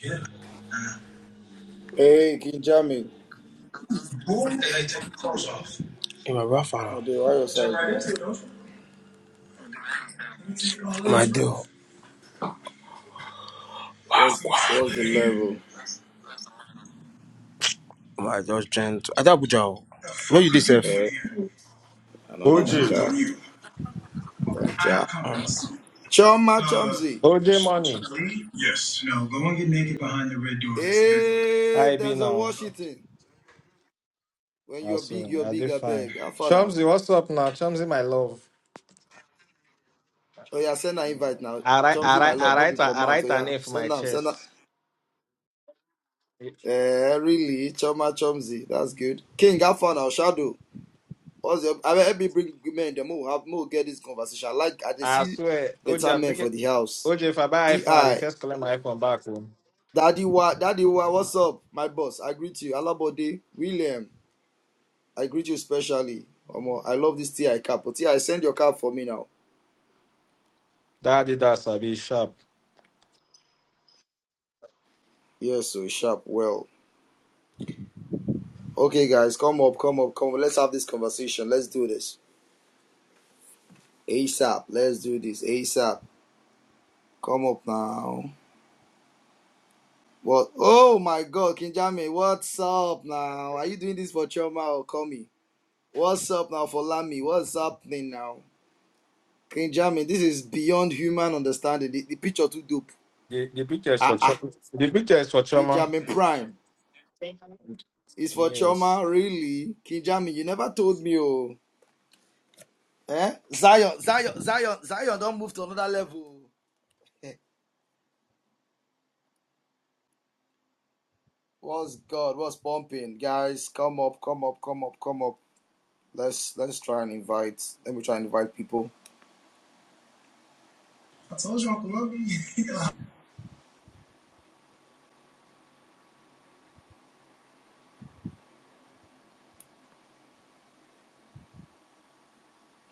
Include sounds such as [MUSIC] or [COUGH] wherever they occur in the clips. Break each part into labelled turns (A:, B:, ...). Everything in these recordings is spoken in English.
A: Yeah.
B: Hey, Kinjami.
A: Boom, and they take the clothes off. In my rough on.
B: Oh, the your
A: Jump
B: side
A: right
B: now.
A: into it, don't you? You take My dude. off.
B: What's what's
A: Look
B: the
A: here.
B: level?
A: My those gent. I thought Joe. What fuck you are did, you Seth?
B: Eh, I know
A: I
B: the
A: was
C: OJ.
A: waiting
B: Niger.
A: on you. I have
B: Niger.
A: Um, compliments.
B: Choma
A: Uh,
B: Chomzi.
C: OJ
A: should
C: Money.
A: I leave? Yes. No, go and get naked behind the red doors. That's the bedroom.
B: Hey,
C: I be
B: there's a
C: now.
A: Oh,
B: Washington. When you're big,
C: Also,
B: you're
C: I dey
B: big, I
C: fine.
B: beg. How far now?
C: Chumsy, what's up now? Chumsy, my love.
B: Oh yeah, send an invite now.
C: I write, I
B: Chomzi, my
C: write, I
B: love, not
C: write, her-
B: before
C: I
B: mouth. Oh
C: write her
B: yeah,
C: name for my
B: send them, send them.
C: chest.
B: Eh, really? Choma Chomzi. That's good. King, how far now? Shadow. What's your, I mean, help me bring men. The more, have more get this conversation. I like, I dey
C: I
B: see
C: swear, OJ,
B: better
C: I'm
B: men
C: thinking,
B: for the house.
C: OJ, if I buy iPhone, I dey
B: Ti.
C: first collect my iPhone back home.
B: Daddy Wa, Daddy Wa, what's up, my boss? I greet you, Alabode, William. I greet you specially. Omo, I love this TI cap. But TI, send your cap for me now.
C: Daddy, that's I be sharp.
B: Yes, so sharp. Well, okay, guys, come up, come up, come. up. Let's have this conversation. Let's do this ASAP. Let's do this ASAP. Come up now. What? Oh my God, Kinjami, what's up now? Are you doing this for Choma or Komi? What's up now for Lami? What's happening now? Kinjami, this is beyond human understanding. The, the picture too dope.
C: The, the picture is for
B: Ah, ah.
C: Chuma. The picture is for Chuma.
B: Kinjamin Prime. It's for
C: Yes.
B: Choma, really. Kinjamin, you never told me, oh. Eh? Zion, Zion, Zion, Zion don't move to another level. Eh, What's God? What's pumping? Guys, come up, come up, come up, come up. Let's let's try and invite. Let me try and invite people.
A: I told you Uncle Love you.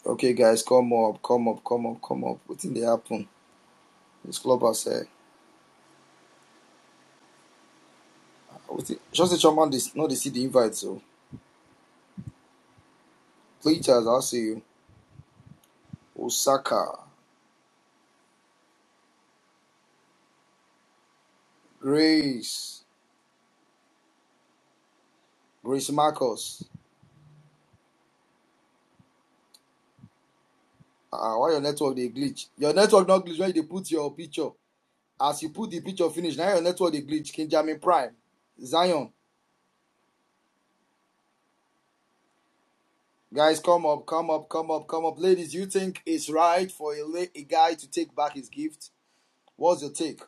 B: Okay, guys, come up, come up, come up, come up. What did they happen? This club has eh. Just the Choma, this not they see the invite, so. Please, I'll see you. Osaka, Grace, Grace Marcus. Ah, why your network they glitch? Your network not glitch. Why you put your picture? As you put the picture finish, now your network they glitch. Kinjamin Prime, Zion, guys, come up, come up, come up, come up, ladies. You think it's right for a, la- a guy to take back his gift? What's your take?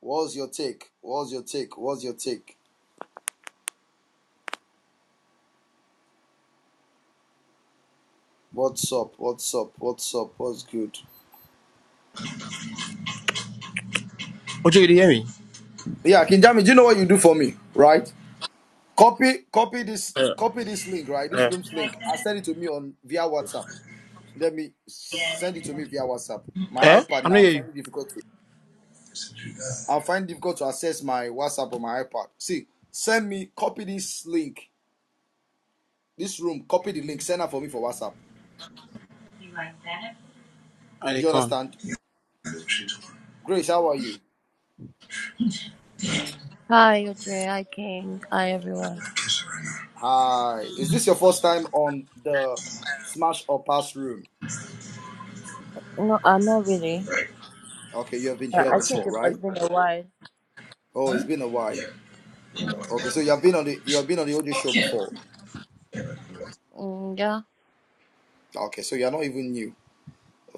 B: What's your take? What's your take? What's your take? What's up? What's up? What's up? What's good?
A: [LAUGHS] what you did hear me?
B: Yeah, Kinjamin, do you know what you do for me, right? Copy, copy this, copy this link, right? This
A: Yeah.
B: room's link, and send it to me on via WhatsApp. Let me send it to me via WhatsApp. My
A: Eh?
B: iPad
A: I'm not
B: now, I'm
A: hear you.
B: finding it difficult to. I'm finding it difficult to access my WhatsApp on my iPad. See, send me, copy this link, this room, copy the link, send it for me for WhatsApp.
A: I did
B: You
A: come.
B: understand?
A: I not cheat
B: Grace, how are you?
D: Hi, OJ. Hi, King. Hi, everyone.
A: kiss her right
B: Hi. Is this your first time on the Smash or Pass room?
D: No, uh, not really.
A: now. Right.
B: Okay, you have been
D: Uh,
B: here
D: I
A: Right.
D: think
B: before,
D: it has
B: right?
D: been a while.
B: Oh, it's been a while.
A: Yeah. You know
D: Uh,
A: what
B: Okay, so
A: that.
B: you have been on the you have been on the OJ show before.
A: Yeah.
D: Mm, yeah.
B: Okay, so you are not even new.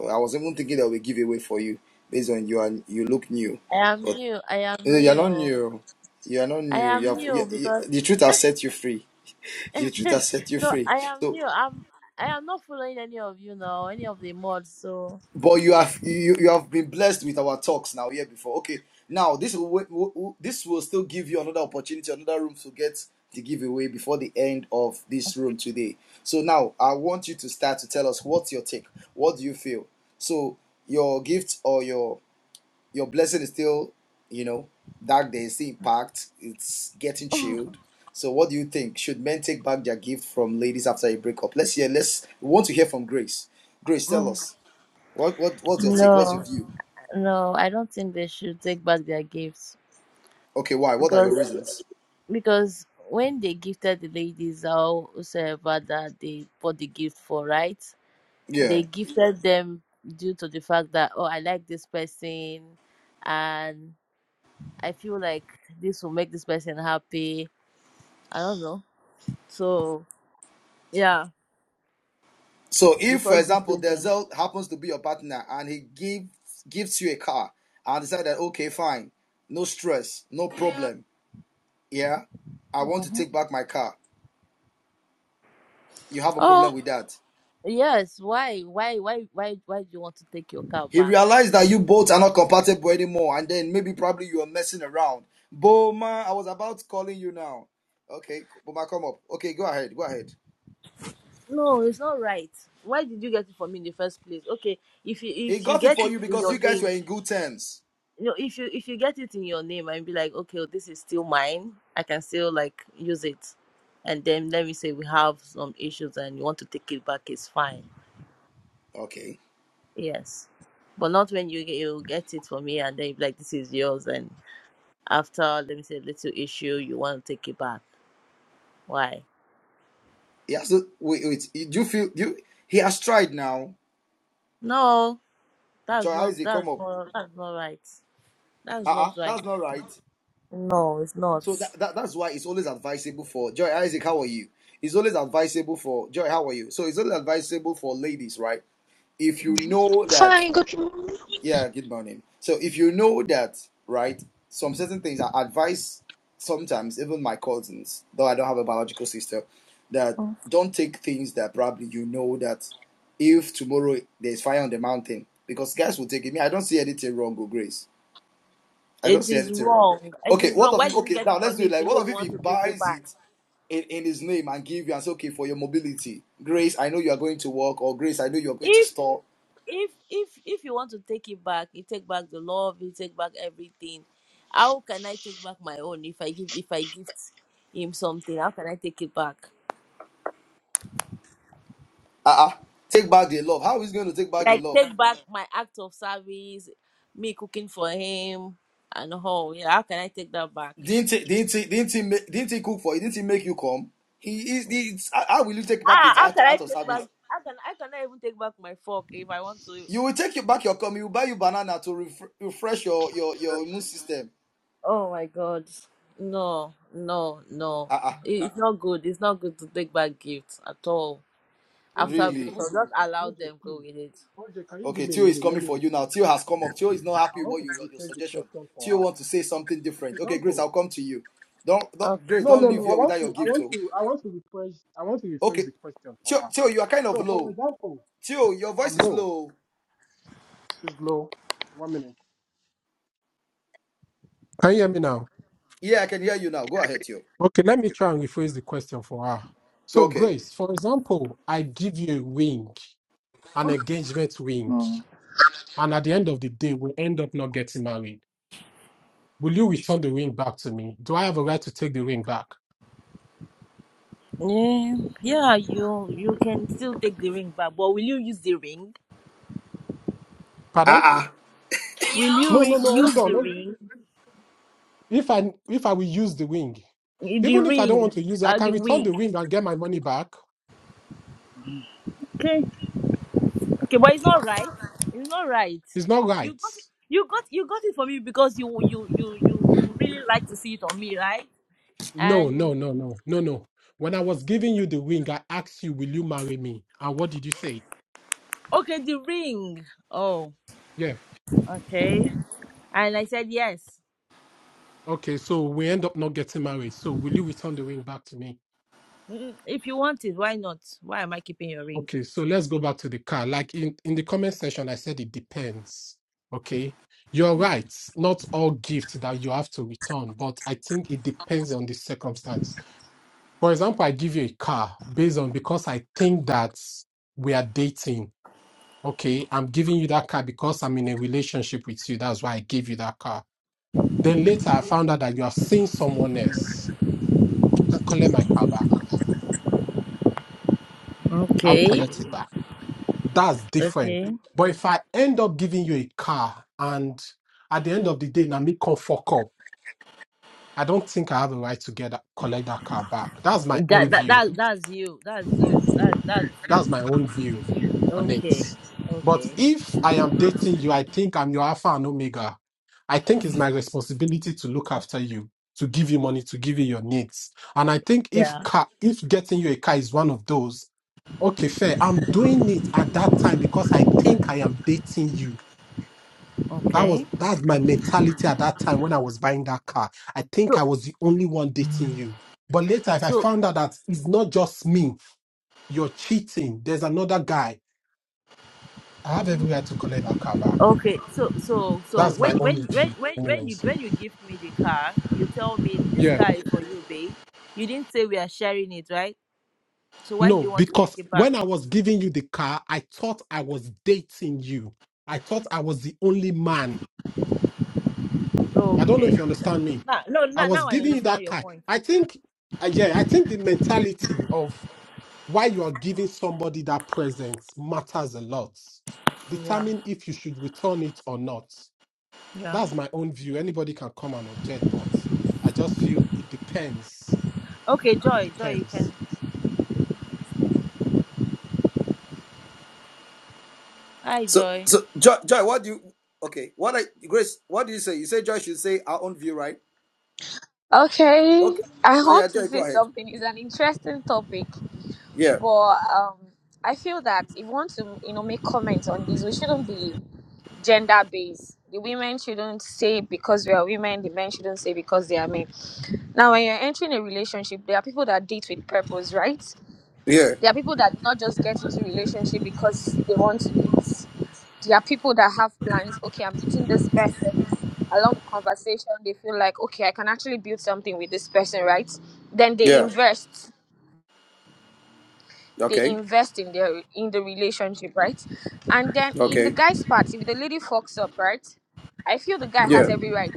B: I was even thinking that we give away for you based on you and you look new.
D: I am new. I
B: You
D: am
B: know, You're not
D: new.
B: new. You're not
D: I
B: new. You
D: am
B: have you,
D: new
B: you-
D: because
B: the truth has set you free. The
D: [LAUGHS]
B: truth has set you
D: no,
B: free.
D: I am
B: So,
D: new. I'm. I am not following any of you now, any of the mods. So
B: but you have you you have been blessed with our talks now here before. Okay, now this will wa- wa- wa- this will still give you another opportunity, another room to get the giveaway before the end of this room today. So now I want you to start to tell us what's your take. What do you feel? So your gift or your your blessing is still, you know, dark days, the impact, it's getting
D: [LAUGHS]
B: chilled. So what do you think? Should men take back their gift from ladies after a breakup? Let's hear let's we want to hear from Grace. Grace, tell
D: Mm,
B: us. What what what's your take? What's your
D: no,
B: view?
D: no, I don't think they should take back their gifts
B: Okay, why? What are your
D: because
B: reasons?
D: because when they gifted the ladies, how- whosoever that they bought the gift for, right? they
B: Yeah.
D: gifted them due to the fact that oh i like this person and i feel like this will make this person happy i don't know so yeah
B: So if
D: before
B: for example
D: gifting them
B: Denzel happens to be your partner and he gives gives you a car and decide that okay, fine, no stress, no problem. Yeah, I want to
D: Mhm.
B: take back my car. You have a
D: oh
B: problem with that.
D: yes why why why why why do you want to take your car
B: He
D: back
B: realized that you both are not compatible anymore, and then maybe probably you are messing around. Boma, I was about calling you now. Okay, Boma, come up. Okay, go ahead, go ahead.
D: no it's not right why did you get it for me in the first place okay if you
B: He
D: if you
B: got it
D: get
B: for
D: it
B: you
D: in
B: because you
D: your
B: guys
D: name
B: were in good terms.
D: No, if you if you get it in your name and be like, okay, well, this is still mine, I can still like use it, and then let me say we have some issues and you want to take it back, it's fine.
B: Okay.
D: Yes, but not when you get- you get it for me and then you be like, this is yours, and after let me say little issue, you want to take it back. Why?
B: He has to wait. Wait. Do you feel? Do you, he has tried now?
D: No, that's
B: Joy
D: not
B: Isaac,
D: that's
B: come up.
D: not that's not right.
B: Uh
D: That's
B: uh-uh,
D: not
B: uh
D: right.
B: that's not right.
D: No, it's not.
B: So that, that that's why it's always advisable for Joy Isaac. How are you? It's always advisable for Joy. How are you? So it's always advisable for ladies, right? If you know that
E: Fine, good morning.
B: Yeah, good morning. So if you know that, right, some certain things I advise sometimes, even my cousins, though I don't have a biological sister, that
D: Mhm.
B: don't take things that probably you know that if tomorrow there's fire on the mountain, because guys will take it. Me, I don't see anything wrong with Grace. I don't
D: It
B: see
D: is
B: anything wrong.
D: wrong. It
B: Okay,
D: is
B: what
D: wrong.
B: of
D: Why
B: if
D: did you
B: okay
D: get
B: now
D: it for
B: let's do
D: me
B: it
D: if
B: like
D: you know
B: what of
D: you
B: if he
D: want to take it
B: buys
D: back?
B: it in, in his name and give you and say, okay, for your mobility, Grace, I know you are going to work, or Grace, I know you are going to
D: If
B: store.
D: if if if you want to take it back, you take back the love, you take back everything. How can I take back my own if I give if I gift him something? How can I take it back?
B: Uh-uh. Take back the love. How is he going to take back the
D: Like
B: love?
D: take back my act of service, me cooking for him and all. Yeah, how can I take that back?
B: Didn't he, didn't he, didn't he, ma- didn't he cook for you? Didn't he make you come? He is. he is- How how will you take back
D: Ah,
B: it
D: how
B: out,
D: can I
B: out of
D: take back?
B: service?
D: How can I cannot even take back my fork if I want to?
B: You will take you back your come. He will buy you banana to refre- refresh your your your immune system.
D: Oh my God, no, no, no!
B: Ah, ah,
D: It- It's not good. It's not good to take back gifts at all. after
F: OJ,
B: really?
D: break,
F: OJ,
D: breakup. Just allow
F: OJ,
D: them go
F: please.
D: with it.
F: OJ, can you give
B: Okay,
F: me a
B: Tio is
F: minute? Let
B: coming
F: me
B: for you now.
F: rephrase the
B: Tio has come
F: question.
B: up. Tio is not
F: I
B: happy with
F: want
B: what
F: to
B: you your, your
F: rephrase the
B: suggestion.
F: question for
B: Tio
F: her.
B: want to say something
F: For
B: different. Okay, Grace,
F: example,
B: I'll come to you. Don't, don't
D: Okay.
B: Grace,
F: no,
B: don't
F: no,
B: leave
F: no. I
B: here
F: want
B: without your
F: to, I
B: gift,
F: want
B: oh.
F: to, I want to rephrase, I want to rephrase
B: Okay,
F: the question for
B: Tio,
F: her.
B: Tio, you are kind of
F: So, for
B: low.
F: example,
B: Tio, your voice
F: I'm
B: is
F: low.
B: low.
F: She's low. One minute. Can you hear me now?
B: Yeah, I can hear you now. Go ahead, Tio.
F: Okay, let me try and rephrase the question for her. So,
B: Okay.
F: Grace, for example, I give you a wink, an engagement wink, and at the end of the day, we end up not getting married. Will you return the ring back to me? Do I have a right to take the ring back?
D: Yeah, yeah, you you can still take the ring back, but will you use the ring?
B: Ah
F: Pardon?
B: ah.
D: Will you
F: No, no,
D: re-
F: no. Hold
D: use
F: on.
D: the
F: hold-
D: ring?
F: If I if I will use the ring,
D: The
F: even if I don't want
D: ring,
F: to use it, I
D: uh,
F: can
D: the
F: return the
D: wig.
F: ring and get my money back.
D: Okay, okay, but it's not right. It's not right.
F: It's not
D: You
F: right.
D: got it. You got you got it for me because you you you you you really like to see it on me, right?
F: No, no,
D: And
F: no, no, no, no. When I was giving you the ring, I asked you, "Will you marry me?" And what did you say?
D: okay, the ring. Oh,
F: Yeah.
D: okay. And I said yes.
F: Okay. So we end up not getting married. So will you return the ring back to me?
D: Mm, If you want it, why not? Why am I keeping your ring?
F: Okay, so let's go back to the car. Like in, in the comment section, I said it depends. Okay, you're right. Not all gifts that you have to return, but I think it depends on the circumstance. For example, I give you a car based on because I think that we are dating. Okay, I'm giving you that car because I'm in a relationship with you. That's why I gave you that car. Then later, I found out that you are seeing someone else. I can collect my car back. I'll
D: Okay. [LAUGHS]
F: collect it back. that's different.
D: Okay.
F: But if I end up giving you a car and at the end of the day, now me come fuck up, I don't think I have a right to get that, collect that car back. That's my own
D: That that
F: view.
D: that that's you. That's you. That that's you.
F: That's my own view on it.
D: Okay.
F: But
D: Okay.
F: if I am dating you, I think I'm your alpha and omega. I think it's my responsibility to look after you, to give you money, to give you your needs. And I think if
D: Yeah.
F: car, if getting you a car is one of those, okay, fair. I'm doing it at that time because I think I am dating you That was
D: Okay.
F: that's my mentality at that time when I was buying that car. I think
D: So
F: I was the only one dating you. But later, if I
D: so
F: found out that it's not just me, you're cheating. There's another guy. I have
D: Mhm.
F: every right to collect that car back.
D: okay. So so so
F: That's my
D: when
F: own
D: when when
F: view,
D: when when you
F: anyways.
D: when you give me the car, you tell me this
F: Yeah.
D: car is for you, babe. You didn't say we are sharing it, right? So why do
F: No,
D: you want to take
F: because
D: it back?
F: when I was giving you the car, I thought I was dating you. I thought I was the only man. I don't know
D: Okay.
F: if you understand me.
D: Now, no,
F: I
D: now,
F: was
D: now I
F: giving you
D: understand
F: that
D: your
F: car.
D: point.
F: I think, uh, yeah, I think the mentality of why you are giving somebody that present matters a lot.
D: Yeah.
F: Determine if you should return it or not.
D: Yeah.
F: That's my own view. Anybody can come and object, but I just feel it depends.
D: Okay,
F: It
D: Joy, Joy, you
F: depends.
D: can, you can speak. Hi,
B: So,
D: Joy.
B: so Joy, Joy, what do you? Okay, what I Grace, what do you say? You say Joy should say our own view, right?
E: Okay,
B: Okay.
E: I
B: Oh
E: want
B: yeah,
E: to
B: Joy,
E: say
B: go ahead.
E: something. It's an interesting topic,
B: Yeah,
E: but um, I feel that if we want to, you know, make comments on this, we shouldn't be gender based. The women shouldn't say because we are women. The men shouldn't say because they are men. Now, when you're entering a relationship, there are people that date with purpose, right?
B: yeah,
E: There are people that do not just get into relationship because they want to date. there are people that have plans. Okay, I'm meeting this person. Along the conversation, they feel like, okay, I can actually build something with this person, right? Then they
B: yeah.
E: invest. They
B: Okay,
E: invest in their in the relationship, right? And then in the
B: okay.
E: guy's part, if the lady fucks up, right? I feel the guy has
B: Yeah,
E: every right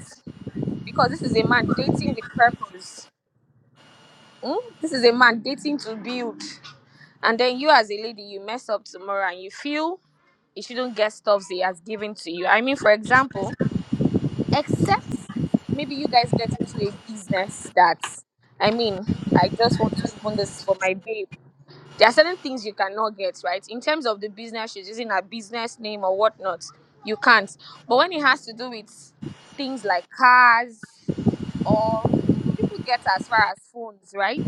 E: because this is a man dating with purpose. Hmm? This is a man dating to build. And then you, as a lady, you mess up tomorrow and you feel you shouldn't get stuff he has given to you. I mean, for example, except maybe you guys get into a business that I mean, I just want to open this for my babe. There are certain things you cannot get, right? In terms of the business, she's using her business name or whatnot. You can't. But when it has to do with things like cars or people get as far as phones, right?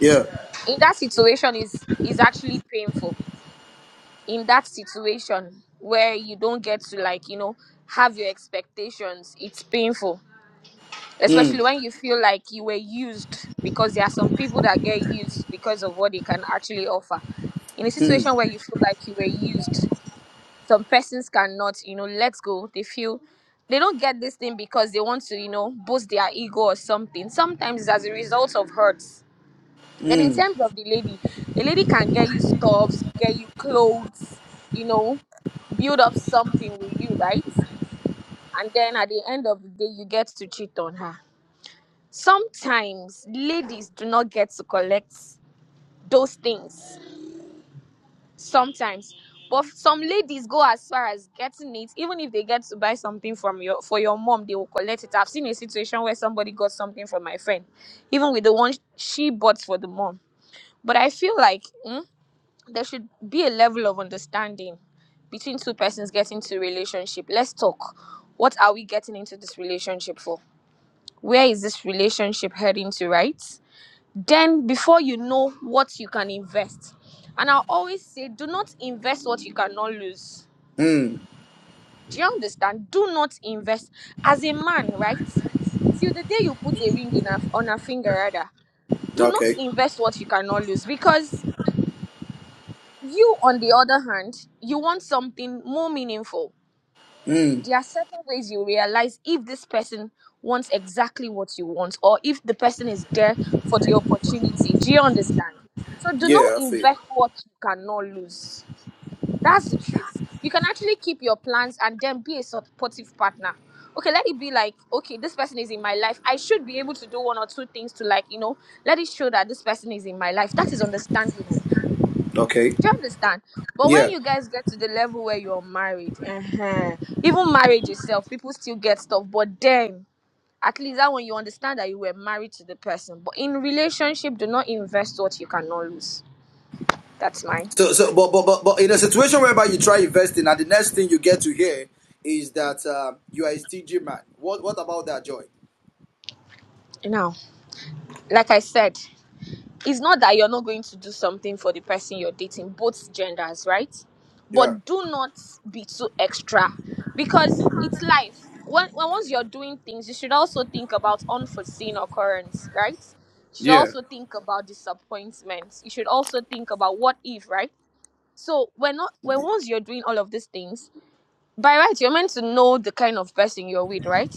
B: yeah.
E: In that situation is is actually painful. In that situation where you don't get to like, you know, have your expectations, it's painful
B: Hmm,
E: especially when you feel like you were used because there are some people that get used because of what they can actually offer in a
B: hmm,
E: situation where you feel like you were used some persons cannot you know let go they feel they don't get this thing because they want to you know boost their ego or something sometimes it's as a result of hurts then in
B: hmm,
E: terms of the lady the lady can get you stuffs get you clothes you know build up something with you right and then at the end of the day you get to cheat on her sometimes ladies do not get to collect those things sometimes but some ladies go as far as getting it even if they get to buy something from your for your mom they will collect it i've seen a situation where somebody got something from my friend even with the one she bought for the mom but i feel like mm, there should be a level of understanding between two persons getting to a relationship let's talk what are we getting into this relationship for where is this relationship heading to right then before you know what you can invest. And I always say, do not invest what you cannot lose.
B: hmm.
E: Do you understand? Do not invest as a man, right? Till the day you put a ring in a, on a finger, rather, do not
B: Okay.
E: invest what you cannot lose because you, on the other hand, you want something more meaningful
B: Hmm.
E: there are certain ways you realize if this person wants exactly what you want or if the person is there for the opportunity. Do you understand? So do not
B: Yeah, I see.
E: invest what you cannot lose. That's the truth. You can actually keep your plans and then be a supportive partner. Okay, let it be like, okay, this person is in my life. I should be able to do one or two things to like, you know, let it show that this person is in my life. That is understandable.
B: Okay.
E: Do you understand? But when
B: Yeah.
E: you guys get to the level where you're married, uh even marriage itself, people still get stuff. But then, at least that one, you understand that you were married to the person. But in relationship, do not invest what you cannot lose. That's mine.
B: So, so, but, but, but, but, in a situation whereby you try investing, and the next thing you get to hear is that uh, you are a stingy man. What, what about that, Joy?
E: Now, like I said, it's not that you're not going to do something for the person you're dating, both genders, right?
B: Yeah.
E: But do not be too extra because it's life. When, when once you're doing things, you should also think about unforeseen occurrence, right? You should
B: Yeah.
E: also think about disappointments. You should also think about what if, right? So when not when once you're doing all of these things, by right, you're meant to know the kind of person you're with, right?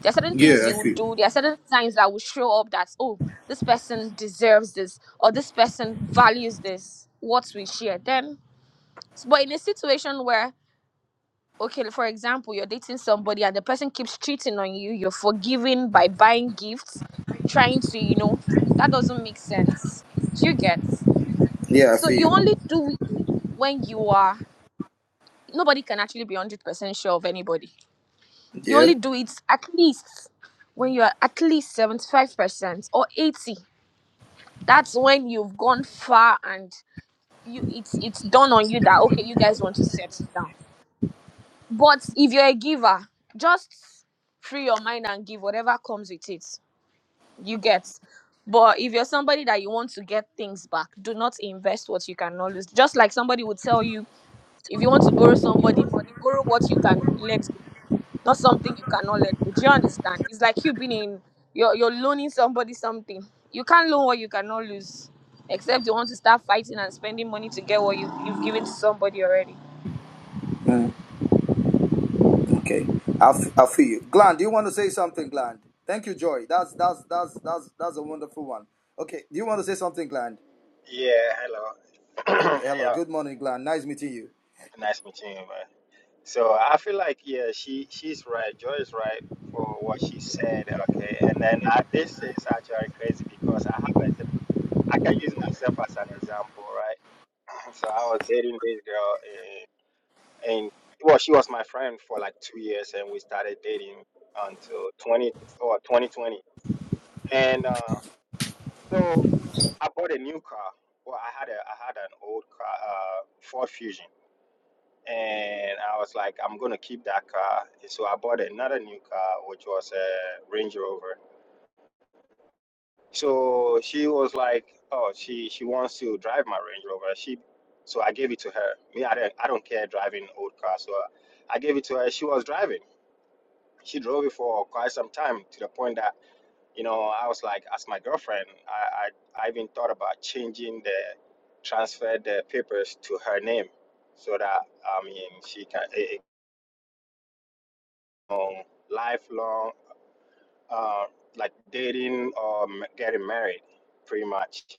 E: There are certain things
B: Yeah, I
E: you would
B: feel.
E: do. There are certain signs that will show up that, oh, this person deserves this, or this person values this, what we share. Then, but in a situation where, okay, for example, you're dating somebody and the person keeps cheating on you, you're forgiving by buying gifts, trying to, you know, that doesn't make sense. Do you get?
B: Yeah, I
E: So you
B: feel.
E: only do it when you are, nobody can actually be 100% sure of anybody You
B: Yeah.
E: only do it at least when you are at least 75% or 80. That's when you've gone far and you it's it's done on you that okay, you guys want to settle down. But if you're a giver, just free your mind and give whatever comes with it. You get. But if you're somebody that you want to get things back, do not invest what you can not lose. Just like somebody would tell you If you want to borrow somebody money, borrow what you can let go, not something you cannot let go. Do you understand? It's like you being in you're you're loaning somebody something. You can't loan what you cannot lose, except you want to start fighting and spending money to get what you you've given to somebody already.
B: Mm, okay, I, f- I feel you. Glenn, do you want to say something, Glenn? Thank you, Joy. That's that's that's that's that's a wonderful one. Okay, do you want to say something, Glenn?
G: Yeah, hello.
B: Okay,
G: [CLEARS THROAT]
B: hello.
G: yeah,
B: Good morning, Glenn. Nice meeting you.
G: nice meeting you, man. So I feel like yeah, she she's right. Joy is right for what she said. Okay, and then I, this is actually crazy because I have a, I can use myself as an example, right? [CLEARS THROAT] So I was dating this girl, and, and well, she was my friend for like two years, and we started dating until twenty or twenty twenty, and uh, so I bought a new car. Well, I had a I had an old car, uh, Ford Fusion and I was like, I'm gonna keep that car. So I bought another new car, which was a Range Rover. So she was like, oh, she she wants to drive my Range Rover. She, so I gave it to her. Me, I don't I don't care driving old cars, so I gave it to her. She was driving. She drove it for quite some time to the point that you know I was like, as my girlfriend, I I, I even thought about changing the transfer the papers to her name so that I mean she can. it, it um, lifelong, uh, like dating or m- getting married, pretty much,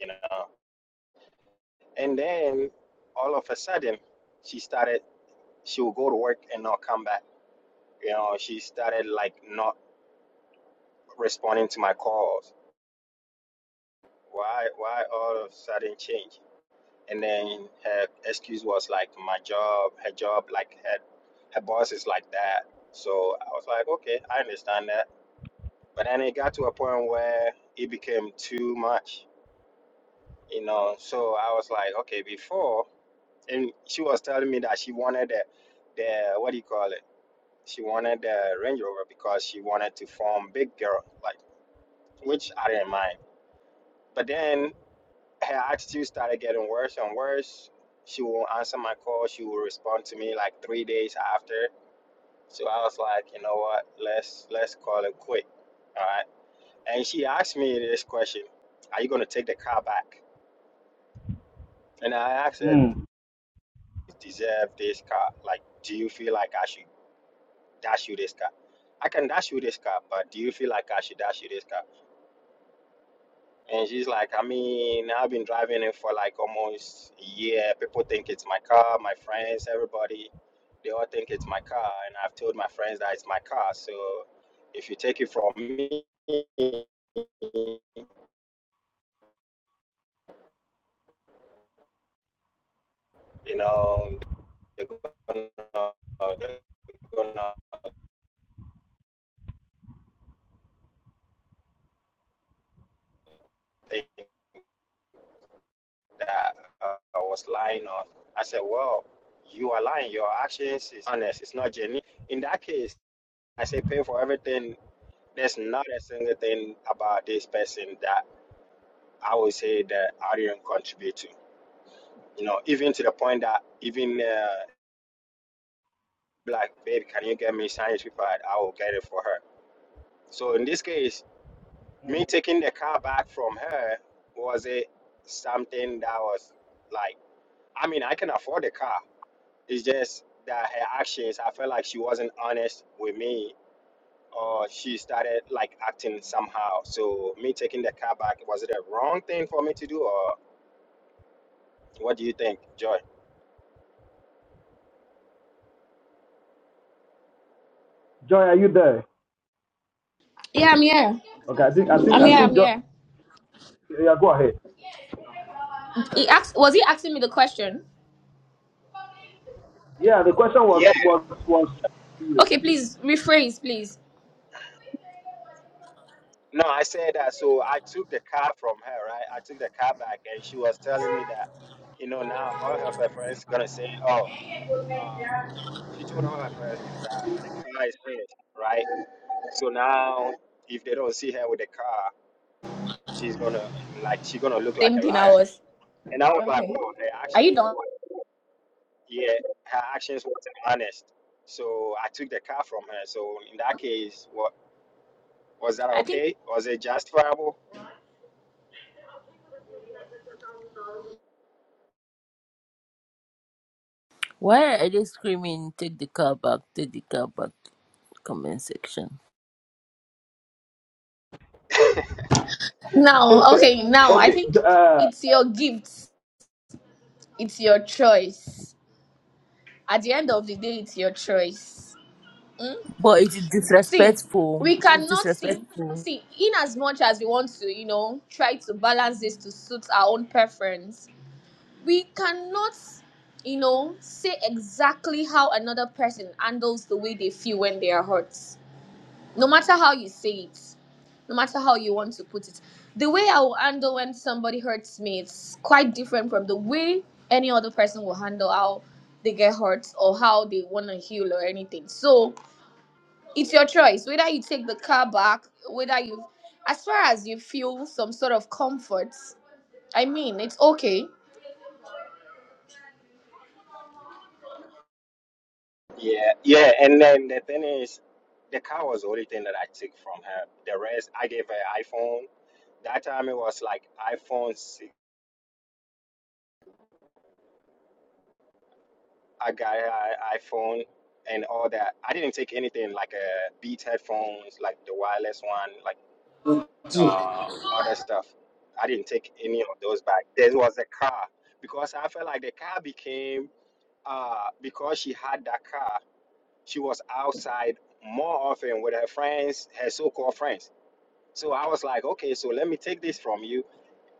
G: you know. And then all of a sudden, she started, she would go to work and not come back. You know, she started like not responding to my calls. Why, why all of a sudden change? And then her excuse was like my job, her job, like her, her boss is like that. So I was like, okay, I understand that But then it got to a point where it became too much, you know. So I was like, okay, before, and she was telling me that she wanted the, the what do you call it? She wanted the Range Rover because she wanted to form big girl, like which I didn't mind. But then her attitude started getting worse and worse. She won't answer my call. She will respond to me like three days after. So I was like, you know what? Let's let's call it quit. All right And she asked me this question Are you going to take the car back? And I asked her,
B: Mm.
G: Deserve this car? Like, do you feel like I should dash you this car? I can dash you this car, but do you feel like I should dash you this car? And she's like, I mean, I've been driving it for like almost a year. People think it's my car, my friends, everybody, they all think it's my car. And I've told my friends that it's my car. So if you take it from me, you know, you're gonna, you're gonna think that uh, I was lying on. I said, well, you are lying. Your actions is honest. It's not genuine. In that case, I say pay for everything. There's not a single thing about this person that I would say that I didn't contribute to. You know, even to the point that even uh, like, babe, can you get me science paper? I will get it for her. So in this case, me taking the car back from her was it something that was like i mean i can afford the car it's just that her actions i felt like she wasn't honest with me or she started like acting somehow so me taking the car back was it a wrong thing for me to do or what do you think joy
B: Joy, are you there?
E: Yeah, I'm here.
B: Okay, I think I think
E: I'm
B: I
E: here.
B: think
E: I'm
B: Joy,
E: here.
B: yeah, go ahead.
E: He
B: Okay.
E: asked. Was he asking me the question?
B: Yeah, the question was
G: yeah
B: was was [LAUGHS] you.
E: Okay, please rephrase, please.
G: no i said that so i took the car from her right i took the car back and she was telling me that you know now all of her friends gonna say oh uh, she told all her friends that the car is hers, right? So now, if they don't see her with the car, she's gonna like she's gonna look like
E: Same
G: a
E: thing I
G: liar.
E: was.
G: And I was like,
E: Okay.
G: well, her
E: Are you
G: actions,
E: done?
G: yeah, her actions wasn't honest. So I took the car from her. So in that case, what was that
E: I think
G: okay? Was it justifiable?
D: Why are they screaming, take the car back, take the car back? Comment section.
E: Now, okay. Now, I
B: okay.
E: think
B: Uh,
E: it's your gifts. It's your choice. at the end of the day it's your choice Hmm?
D: But it is
E: see
D: disrespectful.
E: we
D: It is
E: cannot see
D: disrespectful.
E: see in as much as we want to you know try to balance this to suit our own preference we cannot you know say exactly how another person handles the way they feel when they are hurt no matter how you say it, no matter how you want to put it, the way I will handle when somebody hurts me, it's quite different from the way any other person will handle how they get hurt or how they want to heal or anything. So it's your choice whether you take the car back, whether you, as far as you feel some sort of comfort. I mean, it's okay.
G: Yeah, yeah. And then the thing is, the car was the only thing that I took from her. The rest, I gave her iPhone. That time it was like iPhone 6 I got an iPhone and all that. I didn't take anything like uh, Beats headphones, like the wireless one, like uh, other stuff. I didn't take any of those back. There was the car because I felt like the car became uh, because she had that car, she was outside more often with her friends, her so-called friends. So I was like, okay, so let me take this from you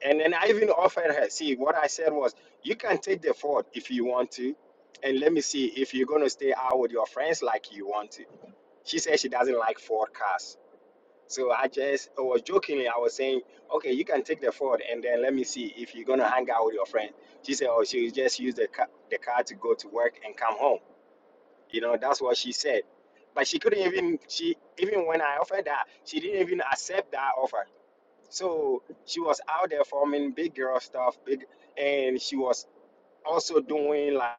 G: and then I even offered her, see, what I said was, you can take the fort if you want to, and let me see if you're going to stay out with your friends like you want to. She said she doesn't like Ford cars. So I just I was jokingly, I was saying, okay, you can take the Ford, and then let me see if you're going to hang out with your friends. She said, oh, she'll just use the car, the car to go to work and come home. You know, that's what she said. But she couldn't even, she even when I offered that, she didn't even accept that offer so she was out there forming big girl stuff, big, and she was also doing like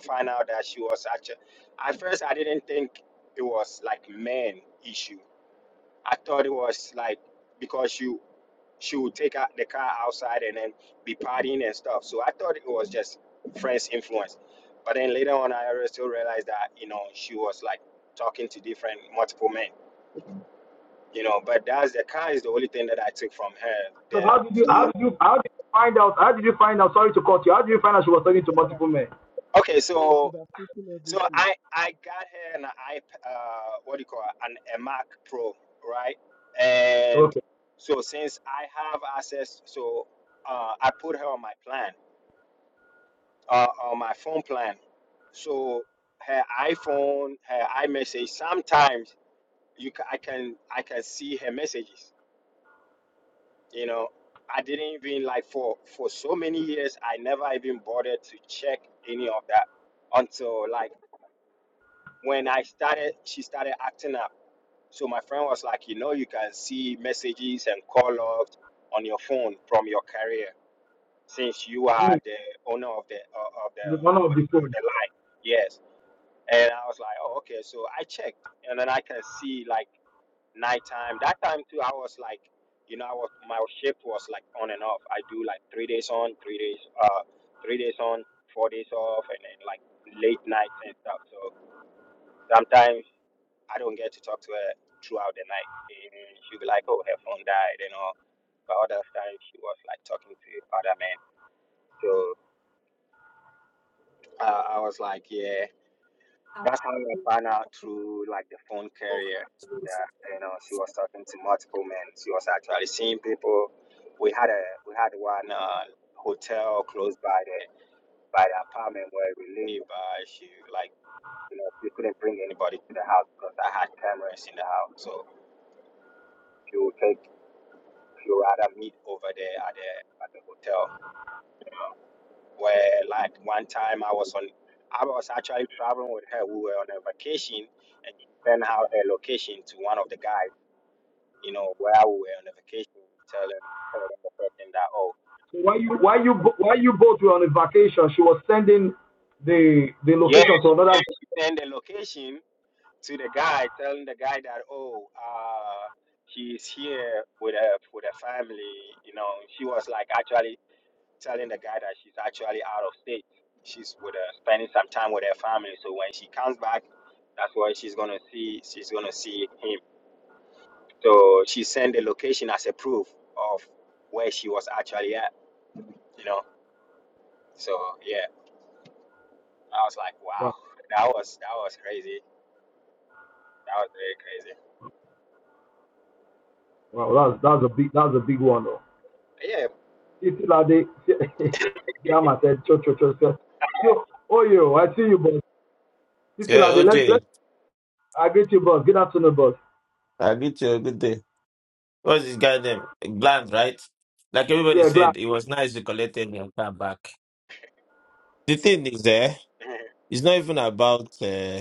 G: find out that she was actually. At first, I didn't think it was like men issue. I thought it was like because you she would take out the car outside and then be partying and stuff. So I thought it was just friends influence. But then later on, I re- still realized that you know she was like talking to different multiple men. You know, but that's the car is the only thing that I took from her.
B: so how did you
G: The
B: how did you how did you find out how did you find out? Sorry to cut you. How did you find out she was talking to multiple men?
G: Okay,
F: You
G: so
F: should have taken
G: so
F: everything.
G: I I got her an iP uh what do you call it? an a Mac Pro, right? And
B: Okay.
G: so since I have access, so uh, I put her on my plan, uh, on my phone plan. So her iPhone, her iMessage. Sometimes you ca- I can I can see her messages. You know, I didn't even like for for so many years I never even bothered to check any of that until like when I started, she started acting up. So my friend was like, you know, you can see messages and call logs on your phone from your carrier since you are
B: Mm.
G: the owner of the uh, of the
B: The one of
G: what do
B: the
G: you call
B: four.
G: the line. Yes, and I was like, oh, okay. So I checked, and then I can see like nighttime. That time too, I was like, you know, I was my shift was like on and off. I do like three days on, three days uh, three days on, four days off, and then like late nights and stuff. So sometimes. I don't get to talk to her throughout the night. And she'll be like, oh, her phone died you know. But other times she was like talking to other men. So uh, I was like, yeah, that's how I found out through like the phone carrier that you know she was talking to multiple men. She was actually seeing people. We had a we had one uh, hotel close by the by the apartment where we live. Uh, she like you know she couldn't bring anybody to the house because I had cameras in the house. So she would take. You rather meet over there at the at the hotel. Where like one time I was on, I was actually traveling with her. We were on a vacation, and she sent out her location to one of the guys. You know where we were on a vacation. we Tell them, tell them the person that oh
B: Why you why you why you both were on a vacation? She was sending the the
G: yeah,
B: location
G: she
B: to another.
G: sent, she sent the location to the guy, telling the guy that oh uh she's here with her with her family. You know she was like actually telling the guy that she's actually out of state. She's with her, spending some time with her family. So when she comes back, that's where she's gonna see. She's gonna see him. So she sent the location as a proof of where she was actually at. You know. So yeah, I was like, wow,
B: Wow,
G: [LAUGHS] that was that was crazy. That was very
B: wow that's that's a big that's a big one though.
G: crazy.
B: [LAUGHS] Titi Lade, Jama [LAUGHS] said, cho cho cho cho. So, oh yo, I see you, boss. Titi
H: Yeah,
B: Lade, let's
H: OJ,
B: let's I greet you, boss. Good afternoon, boss.
H: I agree to you. Good day. What's this guy name? Bland, right? Like everybody
B: Yeah, glad.
H: said, it was nice you collected your car back. The thing is, eh,
G: Yeah, [LAUGHS]
H: it's not even about uh,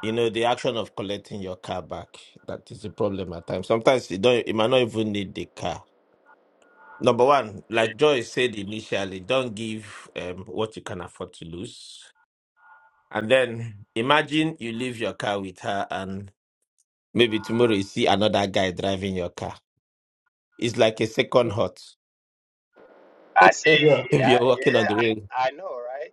H: you know the action of collecting your car back that is the problem at times. Sometimes you don't, you might not even need the car. Number one, like Joy said initially, don't give um, what you can afford to lose. And then imagine you leave your car with her, and maybe tomorrow you see another guy driving your car. It's like a second hurt
G: I
H: [LAUGHS]
G: see.
H: if
B: Yeah,
G: Yeah,
H: you're walking on
G: yeah,
H: the road.
G: I, I know, right?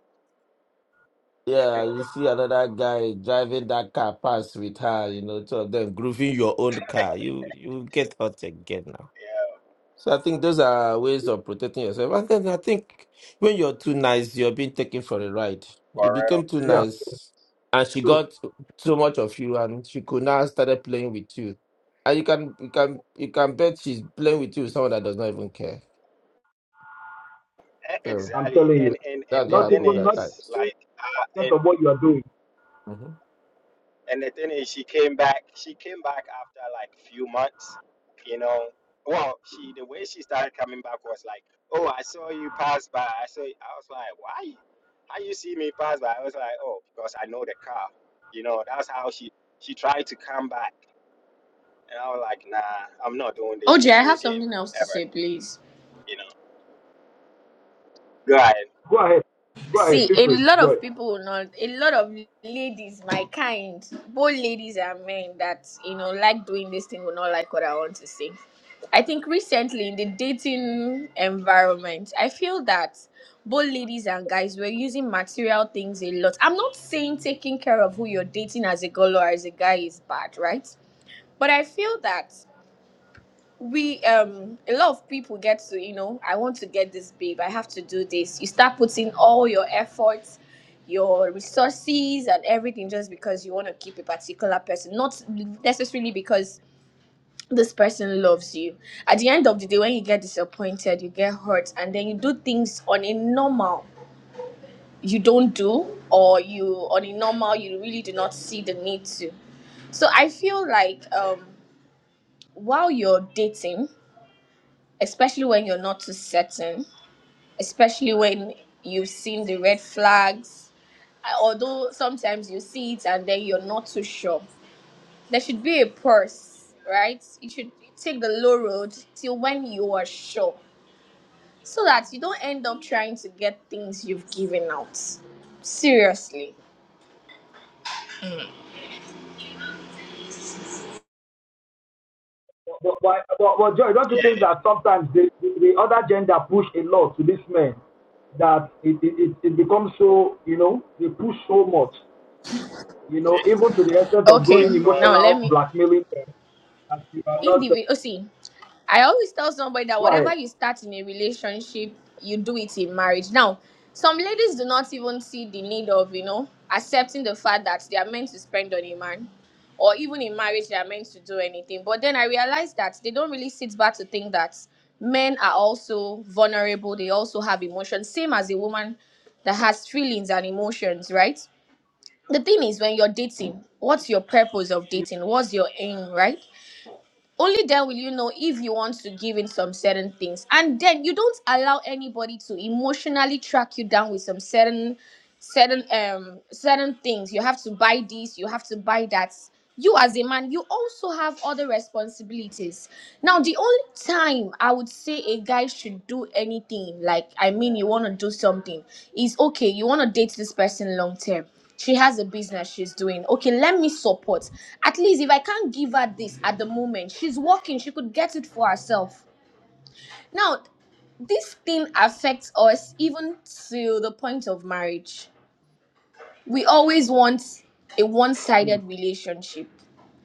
H: Yeah, you see another guy driving that car past with her, you know, two of them grooving your own car. You you get hurt again now.
G: Yeah,
H: So I think those are ways of protecting yourself. And then I think when you're too nice, you're being taken for a ride.
G: for
H: You
G: real,
H: became too
B: yeah,
G: for
H: nice and she
B: true.
H: got so much of you and she could now started playing with you. And you can you can you can bet she's playing with you with someone that does not even care.
G: real. E-
H: So
B: I'm
G: Exactly.
B: telling you,
G: And and and
H: that's
G: the
H: what
B: not
G: thing
H: happens
B: even
H: at
B: not
G: is,
B: even
H: times.
G: like, uh,
B: sense
G: and.
B: of what you are doing.
G: And the thing is, she came back. She came back after like few months, you know. Well, she the way she started coming back was like, "Oh, I saw you pass by. I saw." You. I was like, "Why? How you see me pass by?" I was like, "Oh, because I know the car." You know, that's how she she tried to come back, and I was like, "Nah, I'm not doing this
E: OJ,
G: with
E: I
G: you
E: have
G: again,
E: something else to
G: ever."
E: say, please.
G: You know, right?
B: Go ahead, go ahead,
E: See,
B: feel
E: a
B: free,
E: lot
B: Joy.
E: of people, will not a lot of ladies, my kind, both ladies and men that you know like doing this thing will not like what I want to say. I think recently in the dating environment, I feel that both ladies and guys were using material things a lot. I'm not saying taking care of who you're dating as a girl or as a guy is bad, right? But I feel that we um a lot of people get to you know i want to get this babe i have to do this you start putting all your efforts your resources and everything just because you want to keep a particular person not necessarily because this person loves you at the end of the day when you get disappointed you get hurt and then you do things on a normal you don't do or you on a normal you really do not see the need to so i feel like um while you're dating especially when you're not too certain, especially when you've seen the red flags. I- Although sometimes you see it and then you're not too sure. There should be a purse, right? You should take the low road till when you are sure so that you don't end up trying to get things you've given out. Seriously.
B: But, but, but, but Joy, don't you
G: Yeah,
B: think that sometimes the, the, the other gender push a lot to these men that it, it, it, becomes so, you know, they push so much, you know,
G: yeah.
B: even to the extent of
E: Okay,
B: going
G: because
E: now let
B: emotional
E: me
B: blackmailing them that you are not, uh,
E: individual see. I always tell somebody that
B: go ahead.
E: whatever you start in a relationship, you do it in marriage. Now, some ladies do not even see the need of, you know, accepting the fact that they are meant to spend on a man or even in marriage they are meant to do anything. But then I realized that they don't really sit back to think that men are also vulnerable, they also have emotions, same as a woman that has feelings and emotions, right? The thing is, when you're dating, what's your purpose of dating? What's your aim, right? only then will you know if you want to give in some certain things and then you don't allow anybody to emotionally track you down with some certain certain um certain things you have to buy this you have to buy that you as a man you also have other responsibilities now the only time i would say a guy should do anything like i mean you want to do something is okay you want to date this person long term she has a business she's doing okay let me support at least if i can't give her this at the moment she's working she could get it for herself now this thing affects us even to the point of marriage we always want a
B: Mm,
E: one-sided relationship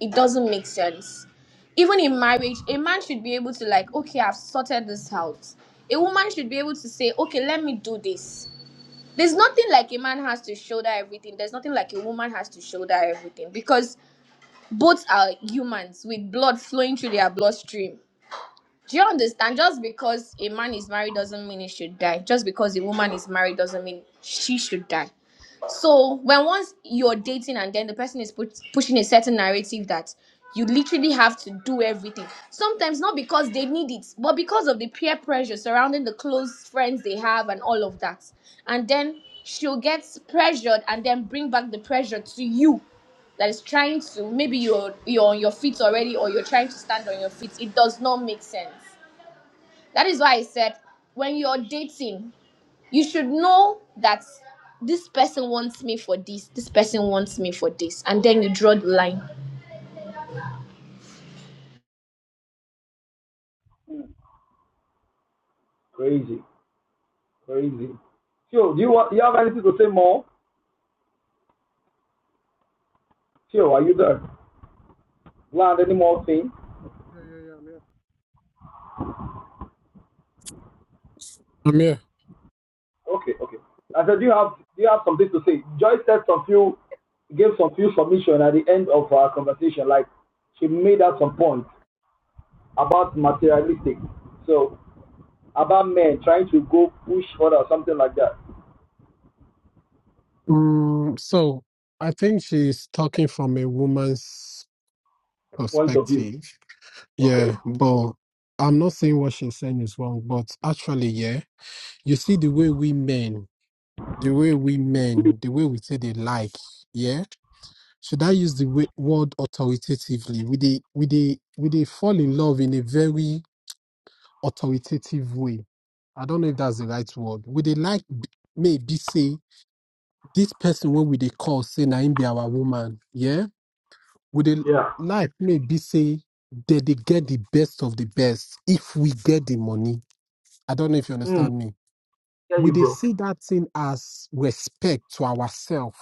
E: it doesn't make sense even in marriage a man should be able to like okay i've sorted this out a woman should be able to say okay let me do this there's nothing like a man has to shoulder everything there's nothing like a woman has to shoulder everything because both are humans with blood flowing through their bloodstream do you understand just because a man is married doesn't mean he should die just because a woman is married doesn't mean she should die so when once you're dating and then the person is put, pushing a certain narrative that you literally have to do everything. Sometimes not because they need it, but because of the peer pressure surrounding the close friends they have and all of that. And then she'll get pressured and then bring back the pressure to you that is trying to maybe you're you're on your feet already or you're trying to stand on your feet. It does not make sense. That is why I said when you're dating you should know that this person wants me for this this person wants me for this and then you draw the line
B: crazy, crazy. Theo, do you, want, do you have anything to say more? Theo, are you there? Land, any more thing?
F: Yeah, yeah, yeah, I'm here. I'm here.
B: Okay, okay. I said, do you have do you have something to say? Joyce said some few gave some few submission at the end of our conversation. Like she made out some points about materialistic, so about men trying to go push further or something like that.
F: Mm, so I think she's talking from a woman's
B: Point of view.
F: perspective.
B: Okay.
F: Yeah, but I'm not saying what she's saying is wrong, but actually, yeah, you see the way we men the way we men, the way we say they like, yeah. Should I use the wa- word authoritatively? We they we they we they fall in love in a very authoritative way. I don't know if that's the right word. Would they like b- maybe say this person when we they call say Naim be our woman, yeah? Would they
B: Yeah.
F: like maybe say that they get the best of the best if we get the money? I don't know if you
B: Hmm.
F: understand me.
B: Yeah,
F: we
B: you
F: they
B: bro.
F: see that thing as respect to ourselves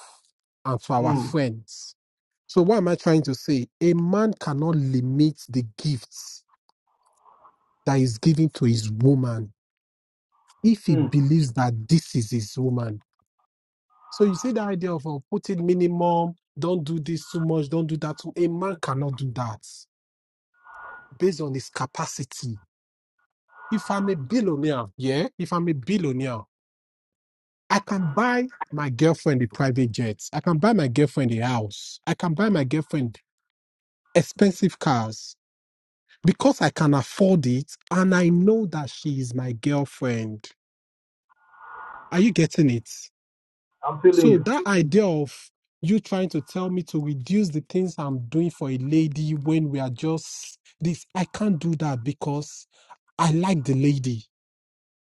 F: and to our
B: Hmm.
F: friends. So what am I trying to say? A man cannot limit the gifts that is given to his woman if he
B: Hmm.
F: believes that this is his woman. So you see the idea of uh, putting minimum, don't do this too much, don't do that too. A man cannot do that based on his capacity. If I'm a billionaire, yeah, if I'm a billionaire. I can buy my girlfriend the private jets. I can buy my girlfriend the house. I can buy my girlfriend expensive cars because I can afford it and I know that she is my girlfriend. Are you getting it?
B: I'm feeling
F: So
B: you.
F: that idea of you trying to tell me to reduce the things I'm doing for a lady when we are just this, I can't do that because I like the lady.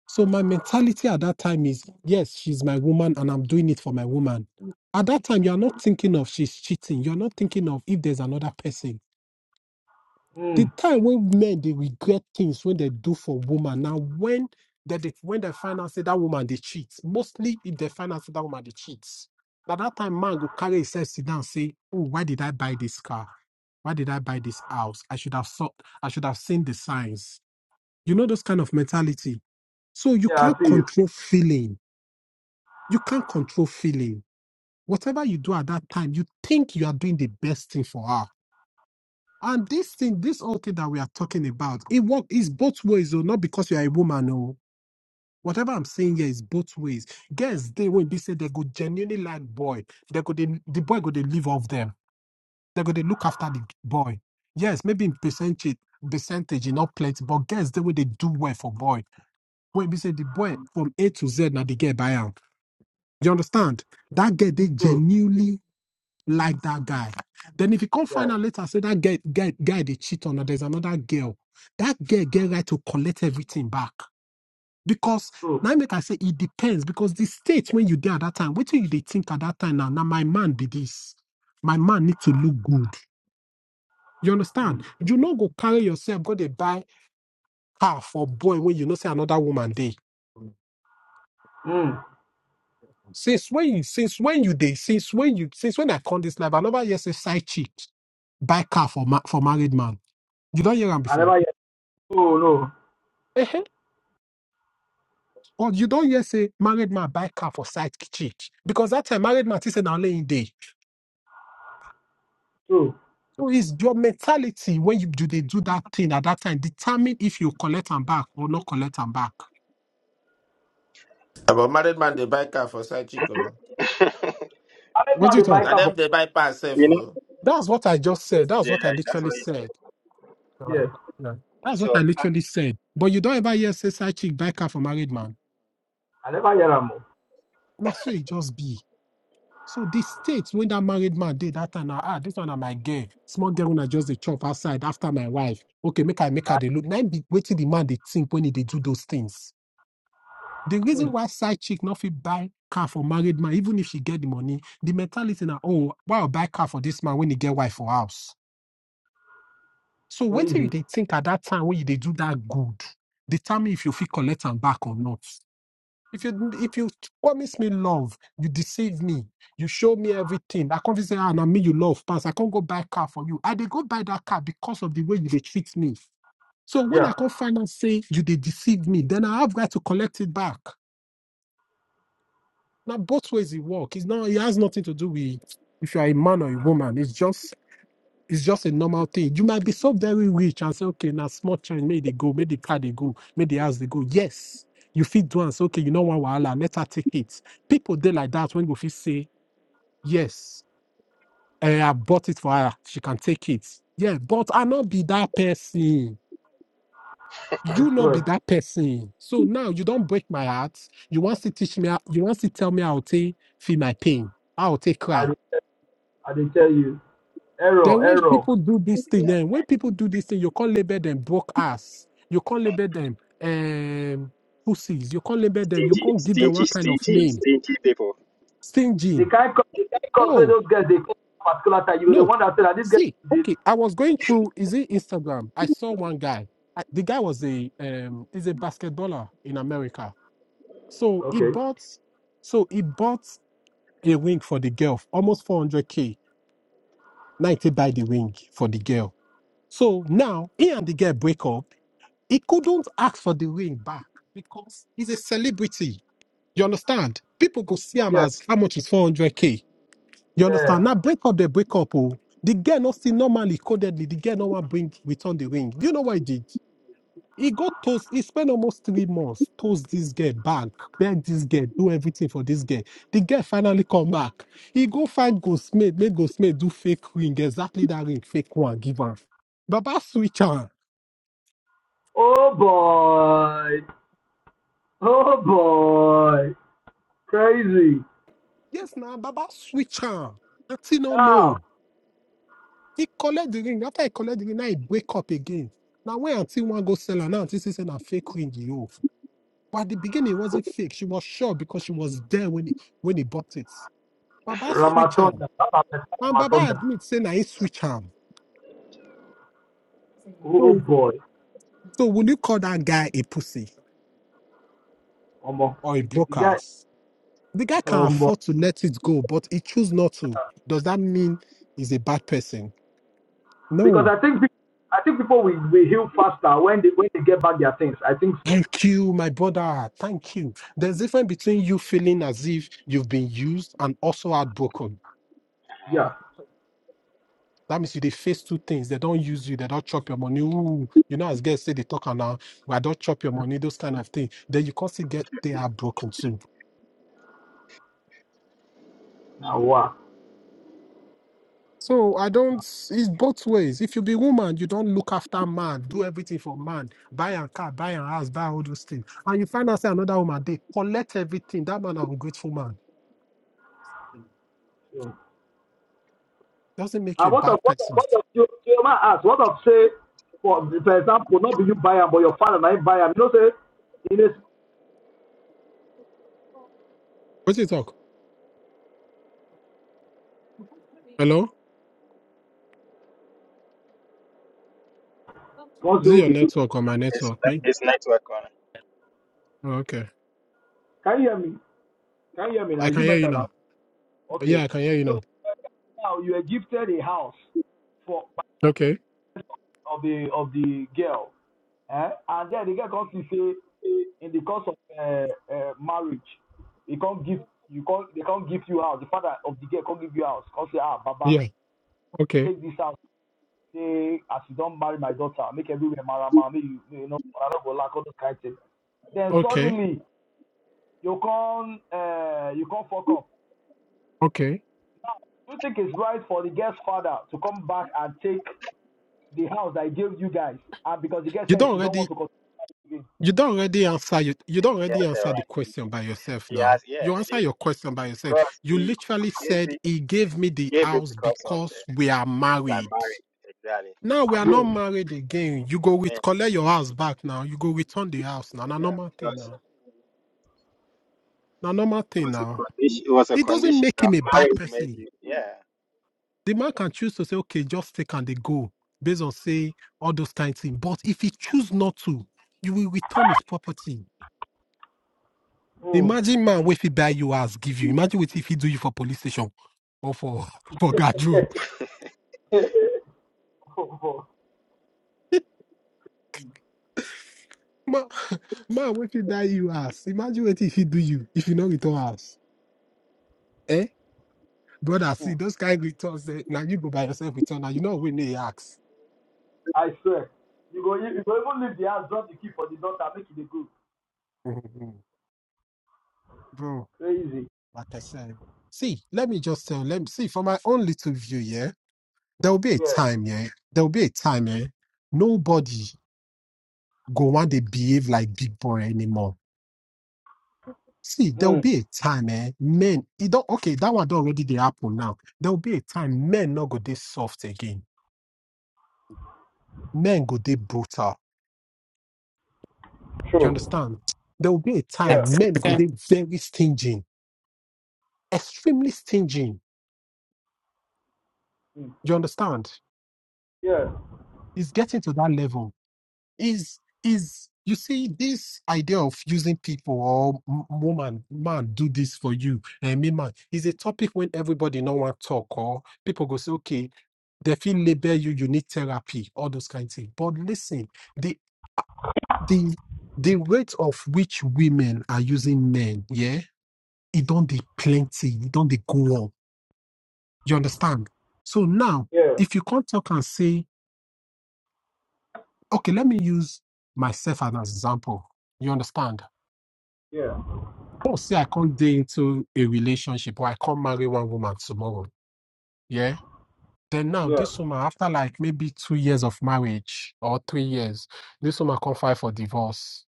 F: So my mentality at that time is, yes, she's my woman and I'm doing it for my woman. At that time, you're not thinking of she's cheating. You're not thinking of if there's another person.
B: Hmm.
F: The time when men they regret things when they do for woman. Now when that they, when they find out say that woman they cheat, mostly if they find out say that woman they cheats. At that time, man will carry himself sit down say, Oh, why did I buy this car? Why did I buy this house? I should have thought, I should have seen the signs. You know, those kind of mentality. So you
B: Yeah, I
F: can't
B: feel you.
F: control feeling you can't control feeling. Whatever you do at that time, you think you are doing the best thing for her. And this thing, this whole thing that we are talking about, it work is both ways, or not because you are a woman, oh. Whatever I'm saying here is both ways. Girls, they when they say they go genuinely like boy, they go they, the boy go they live off them. They go they look after the boy. Yes, maybe in percentage, percentage, you know, plenty, but girls, they way they do well for boy. When we say the boy from A to Z, now the girl buy am. You understand? That girl, they
B: True.
F: genuinely like that guy. Then if you come
B: Yeah.
F: find out later, say that guy, guy, guy they cheat on, or there's another girl. That girl get right to collect everything back. Because
B: True.
F: now make I say it depends. Because the state when you there at that time, what do you they think at that time now? Now my man be this. My man need to look good. You
B: Hmm.
F: understand? You not go carry yourself, go they buy car for boy when you know say another woman day.
B: Hmm.
F: Since when you since when you day, since when you since when I come this life, I never hear say side chick buy car for ma- for married man. You don't hear them
B: I
F: before.
B: never hear. Oh no.
F: Uh huh. Or you don't hear say married man buy car for side chick because that time married man is say now laying day.
B: True.
F: So it's your mentality when you do they do that thing at that time determine if you collect and back or not collect and back.
H: About married man, they buy car for side chick. oh.
G: [LAUGHS]
B: I
F: What do
B: never
F: you
B: the
F: talk?
H: Na
B: biker. for-
H: them they buy pass safe.
G: you know,
H: oh.
F: That's what I just said. That's
G: yeah,
F: what I
G: that's
F: literally
G: what he said.
F: said.
B: Yeah.
F: Alright. Yeah. That's what I
G: So uh,
F: literally said. But you don't ever hear say side chick buy car for married man.
B: I never hear him.
F: Now so it just be. So the states when that married man did that time, ah, this one na my girl. Small girl when I just the chop outside after my wife. Okay, make I make her the look. Now be waiting the man they think when he they do those things. The
B: Hmm.
F: reason why side chick not fit buy car for married man, even if she get the money, the mentality now, oh, why I buy car for this man when he get wife for house. So waiting you
B: crazy.
F: they think at that time when you they do that good, determine if you feel collect and back or not. If you if you promise me love, you deceive me, you show me everything. I can't just say, ah, now me you love pass. I can't go buy car for you. I they go buy that car because of the way you they treat me. So when
B: Yeah,
F: I can't find out say you they deceive me, then I have got to collect it back. Now both ways it work. It's not it has nothing to do with if you are a man or a woman. It's just it's just a normal thing. You might be so very rich and say, okay, now small change, may they go, may the car they go, may the house they go. Yes, you fit do and say, okay, you know what, wahala, let her take it. People they like that when you fit say, yes, eh, I bought it for her, she can take it. Yeah, but I not be that person.
B: I
F: You not be
B: swear.
F: that person. So now you don't break my heart. You want to teach me, how- you want to tell me how to feel my pain, how to cry.
B: I dey I dey tell you.
F: Then
B: Error,
F: when
B: error.
F: people do this thing, then when people do this thing, you can't label them broke ass. You can't label them um, pussies. You can't label them. You
G: stingy,
F: can't give them
G: stingy,
F: one kind of
G: stingy,
F: name.
G: stingy people.
B: They
F: Stingy.
B: can't. cause they can't cause where
F: No,
B: those guys They cause particular time, you were the
F: no.
B: one that said that this guy
F: See,
B: did.
F: okay. I was going through is it Instagram? I saw one guy. I, the guy was a um, is a basketballer in America. So he
B: Okay.
F: bought, so he bought a wing for the girl, almost 400k, 90 by the wing for the girl. So now he and the girl break up He couldn't ask for the ring back because he's a celebrity. You understand? People go see him
B: Yeah,
F: as how much is 400k. You
B: yeah.
F: understand? Now break up the break up. Oh. The girl not see normally codedly. The girl no one bring return the ring. Do you know what he did? He got toast. He spent almost three months toast this girl back, beg this girl, do everything for this girl. The girl finally come back. He go find Ghostmate, make Ghostmate do fake ring, exactly that ring, fake one, give her. Baba switch her.
B: Oh boy. Oh boy. Crazy.
F: Yes, now Baba switch on. Auntie no
B: Ah,
F: know. He collect the ring. After he collect the ring, now he wake up again. Now when Auntie one go sell her, now Auntie say say na fake ring you. But at the beginning, it wasn't fake. She was sure because she was there when he when he bought it. Baba switch on.
B: Ramatonda.
F: And Baba
B: Ramatonda.
F: admit say na he switch on.
B: Oh
F: So
B: boy.
F: so will you call that guy a pussy
B: Omo.
F: or a
B: You guy
F: broker? The guy can
B: omo.
F: afford to let it go, but he choose not to. Does that mean he's a bad person? No.
B: Because I think people, I think people will, will heal faster when they when they get back their things. I think so.
F: Thank you, my brother. Thank you. There's a difference between you feeling as if you've been used and also heartbroken.
G: Uh,
B: Yeah.
F: That means you they face two things. They don't use you, they don't chop your money. Ooh, you know, as girls say they talk and now, "Well, I don't chop your money, those kind of things. Then you constantly get they are broken too.
B: Now wow.
F: So I don't it's both ways. If you be woman, you don't look after man, do everything for man, buy a car, buy a house, buy all those things. And you find out say another woman, they collect everything. That man an ungrateful man. Doesn't make you
B: And
F: a
B: what of
F: bad
B: what of
F: person.
B: what of you you might ask, what of say for for example, not be you buy him but your father na him buy him You know say in this
F: What you talk? Hello? Is it
B: also
F: your network or my
G: it's
F: network? Right?
G: it's network on.
F: Oh, okay.
B: can you hear me? Can you hear me now?
F: I
B: Is
F: can
B: it
F: hear you
B: better now?
F: now.
B: Okay.
F: Yeah, I can hear you now.
B: So now you are gifted a house for
F: Okay.
B: of the of the girl. Eh? And then the girl comes to say
G: He-
B: in the course of uh, uh, marriage, he can't give you can't they can't give you house. The father of the girl can't give you house. Can't say ah Baba,
F: Yeah. Okay.
B: take this house. say as you don't marry my daughter, make everywhere marama, make you you know, I don't go lack all those kind of things. Then
F: Okay.
B: suddenly you can uh, you can not fuck up.
F: Okay.
B: Do you think it's right for the girl's father to come back and take the house that I gave you guys? And because the girl
F: You
B: said
F: don't
B: she don't
F: already
B: want to continue.
F: you don't already answer you you don't
G: Yeah,
F: already
G: they're
F: answer the
G: right.
F: question by yourself
G: He
F: now.
G: has yeah,
F: You answer
G: he,
F: your question by yourself.
G: because
F: You
G: he, he
F: literally
G: gave
F: said
G: it
F: he gave me the
G: gave it
F: house
G: because of the
F: because we are
G: by
F: married.
G: marriage exactly.
F: Now we are not
B: again? Yes.
F: married again. You go with
G: And
F: collect your house back now. You go return the house now. Na
G: yeah,
F: normal thing
G: because
F: now. Na normal
G: it
F: thing
G: was a
F: now.
G: condition. It was a
F: It doesn't
G: condition
F: make
G: that
F: him a bad
G: marriage made
F: person.
G: you. Yeah,
F: The man can choose to say, okay, just take and they go based on say all those kind of things. But if he choose not to, you will return his property.
B: Mm.
F: Imagine man if he buy you as give you. Imagine what if he do you for police station or for [LAUGHS] for guard room.
B: [LAUGHS] oh, oh.
F: [LAUGHS] Man, man, what he buy you ass? Imagine what if he do you if you not return house. Eh? Brother, see
B: Mm.
F: those kind of returns. Eh? Now you go by yourself return. Now you know when they ask.
B: [LAUGHS] I swear. You go you go even leave the house, drop the key for the daughter, make it a good.
F: [LAUGHS] Bro,
B: Crazy.
F: like I said. See, let me just tell let me see for my own little view, yeah. there will be a
B: Yeah.
F: time, yeah. There will be a time, yeah. Nobody go want to behave like big boy anymore. See, there will
B: Mm.
F: be a time, eh? Men, it don't okay. That one don't already they happen now. There will be a time men not go they soft again. Men go they brutal. You
B: True.
F: understand? There will be a
B: Yeah.
F: time
I: That's
F: men go
I: good.
F: they very stingy, extremely stingy.
B: Mm.
F: You understand?
B: Yeah.
F: It's getting to that level is is you see this idea of using people or m- woman man do this for you and me man is a topic when everybody no want talk or people go say okay they feel label you you need therapy all those kind of things but listen the the the rate of which women are using men yeah it don't be plenty it don't they go on you understand so now
B: Yeah.
F: if you can't talk and say okay let me use myself as an example you understand
B: Yeah.
F: Oh, say I can't date into a relationship or I can't marry one woman tomorrow. Yeah. Then now
B: Yeah.
F: this woman, after like maybe two years of marriage or three years, this woman can't file for divorce.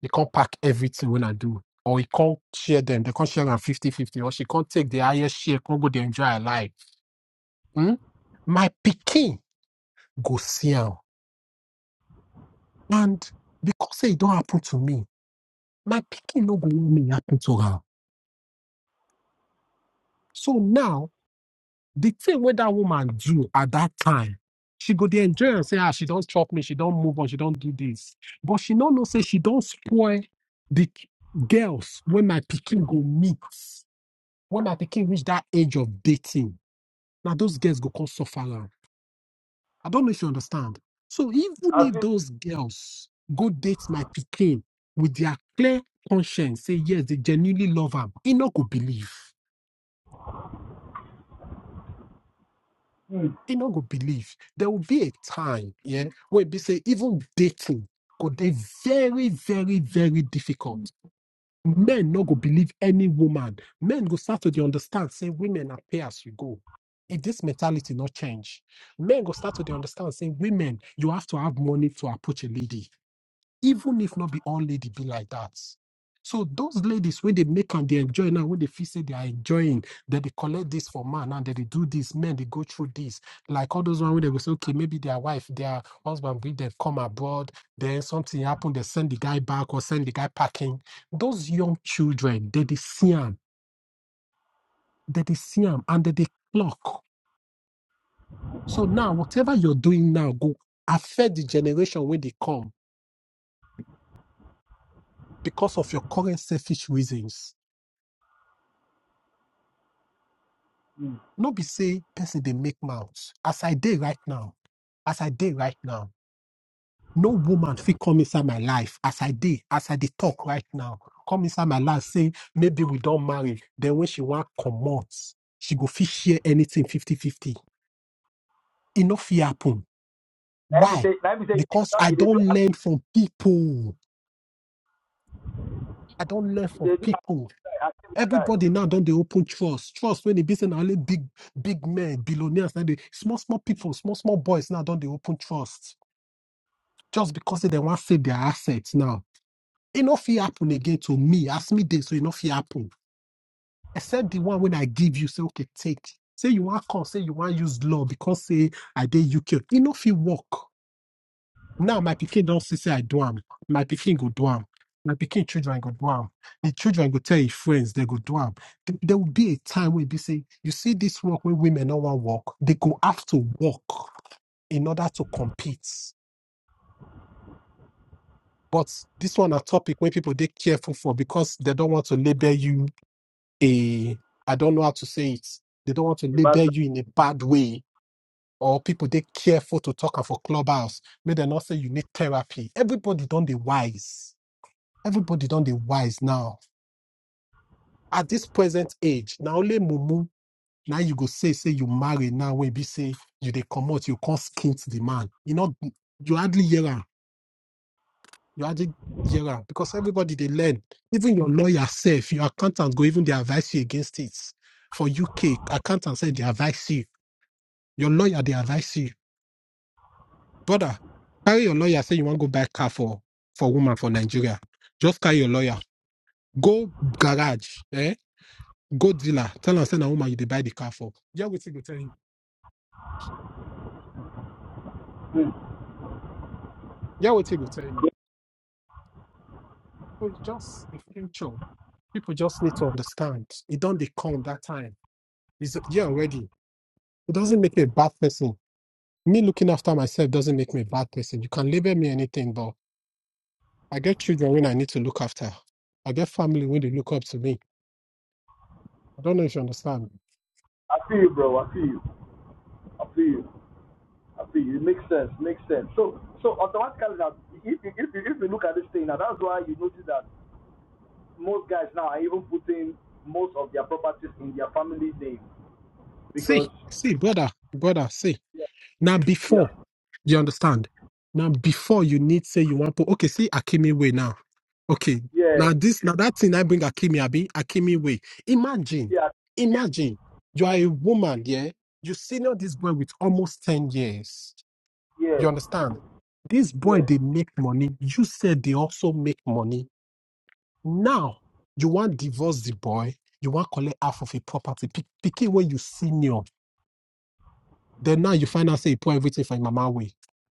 F: He can't pack everything when I do. Or he can't share them. They can't share them fifty-fifty, Or she can't take the highest share, can't go there enjoy her life. Hmm? My picking go see her. And because say it don't happen to me, my picking no go let me happen to her. So now the thing where that woman do at that time, she go there enjoy and say, ah, she don't chop me, she don't move on, she don't do this. But she no know say she don't spoil the k- girls when my picking go meet. When my picking reach that age of dating, now those girls go come suffer. am. I don't know if you understand. So even
B: I
F: if
B: think
F: those girls go date my picking with their clear conscience, say yes, they genuinely love him, he not go believe.
B: Mm.
F: They not go believe there will be a time, yeah, where they say even dating could be very, very, very difficult. Men not go believe any woman. Men go start to dey understand, say women appear as you go. If this mentality not change, men go start to dey understand, say women, you have to have money to approach a lady even if not be all lady be like that. So those ladies when they make and they enjoy now, when they feel say they are enjoying, that they collect this for man and then they do this, men they go through this. Like all those ones where they go say, okay, maybe their wife, their husband bring them come abroad, then something happen, they send the guy back or send the guy packing. Those young children, they they see them, they they see them, and they they clock. So now whatever you're doing now go affect the generation when they come because of your current selfish reasons
B: Mm.
F: no be say person dey make mouth as i dey right now as i dey right now no woman fit come inside my life as i dey as i dey talk right now come inside my life say maybe we don marry then when she wan comot she go fit share anything fifty-fifty. 50 e no fit happen
B: Let me
F: why
B: say, let me say,
F: because i
B: they do,
F: don learn from people i don learn from
B: they do
F: people
B: activity side.
F: everybody now don dey open trust trust when e be say na only big big men billionaires na dey small small people small small boys now don dey open trust just because say they want to save their assets now. It not fit happen
B: Mm.
F: again to me. Ask me this, so it not fit happen. Except the one when I give you, say okay, take. Say you want come, say you want use law because say I did UK. It not fit work. Now my picking don't see say I do am. My picking go do am. My picking children go do am. The children go tell your friends they go do am. Th- There will be a time when be say you see this work when women no want work. They go have to work in order to compete. But this one a topic where people they careful for because they don't want to label you a I don't know how to say it. They don't want to label
B: But
F: you in a bad way. Or people they careful to talk am for clubhouse. May they not say you need therapy. Everybody don't they wise. Everybody don't they wise now. At this present age, now only mumu now you go say say you marry now when be say you they come out you can't skint the man. You know you hardly hear am. You added year round because everybody they learn. Even your lawyer self, your accountant go even they advise you against it. For UK, accountant said they advise you. Your lawyer they advise you. Brother, carry your lawyer say you want to go buy car for for woman for Nigeria. Just carry your lawyer. Go garage, eh? Go dealer. Tell and send a woman you they buy the car for. Yeah, what you go tell you.
B: mm.
F: Yeah, what you go tell you. People just the future. People just need to understand. It don't they come that time. It's yeah already. It doesn't make you a bad person me looking after myself doesn't make me a bad person. You can label me anything, but I get children when I need to look after. I get family when they look up to me. I don't know if you understand.
B: I feel you, bro. I feel you. I feel you. I feel you. It makes sense. Makes sense. So, so automatically now, if you, if if you look at this thing now, that's why you notice that most guys now are even putting most of their properties in their family name
F: See,
B: because
F: see, brother, brother, see.
B: yeah,
F: Now
B: yeah,
F: before, you understand? Now before you need say you want put okay, see Akimi way now. Okay.
B: yeah,
F: Now this now that thing I bring Akimi Abi, Akimi way. Imagine,
B: yeah,
F: imagine you are a woman, yeah. You senior this boy with almost 10 years.
B: yeah,
F: You understand? This
B: yeah.
F: boy, they make money. You said they also make money. Now, you want divorce the boy. You want collect half of a property. Pick, pick it when you senior. Then now you find out say he pour everything for him mama way.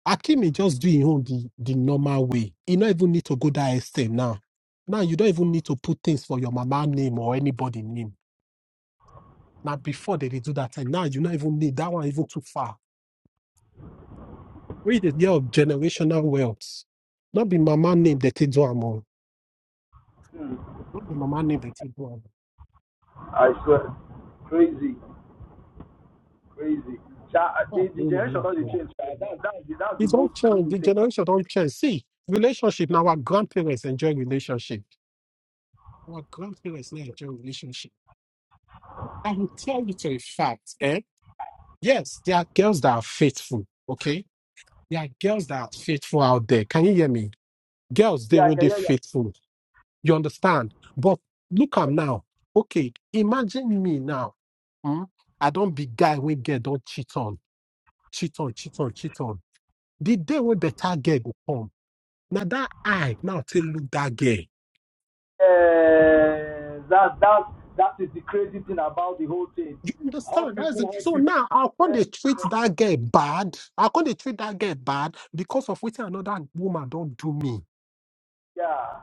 F: Akim is just doing his own the, the normal way. He not even need to go that extent now. Now you don't even need to put things for your mama name or anybody name. Now before they, dey do that time, now you not even need that one even too far. Read the year of generational wealth. Not be mama name that they do am o.
B: Mm.
F: Not the mama name that you go
B: I swear, crazy. crazy.
F: People are
B: the, the
F: praying a
B: generation
F: lot.
B: not the
F: oh.
B: change. That That that's the
F: It It don't
B: most cool
F: change. The
B: thing.
F: generation don't change. See, relationship. Now our grandparents enjoy relationship. Our grandparents now enjoy relationship. I will tell you to a fact. Eh? Yes, there are girls that are faithful. Okay, there are girls that are faithful out there. Can you hear me? Girls, they
B: Yeah,
F: will be
B: yeah, yeah,
F: faithful. You
B: yeah.
F: understand? But look am now. Okay, imagine me now. Hmm? I don't be guy we get don't cheat on, cheat on, cheat on, cheat on. The day when better girl go come, now that eye now take look that girl.
B: Eh, that that that is the crazy thing about the whole thing.
F: You
B: Hot
F: understand? That's
B: people,
F: it.
B: hot
F: So
B: people.
F: now I can't
B: Yeah,
F: they treat that girl bad. I can't they treat that girl bad because of what another woman don't do me.
B: yeah.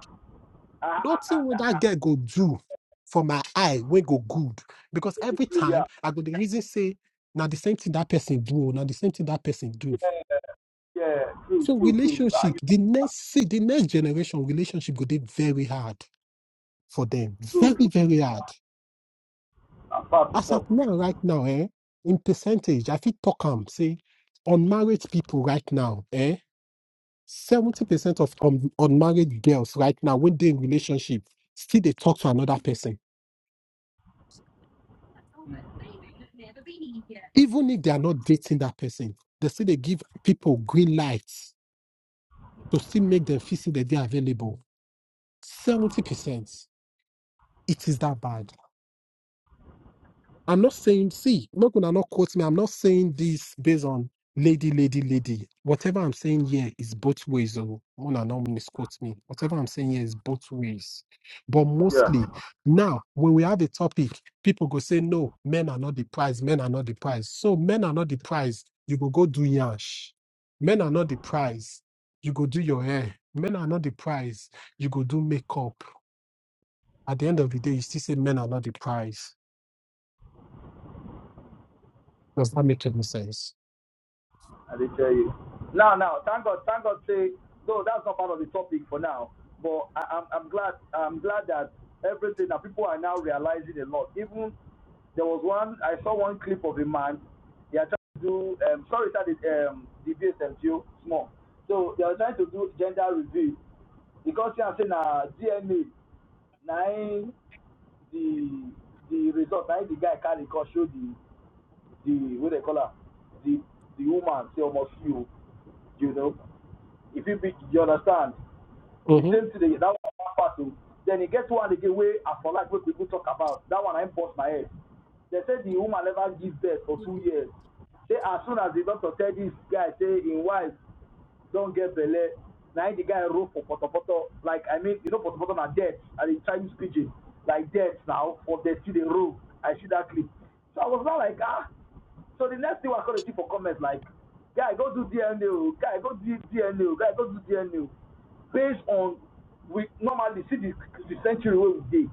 B: I, I, I,
F: Nothing what
B: I,
F: that girl go do for my eye when go good. Because every
B: yeah,
F: time I go the reason say now the same thing that person do, now the same thing that person do.
B: yeah. True,
F: So
B: true, true. Uh,
F: relationship, the next see the next generation relationship go be very hard for them.
B: true,
F: Very,
B: true.
F: very hard.
B: I'm fast to
F: As of
B: talk.
F: now, right now, eh, in percentage, I fit talk am say unmarried people right now, eh, seventy percent of un- unmarried girls right now when they in relationship still they talk to another person, even if they are not dating that person, they still they give people green lights to still make them feel say that they are available. Seventy percent, it is that bad. I'm not saying, see, not gonna not quote me. I'm not saying this based on lady, lady, lady. Whatever I'm saying here is both ways. Oh, Mona not misquote me. Whatever I'm saying here is both ways. But
B: Yeah.
F: mostly now, when we have a topic, people go say, no, men are not the prize. Men are not the prize. So men are not the prize. You go go do yash. Men are not the prize. You go do your hair. Men are not the prize. You go do makeup. At the end of the day, you still say men are not the prize Does that make any sense?
B: I did tell you. Now, now, thank God, thank God. Say, no, that's not part of the topic for now. But I, I'm, I'm glad, I'm glad that everything that people are now realizing a lot. Even there was one, I saw one clip of a man. They are trying to do, um, sorry, that is um, deviate MTO small. So they are trying to do gender review because they are saying uh, DNA nine the the result nine the guy carry cause show the the what they call her, the the woman say almost you, you know. If you be, you understand, the
F: Mm-hmm.
B: same thing that one part too. Then he get one again way for like what people talk about. That one I bust my head. They said the woman never gives birth for two years. Say as soon as the doctor tell this guy say in wife don't get belle Now the guy roll for potopoto like i mean you know potopoto na dirt and in chinese pidgin like dirt now for dirty the roll i see that clip so i was not like ah so the next thing i come dey see for comment like guy go do dna guy go do dna guy go do dna based on we normally see the, the century where we did.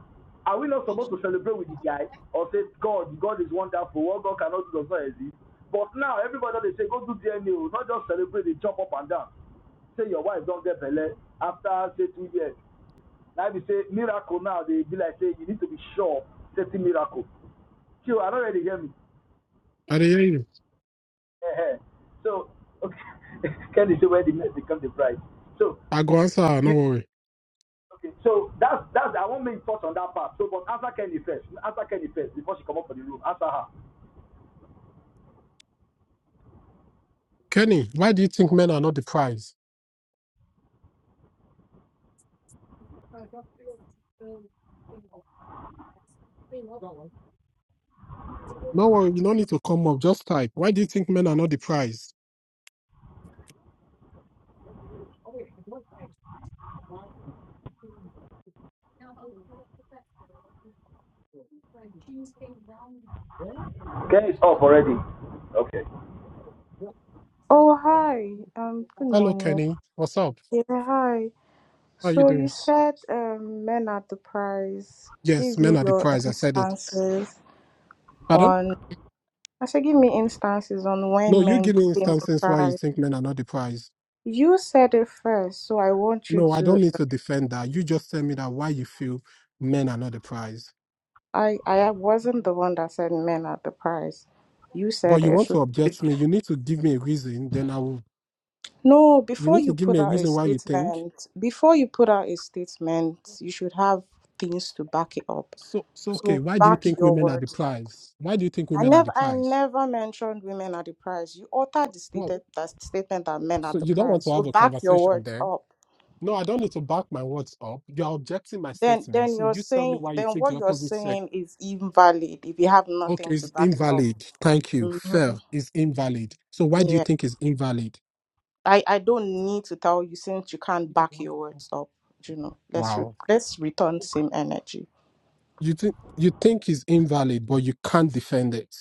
B: are we not supposed to celebrate with the guy or say god god is wonderful what god cannot do does not exist but now everybody they say go do dna not just celebrate They jump up and down say your wife don't get belle after say two years na be say miracle now dey be like say you need to be sure certain miracle chill i not really hear me
F: I dey hear you.
B: [LAUGHS] so okay [LAUGHS] Can kenny say where the mess become the bride so
F: I go answer,
B: you.
F: no worry.
B: Okay, so that's that's I won't make touch on that part. So, but answer Kenny first. Answer Kenny first before she come up for the room. Answer her.
F: Kenny, why do you think men are not the prize? No worry, you don't need to come up, just type. Why do you think men are not the prize?
B: Kenny's is up already. Okay.
J: Oh, hi. Um, good
F: Hello,
J: morning.
F: Kenny. What's up?
J: Yeah, hi.
F: How are you
J: So you
F: doing?
J: said um, men are the prize.
F: Yes,
J: Give me
F: men are the
J: your
F: prize. I said it.
J: instances
F: Pardon?
J: on. I said, give me instances on
F: No,
J: when
F: you
J: men
F: give me
J: became the
F: instances why you
J: prize.
F: think men are not the prize.
J: You said it first, so I want you
F: No, I
J: to.
F: don't need to defend that. You just tell me that why you feel men are not the prize.
J: I I wasn't the one that said men are the prize. You
F: But
J: said
F: you
J: it.
F: want
J: So-
F: to object me, you need to give me a reason, then I will
J: No,
F: you
J: before
F: need to
J: you
F: give
J: put
F: me a
J: out a
F: reason why you think.
J: statement, before you put out a statement, you should have things to back it up.
F: So so okay,
J: So
F: why do you
J: back
F: think
J: your
F: women are the
J: words up.
F: prize? Why do you think
J: I
F: women are the
J: never, I
F: prize?
J: never mentioned women are the prize. You uttered the
F: Well,
J: stated that statement that men are
F: so
J: the
F: you don't want
J: prize.
F: to
J: So
F: have a
J: back your
F: conversation
J: words
F: then.
J: up.
F: No, I don't need to back my words up. You are objecting my
J: Then,
F: statement.
J: then
F: So
J: you're
F: you tell me
J: saying,
F: why you
J: then
F: think the
J: what you're
F: opposite sex
J: saying is invalid if you have nothing
F: Okay,
J: to
F: it's
J: back it up.
F: invalid. Thank you.
J: hmm
F: Fair is invalid. So why do you
J: Yeah,
F: think it's invalid?
J: I, I don't need to tell you since you can't back your words up. You know, let's re-
F: Wow.
J: let's return same energy.
F: You think you think it's invalid, but you can't defend it.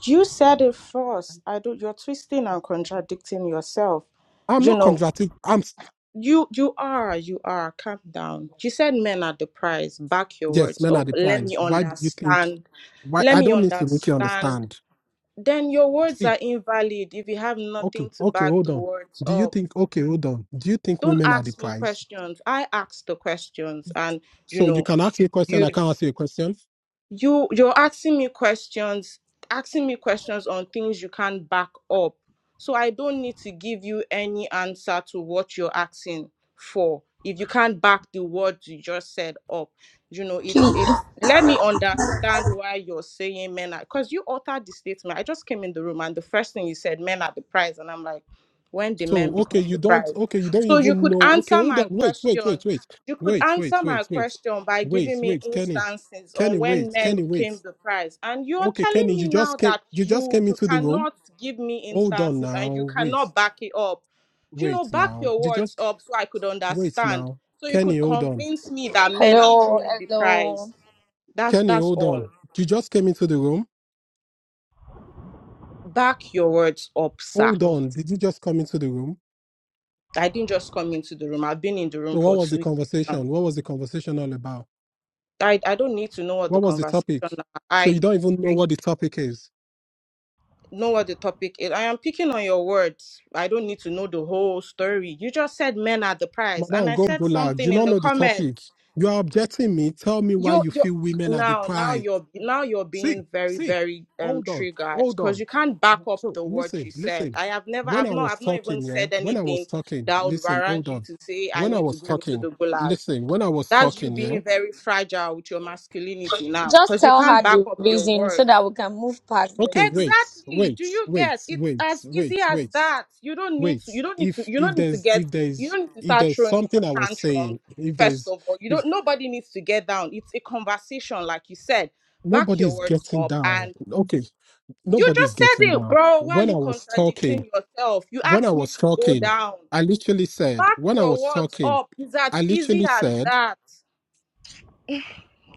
J: You said it first. I don't. You're twisting and contradicting yourself.
F: I'm
J: You
F: not
J: know,
F: contradicting. I'm s-
J: You you are, you are. Calm down. You said men are the prize. Back your
F: yes,
J: words
F: men are
J: up.
F: the
J: Let me
F: prize. Why do you think?
J: understand.
F: Why
J: Let
F: I
J: me
F: don't need to make you
J: understand.
F: understand.
J: Then your words
F: See,
J: are invalid if you have
F: okay,
J: nothing to
F: okay,
J: back
F: hold
J: the
F: on.
J: words
F: Do you
J: up.
F: think? Okay, hold on. Do you think
J: Don't
F: women are the
J: ask me
F: prize?
J: questions. I ask the questions and you
F: So you
J: know
F: can ask me a question.
J: you
F: I can't ask you a question.
J: you you're asking me questions asking me questions on things you can't back up so i don't need to give you any answer to what you're asking for if you can't back the words you just said up you know it's
E: please
J: it's let me understand why you're saying men are because you altered the statement i just came in the room and the first thing you said men are the prize and i'm like when the
F: So
J: men
F: okay,
J: become
F: you
J: the
F: don't
J: prize
F: okay, you don't
J: so you
F: even
J: could
F: know. Okay,
J: answer
F: hold
J: my
F: on, wait, wait,
J: question
F: wait, wait,
J: you could
F: wait, wait,
J: answer
F: wait,
J: my
F: wait,
J: question by
F: wait,
J: giving me
F: wait, Kenny,
J: instances
F: Kenny,
J: on
F: wait,
J: when men
F: Kenny, wait.
J: became the prize. And you're
F: Okay,
J: telling
F: Kenny,
J: me
F: you just
J: now
F: came,
J: that
F: you just
J: you
F: came
J: you
F: into the room.
J: cannot give me
F: Hold on
J: instances and
F: now,
J: you
F: wait,
J: cannot back it up. You know,
F: wait
J: back
F: now.
J: your
F: You
J: words
F: just
J: up so I could
F: wait
J: understand.
F: now,
J: So you
F: Kenny,
J: could
F: hold on,
J: convince me that men are
E: Hello,
J: truly the
E: hello.
J: prize. That's
F: Kenny,
J: that's
F: hold
J: all.
F: on. You just came into the room.
J: Back your words up, sir.
F: Hold on, did you just come into the room?
J: I didn't just come into the room. I've been in the room
F: So What
J: for
F: was
J: two
F: the
J: years now.
F: conversation? What was the conversation all about?
J: I, I don't need to know what the
F: What was the
J: conversation.
F: topic? So you
J: I
F: don't even know what the topic is.
J: know what the topic is. I am picking on your words. I don't need to know the whole story. You just said men are the prize, and
F: Madam,
J: I
F: go go
J: said
F: loud. Do
J: something
F: you
J: in
F: not
J: the
F: know the topic?
J: comments.
F: You are objecting me. Tell me why
J: You're
F: you
J: you
F: feel women are
J: now now
F: deprived.
J: you're now you're
F: See,
J: being very
F: see.
J: very um
F: Hold on,
J: triggered
F: hold
J: because
F: on.
J: you can't back up
F: So
J: the words
F: listen,
J: you said.
F: listen.
J: I have never
F: When
J: I've
F: I
J: not
F: was
J: I've not even
F: talking, yeah.
J: said
F: When I
J: anything
F: was talking,
J: that would
F: listen. Hold
J: warrant you
F: on.
J: to say I
F: When I
J: need to
F: was
J: go into
F: talking,
J: the gulag.
F: listen. When I was
J: That's you
F: talking, yeah.
J: being very fragile with your masculinity now
E: Just
J: because you
E: tell her
J: can't back
E: the
J: up your
E: reason so
J: words.
E: that we can move past
F: Okay,
E: this.
F: wait,
J: Exactly. Do
F: wait,
J: you
F: wait,
J: get? It's
F: wait,
J: as
F: wait,
J: easy as
F: wait,
J: that. You don't need
F: wait.
J: to. You don't need to.
F: If
J: You
F: if
J: don't need to
F: there's
J: get.
F: if
J: You
F: there's
J: don't need to
F: if
J: start
F: there's
J: throwing
F: something I
J: t-
F: was
J: tantrums.
F: saying, if
J: First
F: there's
J: of all, you
F: if
J: don't. Nobody needs to get down. It's a conversation, like you said. Back your
F: nobody's
J: words
F: getting
J: up,
F: down.
J: and
F: Okay,
J: you
F: nobody's
J: just said
F: getting
J: it,
F: down.
J: bro. Why are
F: When I
J: you
F: was talking,
J: contradicting yourself? You
F: when I
J: asked me
F: was
J: to go
F: talking,
J: down.
F: I literally said,
J: Back
F: when I
J: your
F: was
J: words
F: talking,
J: up. It's
F: I
J: as easy
F: literally
J: as
F: said,
J: that.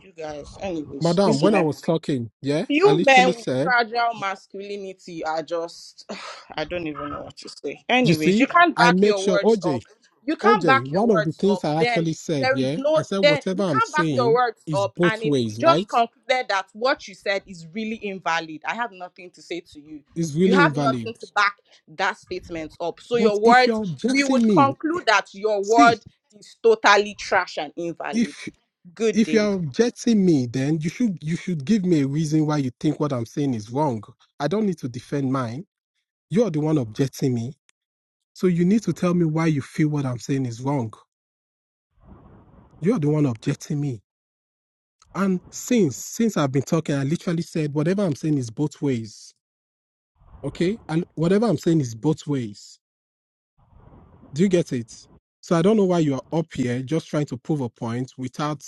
J: You guys, anyways,
F: Madam,
J: this
F: when I
J: man.
F: was talking, yeah, I
J: You
F: literally
J: men with
F: said,
J: fragile masculinity are just, [SIGHS] I don't even know what to say.
F: you
J: Anyways,
F: see,
J: you can't
F: I
J: back
F: make
J: your
F: sure,
J: words
F: OJ,
J: up. You can't
F: OJ,
J: back your
F: one of the
J: words
F: things
J: up.
F: I
J: Then
F: actually said,
J: there is
F: yeah, I
J: no,
F: said,
J: then
F: whatever
J: you
F: I'm
J: can't back your
F: saying
J: words
F: is
J: up.
F: both
J: And it's
F: ways,
J: it just
F: right?
J: concluded that what you said is really invalid. I have nothing to say to you.
F: It's
J: You
F: really
J: have
F: invalid.
J: nothing to back that statement up. So
F: But
J: your
F: if
J: words,
F: you're
J: we
F: objecting
J: would
F: me,
J: conclude that your
F: see,
J: word is totally trash and invalid.
F: if.
J: Good
F: if
J: day.
F: you're objecting me, then you should you should give me a reason why you think what I'm saying is wrong. I don't need to defend mine. You're the one objecting me. So you need to tell me why you feel what I'm saying is wrong. You're the one objecting me. And since since I've been talking, I literally said whatever I'm saying is both ways. Okay? And whatever I'm saying is both ways. Do you get it? So I don't know why you are up here just trying to prove a point without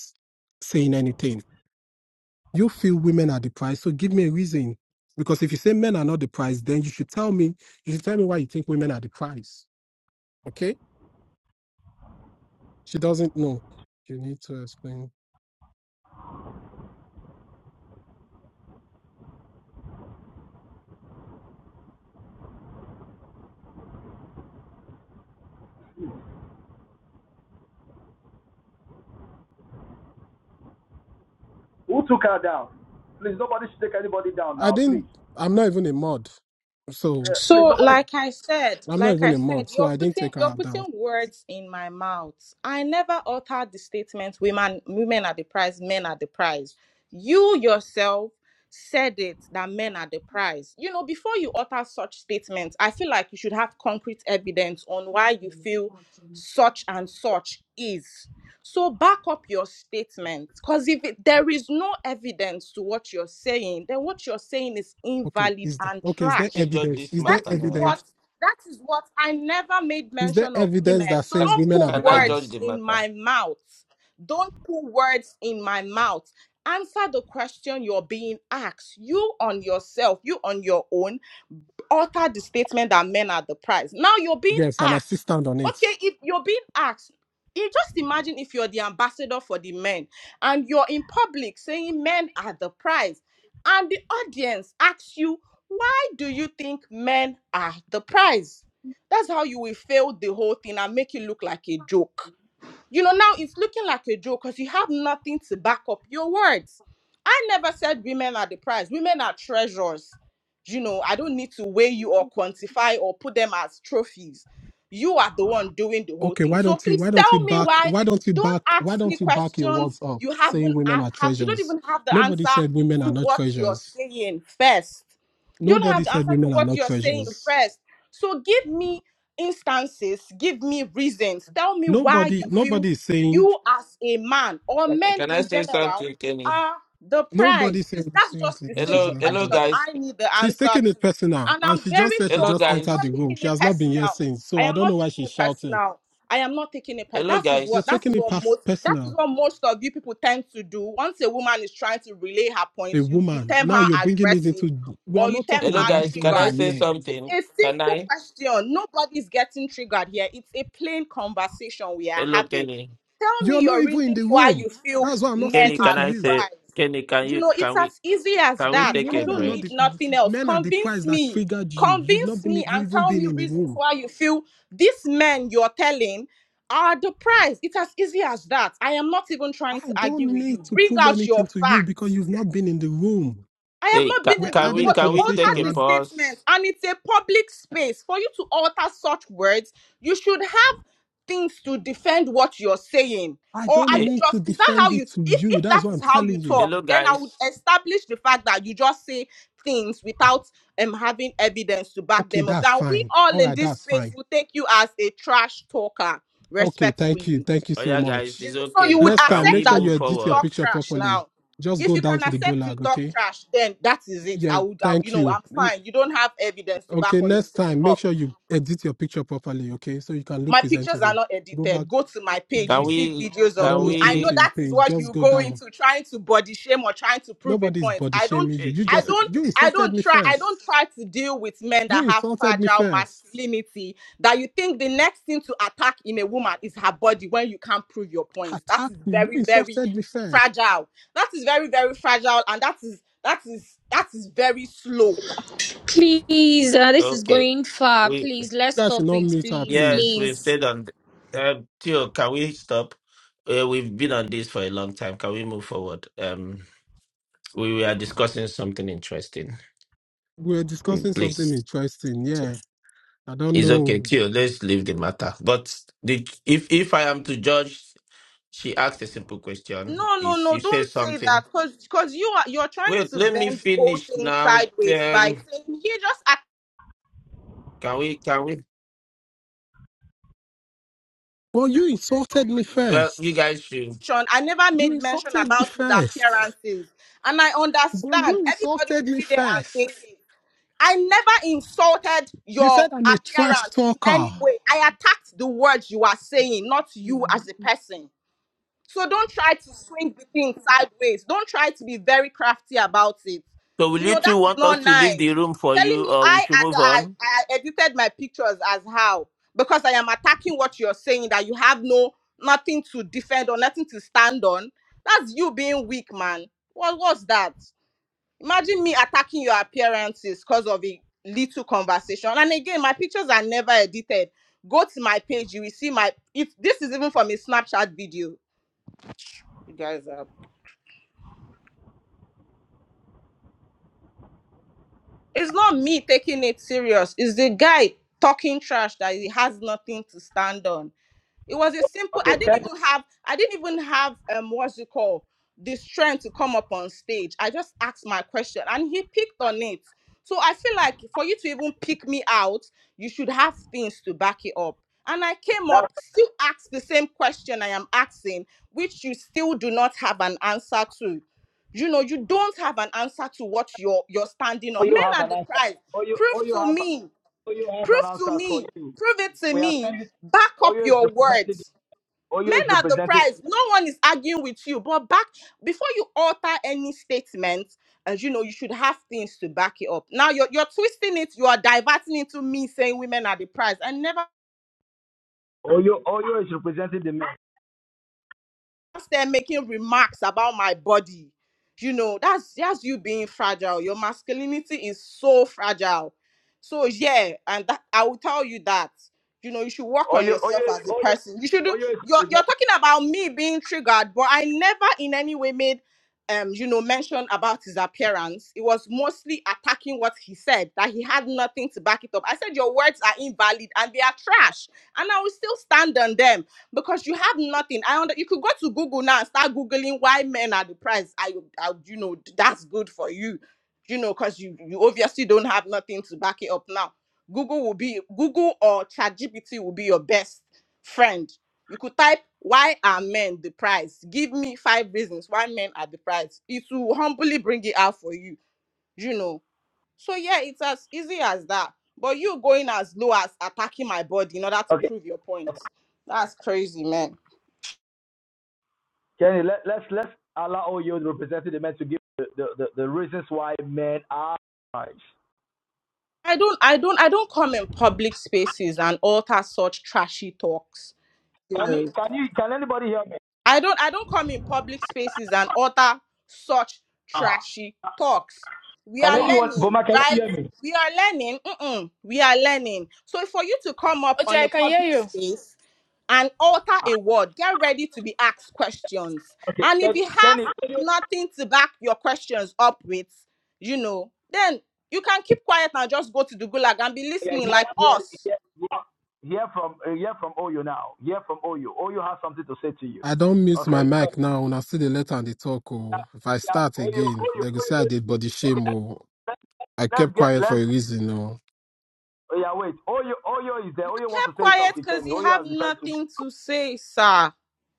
F: saying anything. you feel women are the prize. So give me a reason. Because if you say men are not the prize, then you should tell me, you should tell me why you think women are the prize. Okay? She doesn't know. You need to explain.
B: Who took her down? Please, nobody should take anybody down
F: I
B: now.
F: didn't,
B: Please,
F: I'm not even a mod. So
B: uh, please,
J: So,
B: nobody.
J: like I said,
F: I'm not
J: like
F: even
J: I
F: a mod.
J: said,
F: So
J: you're
F: I didn't
J: putting
F: take
J: you're
F: her down.
J: putting words in my mouth. I never uttered the statement women women are the prize, men are the prize. You yourself said it that men are the prize. You know, before you utter such statements, I feel like you should have concrete evidence on why you feel such and such is. So back up your statement because if it, there is no evidence to what you're saying, then what you're saying is
F: Okay.
J: invalid
F: Is the,
J: and
F: okay, is there
J: trash.
H: We judge
F: evidence?
H: this
F: Is there
J: That
H: matter
J: is
H: now.
J: what
F: evidence?
J: that is what I never made
F: Is there
J: mention of
F: evidence
J: women.
F: that
J: So
H: Ca-
F: says
J: don't
F: women are
J: put
F: the
H: Can I judge
J: words
F: prize?
H: the
J: in
H: matter?
J: my mouth. Don't put words in my mouth. Answer the question you're being asked. You on yourself, you on your own alter the statement that men are the prize. Now you're being
F: Yes, and I still
J: asked.
F: stand on it.
J: Okay, if you're being asked, you just imagine if you're the ambassador for the men and you're in public saying men are the prize, and the audience asks you, why do you think men are the prize? That's how you will fail the whole thing and make it look like a joke. You know, now it's looking like a joke because you have nothing to back up your words. I never said women are the prize. Women are treasures. You know, I don't need to weigh you or quantify or put them as trophies. You are the one doing the whole
F: Okay,
J: thing.
F: why
J: So
F: don't you
J: please
F: why don't you
J: tell me
F: back
J: why.
F: why don't you
J: Don't
F: back why
J: ask me
F: don't you back your
J: questions
F: words up
J: you
F: saying
J: haven't
F: women
J: I
F: are
J: have you don't
F: treasures?
J: even have the
F: Nobody
J: answer
F: said women
J: to
F: are not
J: what you're
F: treasures.
J: saying first. You don't have
F: Nobody
J: the
F: said
J: answer to
F: women are
J: what
F: not
J: you're saying
F: treasures.
J: first. So give me instances, give me reasons. Tell me why
F: Nobody
J: you feel
F: nobody is saying
J: you as a man or
H: Can
J: men
H: can I
J: in
H: say
J: general
H: something, Kenny?
J: are the
F: nobody
J: prize. Is
F: said
J: that's just
F: seriously
J: the
F: this is
H: Hello,
J: simple
F: not
H: hello
F: needed.
J: question
H: guys.
J: I need the
F: She's
J: answer
F: taking
J: to.
F: it personal
J: And
F: and
J: I'm
F: she just
J: very
F: said she
H: Hello
J: sure
F: just
J: I am
F: entered
J: not
F: the
H: guys.
F: room.
J: taking
F: She
J: it
F: has not been here
J: personal.
F: since.
J: I
F: So I
J: am
F: don't
J: not
F: know why
J: taking
F: she's
J: it
F: shouting.
J: personal. I am not taking it personal.
H: Hello
J: That is
F: You're
J: what
H: guys.
J: that
F: taking
J: is
F: it
J: what
F: pers-
J: most that is
F: personal.
J: what most of you people tend to do. Once a woman is trying to relay her
F: A
J: points, you, you
F: woman.
J: term
F: Now
J: her
F: you're bringing it
J: aggressive
F: into we are
J: or you
F: not
J: term
F: talking
H: Hello
J: her
F: about
H: guys. Can
F: danger
H: I
J: triggered.
H: say
F: yet.
J: It's
H: something?
J: a
H: Can
J: simple
H: I?
J: question. Nobody's getting triggered here. It's a plain conversation we are
H: Hello,
J: having.
H: Kenny.
J: Tell
F: You're
J: me
F: not
J: your
F: even in the
J: reasons why
F: room.
J: you feel
F: That's why I'm not
J: men
H: Kenny,
F: speaking
J: are
H: can
F: to
J: the
H: I
F: you.
H: say?
J: prize.
H: Kenny, can
J: You
H: you?
J: know, it's
H: Can we?
J: as easy as
H: Can we
J: that.
F: The
H: take
J: I
H: a
F: women are
J: don't
F: not
H: break?
J: need
F: the
J: nothing else.
F: men are the
J: Convince
F: prize that
J: me.
F: triggered you. You've not
J: Convince
F: been
J: me
F: you've
J: and
F: even
J: tell
F: been
J: me
F: in the
J: reasons
F: room.
J: why you feel these men you're telling are the prize. It's as easy as that. I am not even trying
F: I
J: to
F: don't
J: argue with
F: need
J: you.
F: to
J: Bring
F: prove
J: out your
F: anything to you because
J: facts
F: you've not been in the room.
J: I have
H: Hey,
J: not
H: can,
J: been
F: We're
J: in the
H: can
J: room,
H: we?
F: having a
J: but you
H: Can we take
J: altered
F: conversation
H: a
J: the
F: and
J: statement,
H: pause?
J: and it's a public space. For you to alter such words, you should have things to defend what you're saying.
F: I
J: Or are
F: don't
H: Hey,
J: you
F: need to
J: just, is that how
F: defend
J: you,
F: it to
J: if,
F: you.
J: if
F: That's
J: that
F: what
J: is
F: I'm
J: how you
F: telling you.
J: talk,
H: hello
J: then I would
H: guys.
J: establish the fact that you just say things without um, having evidence to back
F: Okay,
J: them up.
F: that's
J: Now, we
F: fine.
J: all
F: All
J: in
F: right,
J: this
F: that's
J: space
F: fine.
J: will take you as a trash talker,
F: Okay, thank you.
J: respectfully.
F: Thank you
H: Oh
F: so
H: yeah, guys.
F: much.
J: You
H: It's
J: know, so
H: okay
J: you would
H: now.
F: Next
H: Can
F: time,
J: accept
H: we
F: make sure
J: that
H: move
F: you
J: you, you
F: edit your
H: forward?
J: talk
F: picture
J: trash
F: properly.
J: now.
F: Just
J: If
F: go
J: you
F: down
J: can
F: to the
J: accept you
F: gulag,
J: talk
F: okay?
J: trash, then that is it.
F: Yeah,
J: I would, I, you
F: thank
J: know,
F: you.
J: I'm fine. You don't have evidence to back
F: Okay,
J: what you're
F: next
J: saying
F: time, make
J: up
F: sure you edit your picture properly, okay? So you can look
J: my pictures are
F: presentable.
J: not
F: Go back.
J: edited. Go to my page, you
H: Can
F: Okay.
J: see
H: we?
J: videos
F: I
J: of
F: don't
H: Can
J: me.
F: need to
J: I
F: go
J: know
F: to
H: we?
F: your
J: that is
F: page.
J: what
F: Just
J: you
F: go
J: go
F: down.
J: into trying to body shame or trying to prove a
F: Nobody's
J: point.
F: body
J: I don't,
F: shaming you.
H: Hey,
F: You
J: I
F: just,
H: Jesus.
J: don't,
F: you
J: I
F: insulted
J: don't
F: me
J: try, I don't
F: first.
J: try to deal with men
F: You
J: that have
F: insulted me
J: fragile
F: first.
J: masculinity. That you think the next thing to attack in a woman is her body when you can't prove your
F: They
J: point. That is
F: attacked you. You
J: very, very
F: insulted me first.
J: fragile. That is very, very fragile, and that is that is that is very slow
E: please uh, this is
H: Okay.
E: going far
H: We
E: please let's
F: You guys should
E: stop
F: not
E: it
F: meet her,
E: please
H: yes,
F: please.
H: we've
E: please
H: stayed on. th- Um, Theo, can we stop? Uh, we've been on this for a long time. Can we move forward? Um, we were discussing something interesting.
F: We're discussing
H: Mm,
F: something
H: Please,
F: interesting. Yeah. I don't
H: it's okay,
F: know.
H: Theo. Let's leave the matter. But the, if if I am to judge, she asked a simple question.
J: No, no,
H: If you
J: no,
H: say
J: don't say
H: something,
J: that because because you are you're trying
H: wait,
J: to
H: let me
J: bend the whole
H: finish
J: thing
H: now.
J: sideways
H: Um,
J: by saying he just
H: can we? Can we?
F: But you insulted me
H: Well, you
F: first.
H: guys should.
J: action. I never
F: You
J: made mention
F: insulted me
J: about his
F: first. [LAUGHS]
J: appearances. And I
F: But
J: understand
F: you
J: everybody
F: insulted
J: will
F: me
J: sit there and think
F: first.
J: it. I never insulted
F: You
J: your
F: said I'm a trash
J: appearance in any
F: talker.
J: way. I attacked the words you are saying, not you as a person. So don't try to swing the thing sideways. Don't try to be very crafty about it.
H: So
J: You
H: will you
J: know, that
H: two
J: is
H: want us
J: not
H: to leave
J: nice.
H: the room for
J: Telling
H: you
J: me
H: or we
J: I,
H: should
J: ad-
H: move
J: I,
H: on?
J: I edited my pictures as how? Because I am attacking what you're saying that you have no nothing to defend or nothing to stand on. That's you being weak, man. What was that? Imagine me attacking your appearances because of a little conversation. And again, my pictures are never edited. Go to my page, you will see my if this is even from a Snapchat video you guys are. It's not me taking it serious. It's the guy talking trash that he has nothing to stand on. It was a
B: Should...
J: simple.
B: Okay,
J: I didn't
B: Kenny,
J: even have. I didn't even have um what's it called the strength to come up on stage. I just asked my question, and he picked on it. So I feel like for you to even pick me out, you should have things to back it up. And I came
B: that's
J: up, still asked the same question I am asking, which you still do not have an answer to. You know, you don't have an answer to what you're you're standing
B: Oh,
J: on.
B: you have
J: Men are
B: an answer.
J: deprived.
B: Oh, you,
J: Prove
B: oh, you
J: to
B: have,
J: me.
B: oh, you have an
J: Prove to
B: answer for
J: me.
B: you.
J: Prove it to
B: We are
J: me
B: sending.
J: back up
B: Oyo is
J: your
B: represented.
J: words
B: Oyo
J: men
B: is
J: are the
B: represented.
J: prize no one is arguing with you but back before you alter any statement as you know you should have things to back it up now you're, you're twisting it you are diverting into me saying women are the prize i never
B: Oyo, Oyo is represented the men.
J: start making remarks about my body. You know, that's that's you being fragile. Your masculinity is so fragile. So yeah, and that I will tell you that. You know, you should work on
B: Oyo, Oyo,
J: yourself
B: is-
J: as a
B: Oyo,
J: person. You should do
B: Oyo is
J: you're you're
B: represented.
J: talking about me being triggered, but I never in any way made um, you know, mention about his appearance. It was mostly attacking what he said, that he had nothing to back it up. I said your words are invalid and they are trash. And I will still stand on them because you have nothing. I under, you could go to Google now and start googling why men are depressed. I, I you know that's good for you, you know, because you you obviously don't have nothing to back it up now. Google will be Google or ChatGPT will be your best friend. You could type why are men depressed? Give me five reasons why men are depressed. It will humbly bring it out for you, you know. So yeah, it's as easy as that. But you going as low as attacking my body in order to
B: Okay,
J: prove your point. That's crazy, man.
B: Kenny, let, let's let's allow OYO to represent the men to give the, the, the, the reasons why men are Christ.
J: I don't I don't I don't come in public spaces and utter such trashy talks. You
B: Can you
J: know.
B: can you can anybody hear me?
J: I don't I don't come in public spaces and utter such
B: Ah.
J: trashy talks. We
B: Can
J: are
B: anyone
J: learning,
B: Boma can you
J: right?
B: hear me?
J: We are learning. Mm-mm, we are learning. So for you to come up
K: OJ,
J: on
K: I
J: a
K: can hear
J: public
K: you.
J: space and utter a word, get ready to be asked questions.
B: Okay.
J: And
B: Can,
J: if you have
B: Kenny
J: nothing to back your questions up with, you know, then you can keep quiet and just go to the gulag and be
B: yeah,
J: listening
B: hear
J: like
B: hear
J: us.
B: yeah, yeah. Hear from uh, hear from Oyo now. Hear from Oyo. Oyo has something to say to you.
F: I don't mute my
B: Okay. So,
F: mic now. When I see the letter and the talk,
B: yeah,
F: oh, if I
B: yeah,
F: start
B: Oyo,
F: again,
B: Oyo,
F: they go say
B: Oyo.
F: I did body shame. Oh,
B: Let's,
F: I kept
B: let's get
F: quiet for
B: let's
F: a reason. Oh,
B: yeah wait. Oyo Oyo is there. Oyo wants
J: kept
B: to say
J: quiet
B: something.
J: because
B: Kenny.
J: you
B: Oyo
J: have
B: has been trying to.
J: nothing to say, sir.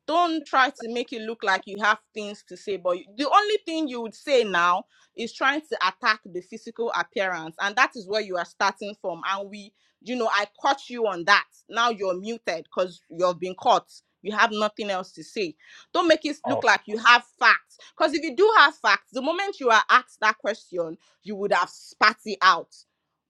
J: Don't try to make it look like you have things to say, but the only thing you would say now is trying to attack the physical appearance, and that is where you are starting from. And we, you know, I caught you on that. Now you're muted because you've been caught. You have nothing else to say. Don't make it
B: Oh.
J: look like you have facts. Because if you do have facts, the moment you are asked that question, you would have spat it out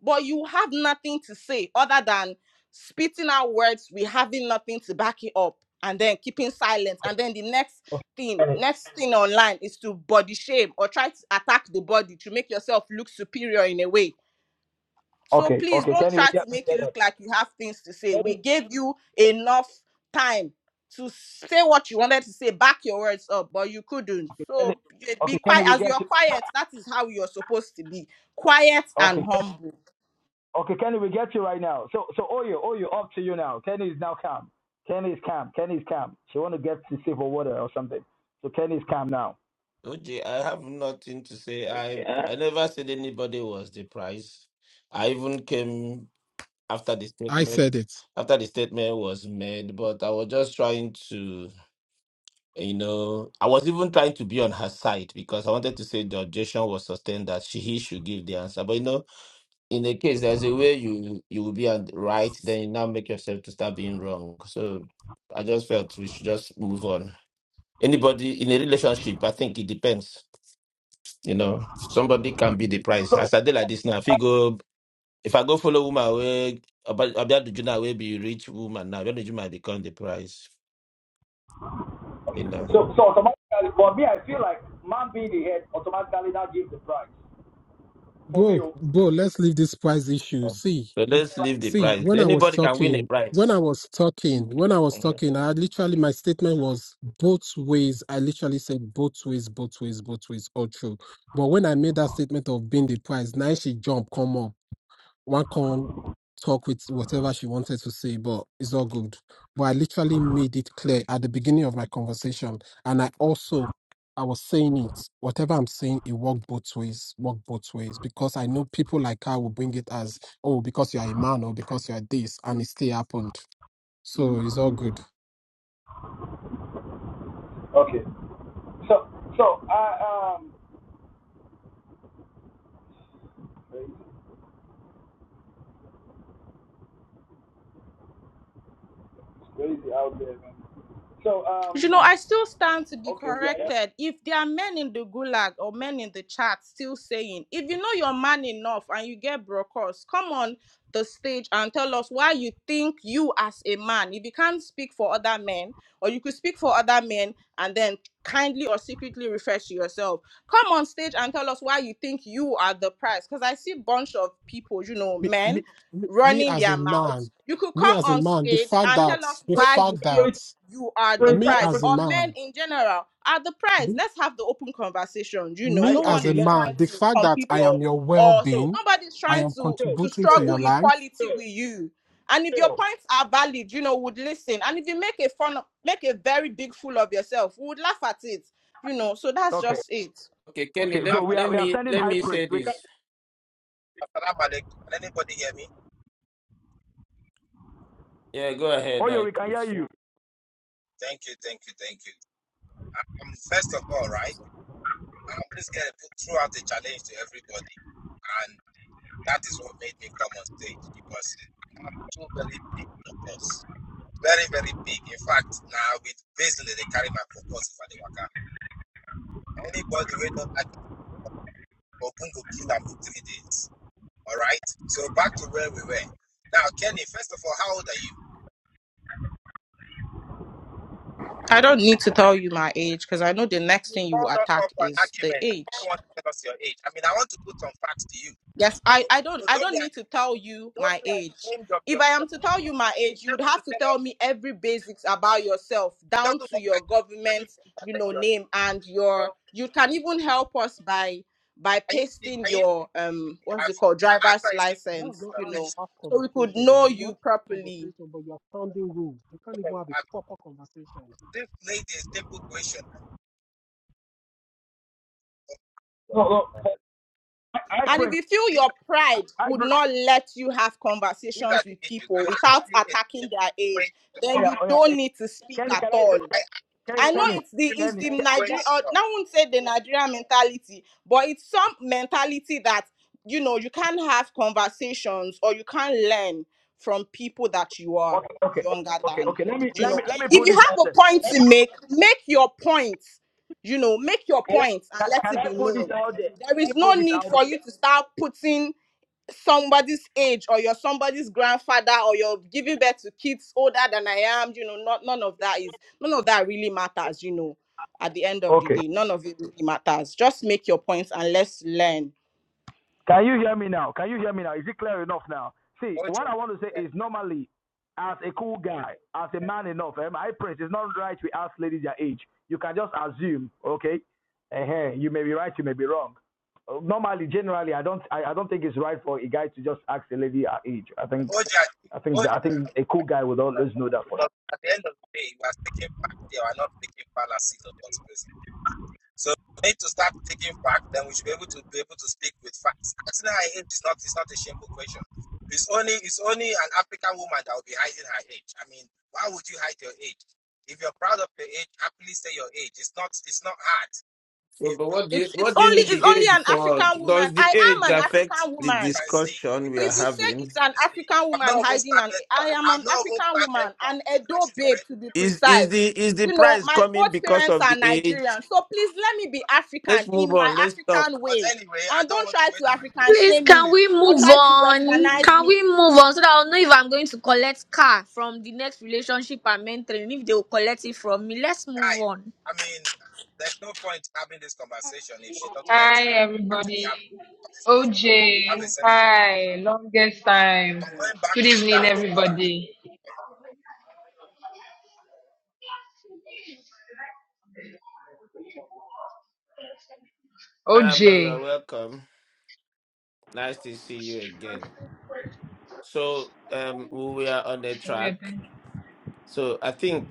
J: but you have nothing to say other than spitting out words we having nothing to back it up and then keeping silence and then the next thing
B: Okay.
J: next thing online is to body shame or try to attack the body to make yourself look superior in a way so
B: Okay.
J: please
B: Okay.
J: don't
B: Kenny, we
J: try
B: get
J: to
B: we
J: make
B: get
J: it look like you have things to say we
B: Kenny,
J: gave you enough time to say what you wanted to say back your words up but you couldn't
B: Kenny,
J: so
B: okay,
J: be
B: Kenny,
J: quiet
B: we
J: as you're
B: get you.
J: quiet that is how you're supposed to be quiet and
B: Okay,
J: humble
B: okay, Kenny, we get you right now. So, so Oyo, Oyo, up to you now. Kenny is now calm. Kenny is calm. Kenny is calm. She want to get to save her water or something. So Kenny is calm now.
H: Oji, I have nothing to say. I I never said anybody was the prize. I even came after the
F: I
H: statement
F: said it,
H: after the statement was made, but I was just trying to, you know, I was even trying to be on her side because I wanted to say the objection was sustained that she he should give the answer. But you know, in a case there's a way you you will be on right, then you now make yourself to start being wrong. So I just felt we should just move on. Anybody in a relationship, I think it depends. You know, somebody can be the price. As I did like this now, if you go, if I go follow woman away, about about the junior will be rich woman now. When the junior become the price,
B: Okay.
H: you know.
B: So, so automatically, for me, I feel like man being the head automatically now gives the prize. For me,
F: bro,
B: oh.
F: bro. Let's leave this price issue.
H: So
F: See,
H: let's leave the
F: see.
H: price.
F: When I was
H: Anybody can win a
F: talking, when I
H: prize.
F: was talking, when I was
H: Mhm.
F: talking, I literally my statement was both ways. I literally said both ways, both ways, both ways, all true. But when I made that statement of being the price, now she jump, come up. one can talk with whatever she wanted to say, but it's all good. But I literally made it clear at the beginning of my conversation, and I also I was saying it. Whatever I'm saying, it worked both ways. Worked both ways because I know people like her will bring it as oh because you are a man or because you are this, and it still happened. So it's all good.
B: Okay. So, so I um, crazy. It's crazy out there, man. So
J: You know,
B: um,
J: I still stand to be
B: okay, we are.
J: corrected. If there are men in the gulag or men in the chat still saying, if you know your man enough and you get broadcast, come on the stage and tell us why you think you as a man, if you can't speak for other men, or you could speak for other men and then kindly or secretly refer to yourself. Come on stage and tell us why you think you are the prize. Because I see bunch of people, you know,
F: Me,
J: men
F: me, me, me
J: running
F: as
J: their
F: a man,
J: mouths. You could
F: me
J: come
F: as a
J: on
F: man, the
J: stage
F: fact
J: and
F: that
J: tell us
F: the
B: Prince,
J: why you
F: fact
J: feel
F: that
J: you are the
B: Prince,
F: me
B: I,
J: prize
F: as
B: praise,
F: a
J: or men
F: man.
J: in general are the prize let's have the open conversation you know
F: me
J: no
B: I
F: as
J: one
F: a
B: okay.
J: is
B: Let
F: man,
J: trying
F: the
J: to
F: fact that
J: compete
F: I
B: us
F: am
J: or
F: your well
J: or
F: being,
J: nobody's
F: I
J: trying
F: am
J: to
B: Yo,
J: to
F: contributing
B: yo,
F: to your
J: struggle
F: life.
B: yo,
J: equality with you and if your
B: yo.
J: points are valid you know would listen and if you make a fun make a very big fool of yourself we would laugh at it you know so that's
B: Okay,
J: just it
H: Okay, Kenny,
B: okay. So
L: Salam
H: let,
B: we
L: alaikum.
B: are
H: let
B: we are
H: me
B: sending
H: let
B: high
H: me
B: praise.
H: say
B: We can.
H: this.
L: Salam alaikum. Can anybody hear me?
H: Yeah, go ahead,
B: Oh yeah,
H: I
B: we can hear
H: please.
B: you.
L: Thank you, thank you, thank you. Um, first of all, right, I'm just going to put throw out a challenge to everybody. And that is what made me come on stage because I have two very big focus. Very, very big. In fact, now with business, they carry my focus for the waka. Anybody who don't like Ogun go kill them in three days. All right? So back to where we were. Now, Kenny, first of all, how old are you?
J: i don't need to tell you my age because i know the next
L: You
J: thing you will
L: call that
J: attack
L: up for an
J: is the
L: argument. I
J: age
L: don't want to tell us your age. I mean, I want to put some facts to you.
J: Yes,
L: So
J: I, I don't
L: so
J: I
L: don't be
J: don't need to tell you
L: don't
J: my
L: be
J: age.
L: ashamed of
J: If I am
L: yourself.
J: to tell you my
L: If
J: age, you
L: you're
J: would
L: able to
J: have to
L: tell
J: tell
L: us
J: me every basics about yourself,
L: it
J: down
L: doesn't
J: to
L: work
J: your
L: like that, let me
J: government, you know,
L: tell you.
J: name and
L: So
J: your you can even help us by by
L: can you see
J: pasting
L: can you
J: your
L: see
J: um what's
L: have
J: it called
L: after
J: driver's
L: I say
F: That's
J: license,
F: not
J: you
F: how
L: I
F: you
J: know,
L: should
F: have
J: so we could
F: conversations.
J: know
F: You
J: you
F: want that
J: properly.
F: conversation, but you're sounding rude. You can't even have a
L: have
F: proper conversation.
L: this lady a simple question.
B: No,
L: Well,
B: no. High
J: And if
B: praise.
J: you feel
L: These
J: your pride
B: High
J: would
B: praise.
J: not let you have
L: these are
J: conversations
L: the
J: with
L: issues. I
J: people
L: ask
J: without
L: you a
J: attacking
L: simple
J: their age,
L: question.
B: Oh
J: then
B: yeah,
J: you
B: oh yeah.
J: don't need to speak
B: Kenny,
J: at
B: can I
J: all.
L: I
B: say?
L: ask you
B: Kenny,
J: I
L: a
J: know
B: Kenny,
J: it's the it's
B: Kenny.
J: the
L: simple
J: Nigeria or now
L: question.
J: I won't say the Nigerian mentality, but it's some mentality that you know you can't have conversations or you can't learn from people that you are
B: Okay, okay,
J: younger
B: okay,
J: than.
B: okay. Let me
J: You
B: let me
J: know,
B: let me
J: if
B: put
J: you
B: this out
J: have a
B: there.
J: point
B: Let
J: to
B: me.
J: make, make your point. You know, make your
B: Can
J: point and
B: I,
J: let
B: can
J: it
B: I
J: be
B: put this
J: known.
B: out there?
J: There
B: Can I
J: is no
B: put this
J: need
B: out
J: for you
B: there?
J: to start putting somebody's age or you're somebody's grandfather or you're giving birth to kids older than I am, you know, not none of that is none of that really matters, you know, at the end of the
B: Okay.
J: day. None of it really matters. Just make your points and let's learn.
B: Can you hear me now? Can you hear me now? Is it clear enough now? See,
L: Mojo,
B: what I want to say is normally, as a cool guy, as a man enough, um, I praise. It's not right we ask ladies their age. You can just assume, okay? uh You may be right, you may be wrong. Uh, Normally, generally, I don't, I, I don't think it's right for a guy to just ask a lady her age. I think,
L: Mojo,
B: I think, I
L: Mojo.
B: think a cool guy would always know that for sure.
L: Because at the end of the day, we are taking back. They are not making fallacies or conspiracy. So we need to start taking back. Then we should be able to be able to speak with facts. Actually, her age is not. It's not a shameful question. It's only it's only an African woman that will be hiding her age. I mean, why would you hide your age? If you're proud of your age, happily say your age. It's not it's not hard.
H: So,
L: If
H: but what do you
J: It's it's
H: what do you
J: only
H: need
J: it's
H: the
J: only
H: age
J: an
H: for?
J: African woman.
H: Does the
J: I
H: age
J: am an
H: affect
J: African
H: the
L: you
J: woman.
L: can see,
H: discussion
L: you
H: we
L: can
H: are
J: if you
L: see,
J: say
H: having?
L: you
J: it's an
L: can see.
J: African
L: I've
J: woman
L: not even
J: hiding, and
L: started.
J: I am
L: I've
J: an
L: not even
J: African
L: started
J: woman, an
L: talking, and
J: Edo
L: she's
J: babe to
L: already
J: be
H: Is is
J: precise.
H: the is the
J: You know,
H: price
J: my
H: coming
J: both
H: because
J: parents
H: of
J: are
H: the age?
J: Nigerian, so please let me be
H: Let's
J: African
H: move
J: in my
H: on. Let's talk.
J: African
L: but
J: way,
L: anyway, I
J: and
L: don't
J: don't
L: want to
J: try
L: wait.
J: to
L: If,
J: African
L: if
E: please
J: shame
L: this
E: can
L: is
J: me
E: we
J: or
E: move
J: try to
E: on
J: westernize
E: can
J: me.
E: we move on so that i'll know if i'm going to collect car from the next relationship i'm entering if they will collect it from me let's move
L: guy,
E: on
L: I mean, there's no point having this conversation if she doesn't want
M: Hi,
L: to actually
M: everybody.
L: have have a sense.
M: OJ, hi, longest time.
L: I'm going back
M: Good
L: to sit down
M: evening,
L: in the gulag.
M: everybody.
H: Arabella,
M: OJ,
H: you're welcome. Nice to see you again. So um we are on the
M: yeah,
H: track.
M: thank you.
H: So I think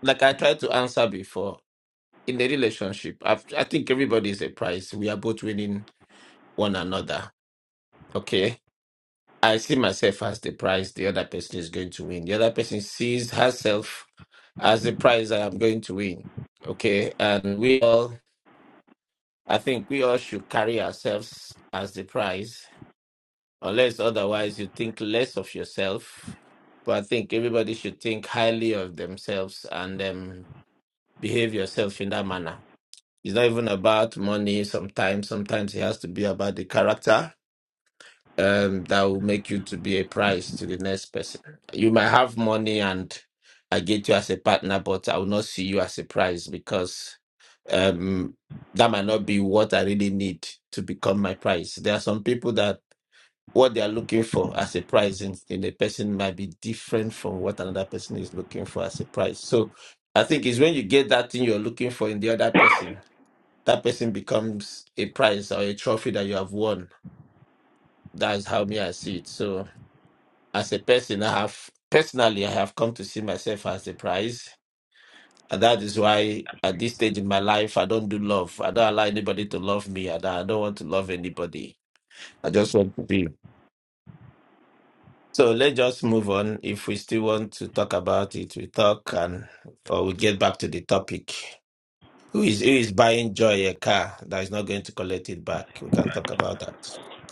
H: like I tried to answer before, in the relationship, i I think everybody is a prize. We are both winning one another. Okay. I see myself as the prize the other person is going to win. The other person sees herself as the prize that I'm going to win. Okay. And we all I think we all should carry ourselves as the prize, unless otherwise you think less of yourself. But I think everybody should think highly of themselves and um, behave yourself in that manner. It's not even about money sometimes. Sometimes it has to be about the character um, that will make you to be a prize to the next person. You might have money and I get you as a partner, but I will not see you as a prize because um, that might not be what I really need to become my price. There are some people that what they are looking for as a price in, in a person might be different from what another person is looking for as a price. So I think it's when you get that thing you're looking for in the other person, that person becomes a prize or a trophy that you have won. That's how me I see it. So as a person, I have personally I have come to see myself as a prize And that is why at this stage in my life, I don't do love. I don't allow anybody to love me. I don't, I don't want to love anybody. I just want to be. So let's just move on. If we still want to talk about it, we talk and or we get back to the topic. Who is who is buying joy a car that is not going to collect it back? We can talk about that.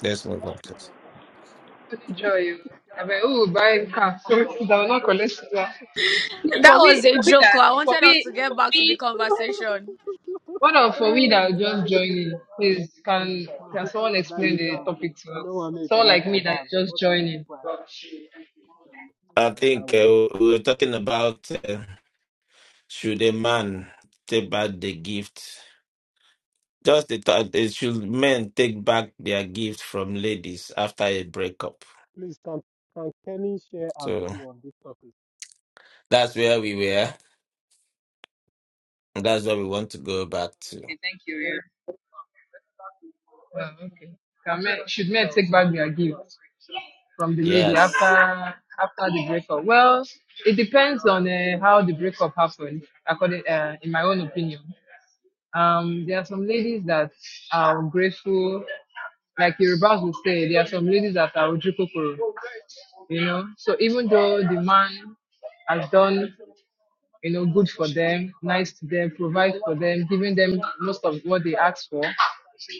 H: Let's move on, please.
M: Only joy. I mean, oh, buying car. [LAUGHS] So I will not collect that. See,
E: That
M: For we,
E: was a
M: for we
E: joke.
M: that,
E: I
M: for
E: wanted us
M: we,
E: to get
M: for
E: back to the
M: we,
E: conversation.
M: what of for we that
F: [LAUGHS]
M: are just joining? Please, can
F: Ma-
M: can someone
F: ma, that
M: explain
F: you
M: the
F: can.
M: topic to
F: You know what
M: us?
F: I mean?
M: Someone
F: Connect
M: like
F: our
M: me that
F: bag.
M: is
F: We're
M: just
F: not really the
M: joining.
F: plan.
H: I
F: Nah, yeah,
H: think
F: we will.
H: uh, we were talking about uh, should a man take back the gift? Just the thought is should men take back their gift from ladies after a breakup?
F: Please, can, can Kenny share a
H: So
F: view on this topic?
H: that's where we were. and That's what we want to go back to.
M: Okay, thank you. Yeah. Well, okay. Can me should men take back their gift? from the lady
H: Yes.
M: after after the breakup? Well, it depends on uh, how the breakup happened. According, uh, in my own opinion, um, there are some ladies that are grateful. Like Yorubas will say, there are some ladies that are ojukokoro, you know. So even though the man has done you know, good for them, nice to them, provide for them, giving them most of what they ask for,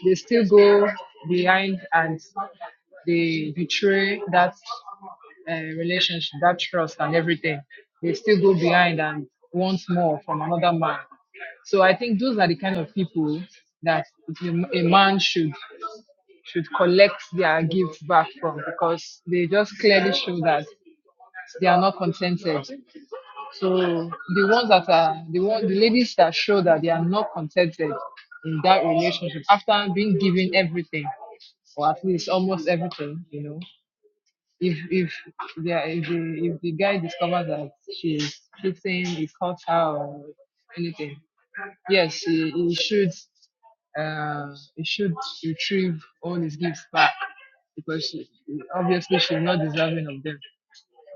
M: they still go behind and they betray that uh, relationship, that trust, and everything. They still go behind and want more from another man. So I think those are the kind of people that a a man should should collect their gifts back from because they just clearly show that they are not contented. So the ones that are the one the ladies that show that they are not contented in that relationship after being given everything or at least almost everything, you know. If if they are, if the if the guy discovers that she's cheating, he caught her or anything, yes, he, he should uh he should retrieve all his gifts back because she, obviously she's not deserving of them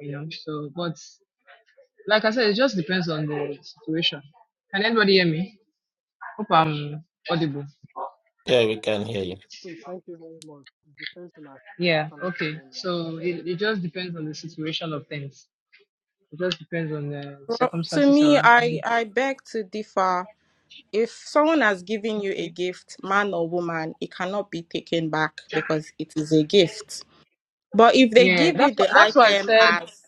M: you know. So, but like I said, it just depends on the situation. Can anybody hear me? Hope I'm audible.
H: Yeah, we can hear you.
F: Steve, thank you very much. It's the same thing I
M: Yeah,
F: actually said
M: okay.
F: earlier.
M: So it, it just depends on the situation of things. It just depends on the
J: Well, to
M: circumstances
J: me, I
M: surrounding.
J: I beg to differ. If someone has given you a
M: Okay.
J: gift, man or woman, it cannot be taken back because it is a gift But if they
M: Yeah,
J: give you
M: that's why,
J: the
M: that's why I
J: item
M: said,
J: as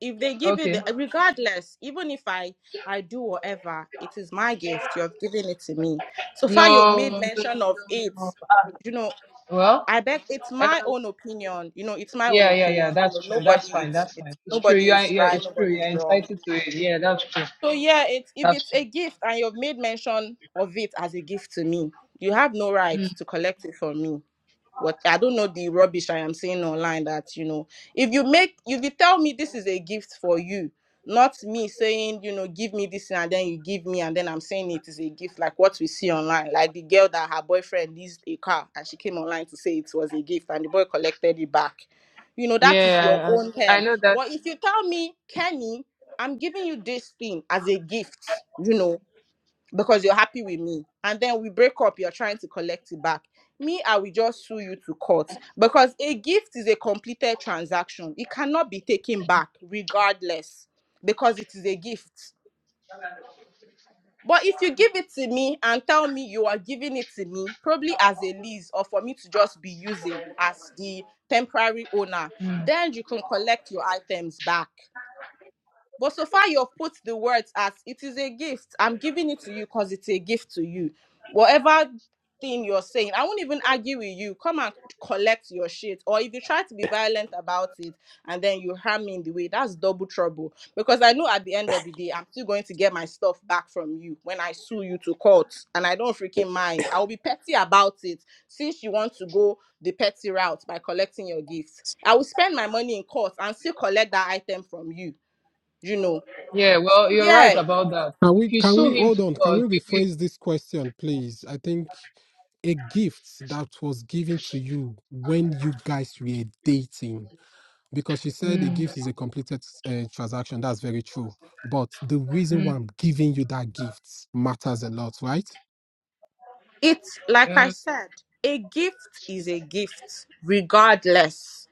J: if they give you the
M: okay.
J: regardless, even if I I do whatever, it is my gift. You have given it to me. So far, you've
M: No,
J: made
M: no, no,
J: mention of it.
M: no. Ah,
J: You know,
M: well,
J: I beg. It's
M: um,
J: my own opinion. You know, it's my own
M: yeah, yeah, yeah,
J: opinion. You
M: that's
J: know,
M: true. That's
J: nobody
M: fine.
J: it's,
M: That's fine.
J: it's
M: It's true. You
J: nobody
M: are,
J: is
M: yeah,
J: right.
M: it's true.
J: Nobody
M: You're
J: is wrong.
M: entitled to it. Yeah, that's true.
J: So yeah, it's if
M: That's
J: it's
M: true.
J: a gift and you've made mention of it as a gift to me, you have no right to collect it from me what I don't know the rubbish I am seeing online that you know if you make if you tell me this is a gift for you, not me saying you know give me this and then you give me and then I'm saying it is a gift like what we see online like the girl that her boyfriend leased a car and she came online to say it was a gift and the boy collected it back, you know that is your
M: Yeah,
J: own
M: I, I
J: term.
M: know that.
J: But if you tell me Kenny, I'm giving you this thing as a gift, you know because you're happy with me and then we break up you're trying to collect it back me i will just sue you to court because a gift is a completed transaction it cannot be taken back regardless because it is a gift but if you give it to me and tell me you are giving it to me probably as a lease or for me to just be using as the temporary owner then you can collect your items back but so far, you have put the words as it is a gift. I'm giving it to you because it's a gift to you. Whatever thing you're saying, I won't even argue with you. Come and collect your shit. Or if you try to be violent about it and then you harm me in the way, that's double trouble. Because I know at the end of the day, I'm still going to get my stuff back from you when I sue you to court. And I don't freaking mind. I will be petty about it since you want to go the petty route by collecting your gifts. I will spend my money in court and still collect that item from you you know
M: Yeah,
J: so
M: well, you're right
J: yeah,
M: about that.
F: Can
M: If
F: we,
M: you
F: can
M: sue
F: we,
M: him
F: hold
M: to
F: on, can
M: court,
F: we
M: you
F: rephrase this question, please? I think a gift that was given to you when you guys were dating. because she
M: will.
F: said a
M: Mm,
F: gift is a completed uh, transaction. That's very true. But the reason
M: mm,
F: why I'm giving you that gift matters a lot, right?
J: it's like I
M: uh,
J: said, a gift is a gift, regardless.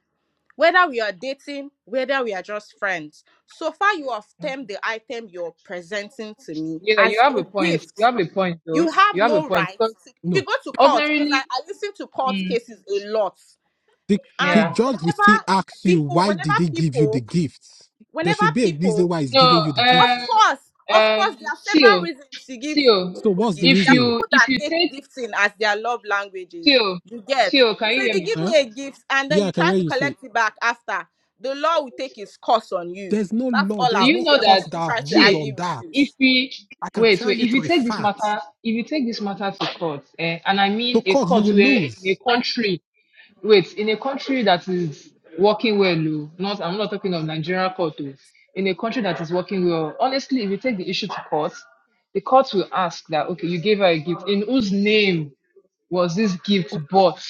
J: Whether we are dating, whether we are just friends. So far you have termed the item you're presenting to me
M: yeah, you
J: as
M: have
J: a
M: a point.
J: gift.
M: You have a point, though.
J: You have
M: You have a
J: no
M: point
J: right.
M: because
J: to- if you
F: No.
J: go to court, because I,
M: ordinarily,
J: I listen to court
M: mm,
J: cases a lot.
F: The,
J: And
F: the
M: yeah,
F: judge will still
J: whenever
F: ask you,
J: people,
F: why
J: whenever
F: did he give you the
J: people,
F: gift? There
J: whenever
F: should be a reason
J: people
F: why he's
M: no,
F: giving you the
J: Of
M: um,
F: gift.
J: course, of
M: um,
J: course, there are several
M: still,
J: reasons to give
M: still,
F: So
J: people
F: what's the
J: gifts.
M: if
J: There are
F: reason?
M: you
J: people
M: if
J: that
M: you
J: take
M: take
J: gifting as their love languages.
M: still,
J: You get.
M: still, can you
J: So if
M: hear
J: you
M: me?
J: give
F: Huh?
J: me a gift and then
F: Yeah, I
J: you
F: can
J: try
F: hear
J: to
F: you. So
J: collect it back after, the law will take its course on you.
F: there's no
J: That's
F: law,
J: all
M: Do
J: I
F: there's
J: would
M: you
F: no
J: say.
M: know
J: I
F: court
M: that?
J: won't
F: that
J: even
F: have
J: try to
F: ruled
M: See,
F: on
J: argue with
F: that.
J: you.
M: if we
F: I can
M: wait,
F: tell
M: wait,
F: you
M: if you
F: to a
M: take this
F: fact.
M: matter, if you take this matter to court, eh, and I
F: The
M: mean a
F: court, you
M: court
F: will
M: where in a
F: lose.
M: country Wait, in a country that is working well, oh, not I'm not talking of Nigerian court, oh, in a country that is working well, honestly, if you take the issue to court, the court will ask that, okay, you gave her a gift. In whose name was this gift bought?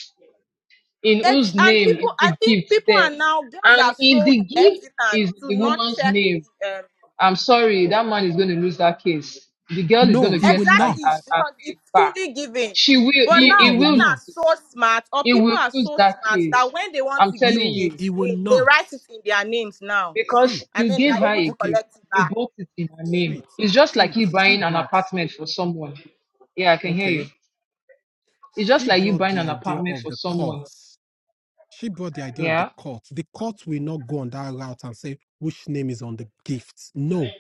M: In
J: It's,
M: whose
J: and
M: name is
J: people,
M: the
J: I think
M: gift
J: people are
M: there?
J: now, girls
M: And
J: are
M: if
J: so
M: the gift
J: hesitant
M: is
J: to
M: the
J: not
M: woman's
J: check
M: name, I'm sorry, that man is going to lose that case. The girl is going
F: No,
M: to
F: it
M: get
F: will
M: her,
F: not.
J: Exactly,
M: her, her
J: because
M: case
J: it's
M: back.
J: fully given.
M: She will,
J: But
M: he,
F: No,
M: he
F: it
J: now
F: will
M: will lose
J: men are
F: not.
J: so smart, or
M: he
J: people
M: will
J: are
M: lose
J: so
M: that
J: smart that
M: case.
J: when they want
M: I'm
J: to
M: telling
J: give
F: No,
M: you.
J: gifts,
F: it will
J: they, they
F: not.
J: write it in their names now,
M: Because
F: See,
J: and
M: you
J: then they
M: gave
J: are
F: no.
M: her
J: able
M: a
J: to
F: Okay.
M: gift.
J: collect it
M: You
J: back.
M: bought it in her name.
F: Sweet,
M: It's just like
F: sweet.
M: you
F: She
M: buying an
F: brought,
M: apartment for someone. Yeah, I can hear you.
F: okay,
M: It's just
F: she
M: like you
F: brought
M: buying
F: the
M: an
F: idea
M: apartment
F: of
M: for
F: the
M: someone.
F: courts. She brought the idea of
M: Yeah.
F: the court. The court will not go on that route and say which name is on the gift. No,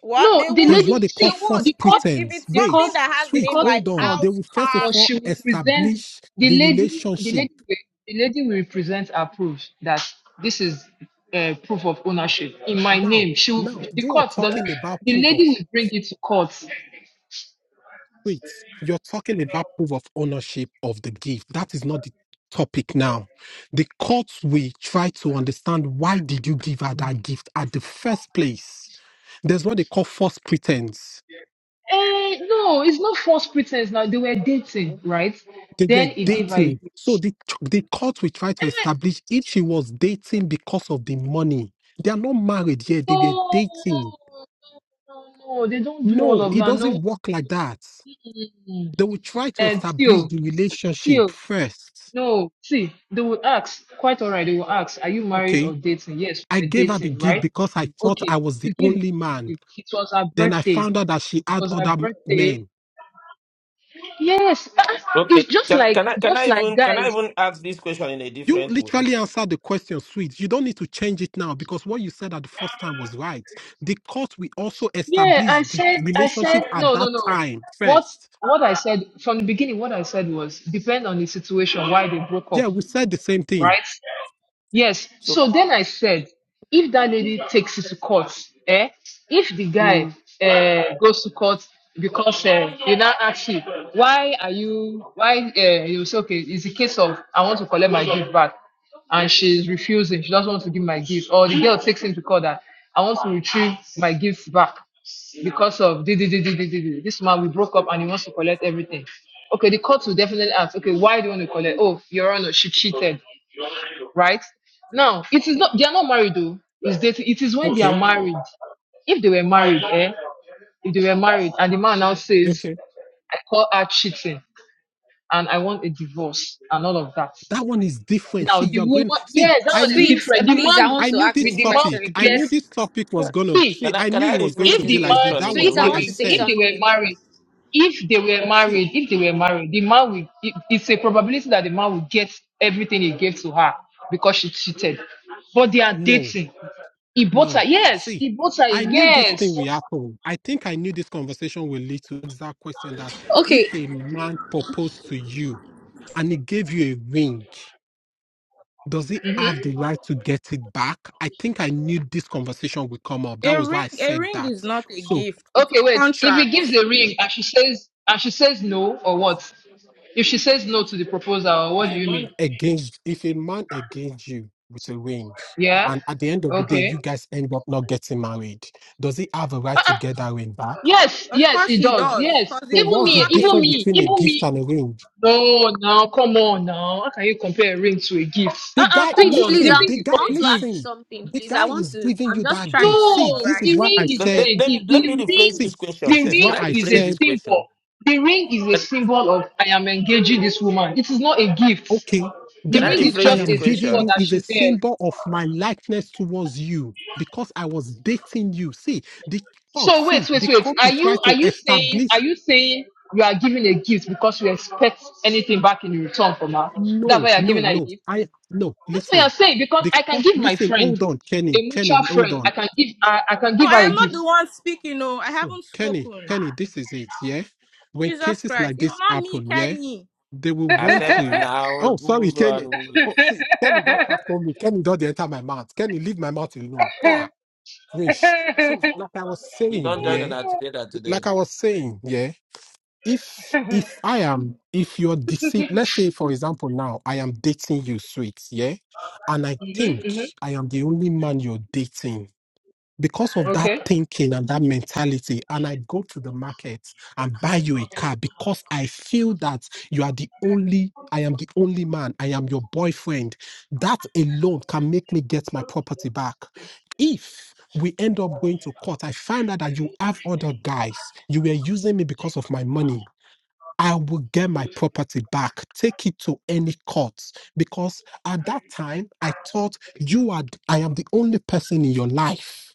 J: What
M: No,
J: they
M: the
J: would,
F: there's what
M: lady,
F: they
J: they
F: call
M: see,
J: would
F: false
M: the
J: if
M: court,
J: it's if
F: pretense.
J: it's
M: the
F: Wait,
M: court,
J: something that has
M: the
F: sweet,
J: name
M: court
J: like
F: hold
M: will
F: on.
M: not,
F: They
J: house,
F: will first of
J: car,
M: but
F: all
M: she will
J: you know.
M: present,
F: establish
M: the
F: the
M: lady, the
F: relationship.
M: lady, will- the lady will present her proof that this is uh, proof of ownership in my
F: Now,
M: name. She will,
F: now
M: the
F: you are
M: court doesn't,
F: talking about
M: the
F: proof of.
M: lady will bring it to court.
F: tweets. You're talking about proof of ownership of the gift. That is not the topic now. The court will try to understand why did you give her that gift at the first place. There's what they call false pretense.
M: Eh, no, it's not false pretense now. They were dating, right?
F: They were
M: Then he gave her a
F: dating.
M: gift.
F: So the, the court will try to
M: Eh,
F: establish if she was dating because of the money. They are not married yet. They were
M: no, no,
F: dating.
M: no, no, no, no, they don't do
F: No,
M: all of
F: it
M: that. No,
F: doesn't work like that. They will try to
M: and
F: establish
M: Tio,
F: the relationship first.
M: No, see, they will ask, quite all right, they will ask, are you married
F: Okay
M: or dating? Yes,
F: I
M: we're
F: gave her the
M: dating,
F: gift
M: right?
F: because I thought I
M: Okay,
F: was the
M: you give me,
F: only
M: the
F: man.
M: gift. it was her
F: Then I
M: birthday. It
F: found out that she had
M: was her
F: other m-
M: birthday.
F: men.
M: Yes, ah, it's
H: Okay.
M: just
H: Can
M: like,
H: can I can
M: just
H: I
M: like
H: even can I
M: guys.
H: even ask this question in a
F: You
H: different way?
F: literally answered the question, sweet. You don't need to change it now because what you said at the first time was right. The court we also
M: Yeah, I
F: established the
M: said, I
F: relationship
M: said,
F: at
M: no, no,
F: that
M: no.
F: time
M: What,
F: first.
M: what I said from the beginning, what I said was, depend on the situation, why they broke up,
F: Yeah, we said the same thing.
M: right? Yes.
H: So
M: So then I said, if that lady takes it to court, eh? If the guy
F: Mm,
M: uh, goes to court because uh, they now ask you, why are you, why, uh, you say, okay, it's a case of, I want to collect my gift back. And she's refusing. She doesn't want to give my gift. Or the girl takes him to court that. I want to retrieve my gifts back because of this, this, this, this, this, this. this man, we broke up and he wants to collect everything. Okay, the court will definitely ask, okay, why do you want to collect? Oh, Your Honor, she cheated, right? Now, it is not, they are not married though. It's dating. It is when they are
F: okay,
M: married. If they were married, eh? If they were married and the man now says,
F: okay.
M: I call her cheating and I want a divorce and all of that.
F: That one is different.
M: Now,
F: See, you're
M: the woman,
F: going. See,
M: yes, that
F: I
M: one is
F: knew,
E: Sweet,
M: different.
E: eh,
M: The
E: please, I
M: man,
E: want
F: I
E: to
F: knew
E: ask
M: with
F: this
E: this
M: the man
F: topic.
E: question,
M: we
F: I
M: get,
F: knew
E: please.
F: this topic was
H: can
F: gonna. See,
M: he.
H: can I
F: I
H: can
F: knew
H: I
F: it was going
H: rephrase
F: to
M: If
H: this
F: be
M: the
F: like this.
M: man,
H: question
F: That
H: in a
F: was
E: Sweet,
M: if
F: why
E: I
M: they
F: I
E: want
H: way?
E: to
M: were,
E: say
M: if
F: said.
M: they were
E: something.
M: married, if they were
F: See,
M: married, if they were married, the man will. it- It's a probability that the man will get everything he gave to her because she cheated. But they are
F: no.
M: dating. He bought her.
F: No.
M: Yes,
F: See,
M: he bought her.
F: I knew this
M: Yes.
F: thing will happen. I think I knew this conversation will lead to exact question that
E: Okay,
F: if a man proposed to you and he gave you a ring, does he have the right to get it back? I think I knew this conversation would come up. That
J: A
F: was why
J: ring,
F: I
J: a
F: said
J: ring
F: that.
J: is not a
F: So
J: gift; it's
M: Okay,
J: a
M: wait. If he
J: contract.
M: gives the ring and she says and she says no or what? If she says no to the proposal,
F: if
M: what do
F: a
M: you
F: man
M: mean?
F: engaged, if a man engaged you with a ring,
M: Yeah.
F: and at the end of the day,
M: Okay.
F: you guys end up not getting married, does he have a right
M: Uh-uh.
F: to get that ring back?
M: Yes,
J: Of
M: yes,
J: course,
M: it
J: he
M: does.
J: does,
M: Yes.
J: because
F: So
J: it's,
M: Even
J: it's
F: what's the
M: me,
J: not a
M: even
F: difference
J: gift.
M: me,
F: between a
M: even
F: gift
M: me.
F: and a ring?
M: No, now come on now. How can you compare a ring to a gift?
F: The
M: Uh-uh,
F: guy,
M: come
E: sweet,
M: on.
E: please,
M: The
E: I
F: listen,
M: ring
F: the
M: is
F: guy,
E: I
M: not
E: want
M: a
E: to ask you
M: gift.
F: listen,
E: something,
F: the
E: please. I
F: guy
E: want
F: is
E: to,
F: giving
E: I'm
F: you
E: just
F: that
E: trying
F: gift.
E: to
F: See,
E: know,
M: No,
F: this
E: right?
F: is
M: the
F: what I
M: ring is
H: Let,
M: not
F: said.
M: a
H: let, let, me,
M: gift.
H: let me
M: The
H: rephrase
M: ring,
F: See,
H: this question,
M: the
F: this is
H: Seth.
F: what
H: Can
M: ring
H: I
F: I
M: is
H: rephrase
M: a
F: said.
H: this question?
M: symbol. The ring is a symbol of I am engaging this woman. It is not a gift.
F: Okay,
M: The
F: the
H: Can I
M: ring is
F: gift I
H: rephrase
M: just
H: this
M: a
F: am giving
M: symbol
H: question?
F: you
M: that
F: is a
M: she wears.
F: symbol of my likeness towards you because I was dating you. See, the court,
M: So
F: see,
M: wait, wait,
F: the
M: wait.
F: court
M: Are
F: is trying
M: you are
F: to
M: you saying are
F: establish.
M: you saying you are giving a gift because you expect anything back in return from her? That's
F: No,
M: why you're giving
F: no,
M: her a
F: no.
M: gift?
F: I, no,
M: That's what
F: listen.
M: you're saying because
F: The
M: I can
F: court,
M: give my
F: listen,
M: friend,
F: hold on,
M: a
F: Kenny, Kenny,
M: mutual
F: hold
M: friend,
F: on.
M: I can give I, I can
J: No,
M: give her
J: I
M: a
J: am not
M: gift.
J: the one speaking. No, I
F: So,
J: haven't
F: Kenny,
J: spoken.
F: Kenny, this is it, yeah? When
J: Jesus
F: cases
J: Christ,
F: like
J: it's
F: this
J: not me,
F: happen, yeah,
J: Kenny.
F: they will want
H: Accept
F: to.
H: now,
F: Oh, sorry,
H: move
F: Kenny.
H: on.
F: Oh, see, Kenny don't
M: [LAUGHS]
F: tackle me. Kenny don't dey enter my mouth. Kenny, leave my mouth alone. Ah, Rich. So, like I was
H: We
F: saying,
H: don't join
F: yeah,
H: on together today.
F: like I was saying, yeah, if if I am, if you're deceived, let's say, for example, now I am dating you, sweet, yeah, and I think
M: hmm hmm
F: I am the only man you're dating because of that
M: Okay.
F: thinking and that mentality, and I go to the market and buy you a car because I feel that you are the only, I am the only man, I am your boyfriend. That alone can make me get my property back. If we end up going to court, I find out that you have other guys, you were using me because of my money. I will get my property back. Take it to any court because at that time I thought you are. I am the only person in your life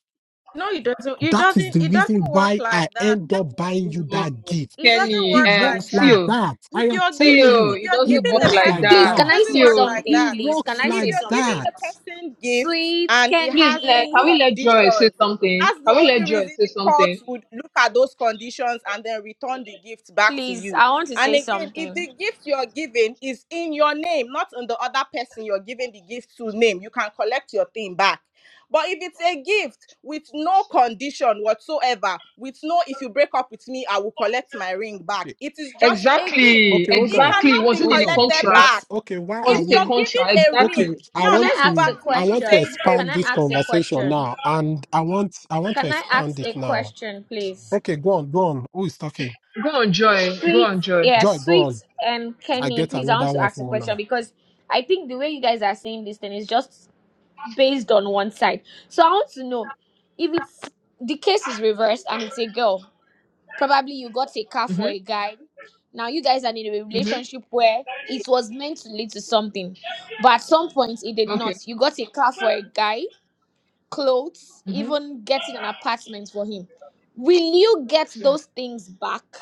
J: No, it doesn't. It
F: that is
J: doesn't.
F: the
J: It
F: reason
J: doesn't work
F: why
J: like
F: I
J: that,
F: end up
J: though.
F: buying you
M: No,
F: that gift.
J: It doesn't
F: It
M: Kenny,
J: work
M: um,
J: like
F: works like
J: that.
M: Tio,
F: that.
J: If
F: I am
J: you're
F: telling
J: giving,
M: Tio,
F: you,
J: if
M: it
J: you're
F: it
M: doesn't
J: giving
M: work
J: a
F: works
M: like
F: like
J: person,
E: Please,
M: that.
J: it
E: can
F: that.
E: I
J: doesn't
E: say
J: work
M: Tio,
J: like
E: something,
F: It
J: that.
E: please? Can
F: works
E: I
J: If
E: say
F: like
J: you're giving
F: that.
E: something?
J: a person gifts
E: Sweet,
J: and it
M: please, uh,
J: has
M: can
E: Kenny,
M: we
J: um,
M: let Joy say
J: conditions,
M: something?
J: that's the
M: Can we let
J: only
M: Joy
J: reason
M: say
J: the court
M: something?
J: would look at those conditions and then return the gift back to
E: please,
J: you.
E: I want to
J: And
E: say
J: again, if
E: something.
J: the gift you're giving is in your name, not in the other person you're giving the gift to name, you can collect your thing back. But if it's a gift with no condition whatsoever, with no, if you break up with me, I will collect my ring back,
F: Okay,
J: it is just a gift.
M: Exactly,
F: okay, hold
J: It
F: on.
M: exactly.
J: cannot
M: Was
J: be
M: it in
F: Hold
M: a
F: on.
J: collected
M: contract?
F: Let's
J: back
F: okay, why
M: Was
F: are
J: if
M: it a
J: you're
F: we
M: contract?
J: giving a ring,
F: okay?
M: Exactly.
F: I
J: now
E: Can I
F: want
J: let's go
E: ask a
F: to
J: back to
F: I
J: you
F: want to
E: question?
J: saying a
E: Can
F: expand
E: I
J: ring.
F: this
E: ask a
F: conversation
E: question?
F: now. And I want I want to
E: Can I
F: expand
E: ask
F: it
E: a
F: now.
E: question, please?
F: Okay, go on, go on. Who is talking?
M: Go on, Joy. Go
E: Sweet,
M: on, Joy.
E: yeah,
F: Joy, go
E: sweet
F: on.
E: and
F: I
E: Kenny,
F: get
E: please, I want
F: another
E: to
F: one
E: ask a
F: for
E: question
F: now.
E: because I think the way you guys are saying this thing is just based on one side. So I want to know if it's the case is reversed and it's a girl, probably you got a car for a
M: Mm-hmm,
E: guy. Now you guys are in a
M: mm-hmm.
E: relationship where it was meant to lead to something, but at some point it did
M: Okay.
E: not. You got a car for a guy, clothes, even getting an apartment for him. Will you get
M: Mhm.
E: those things back?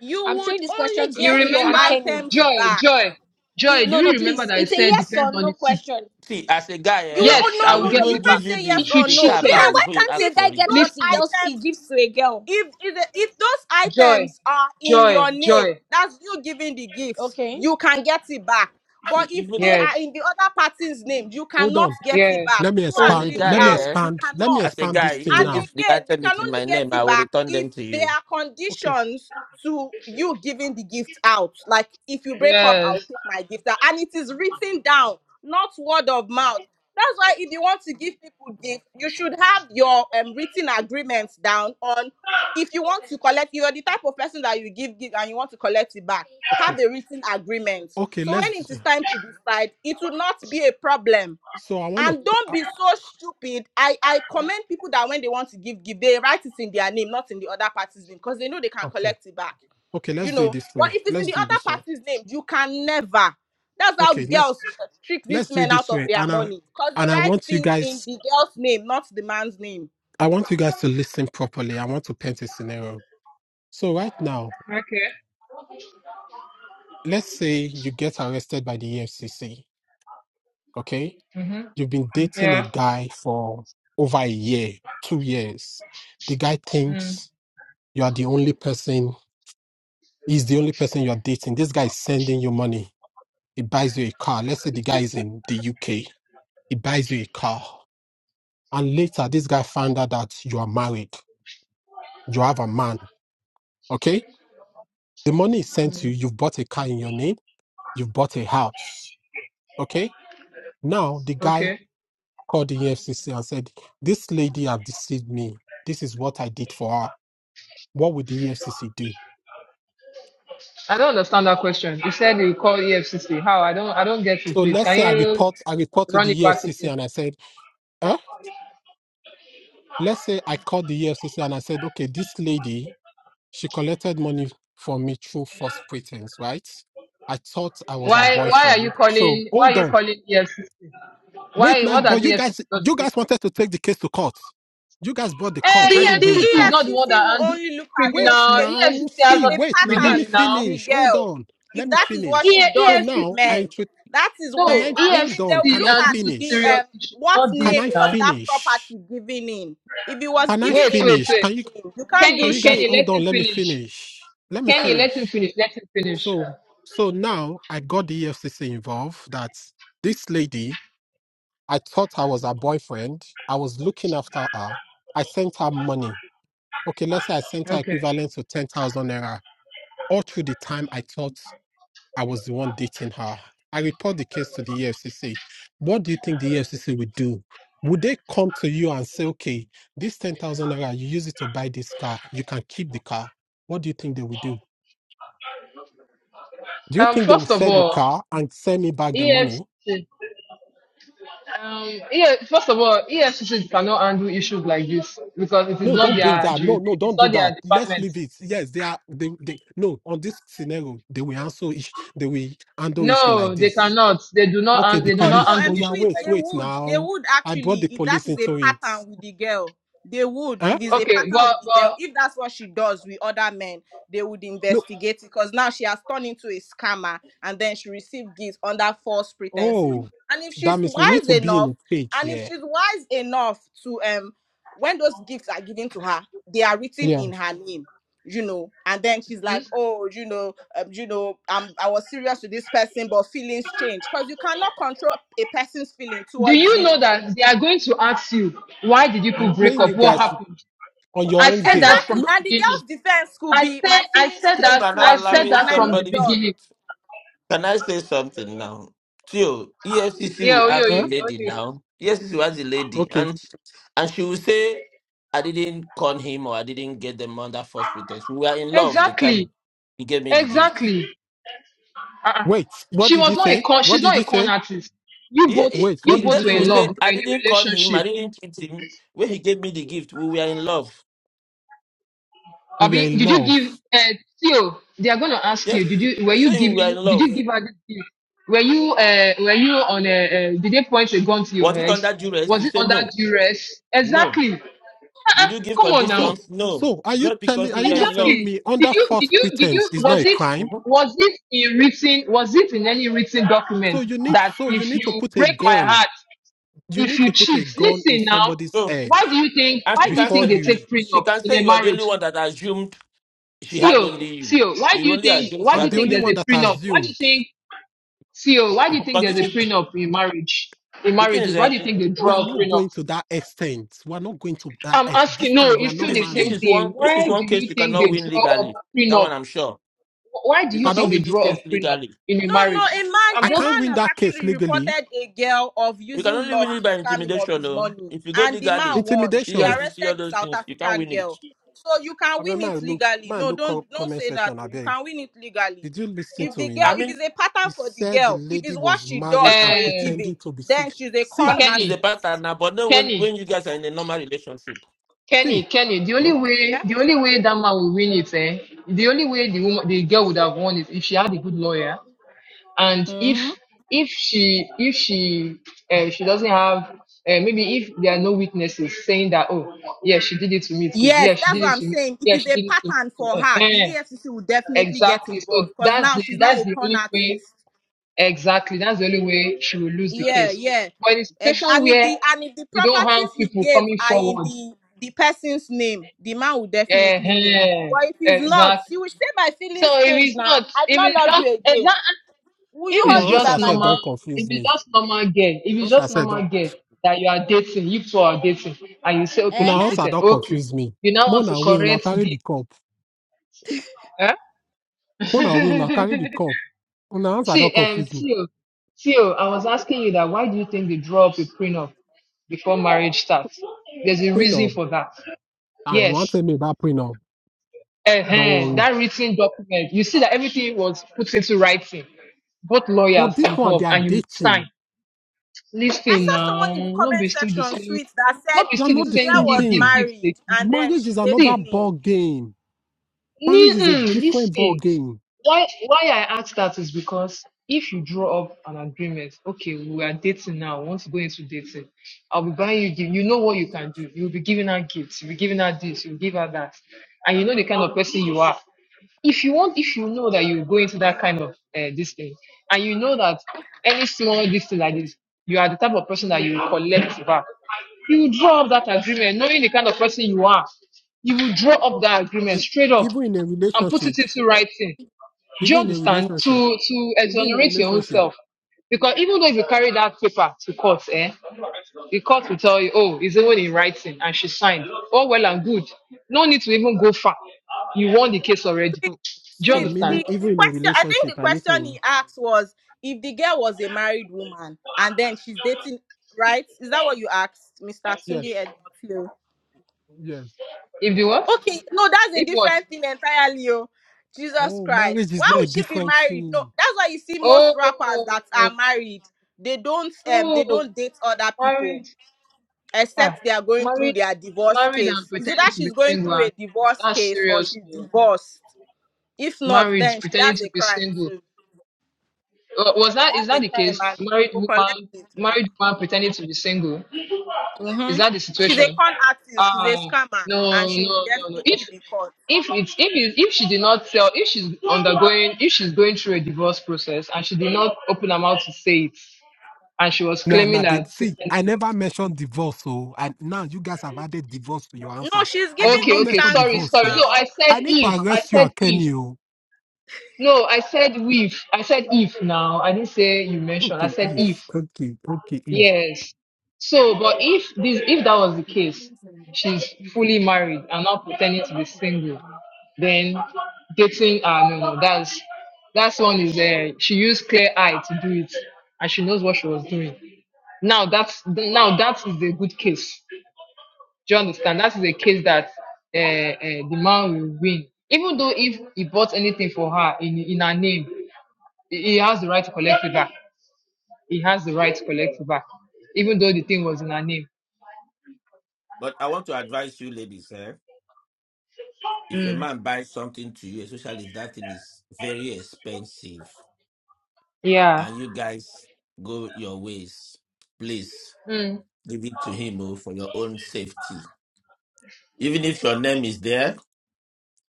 J: you
E: I'm throwing
J: would
E: this question
J: only
E: to
M: You
J: get
E: Sweet
J: your
M: remember
E: and Kenny.
J: items
M: Joy,
J: back
M: Joy, Joy, do
J: if
E: No,
M: you
E: no,
M: remember
E: please.
M: that I
E: It's a
M: said
E: yes
M: depends
E: or
M: on
E: no
M: the seat?
E: question. Then
H: See, as a guy,
J: you will,
H: eh,
J: oh
M: Yes,
H: I
M: I
J: no
H: will
M: will
J: no no
M: get
J: you
H: even
M: it
H: give
M: back.
J: can't
H: you
J: say yes
H: the,
M: If you
J: or
H: the
J: no
H: car
M: cheated,
H: back
J: because
E: why
H: before you
E: can't
H: ask
J: if
E: a guy
H: for
E: get
H: it.
E: what
J: those
E: he
M: listen,
E: girls he
J: items
E: gives to a girl?
J: if if, the, if those
M: Joy,
J: items are in
M: Joy,
J: your name
M: Joy.
J: that's you giving the gifts
E: Okay.
J: you can get it back
H: See,
J: but if
H: even
J: they are
M: Yes,
J: in the other party's name you
F: Hold
J: cannot
F: on.
J: get it
M: yeah,
J: back
F: Let me
J: go
H: as
J: and
H: a
F: expand.
J: read it
H: guy,
F: Let me
M: yeah,
J: out
H: eh,
J: you
F: expand. Let me
J: cannot
H: as a
F: expand this
H: guy,
F: thing
J: And
H: even
F: now.
H: if the
J: again, you
H: item
J: can
H: is in
J: only
H: my
J: get
H: name, I
J: it
H: will
J: back
H: return
J: if
H: them to
J: there
H: you.
J: are
F: Okay.
J: conditions to you giving the gift out. Like if you break up, I'll
M: yes.
J: take my gift out. And it is written down, not word of mouth. That's why if you want to give people gifts, you should have your um, written agreements down on if you want to collect, you're the type of person that you give gift and you want to collect it back.
F: Okay.
J: Have a written agreement.
F: Okay.
J: So when
F: Let's.
J: it
F: Do,
J: is time to decide, it will not be a problem
F: so I want to.
J: and don't
F: Uh,
J: be so stupid i i commend people that when they want to give give they write it in their name not in the other party's name because they know they can
F: okay.
J: collect it back
F: Okay.
J: you
F: Let's do it
J: know
F: this
J: but
F: way.
J: if it's in
F: Let's
J: the
F: do it
J: other
F: this way.
J: party's name you can never that's how
F: Okay. Let's
J: girls uh, trick these
F: let's do it
J: men out
F: this
J: of
F: way.
J: their
F: And I
J: money because they
F: and I
J: write
F: want you
J: things in
F: guys.
J: the girl's name not the man's name
F: I want you guys to listen properly. I want to paint a scenario. So right now,
M: Okay.
F: let's say you get arrested by the EFCC. Okay,
M: Mm-hmm.
F: you've been dating a
M: Yeah.
F: guy for over a year, two years. The guy
M: Mm.
F: thinks you are the only person. He's the only person you're dating. This guy is sending you money. He buys you a car. Let's say the guy is in the UK. He buys you a car, and later this guy found out that you are married. You have a man. Okay, the money is sent to you. You've bought a car in your name You've bought a house. Okay. Now the guy
M: Okay.
F: called the EFCC and said, This lady have deceived me. This is what I did for her. What would the EFCC do?
M: I don't understand that question. You said you call EFCC. How? I don't. I don't get it.
F: So
M: Please,
F: let's
M: can
F: say I
M: you
F: report, I report to
M: run
F: the
M: it back
F: EFCC
M: again?
F: and I said, eh? Let's say I called the EFCC and I said, okay, this lady, she collected money from me through false pretense, right? I thought I was her
M: Why? Why are you
F: boyfriend. So
M: calling? Why
F: hold
M: are you
F: on.
M: calling EFCC?
F: Wait
M: Why?
F: now,
M: What does
F: but you
M: EFCC
F: guys,
M: got to
F: you
M: do?
F: guys wanted to take the case to court. You guys brought the
J: The
M: Eh,
F: court. I didn't
J: the
F: bring the
M: EFCC is
F: court.
M: not the one that
J: EFCC will
M: handles
J: only look at
F: Wait
J: those
M: criminal.
J: cases.
F: now,
M: EFCC
J: It
M: has
J: is
F: see,
J: a
M: nothing to
F: wait
M: do
F: now.
M: with
F: Let me
M: this
J: pattern with
M: now.
J: the
F: finish. Hold
J: girl.
F: on. Let
J: If
F: me
J: that is what
F: finish.
J: she
M: E-
F: So
J: does to
F: now
M: EFCC,
F: I
J: men,
F: intro-
J: that is
F: can
J: when.
M: no,
F: I
J: And
F: hold
J: again, they
F: on.
J: will
M: EFCC
F: Can I
J: look at
M: handles
J: the
F: finish?
M: serious
J: um,
M: issues,
J: what
M: not this
F: Can
J: name
F: I
J: was
M: now.
J: that
F: finish?
J: property given in. If it was
F: Can I
J: given
M: Wait,
J: in the
M: wait,
F: finish?
M: wait.
F: Can
J: girl's
F: you
J: name, you can't
F: can
J: do
F: you
M: Kenny,
F: guys
M: Kenny,
J: shit.
F: hold
M: let
F: on?
M: him
F: Let me
M: finish.
F: finish. Let me
M: Kenny, let him
F: finish.
M: finish. Let him finish.
F: So so now I got the EFCC involved. That this lady, I thought I was her boyfriend. I was looking after her. I sent her money. Okay, let's say I sent her
M: Okay.
F: equivalent to ten thousand naira all through the time I thought I was the one dating her. I report the case to the EFCC. What do you think the EFCC would do? Would they come to you and say, okay, this 10,000 naira, you use it to buy this car, you can keep the car? What do you think they would do? Do you
M: Um,
F: think they will
M: first of
F: sell the
M: all,
F: car and send me back the money?
M: EFCC. Um, yeah, first of all, EFCC cannot handle issues like this because it is
F: No,
M: not
F: don't bring
M: their
F: that. No, no,
M: jurisdiction, it's
F: don't do
M: not
F: that.
M: their
F: Let's
M: department.
F: leave it. Yes, they are. They, they no. On this scenario, they will answer. Ish, they will handle issue like
M: No, they
F: this.
M: cannot. They do not.
F: Okay,
M: han-
F: the
M: They do
J: No,
M: not
J: no,
F: police.
M: handle
F: Oh
J: I'm
F: yeah,
M: issues
J: sweet.
F: wait,
M: like
J: They
M: this.
F: wait.
J: would. They
F: Now
J: would
F: I brought
J: actually,
F: the
J: if that
F: police
J: is a
F: into it.
J: pattern with the girl, they would.
F: Huh?
J: If it's a
M: Okay,
J: pattern
M: but
J: with the girl,
M: but
J: if that's what she does with other men, they would
F: No,
J: investigate it because now she has turned into a scammer and then she received gifts under false pretenses.
F: Oh,
J: And if
F: that
J: she's
F: means we need
J: wise
F: to be in
J: enough,
F: a cage.
J: and if
F: Yeah.
J: she's wise enough to um when those gifts are given to her, they are written
F: Yeah.
J: in her name you know and then she's like oh you know um, you know I'm, i was serious with this person but feelings change because you cannot control a person's feeling
M: do
J: towards
M: you
J: you
M: know that they are going to ask you why did you
F: I'm
M: put break
F: playing you
M: up? What
F: guys
M: happened?
F: on your
M: I
H: But
F: own
M: said
F: game.
M: that
H: but
M: from
J: exactly
F: No.
M: the
J: and the
M: beginning.
J: girl's defense could
M: I
J: be
M: said
J: my
M: I
J: feelings
M: said that
J: changed
H: people are
M: I
H: not
J: towards him
M: said
H: allowing
J: and
M: that
J: i
M: from the
J: moved
H: somebody to
J: on
M: beginning.
H: Can I say something now? Tio, EFCC
M: Yeah,
H: will
M: oh,
H: ask the
M: yeah,
F: Huh?
M: oh,
H: lady now.
M: yeah.
H: EFCC will ask the lady,
F: Okay.
H: and and she will say, "I didn't con him, or I didn't get them under false pretext. We were in love the time
M: Exactly,
H: he gave me the gift."
M: exactly. Uh-uh.
F: Wait. What
M: She
F: did you
M: was not a
F: say?
M: con.
F: What
M: She's
F: did
M: not a
F: you
M: con
F: say?
M: artist. You
H: He,
M: both,
H: he,
F: Wait. What
H: the
M: you
F: did
M: both
F: you
M: were
H: daddy will
M: in
F: say?
M: love.
H: say,
M: You
H: "I
M: were in a
H: didn't con him, I
M: relationship.
H: didn't cheat him. When he gave me the gift, we were in love."
F: We were
M: Abi,
F: in
M: did you give?
F: love.
M: Uh, still, they are going to ask you.
H: Yes,
M: Did you? Were
H: you
M: you
H: say we were in
M: giving? Did
H: love.
M: you give her this gift? Were you? Uh, were you on a? Uh, did they point a gun to your
H: Was it
M: head?
H: under duress?
M: Was
H: You
M: it
H: say
M: under
H: no,
M: duress?
H: no.
M: Exactly. Uh-uh.
H: Did you give
M: Come on now.
F: So,
H: conditions? No,
F: so are you
H: just because
F: telling? Are
H: we
F: you
H: were in
F: guys
H: love.
F: telling
M: Exactly.
F: me
M: Did
F: under
M: you? Did
F: false
M: you? Did
F: pretense
M: you?
F: is not a
M: Was it?
F: crime?
M: Was it in written? Was it in any written
F: So
M: document
F: you need.
M: that
F: So you
M: if
F: need
M: you
F: to put a
M: break my
F: gun.
M: heart?
F: You
M: If
F: need
M: you
F: to put a
M: cheat,
F: gun in
M: listen now.
F: somebody's
H: Mhm.
F: head
M: Why do you think?
H: And
M: Why
H: she
M: do
H: can
M: you
F: before
H: say
M: think they
F: you.
M: take
H: she
M: prenup
H: can
M: in
H: say
M: a
H: you are the only
M: marriage?
H: one that assumed she had
M: Theo,
H: only you.
M: Theo, why do
H: You
M: you
H: only
M: think?
H: assumed she
M: Why do
F: I'm
M: you
H: had
F: the
M: think
F: only
H: only
M: there's
F: one
H: you.
M: a
F: that
M: prenup? Why do you
F: assumed
M: think? Theo, why do you
H: [LAUGHS]
M: think
H: Because
M: there's
H: this
M: a
H: is
M: prenup in marriage? In
H: the thing is
M: marriages, why
H: uh,
M: do you think they
F: we are
M: draw up
F: not going
M: prenups?
F: to that extent. We are not going to that
M: I'm
F: extent. This
M: asking. No,
F: time we are
M: it's
F: not
M: still
H: this
M: the
H: is this
M: same
F: married.
H: is
M: thing.
H: one this
M: Why
H: is
M: do
H: one case
M: you
H: you
M: think
H: cannot
M: they
H: win
M: draw up
H: legally. That
M: prenup?
H: one I'm sure.
M: Why do
H: You
M: you
F: Pardon?
H: cannot
M: think they
H: win this
M: draw up
H: case
M: prenup
H: legally.
M: in a
J: No, no, a
M: marriage?
J: man,
M: I'm
F: I
J: a
M: just,
F: can't
J: man
F: win
J: have
F: that case
J: actually
F: legally.
J: reported a girl of
H: You can
J: using
H: only win
J: love
H: it
J: to
H: by
J: scam him of
H: intimidation
J: his
H: though.
J: money,
H: If you go
J: and the man
H: legally,
J: won.
H: yes, you
J: They
H: have
F: Intimidation.
H: to see all
J: arrested the
H: those
J: South
H: things. You can't
J: African
H: win it.
J: girl. So you can
F: I mean,
J: win it
F: man, look,
J: legally.
F: man,
J: No,
F: look, co-
J: don't don't
F: comment
J: say that.
F: section, I
J: oh. You
F: beg.
J: can win it legally.
F: Did you listen
J: If
F: to
J: the girl,
F: him?
H: I
J: if
H: mean
J: it's a
F: He
J: pattern for the
F: said the
J: girl, if
F: lady
J: it's what
F: was
J: she
F: married
J: does for
F: and
J: a
M: uh,
J: living,
F: pretending to be
J: then
F: sick.
J: she's a
F: See,
J: con
H: that if it's a
M: Kenny,
H: partner
J: artist.
H: now, but no when
M: Kenny.
H: when you guys are in a normal relationship.
M: Kenny,
F: see,
M: Kenny, the
H: Hmm?
M: only way
J: Yeah.
M: the only way that man will win it, eh? The only way the woman the girl would have won is if she had a good lawyer and
J: hmm
M: if if she if she uh, she doesn't have uh, maybe if there are no witnesses saying that oh yeah she did it to me too
J: Yes,
M: yeah she
J: that's
M: did
J: what
M: it
J: I'm
M: to me
J: saying. If
M: yeah she
J: it's a
M: did it to me
J: pattern for
M: too Eh,
J: her, the
M: eh,
J: EFCC will definitely get
M: exactly so
J: involved because
M: that's
J: now
M: the,
J: she's not
M: that's
J: a
M: the
J: con
M: only way
J: artist.
M: exactly that's the only way she will lose the
J: yeah,
M: case
J: yeah.
M: but in a
J: Ex-
M: situation
J: And if
M: where
J: the and if the
M: you don't have
J: properties he
M: people
J: gave
M: coming
J: are in
M: forward
J: the the person's name, the man will definitely win.
M: uh
J: But if it's not,
M: Exactly.
J: he will say my
M: So
J: feelings
M: if
J: change
M: it's
J: now.
M: not,
J: I'd
M: if
J: not
M: it's
J: love
M: just
J: you again.
M: exact,
J: Will
M: if
J: you
M: it's
J: hold
F: Una
J: me by
F: answer
M: just
J: my
F: said,
M: normal,
F: don't
J: neck?
M: if
F: confuse
M: it's
F: me.
M: just normal girl, if it's
F: Answer
M: just
F: said, don't.
M: normal girl that you are dating, you two are dating, and you say, okay, she
F: Una
J: Uh-huh.
F: answer,
M: cheated.
F: don't
M: Okay,
F: confuse me.
M: you now want to
F: Mona will not
M: correct
F: carry the
M: this?
F: cup.
M: Huh?
F: Mona will not carry
M: [LAUGHS]
F: the cup. Una answer,
M: See,
F: don't
M: um,
F: confuse me.
M: Theo, Theo, I was asking you that. Why do you think they draw up a prenup before marriage starts? There's a reason
F: Prenup.
M: for that.
F: Ah, you want
M: Yes.
F: to tell me about prenup? Don't
M: uh
F: worry.
M: that written document, you see that everything was put into writing. Both lawyers
F: But this one, they
M: involved,
F: are
M: and you will sign.
F: dating.
J: I
M: Listen
J: saw someone
M: now,
J: in the
M: not be
J: comment
M: still the
J: section
M: same.
J: sweet that
M: Not
J: said
M: be
F: They are
M: still
J: if
M: the
F: not
J: the
F: the
M: same.
J: girl
F: same
J: was
M: Give, give,
F: thing.
M: give.
J: married
M: They give.
J: and then
F: marriage
J: she's
F: is another
M: See,
J: dating him,
F: ball game. Marriage is a
M: mm,
F: different ball
M: listen.
F: game.
M: why why I ask that is because if you draw up an agreement, okay, we are dating now. Once you go into dating, I'll be buying you gift. You know what you can do. You'll be giving her gifts. You'll be giving her this. You'll give her that. And you know the kind of person you are. If you want, if you know that you go into that kind of uh, this thing, and you know that any small this thing like this, you are the type of person that you will collect back. You will draw up that agreement, knowing the kind of person you are. You will draw up that agreement
F: It,
M: straight up
F: even in a
M: and put
F: relationship,
M: it into writing do you
F: even in a
M: understand?
F: relationship,
M: To to
F: even in a
M: exonerate your own
F: relationship.
M: self. Because even though if you carry that paper to court, eh, the court will tell you, oh, it's even in writing and she signed. Oh, well and good. No need to even go far. You won the case already.
F: So,
M: Do you
F: so
J: sweet.
M: understand?
F: meaning,
J: The, the
F: even in a
J: question, I think the
F: relationship, I need
J: question
F: to
J: he asked was if the girl was a married woman and then she's dating, right? Is that what you asked, Mr. Tunde
F: yes,
J: Edwafio?
F: yes.
M: If the what?
J: Okay, no, that's a
M: If what?
J: different thing entirely. Oh. Jesus
F: Oh, marriage
J: Christ.
F: is
J: Why
F: not a
J: would she be
F: different
J: married? No,
F: thing.
J: that's why you see most rappers
M: Oh,
J: that are married, they don't um they
M: oh,
J: don't date other people
M: married. Ah,
J: except they are going through
M: married,
J: their divorce
M: married and
J: case. Is it
M: pretending
J: that
M: to be
J: she's going
M: single.
J: through a
M: And
J: divorce
M: that's
J: case or
M: serious.
J: she's
M: oh.
J: divorced? If not,
M: Married,
J: then
M: pretending
J: that's
M: to
J: a
M: be
J: crime
M: single.
J: too.
M: Wa- Was that is
J: That's
M: that
J: the
M: the
J: crime,
M: case?
J: and
M: Married
J: people collect
M: woman,
J: it back.
M: married woman pretending to be single. Is
J: hmm
M: that the
J: She's a
M: situation?
J: con artist. She's a
M: Ah,
J: scammer,
M: no,
J: and she will
M: no, no, no. If
J: definitely be caught.
M: if it's if it's, if she did not tell, if she's undergoing, if she's going through a divorce process and she did not open her mouth to say it, and she was
F: No,
M: claiming
F: no, they,
M: that.
F: see, I never mentioned divorce, so and now you guys have added divorce to your
J: No,
F: answer.
J: she's
F: I
J: giving
F: did
M: Okay,
F: not
M: okay.
F: mention
M: Sorry,
J: instances
F: divorce,
M: sorry.
F: so
M: No, I
J: now.
M: said
F: I need to
M: if. I
F: arrest you,
M: said if.
F: Kenny.
M: No, I said with. I said if. Now I didn't say you mentioned. I
F: Okay,
M: said
F: if
M: if.
F: okay, okay, if
M: Yes. So, but if this, if that was the case, she's fully married and not pretending to be single, then dating, uh, no, no, that's that's one is uh, she used clear eye to do it, and she knows what she was doing. Now that's now that is a good case. Do you understand? That is a case that uh, uh, the man will win, even though if he bought anything for her in in her name, he he has the right to collect it back he has the right to collect it back, even though the thing was in her name.
H: But I want to advise you, ladies, eh? if a
M: Mm.
H: man buys something to you, especially if that thing is very expensive,
M: Yeah.
H: and you guys go your ways, please
M: Mm.
H: give it to him oh, for your own safety. Even if your name is there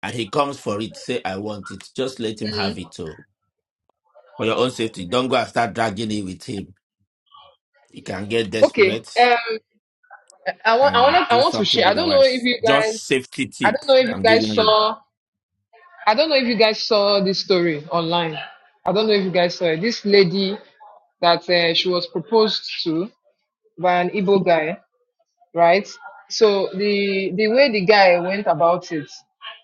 H: and he comes for it, say, I want it. Just let him have it. oh. for your own safety. Don't go and start dragging it with him. You can get
M: Okay.
H: desperate
M: Um, I want, I
H: and
M: want, I
H: do
M: want to
H: something
M: share. I don't know if
H: otherwise.
M: you
H: Just
M: guys,
H: safety
M: I
H: tip
M: don't know if you
H: I'm
M: guys
H: giving you.
M: saw, I don't know if you guys saw this story online. I don't know if you guys saw it. This lady that uh, she was proposed to by an Igbo guy, right? So the the way the guy went about it,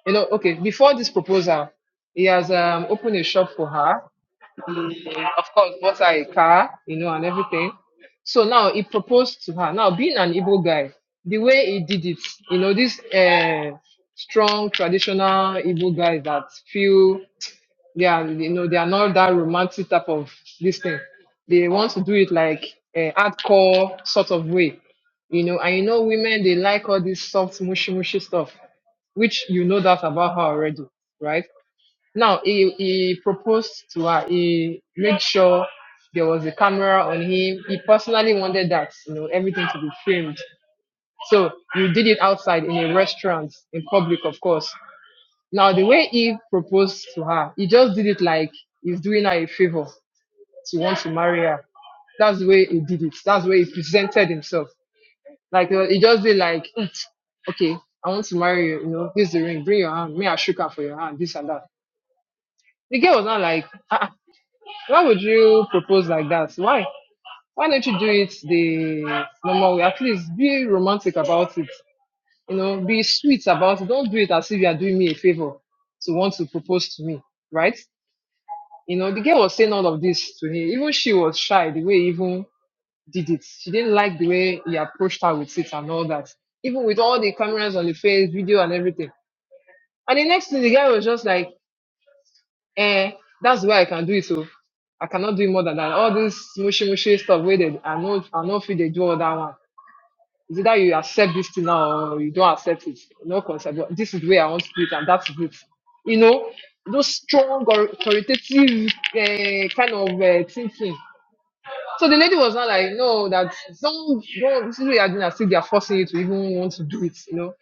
M: you know, okay, before this proposal, he has um, opened a shop for her of course, bought her a car, you know, and everything. So now he proposed to her. Now, being an Igbo guy, the way he did it, you know, this uh, strong traditional Igbo guys that feel they are, you know, they are not that romantic type of this thing. They want to do it like a hardcore sort of way, you know. And you know, women they like all this soft, mushy, mushy stuff, which you know that about her already, right? Now he he proposed to her. He made sure there was a camera on him. He personally wanted that, you know, everything to be filmed. So you did it outside in a restaurant, in public, of course. Now the way he proposed to her, he just did it like he's doing her a favor to want to marry her. That's the way he did it. That's the way he presented himself. Like uh, he just did like, "Mm, okay, I want to marry you. You know, this is the ring. Bring your hand. Me, I shook her for your hand. This and that. The girl was not like, ah, Why would you propose like that? Why? Why don't you do it the normal way? At least be romantic about it. You know, be sweet about it. Don't do it as if you are doing me a favor to want to propose to me, right? You know, the girl was saying all of this to him. Even she was shy the way he even did it. She didn't like the way he approached her with it and all that. Even with all the cameras on the face, video and everything. And the next thing, the guy was just like, Eh, that's the way I can do it. So I cannot do it more than that. All this mushy mushy stuff where they I know I know if they do all that one. It's either you accept this thing now or you don't accept it. No concept. But this is the way I want to do it, and that's it. You know, those strong or authoritative uh, kind of uh, thinking. So the lady was not like, no, that don't don't this is what you're doing. I think they're forcing you to even want to do it, you know.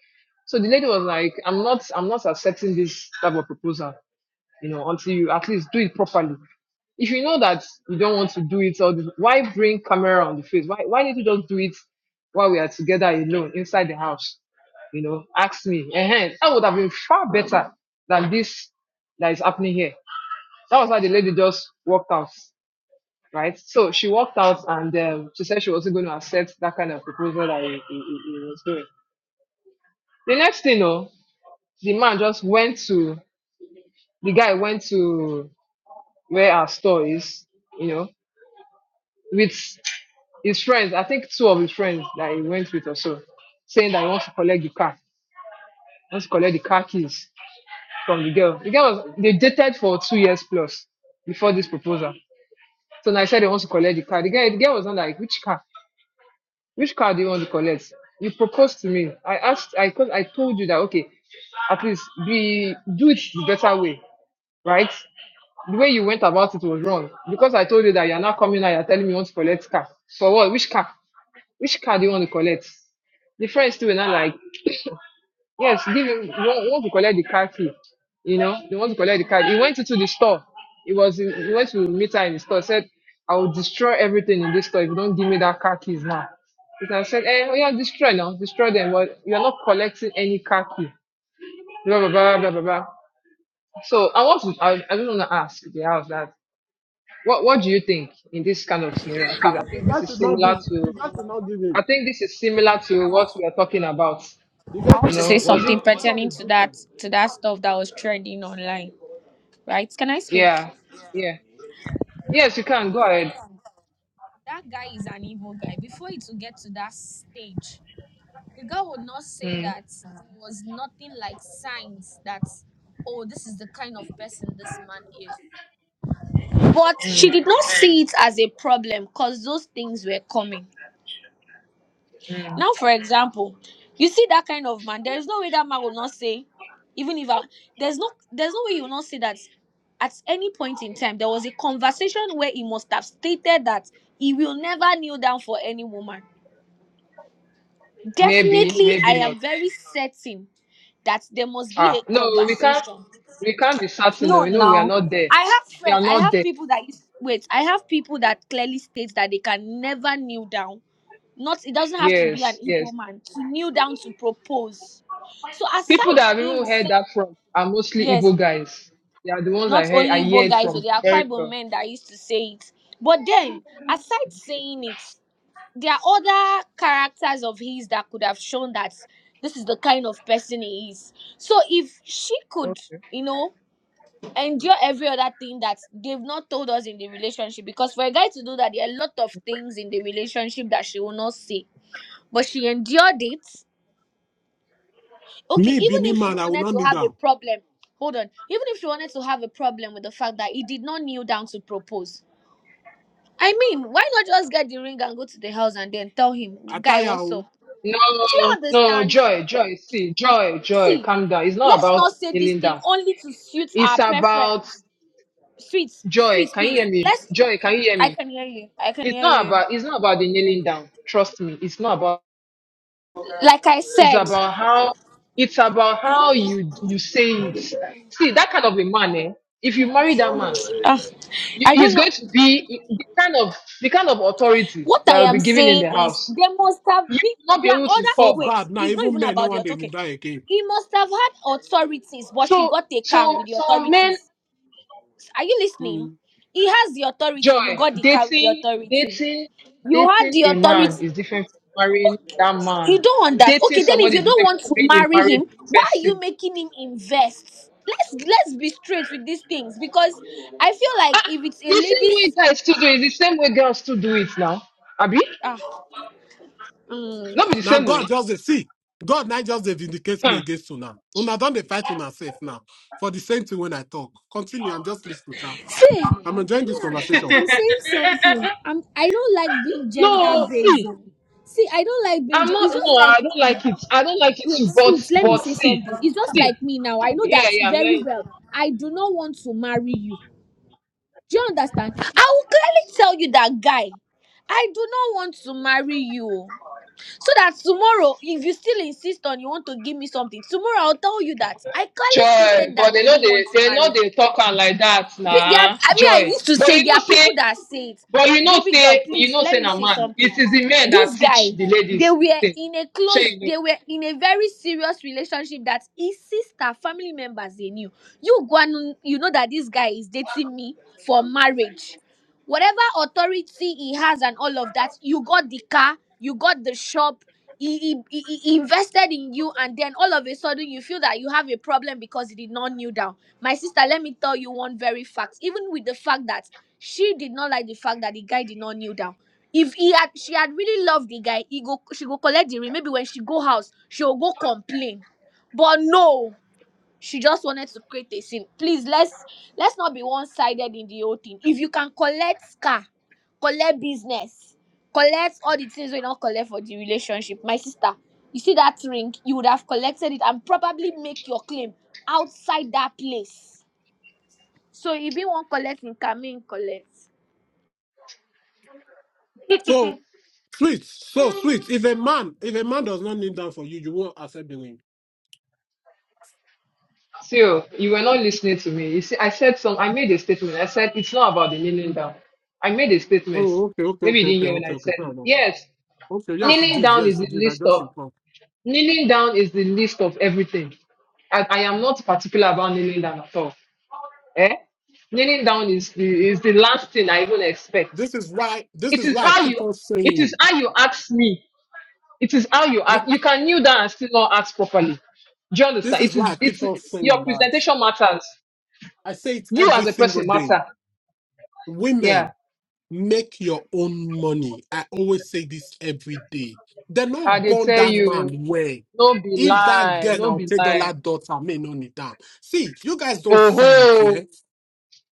M: So the lady was like, I'm not I'm not accepting this type of proposal you know, until you at least do it properly. If you know that you don't want to do it, or the- why bring camera on the face? Why why need to just do it while we are together alone inside the house? You know, ask me. And that would have been far better than this that is happening here. That was how the lady just walked out, right? So she walked out and um, she said she wasn't going to accept that kind of proposal that he, he, he he was doing. The next thing, though, the man just went to the guy went to where our store is, you know. with his friends, I think two of his friends that he went with or so, saying that he wants to collect the car, wants to collect the car keys from the girl. The girl was they dated for two years plus before this proposal. So now he said he wants to collect the car. The girl, the girl was not like, which car? Which car do you want to collect? You proposed to me. I asked, I cause I told you that okay, at least be do it the better way, right? The way you went about it was wrong because I told you that you're not coming now. You're telling me you want to collect car for what? Which car? Which card do you want to collect? The friends too were not like, yes, give him, you want, we want to collect the car key. You know, they want to collect the car. He went into the store. He was, in, he went to meet her in the store. Said, I will destroy everything in this store if you don't give me that car keys now. Because I said, eh, oh yeah, destroy now, destroy them. But you're not collecting any car key. Blah, blah, blah, blah, blah, blah. So I want to, I, I just want to ask the house that, what, what do you think in this kind of scenario? Please, I
F: the
M: think
F: guy
M: this is
F: should not give,
M: similar
F: the
M: to,
F: guy should not give in.
M: I think this is similar to what we are talking about.
F: The guy
E: I want
M: You
F: should
E: to
F: not
E: say
M: know,
F: give
M: was
F: in.
E: something
M: it?
F: This one
E: pertaining
F: is
E: to
F: different.
E: that to that stuff that was trending online. Right? Can I speak?
M: Yeah, yeah.
E: Now,
M: Yes, you can. Go
E: before-
M: ahead.
E: that guy is an evil guy. Before it will get to that stage, the girl would not say
M: Mm,
E: that it was nothing like signs that oh, this is the kind of person this man is. But she
M: mm,
E: did not see it as a problem because those things were coming.
M: mm.
E: Now, for example, you see that kind of man, there is no way that man will not say, even if I, there's no there's no way you will not say that at any point in time there was a conversation where he must have stated that he will never kneel down for any woman.
M: Maybe,
E: Definitely, I
M: maybe not.
E: am very certain that there must be
M: Ah,
E: a
M: no, we can't.
E: conversation.
M: We can't be certain. no,
E: No,
M: You know, we are
E: now
M: not there.
E: I have
M: We are
E: friends, I
M: not
E: have
M: there.
E: people that is- wait, I have people that clearly states that they can never kneel down not it doesn't have to be an
M: Yes, yes.
E: Igbo man to kneel down to propose. So
M: People
E: aside
M: that I've
E: him
M: even heard
E: say
M: that from are mostly
E: yes,
M: Igbo guys. They are the ones I
E: not
M: heard. I
E: only Igbo
M: heard
E: guys, but
M: from.
E: there are quite
M: Very
E: Igbo
M: well.
E: men that used to say it. But then, aside saying it, there are other characters of his that could have shown that this is the kind of person he is. So if she could, you know, endure every other thing that they've not told us in the relationship, because for a guy to do that, there are a lot of things in the relationship that she will not say. But she endured it okay
F: Me,
E: even
F: Benin
E: if she
F: man, I will
E: wanted
F: not
E: to
F: kneel
E: have a
F: down.
E: problem hold on even if she wanted to have a problem with the fact that he did not kneel down to propose i mean why not just get the ring and go to the house and then tell him guy
F: Attire,
E: what's
F: oh,
E: up do you
M: No, no,
E: understand
M: joy, joy. See, joy, joy.
E: see
M: Calm down. It's not
E: let's not
M: about
E: say this
M: kneeling
E: thing
M: down.
E: only to suit
M: It's
E: our preference
M: about
E: sweet
M: Joy,
E: sweet
M: can you
E: please
M: hear me?
E: let's
M: Joy, can you hear
E: i
M: me?
E: can hear you i can
M: It's
E: hear
M: not
E: you
M: about it's not about the kneeling down. Trust me, it's not about
E: like i
M: it's
E: said
M: about how it's about how you you say it. See that kind of a man, eh? If you marry that man,
E: ah,
M: you,
E: i don't
M: he's
E: know
M: going to be the kind of the kind of authority
E: what i
M: that will
E: am
M: be given in
E: saying
M: the
E: is
M: house.
E: there must have been
M: not be
E: there are
M: able to
F: it's
E: other
F: so
M: talk.
F: bad
E: ways
F: now.
E: it's not
F: Even
E: even
F: men, no
E: about the
F: want to
E: auto okay,
F: kneel down again.
E: He must have had authorities, but she
M: So
E: got a car
M: so
E: with the
M: some men
E: authorities. Are you listening?
F: Mm.
E: He has the
M: Joy,
E: authority. You got the car with the
M: dating,
E: authority.
M: dating,
E: You had
M: dating
E: the
M: a
E: authority.
M: man is different from marrying that man.
E: You don't understand.
M: Dating
E: Okay, then if
M: somebody
E: you
M: is
E: don't
M: different
E: want
M: from
E: to
M: being a
E: marry him,
M: married
E: why are you
M: person.
E: making him invest? Let's let's be straight with these things because I feel like if it's a
M: The same way
E: lady's
M: guys still do it, the same way girls still do it now. Abi?
E: ah mm.
M: Not be the
F: Now
M: same
F: God
M: way.
F: just they see. God now just they vindicate me
M: Huh.
F: against you now. Una don't fight on herself now. For the same thing when I talk. Continue. I'm just listening, child.
E: see
F: I'm
E: I'm,
F: enjoying this
M: [LAUGHS]
F: conversation.
E: I'm saying something. I'm I don't like being gender
M: no,
E: based.
M: see,
E: See, I don't like being.
M: I'm
E: gen-
M: not,
E: It's
M: no,
E: just
M: I
E: like
M: don't like it. I don't like it
E: wait
M: too, but,
E: sweet let me
M: but
E: say
M: see,
E: something it's just
M: see,
E: like me now i know
M: yeah,
E: that
M: yeah, I'm
E: very
M: hearing. you.
E: well i do not want to marry you do you understand i will clearly tell you that guy i do not want to marry you so that tomorrow if you still insist on you want to give me something tomorrow i'll tell you that i clearly
M: Joy,
E: stated that
M: but they
E: i
M: know
E: don't want
M: they
E: to
M: they know
E: marry
M: they talk am like that,
E: Pe- There are,
M: nah.
E: I mean, I
M: Joy,
E: used to
M: but
E: say
M: you
E: there
M: know
E: are people
M: say
E: that say it.
M: But you know,
E: Baby girl,
M: say you
E: please
M: know,
E: let
M: say
E: me
M: na
E: say
M: man.
E: something.
M: It is the men that
E: This
M: teach
E: guy,
M: the
E: they
M: ladies this
E: were
M: thing.
E: in a
M: Sure,
E: close,
M: you know.
E: they were in a very serious relationship that his sister, family members, they knew. You go and you know that this guy is dating me for marriage whatever authority he has and all of that you got the car you got the shop he, he, he he invested in you and then all of a sudden you feel that you have a problem because he did not kneel down my sister let me tell you one very fact even with the fact that she did not like the fact that the guy did not kneel down if he had she had really loved the guy he go she go collect the ring maybe when she go house she'll go complain but no she just wanted to create a scene please let's let's not be one-sided in the whole thing if you can collect car collect business collect all the things we don't collect for the relationship my sister you see that ring you would have collected it and probably make your claim outside that place so if you want collect him can mean collect
F: So sweet, so sweet. If a man, if a man does not kneel down for you, you won't accept the ring.
M: So you were not listening to me. You see, I said some. I made a statement. I said it's not about the kneeling down. I made a statement.
F: Oh, okay, okay,
M: Maybe you
F: okay,
M: didn't
F: okay,
M: hear when
F: okay,
M: I
F: okay,
M: said
F: fair
M: it.
F: enough.
M: Yes,
F: Okay, yes, you
M: kneeling
F: did,
M: down is
F: yes, you
M: the
F: did. I
M: list
F: just
M: of
F: informed.
M: kneeling down is the list of everything. I, I am not particular about kneeling down at all. Eh? Kneeling down is the is the last thing I even expect.
F: This is why, this
M: It
F: is
M: is
F: why I
M: how
F: keep
M: you
F: on
M: it is
F: saying,
M: how you ask me. It is how you
F: thi-
M: act. You can kneel down and still not act properly. Do you
F: this
M: understand?
F: is
M: It
F: why I
M: is
F: keep
M: it's
F: on
M: your
F: saying that.
M: presentation matters.
F: I say it
M: You
F: every
M: as a
F: single
M: person
F: day.
M: matter.
F: Women,
M: Yeah.
F: make your own money. I always say this every day. They
M: And
F: not
M: they
F: born
M: tell
F: that
M: you,
F: man well.
M: no be
F: If that
M: lie,
F: girl,
M: no
F: now will
M: be
F: take
M: lie.
F: dollar daughter, may not need that. See, you guys don't
M: Oh
F: see it,
M: ho.
F: yeah?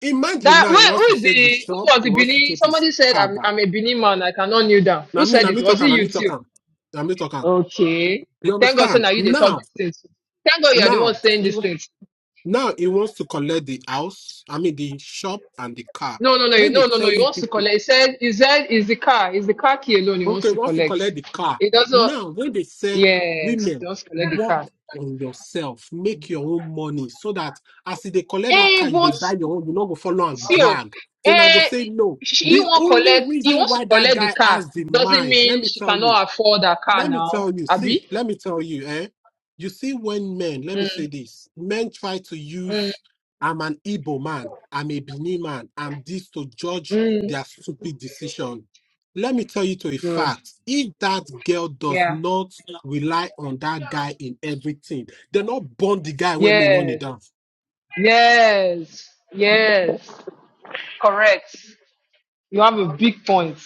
F: Imagine
M: That
F: now he
M: wait,
F: wants to
M: who is
F: take the
M: the who
F: shop,
M: was
F: he
M: the
F: wants to
M: Benin?
F: take his
M: Somebody said
F: car
M: I'm
F: back.
M: I'm a Benin man, I cannot kneel down.
F: Now
M: Who
F: me,
M: said
F: now
M: it?
F: me
M: Was
F: talking,
M: it
F: now
M: you
F: me
M: too?
F: talking, now me talking.
M: Okay.
F: You
M: Thank God so now
F: understand?
M: you they talk
F: Now,
M: these things. Thank God you are the one
F: now,
M: saying
F: he
M: these
F: wa-
M: things.
F: now he wants to collect the house. I mean the shop and the car.
M: No, no, no,
F: When they
M: no, no,
F: tell
M: no. He
F: you
M: wants to
F: people.
M: collect. He said, he said, it's the car. It's the car key alone he wants
F: Okay,
M: to
F: once you
M: collect.
F: collect the car,
M: He doesn't.
F: now when they say
M: Yes, he
F: women,
M: wants to collect the
F: work
M: car.
F: on yourself, make your own money so that as they collect that car,
M: Eh,
F: you they
M: but
F: buy your own, you no go follow and
M: still,
F: drag. So now go
M: eh,
F: say no.
M: she, he
F: The
M: won't
F: only
M: collect. He
F: reason
M: wants to
F: why that
M: collect the
F: guy
M: car.
F: has the
M: Doesn't
F: mind, let
M: mean
F: me
M: she
F: tell you
M: cannot afford that car
F: let me
M: now,
F: tell you, see,
M: Abby.
F: let me tell you, eh? You see, when men, let me say
M: Mm,
F: this, men try to
M: mm,
F: use I'm an Igbo man, I'm a Benin man, I'm this to judge
M: mm.
F: their stupid decision. Let me tell you to a
M: Good.
F: fact, if that girl does
M: Yeah.
F: not rely on that guy in everything, they not burn the guy where me on the
M: Yes.
F: down.
M: Yes. Yes. Correct. You have a big point.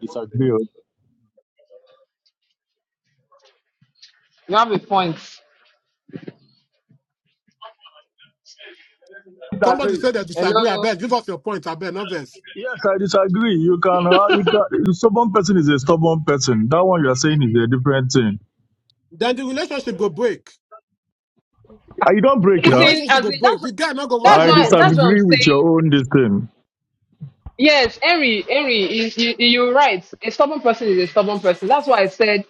N: disagree. oh.
M: You have a point.
F: Somebody
B: Disagree.
F: said they disagree. I
M: Hello.
F: bet give us your point. I bet novice.
N: Yes, I disagree. You can, uh, you can. Stubborn person is a stubborn person. That one you are saying is a different thing.
F: Then the relationship go break.
N: Uh, You don't break
F: The
M: It's
N: now.
M: in
F: relationship
M: as
F: go
M: in
F: break.
M: that's
F: The guy not go want
M: that's
N: I
F: old
M: why that's
F: motive.
M: what I'm
N: disagree with your
M: saying.
N: own this thing.
M: Yes, Henry, Henry, is you, you're right. A stubborn person is a stubborn person. That's why I said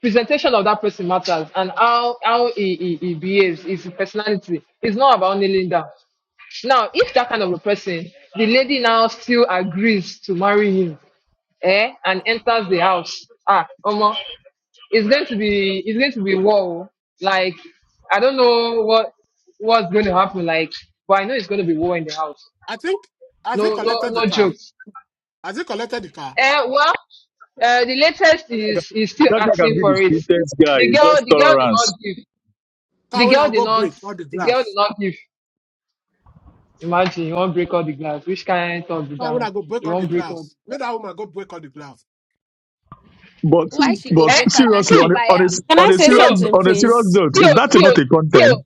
M: presentation of that person matters and how how he, he, he behaves, his personality. It's not about kneeling down. Now, if that kind of a person, the lady now still agrees to marry him eh, and enters the house, ah, Omo, it's going to be it's going to be war. oh. Like I don't know what what's going to happen. Like, but I know it's going to be war in the house.
F: I think as he
M: No, no,
F: collected the
M: no
F: car,
M: jokes.
F: as he collected the car,
M: Eh, well, uh, the latest
N: That guy can
M: is is still
N: that guy
M: asking
N: can be the
M: for it.
N: sweetest guy.
M: The
N: It's
M: girl,
N: just
M: the girl did
N: tolerance.
M: not give. The
F: car will now
M: girl did
F: go
M: not.
F: break all the
M: The girl
F: glass.
M: did not give. Imagine you won't break all the glass. Which kind of be
F: Why would I
M: down?
F: go break
M: You
F: all the
M: won't break all the
F: glass? Make
M: glass.
F: that woman go break all the glass.
N: But
E: why she go
N: but
M: Eh,
E: break her now
N: seriously,
E: she
N: on
M: see,
N: a,
E: buy
N: on
E: am
O: Can
N: a on
O: I
N: a
O: say
M: see,
N: serious
M: oh,
O: something,
N: on a serious
O: please?
N: note,
M: see,
N: is
M: oh,
N: that
M: see,
N: not
M: oh,
N: a
M: see. oh.
N: content?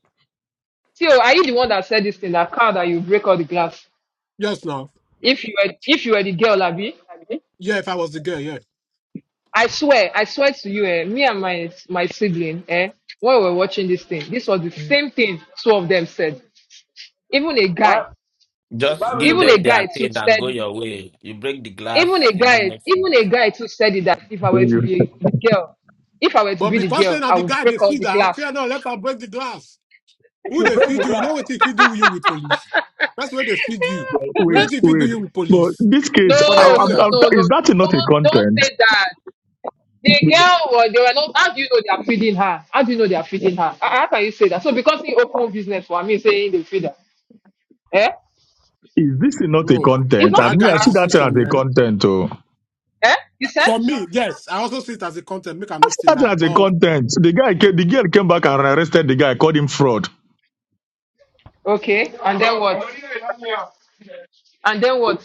M: Theo, are you the one that said this in that car that you break all the glass?
F: Yes, now.
M: If you were, if you were the girl, Abby,
F: Yeah, if I was the girl, yeah.
M: I swear, I swear to you, eh, me and my my sibling, eh, when we were watching this thing, this was the same thing two of them said. Even a guy,
B: Why? Why
H: Just
B: will you
H: give
M: even a
B: break?
H: them their
M: guy too
H: pain and
M: said
H: go
M: it.
H: your way. You break the glass,
M: Even a
H: you don't
M: guy,
H: make it.
M: even a guy too said it that if I were
N: Then
M: to
N: you-
M: be the girl, if I were to
F: But
M: be the
F: because then
M: girl,
F: are
M: I
F: the
M: would
F: guy they
M: break all
F: feed
M: the
F: her,
M: glass.
F: fear not, let her break the glass.
B: If
F: Who
B: you
F: they
B: break the
F: feed you? You
B: glass,
F: know what they feed you with
M: [LAUGHS]
F: police. That's where they feed you. You know
N: Wait,
F: what they feed
N: wait.
F: you with
N: But
F: police.
N: this case,
F: For
N: I,
M: no,
N: I'm,
M: no,
F: Nigeria,
N: I'm,
M: no,
N: is
M: no.
N: that not a
M: Don't don't
N: content?
M: say that. The girl was they were not how do you know they are feeding her? How do you know they are feeding her? Ah, How can you say that? So because he opened business for me saying they feed her. Eh?
N: Is this not a
F: bro,
M: It's
N: content?
M: not
N: I
F: that
M: feed
N: mean, I
F: guy's
M: her.
N: see that
F: decision,
N: as a
F: man.
N: content. Oh.
M: Eh? You said?
F: For me, yes, I also see it as a content. Make I not still
N: That
F: lie.
N: as a
F: But
N: content. The guy, ca- the girl came back and arrested the guy, called him fraud.
M: Okay. And then what? And then what?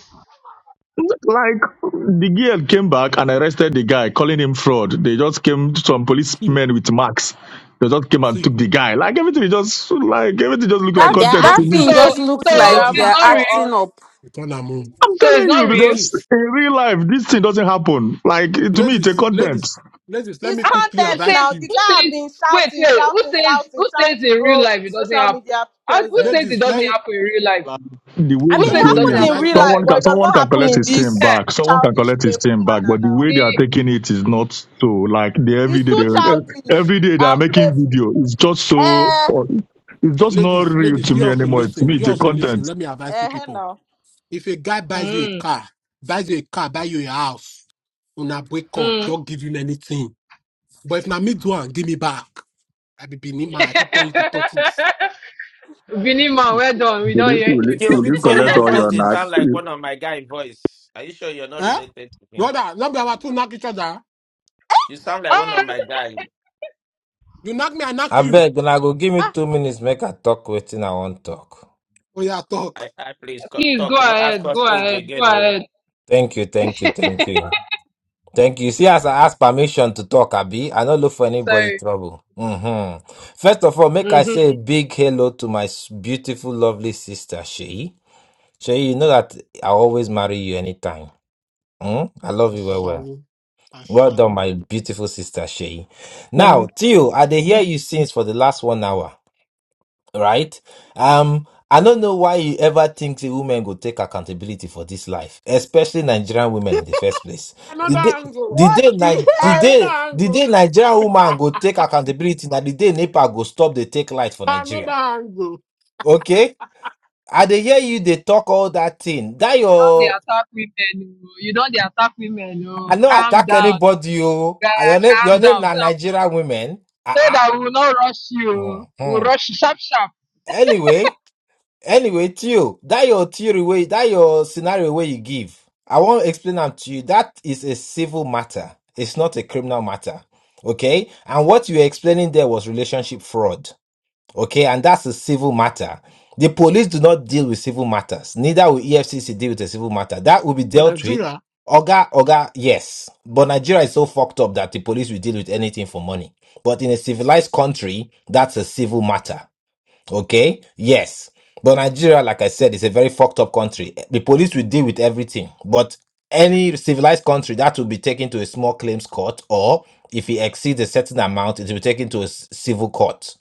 N: Like the girl came back and arrested the guy, calling him fraud. They just came, some
F: see,
N: policemen with marks. They just came and
F: see,
N: took the guy. Like everything is just like everything just look like
F: see,
J: They're
O: That's
N: content to
O: that
N: me.
F: ladies,
M: So
O: thing
J: acting
O: just
J: Nollywood
O: looks
F: see,
M: so
O: like
J: drama
M: it's
O: they're
F: ladies,
M: not real.
J: for
O: acting
J: us.
O: up.
F: we turn am on.
N: I'm
M: So it's
N: telling
M: not
N: you
M: real.
N: because
F: ladies.
N: in real life this thing doesn't happen. Like to me, it's a
F: Ladies,
N: content.
F: ladies, ladies, let
J: It's
F: me
M: Ah,
F: quickly
M: Who
J: content
F: advise
M: says
J: now.
F: you.
J: The
M: who
J: guy have
M: says
J: been
M: wait,
J: shouting,
M: wait, who
J: shouting,
M: says
J: shouting,
M: who
J: trying
M: says
J: to
M: in real
J: grow
M: life it doesn't
J: social
M: happen?
J: media
M: Ah, Who says
J: presence.
M: it
F: Ladies,
M: doesn't
F: let,
M: happen in real life?
N: the way
J: I
M: Who
J: mean,
F: let
N: it's
F: me
M: says
J: it
M: it
F: quickly
M: doesn't
J: happens
N: going,
J: in
M: happen in
F: advise
J: real
F: you
M: real
J: life,
M: life?
N: someone
J: but
N: can
F: people.
J: it does
N: someone
J: not
N: can
J: happen
N: collect
J: in
N: his team
M: Eh,
J: this
N: back. Someone can
J: childish,
N: collect his
J: playful
N: team back,
J: manner
N: but the
J: now.
N: way they
M: the,
N: are taking it is not so. Like the every
J: It's
N: day
J: too
N: they
J: childish
N: every day they are
J: and
N: making
J: playful.
N: video. It's just so.
J: Eh,
N: It's just not
F: Ladies,
N: real
F: ladies,
N: to
F: you
N: me
F: also
N: anymore. To
F: listen.
N: me,
F: You
N: it's a
F: also listen.
N: content.
F: Let me advise you
J: eh, eh,
F: people.
J: now.
F: If a guy buys you a
M: mm,
F: car, buys you a car, buy you a house, una break up,
M: mm.
F: don't give you anything. But if na me do am, give me back. I be Benima, I fit turn you to tortoise.
M: [LAUGHS] Vinima, well done. We
N: Will
M: don't
N: you,
M: hear
N: will
M: you.
N: you,
M: [LAUGHS]
F: I
N: will
H: Still,
N: you
F: fit
H: still,
F: turn you
N: collect
H: your
F: to
N: all
H: voice,
N: your
H: they
N: knack?
H: sound
F: tortoise.
H: like
N: Women
H: one of my guy voice. Are you sure you're not
F: Eh?
H: related to him?
F: Brother, let me have two knock each other.
H: You sound like one
M: Oh,
H: of my guys.
F: You knock me, I knock
L: Ab-
F: you. Oh yeah, talk.
H: I, I please co-
M: please go
H: talk. No, ask
M: ahead.
H: us
M: Go
H: age
M: ahead. Go
H: again. No.
M: ahead.
L: Thank you, thank you, thank
M: [LAUGHS]
L: you. Thank you. See, as I ask permission to talk, Abi, I don't look for anybody
M: Sorry.
L: trouble. hmm First of all, make I
M: Mm-hmm. You
L: say a big hello to my s- beautiful, lovely sister, Sheyi. Sheyi, you know that I always marry you anytime. Mm? I love you well, well.
F: Ashawo.
L: Well done,
F: Ashawo.
L: my beautiful sister Shay.
P: So
L: Now, Tio, I dey hear you since for the last one hour, right? Um, I don't know why you ever think the women go take accountability for this life, especially Nigerian women in the first place. The
F: Another
L: day,
F: angle.
L: the
J: What
L: day, Ni-
J: the
L: the
J: hell?
F: another
L: day, the
F: angle,
L: day Nigerian woman go take accountability, now the day NEPA go stop the take light for
F: another
L: Nigeria.
F: angle
L: Okay? I dey hear you they talk all that thing. That
M: don't they
L: your
M: attack women. oh. You don't they attack women.
L: I
M: Oh.
L: no
M: Calm
L: attack
M: down.
L: anybody. Oh,
M: guy,
L: Ah, your name,
M: calm
L: your name
M: down.
L: na
M: So, that,
L: Nigerian women. Ah,
M: so
L: ah.
M: that we will not rush you. oh. We'll
L: Mhm.
M: rush you sharp, sharp.
L: Anyway, anyway, Theo, that your theory way, that your scenario where you give. I want to explain them to you. That is a civil matter. It's not a criminal matter. Okay? And what you were explaining there was relationship fraud. Okay, and that's a civil matter. The police do not deal with civil matters. Neither will EFCC deal with a civil matter. That will be
F: for
L: dealt with.
F: Nigeria,
L: Oga, Oga, yes. But Nigeria is so fucked up that the police will deal with anything for money. But in a civilized country, that's a civil matter. Okay? Yes. But Nigeria, like I said, is a very fucked up country. The police will deal with everything. But any civilized country, that will be taken to a small claims court, or if it exceeds a certain amount, it will be taken to a s- civil court.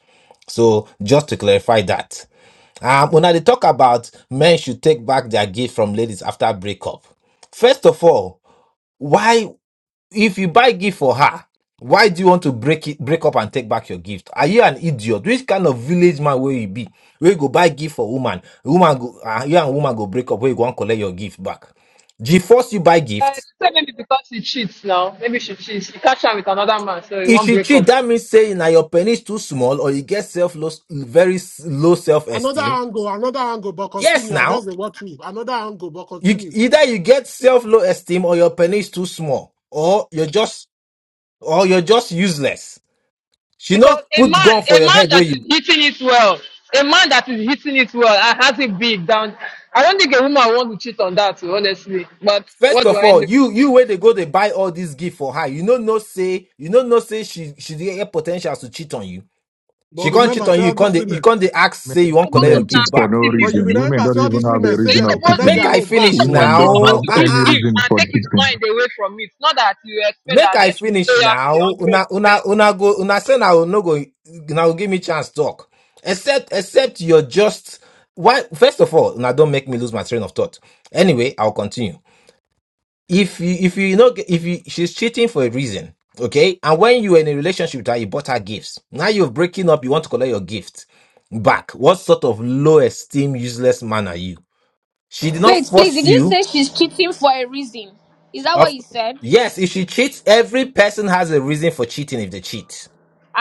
L: So just to clarify that. Um, when I talk about men should take back their gift from ladies after breakup, first of all, why? if you buy gift for her, why do you want to break it, break up and take back your gift? Are you an idiot? Which kind of village man will you be? Where you go buy gift for woman, woman go, uh, you and woman go break up. Where you go and collect your gift back? She force you buy
M: Uh,
L: gift.
M: so maybe because she cheats now. Maybe she cheats. She catch her with another man, so it
L: If
M: won't
L: she
M: break
L: cheat,
M: up.
L: that means saying now your penny is too small or you get self low, very s- low self
F: another
L: esteem.
F: angle, another angle, but
L: Yes,
F: continue. I
L: now
F: just dey watch you. Another angle, but
L: you
F: continue.
L: either you get self low esteem or your penny is too small or you're just or you're just useless. She not
M: Because a
L: put
M: man,
L: gun
M: a
L: for your
M: man
L: head where
M: that is
L: you.
M: hitting it well, a man that is hitting it well and has it big down. I don't think a woman wants to cheat on that, honestly. But
L: First
M: what do
L: of
M: I
L: all,
M: know?
L: you you where they go, they buy all these gift for her. You know no say you know no say she she dey get potential to cheat on you.
F: But
L: She can't cheat
F: remember,
L: on
F: say
L: you. You
F: all
L: can't
F: these
L: dey- you
F: women.
L: can't dey ask say you won't
M: Supposed
L: collect
M: to
L: your
N: women cheat
L: gift
M: start
N: for
L: back.
N: no
F: But you
N: reason.
M: 50-50.
N: Women
F: remember,
N: don't
F: say all
N: even
F: these
N: have a
F: women say
M: He's
N: reason
F: they go
N: of
M: supposed to
F: collect
N: cheating.
L: Make
F: their
M: give.
L: I
F: own back.
M: He's
L: finish
F: Oh,
M: supposed.
N: Women
M: He's
N: don't
M: supposed
N: have
L: now.
M: to
L: Ah
M: give
N: any
L: ah.
M: gifts
N: reason
M: and
N: for
M: take his
N: cheating.
M: mind away from it. Not that you expect
L: Make
M: that there
L: I
M: should be
L: finish
M: loyalty
L: now.
M: hundred
L: Una una
M: percent.
L: una go una say now no go now give me chance talk. Except except you're just why first of all, now don't make me lose my train of thought. Anyway, I'll continue. if you if you know if you she's cheating for a reason okay and when you were in a relationship that you bought her gifts now you're breaking up you want to collect your gift back what sort of low esteem useless man are you she did not
E: wait please
L: force
E: did you
L: you
E: say she's cheating for a reason is that what
L: of
E: you said
L: yes if she cheats every person has a reason for cheating if they cheat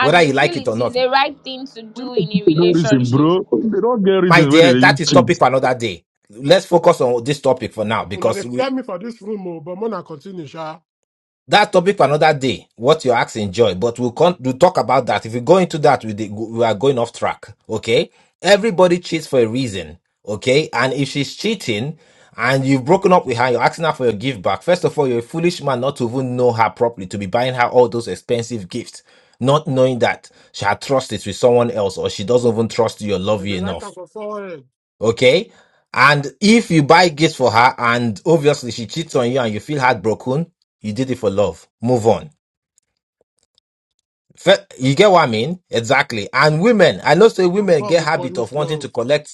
L: whether
E: you
L: you
E: feel
L: like it or
E: it is
L: not
E: the right thing to
N: Women
E: do in
N: cheat
E: a
N: for no reason,
E: relationship
N: bro. They don't get
L: my
N: reasons where
L: dear
N: they
L: that is
N: cheat.
L: topic for another day let's focus on this topic for now
F: una dey
L: because
F: fear
L: we,
F: me for this room. Oh, but mona continue, sha.
L: That topic for another day. What your acts enjoy, but we'll con- we'll talk about that. If we go into that, we de- we are going off track. Okay. Everybody cheats for a reason. Okay. And if she's cheating and you've broken up with her, you're asking her for your gift back. First of all, you're a foolish man not to even know her properly, to be buying her all those expensive gifts, not knowing that she had trust is with someone else or she doesn't even trust you or love
F: But they
L: you
F: write
L: enough.
F: am for forehead,
L: Okay. And if you buy gifts for her and obviously she cheats on you and you feel heartbroken, you did it for love. Move on. Fe- You get what I mean? Exactly. And women, I know say
F: and
L: women
F: God
L: get
F: go
L: habit
F: punish
L: of wanting
F: love.
L: to collect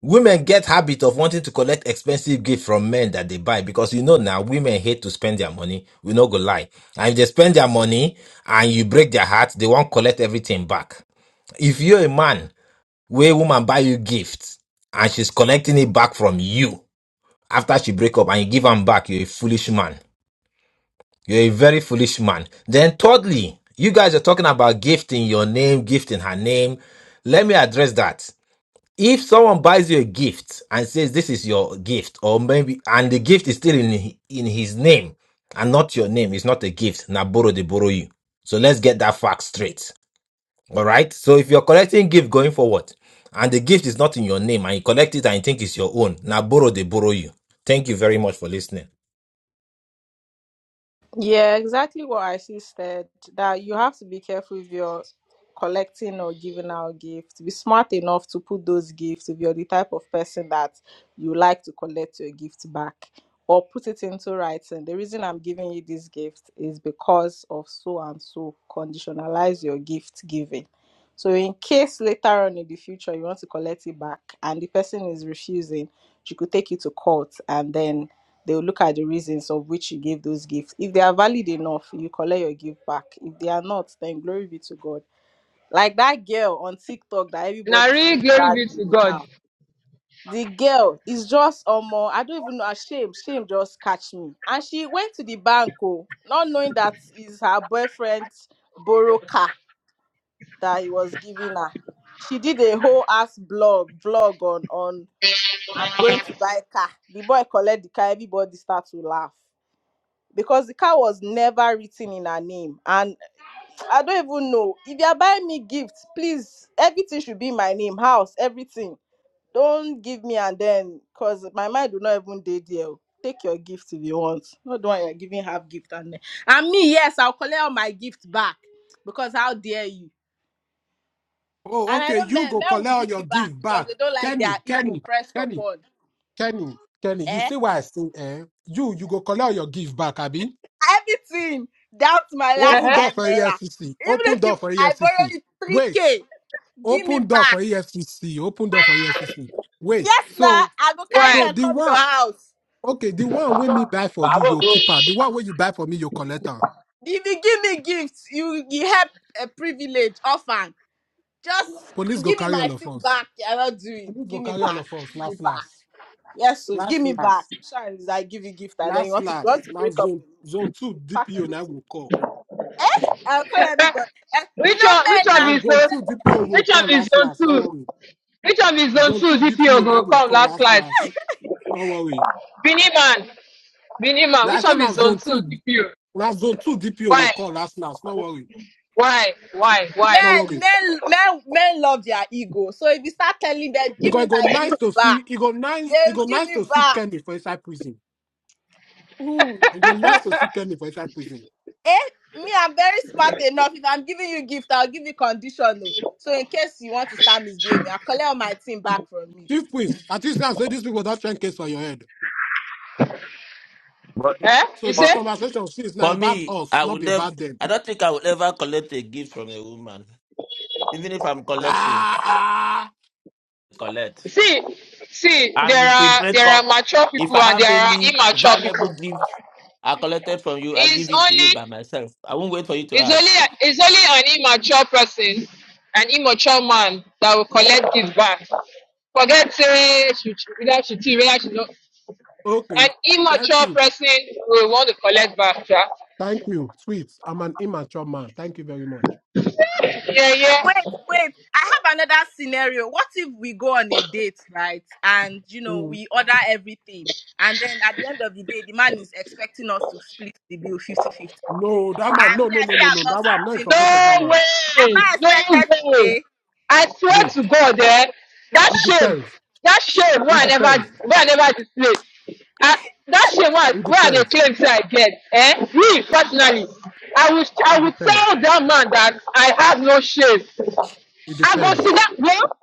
L: women get habit of wanting to collect expensive gifts from men that they buy because you know now women hate to spend their money. We no go lie. And if they spend their money and you break their heart, they won't collect everything back. If you're a man where woman buy you gifts and she's collecting it back from you, after she break up and you give am back, you're a foolish man. You're a very foolish man. Then thirdly, you guys are talking about gifting your name, gifting her name. Let me address that. If someone buys you a gift and says this is your gift, or maybe and the gift is still in in his name and not your name, it's not a gift. Now borrow they borrow you. So let's get that fact straight. All right. So if you're collecting gift going forward, and the gift is not in your name, and you collect it and you think it's your own, now borrow they borrow you. Thank you very much for listening.
J: Yeah, exactly what I see said that you have to be careful if you're collecting or giving out gifts. Be smart enough to put those gifts if you're the type of person that you like to collect your gift back or put it into writing. The reason I'm giving you this gift is because of so and so. Conditionalize your gift giving. So, in case later on in the future you want to collect it back and the person is refusing, you could take it to court and then they will look at the reasons of which you gave those gifts. If they are valid enough, you collect your gift back. If they are not, then glory be to God. Like that girl on TikTok that
M: Na
J: everybody's
M: real
J: still
M: glory be to
J: dragging
M: God.
J: now. The girl is just um, uh, I don't even know. uh, Shame, shame just catch me. And she went to the bank, oh, not knowing that is her boyfriend's borrow car that he was giving her. She did a whole ass blog, blog on on I'm going to buy car. The boy collect the car. Everybody start to laugh because the car was never written in her name and i don't even know if you are buying me gifts please everything should be in my name house everything don't give me and then because my mind will not even day there oh. take your gift if you want not the one you're giving half gift and then and me yes i'll collect all my gift back because how dare you
F: Oh,
J: and i
F: okay.
J: know
F: You
J: men
F: go
J: men
F: collect
J: will
F: all
J: give
F: your
J: you back
F: give
J: because
F: back,
J: they don't like their
F: Kenny,
J: ego
F: Kenny,
J: pressed
F: Kenny,
J: upon
F: Kenny, Kenny. You
J: eh
F: see why I say, eh? You, you go collect all your give back, Abi.
J: everything down to my last
F: Open
M: Uh-huh.
F: door
J: five
F: for
J: naira
F: EFCC.
J: even
F: Open
J: if
F: door
J: you
F: for
J: i borrowed
F: EFCC.
J: it
F: Wait.
J: 3k Give me
F: Open door for
J: back.
F: EFCC. Open door for EFCC. Wait.
J: Yes, now
F: So,
J: I go carry
M: Why?
F: so
J: them
F: the
J: come your
F: one,
J: house.
F: okay, the one when me buy for you, your keeper. The one where you buy for me, your collector.
J: If you give me gifts, you you help a privilege orphan. Just
F: Police go
J: give me
F: carry all
J: my
F: of
J: thing
F: us.
J: back. Yeah, I not do it.
F: Police go
J: Give me
F: carry all
J: back.
F: of us.
J: Give me
F: Last,
J: back.
F: last,
J: Yes, so give
F: last,
J: me back.
F: last,
J: Sure, I give you gift and then you
F: last,
J: want to you want
F: last,
J: to
F: last
J: break up
F: zone,
J: with me.
F: zone two
J: You pack
F: DPO now
J: everything.
F: will call.
J: Eh? I'll call everybody. Eh? You
M: which
J: know
M: one? Which
J: men
M: of
F: Now
J: now.
M: is
F: zone
M: zone?
F: two DPO will
M: Which of
F: call
M: is
F: last,
M: zone
F: last. No
M: two?
F: worry.
M: Which of is zone
F: Zone
M: two?
F: two
M: DPO
F: DPO now
M: go
F: will
M: come
F: call
M: last
F: last,
M: slide.
F: last. No worry.
M: Beanie man, Beanie man.
F: Now I
M: Which
F: said
M: of
F: now
M: is zone
F: zone
M: two?
F: two.
M: DPO.
F: Now zone two DPO
M: Why?
F: will call last last. No worry.
M: Why? Why? Why?
F: No
J: Men,
F: worry.
J: men, men, men love their ego. So if you start telling them, give
F: Because
J: me
F: it go
J: my
F: nice
J: gift
F: to
J: back,
F: see it go nice it
J: they'll
F: go
J: give
F: nice to
J: you
F: see
J: back.
F: Kenny for inside prison. It go nice to see Kenny for inside prison.
J: Eh, me, I'm very smart enough. If I'm giving you gift, I'll give you conditional. So in case you want to start misbehaving, I'll collect all my thing back from me.
F: Chief Prince, at least now say these people don't train case for your head.
H: But,
M: Eh?
F: So
M: You
F: this
H: but
M: say?
F: conversation is now
H: for
F: about
H: me,
F: us,
H: I
F: not
H: would
F: be
H: never.
F: about them.
H: I don't think I would ever collect a gift from a woman. even if I'm collecting,
F: Ah, ah.
H: collect.
M: See, see.
H: And
M: There
H: if we
M: are
H: break
M: there are
H: up,
M: mature
H: if
M: people
H: I
M: and
H: have
M: there are
H: any
M: immature
H: valuable
M: people.
H: gifts I collected from you, I
M: It's
H: give it to you
M: only
H: by myself. I won't wait for you to
M: It's only
H: ask.
M: it's only an immature person, an immature man that will collect this back. Forget say she she- whether she cheat, whether she not.
F: Okay.
M: An
F: Thank
M: immature
F: you.
M: person will want to collect back.
F: Thank you. Sweet. I'm an immature man. Thank you very much.
M: Yeah, yeah.
J: Wait, wait. I have another scenario. What if we go on a date, right? And you know,
F: Mm.
J: we order everything. And then at the end of the day, the man is expecting us to split the bill fifty-fifty.
F: No, that man,
J: And
F: no,
J: me,
F: no,
J: I
F: no,
J: say
F: no,
J: I'm
F: no.
J: not
F: That one, I'm not in
J: splitting the
F: support
J: bill.
F: of
M: No
F: that one.
J: Am
M: way.
J: I
M: No
J: expected to
M: way.
J: pay?
M: I swear
F: Wait.
M: to God, eh, that
F: It
M: shame,
F: depends.
M: that shame,
F: It
M: why I never,
F: depends.
M: why I never display. I, that shame, why,
F: It
M: why the
F: depends.
M: claims I get, eh? Me personally, I will, I
F: It
M: will
F: depends.
M: tell that man that I have no shame.
F: It
M: I go see
F: depends.
M: that girl.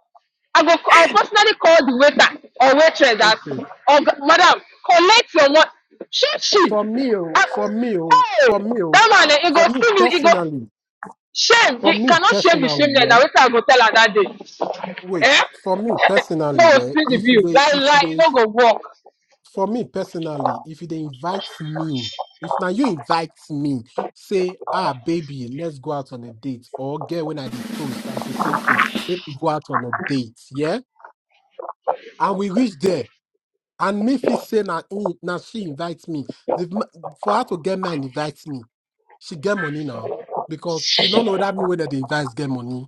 M: I go, I'll personally call the waiter or waitress that,
F: Okay.
M: oh, g- madam, collect your money. She, she.
F: For me, oh,
M: I,
F: for me, oh, for
M: hey,
F: me, oh,
M: that man, eh, he
F: for
M: go
F: me
M: see me, he go.
F: personally,
M: Shame.
F: for
M: You
F: me
M: cannot shame the
F: personally,
M: shameless. Now,
F: yeah.
M: later I go tell her that day.
F: Wait,
M: Eh?
F: for me
M: [LAUGHS] no,
F: personally, yeah.
M: see the
F: If
M: view.
F: they,
M: Like,
F: if
M: like, you
F: they,
M: don't go walk.
F: for me personally, if they invite me, if now you invite me, say, ah, baby, let's go out on a date, or girl when I did toast, and she say, okay, baby, go out on a date, yeah, and we reach there. And me fit say now now she invites me. The, m- for her to get man invites me. She get money now because she don't know that me whether the invites get money.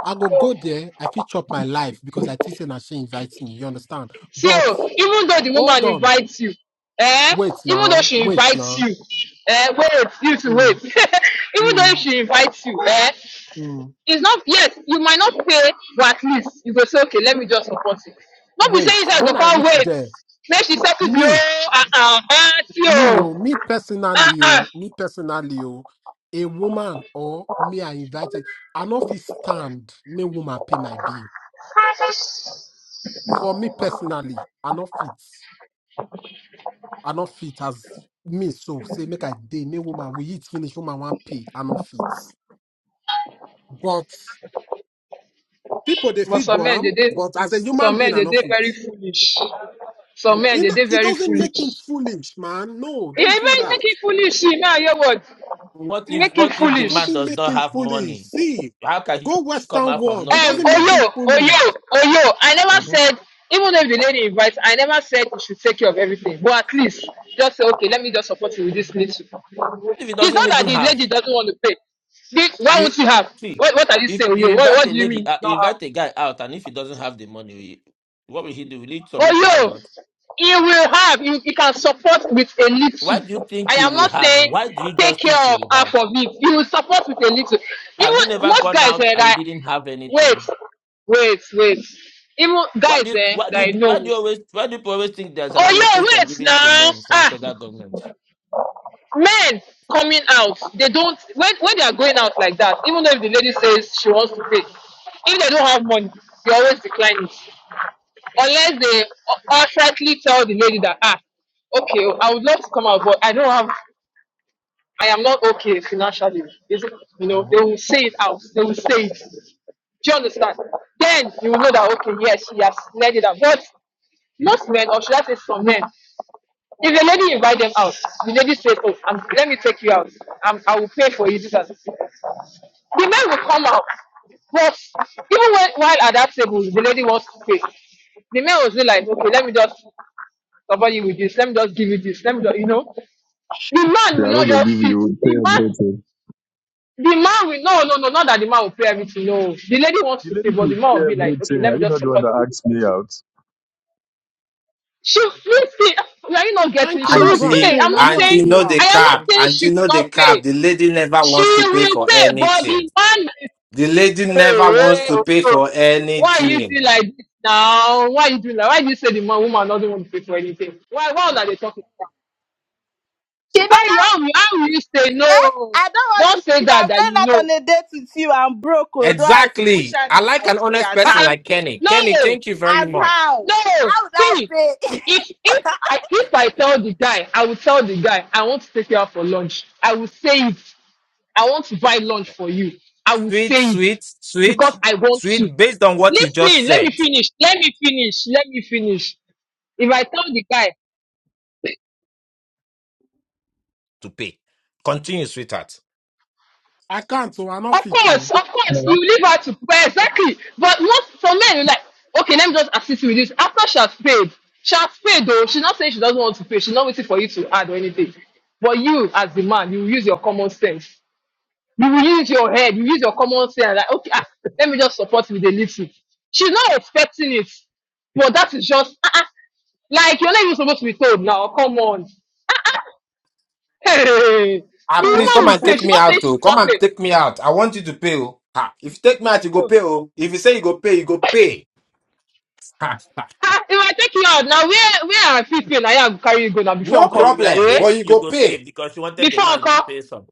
F: I go go there. I fit chop my life because I think say now she invites me. You understand?
M: See,
F: But
M: oh, even though the
F: hold
M: woman
F: on,
M: invites you, eh?
F: wait
M: Even though
F: now,
M: she
F: wait
M: invites
F: now.
M: you, eh? Wait, you to
F: Mm,
M: wait. [LAUGHS] even though
F: mm,
M: she invites you, eh?
F: mm.
M: It's not, yes, you might not pay, but at least you go say, okay, let me just support it. Not be
F: Wait.
M: saying that go
F: When I
M: can't
F: reach
M: wait.
F: there,
M: Make she settle the
F: me,
M: whole,
F: me,
M: uh-uh,
F: yo, me
M: uh,
F: personally,
M: uh, uh,
F: yo, me personally, yo, a woman or me are invited. I no fit stand. Me woman pay my bill. for me personally, I not fit. I not fit as me. So say make I day, me woman, we eat finish, woman want pay. I not fit. But people they
M: But
F: feed
M: some men
F: one,
M: they did
F: but as a human
M: some
F: being,
M: men
F: I
M: they
F: not
M: did
F: fit.
M: very foolish. Some
F: And
M: men
F: it,
M: they
F: no-
M: did
F: it
M: very
F: doesn't make him
M: foolish.
F: foolish, man. No,
M: Yeah,
F: don't do
M: make
F: that.
M: make it foolish. See, now your word.
H: What if
M: Make it
H: what if the
F: It
M: foolish.
H: man
F: doesn't
H: does
F: make
H: not
F: him
H: have
F: foolish.
H: money?
F: See,
H: How can he
F: go
H: come
F: Western
H: out from
F: world. It
H: not
M: Um
H: being
F: doesn't make
H: fully?
F: him
M: Oyo,
F: foolish.
M: Oyo, Oyo. I never
H: Mhm.
M: said even if the lady invites, I never said you should take care of everything. But at least just say, okay, let me just support you with this little.
H: If he
M: It's
H: doesn't
M: not that
H: even
M: the
H: have
M: lady doesn't want to pay. The- why
H: you
M: won't you have?
H: see,
M: What, what are you
H: if
M: saying, Oyo?
H: you
M: What,
H: invite
M: what
H: a
M: do you mean
H: lady,
M: you
H: uh, you
M: don't have?
H: invite a guy out, and if he doesn't have the money, he- what will he do? Will he
M: But
H: submit his
M: yo,
H: blood?
M: he will have, he, he can support with a
H: Why
M: little.
H: do you think
M: I
H: he
M: am
H: will
M: not
H: have?
M: saying
H: Why do you
M: take
H: just think he
M: care of
H: will have?
M: half of it. He will support with a little.
H: Have you
M: Even
H: never
M: most
H: gone
M: guys
H: out
M: eh,
H: and you
M: that
H: didn't have
M: wait,
H: anything?
M: wait, wait. Even
H: Why do
M: guys
H: you
M: eh,
H: why do
M: that
H: you
M: I
H: why do
M: know.
H: you always why do people always think there's an
M: Oh yo,
H: allocation
M: wait
H: given to
M: now.
H: men from
M: Ah,
H: federal government?
M: men coming out, they don't when when they are going out like that. Even though if the lady says she wants to pay, if they don't have money, they always decline it. unless they outrightly tell the lady that ah okay oh, i would love to come out but i don't have i am not okay financially is it you know they
H: Mhm.
M: will say it out they will say it do you understand then you will know that okay yes he has let it out but most men or should i say some men if a lady invite them out, the lady says, "Oh, I'm, let me take you out. I'm, I will pay for you." This and this." The men will come out, but even when, while at that table, the lady wants to pay. The man will say, "Like, okay, let me just cover you with this. Let me just give you this. Let me, just, you know." The man
N: They
M: will
N: are not
M: not
N: going to
M: just
N: give
M: sit.
N: you pay
M: The man,
N: everything.
M: the man will no, no, no, not that the man will pay everything. No, the lady wants
N: The
M: to pay,
N: lady
M: but
N: will
M: the man
N: pay
M: will be like, "Okay,
N: everything.
M: let
N: Are
M: me
N: you
M: just
N: not the one
M: support you."
N: that
M: With
N: asked
M: this.
N: me out?
M: She will pay. We Are you not getting? it?
F: Thank you.
M: She will
F: That's what I'm
M: pay.
L: Auntie,
F: saying.
M: I'm
F: Now
M: not
F: you
M: saying.
L: auntie,
F: ask me
L: no the
F: out
M: I am not
L: cap.
F: now.
M: saying she
L: Auntie, no
M: will not
L: the
M: pay.
L: cap. The lady never
M: She
L: wants to pay
M: will
L: for
M: pay. But
L: anything.
M: the man is
L: The lady never wants
M: hey,
L: to
M: oh,
L: pay
M: oh.
L: for
M: Why are you doing
L: anything.
M: like this now? Why are you doing like? Why do you say the man woman doesn't want to pay for anything? Why? Why are they talking about?
J: She never
M: How you-
J: eh?
M: how will how will you say no?
J: I don't want
M: Don't
J: to pay.
M: say
J: If
M: that
J: I'm
M: that
J: going
M: you
J: out
M: know.
J: on a date with you, I'm broke. Although I wish
L: Exactly.
J: I
L: I like
J: will
L: an
J: pay
L: honest
J: as
L: person
M: Uh-uh.
J: how.
L: like Kenny. Kenny,
M: No.
L: thank you very
J: As
L: much.
J: how?
M: No,
J: How would I
M: see,
J: pay? [LAUGHS]
M: if if I if I tell the guy, I will tell the guy I want to take you out for lunch. I will say it. I want to buy lunch for you. I will
L: Sweet,
M: say it
L: sweet, sweet,
M: because I want to.
L: sweet. Based on what you just
M: Listen, let me
L: said,
M: finish. Let me finish. Let me finish. If I tell the guy
L: to pay. Continue, sweetheart.
F: I can't. So I not
M: Of
F: fit.
M: course,
F: To
M: of course,
N: Yeah.
M: you leave her to pray exactly. But most for men, you're like, okay, let me just assist you with this. After she has paid, she has paid though. She's not saying she doesn't want to pay. She's not waiting for you to add or anything. But you, as the man, you use your common sense. You will use your head. You use your common sense. Like, okay, ah, let me just support you with a little. She's not expecting it, but that is just ah, ah. like you're not even supposed to be told now. Come on, Ah, ah. [LAUGHS] hey,
L: Ah,
Q: Can I
L: please
M: the
L: come
Q: say
M: woman will
L: and
M: pay.
L: take
M: She's
L: me
M: not
L: out,
Q: something?
M: saying she
L: too.
M: will
L: Come
M: not
L: and take
M: pay.
L: me out. I want you to pay. Oh. Ah, if you take me out, you go pay. Oh. If you say you go pay, you go pay. [LAUGHS]
M: Ah, if I take you out now, where where I fit pay? Now I go carry you go now before
L: no
H: So you
M: uncle.
H: were
L: problem,
M: Eh?
H: saying
L: but you
H: you
L: go
H: go
L: pay.
H: pay because you wanted the
M: Before
H: man to
M: uncle.
H: pay some.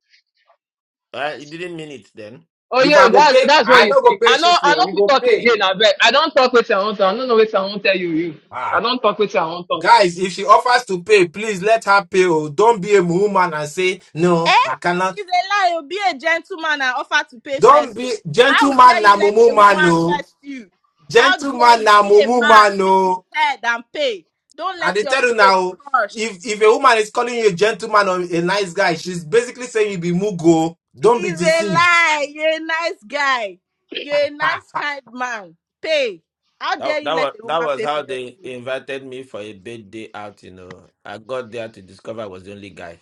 H: Right? You didn't mean it then.
M: Oh
L: If I
M: yo,
L: go
M: that
L: pay,
M: that's what
L: I
M: you
L: no go
M: think.
L: pay
M: I know
L: sixty.
M: I
L: oh,
M: know
L: You
M: we
L: go
M: talk
L: pay.
M: again, I bet. I don't talk with your I do I don't know what I won't tell you. you. I
L: Ah,
M: don't talk with your I will
L: guys, if she offers to pay, please let her pay. Oh, don't be a woman and say no.
J: Eh?
L: I cannot.
J: It's a lie. oh, Be a gentleman and offer to pay
L: Don't
J: first. Though.
L: be
J: How
L: gentleman
J: dare
L: na
J: you let
L: mumu
J: a
L: man.
J: woman
L: No,
J: first you? How dare
L: gentleman
J: you
L: na
J: be a
L: mumu
J: man,
L: man.
J: be the
L: No,
J: head and pay. Don't
L: and
J: let
L: they
J: your
L: tell you
J: ego be
L: now.
J: crushed.
L: If if a woman is calling you a gentleman or a nice guy, she's basically saying you be mugo. Don't be
J: It's a
L: deceived.
J: lie. You're a nice guy. You're a nice, kind man. Pay. How
H: That,
J: dare
H: that
J: you
H: was
J: let a
H: that
J: woman
H: was
J: pay
H: how
J: for your
H: they
J: food?
H: invited me for a birthday out, you know. I got there to discover I was the only guy.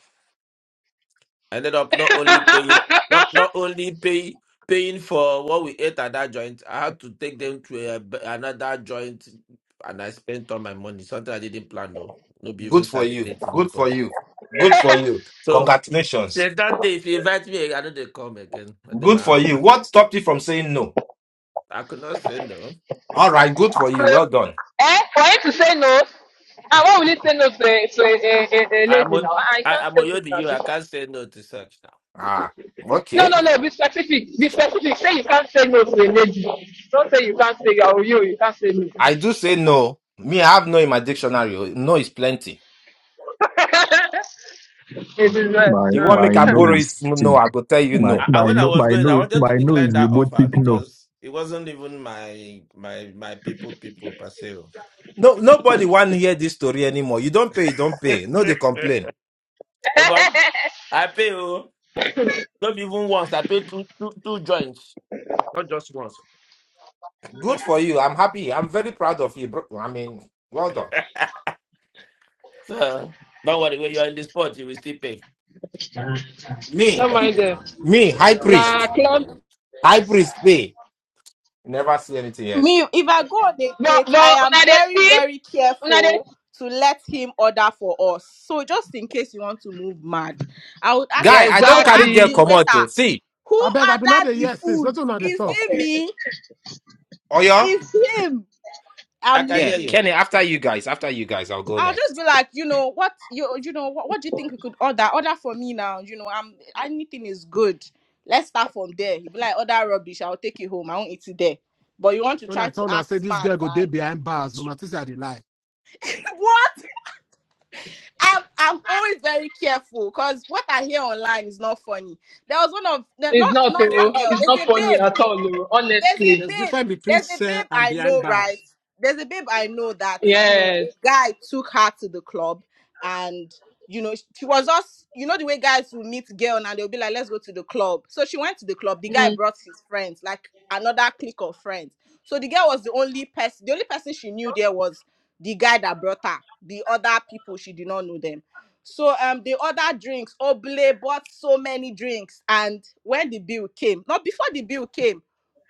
H: ended up not only paying
M: [LAUGHS]
H: not not only pay paying for what we ate at that joint. I had to take them to a, b- another joint, and I spent all my money. Something I didn't plan. No, no, be even
L: Good for you.
H: Saturday to
L: Good for
H: nobody.
L: you. Good for you.
H: So
L: Congratulations.
H: since that day, if you invite me, I know they come again. At my
L: Good for you.
H: house,
L: What stopped you from saying no?
H: I could not say no.
L: All right, good for
M: so,
L: you. Well done.
M: eh? For him to say no, and why will he say no to a, to a, a, a, a
H: I'm
M: lady
H: a,
M: now? I
H: I,
M: can't
H: I'm
M: say
H: a to
M: no to
H: you.
M: this.
H: I can't say no to such now.
L: Ah,
M: No,
L: okay.
M: no, no, be specific. Be specific. Say you can't say no to a lady. Don't say you can't say oh, you, you can't say no.
L: I do say no. Me, I have no in my dictionary. oh. No is plenty.
M: it is not.
N: My
L: You want make
N: my
L: a
M: Uh.
N: nose
L: borrow
N: is
L: is no,
N: thick.
L: no, I go tell you
N: My
H: I,
L: no.
H: I,
N: my
H: when I
N: no
H: was
N: my
H: going, I
N: nose
H: wanted to
N: my
H: decline
N: nose is a
H: that
N: both
H: offer
N: thick no.
H: because it wasn't even my my my people people per se.
L: No, nobody want hear this story anymore. You don't pay, you don't pay. No, they
H: [LAUGHS]
L: complain.
H: Oba, I pay oh, not even once. I pay two two two joints, not just once.
L: Good for you. I'm happy. I'm very proud of you, bro. I mean, well done.
H: [LAUGHS] So don't worry, when you're in the sport, you will still pay.
M: [LAUGHS] no
L: Me,
M: mind them.
L: me, high
M: Nah,
L: priest,
M: club.
L: high priest pay. Never see anything yet.
J: me if i go on a
M: But
J: date i
M: but
J: am
M: una dey
J: very
M: see,
J: very
M: una dey.
J: careful to let him order for us so just in case you want to move mad i would ask
L: Guy,
J: the
L: I
J: i
L: don't
J: will
L: carry
J: ask
L: girl
J: the
L: come
M: Exactly.
J: waiter
L: out to see.
J: who
F: I beg. i been not the
J: ordered the
F: yes since.
J: food
F: Let's not the
J: is
F: talk.
J: it me
L: Oyo,
J: is him
H: I
J: i'm
H: can
L: yeah,
H: hear
J: leaving
H: you.
L: Kenny. After you guys, after you guys, I'll go
J: i'll just
L: next.
J: be like you know what you you know what, what do you think we could order order for me now you know i'm anything is good let's start from there he'll be like order rubbish i'll take it home i won't eat it there but you want to
F: When I
J: try to
F: told her, I
J: act
F: said, this
J: smart
F: girl go there
J: and
F: behind bars. No not say I dey lie.
J: [LAUGHS] what I'm I'm always very careful because what I hear online is not funny. There was one of the-
M: It's
J: not
M: not
J: not one
M: oh,
J: girl.
M: it's
J: There's
M: not
J: a
M: funny
J: babe
M: at all oh,
J: there's a
M: honestly.
F: There's
J: babe
F: difference between
J: there's a
F: say
J: babe
F: and
J: i
F: behind
J: know right
F: bars.
J: there's a babe i know that you know a
M: Yes.
J: guy took her to the club and you know she was just you know the way guys will meet girl and they'll be like let's go to the club so she went to the club the guy brought his friends like another clique of friends so the girl was the only person the only person she knew there was the guy that brought her the other people she did not know them so um the other drinks oble bought so many drinks and when the bill came not before the bill came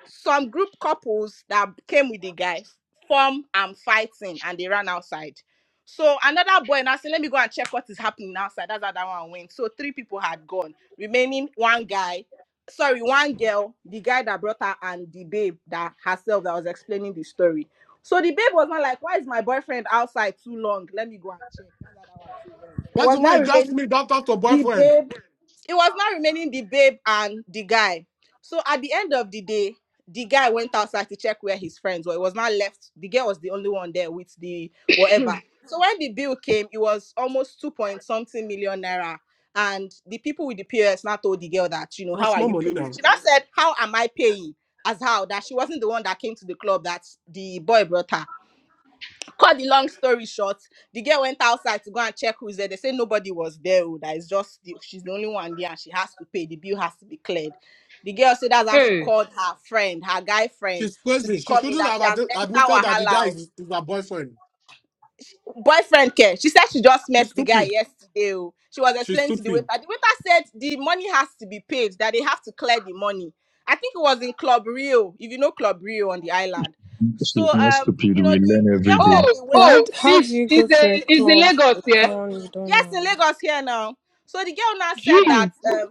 J: some group couples that came with the guy form and fighting and they ran outside. So another boy now said, Let me go and check what is happening outside. That's how that one went. So three people had gone, remaining one guy, sorry, one girl, the guy that brought her, and the babe that herself that was explaining the story. So the babe was not like, Why is my boyfriend outside too long? Let me go and check. That's how that one too went. It
F: That's
J: was
F: the way
J: not
F: it just me
J: remaining
F: don't talk to
J: the
F: boyfriend.
J: babe it was not remaining the babe and the guy. So at the end of the day, the guy went outside to check where his friends were. It was not left. The girl was the only one there with the whatever. So when the bill came, it was almost two point something million naira. And the people with the POS now told the girl that, you know, how
F: That's
J: are
F: more
J: you
F: money
J: paying?
F: now.
J: She now said, How am I paying? As how that she wasn't the one that came to the club that the boy brought her cut the long story short the girl went outside to go and check who's there they say nobody was there oh, that is just the, she's the only one there and she has to pay the bill has to be cleared the girl said that's how she
M: Hey.
J: called her friend her guy friend
F: She's
J: to
F: crazy.
J: be
F: She
J: coming
F: shouldn't
J: that
F: have
J: she
F: ad-
J: has entered
F: admitted that the guy is,
J: wahala
F: is her boyfriend.
J: oh. boyfriend care she said she just
F: She's
J: met the guy
F: stupid.
J: yesterday oh. she was
F: She's
J: explaining to the waiter
F: stupid.
J: the waiter said the money has to be paid that they have to clear the money i think it was in club rio if you know club rio on the island
N: She's
J: so
N: not
J: um,
N: stupid.
J: you know,
N: We
J: the
N: learn every
J: girl
N: day.
J: said
M: Oh
J: the waiter
Q: Why?
M: oh,
Q: d- How do
M: it's
Q: you go
M: it's
Q: to
M: a
Q: a
M: it's in
Q: club
M: Lagos
Q: with
M: yeah.
Q: someone you don't
J: Yes, in
Q: know?
J: Lagos here now. So the girl now said that.
M: Jeez.
J: um,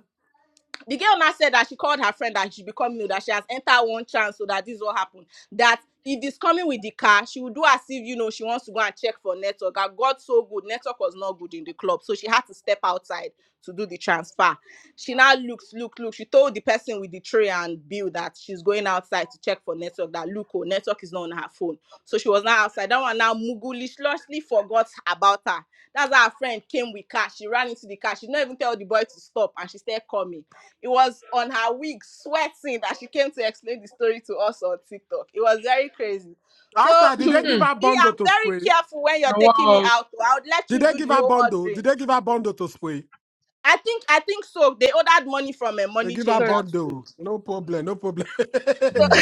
J: the girl now said that she called her friend that she become new, that she has entered one chance, so that this will happen. That if it's coming with the car, she will do as if you know she wants to go and check for network. And God so good, network was not good in the club, so she had to step outside to do the transfer. She now looks, look, look. She told the person with the tray and bill that she's going outside to check for network. That look, oh, network is not on her phone, so she was now outside. That one now mugulishly forgot about her. That's how her friend came with car. She ran into the car. She did not even tell the boy to stop, and she still coming. It was on her wig, sweating, that she came to explain the story to us on TikTok. It was very crazy. So,
F: Outside,
J: [CLEARS THROAT] me,
F: did they give
M: Hmm.
F: her bundle
J: I'm
F: to
J: very
F: spray?
J: careful when you're taking me
M: Wow.
J: out. I would let
F: Did
J: you
F: they
J: do the
F: give her
J: whole
F: bundle? Did
J: ordering.
F: they give her bundle to spray?
J: I think, I think so. They ordered money from a
F: They
J: money
F: give her
J: changer too.
F: bundle. No problem. No problem.
J: So
L: Hmm.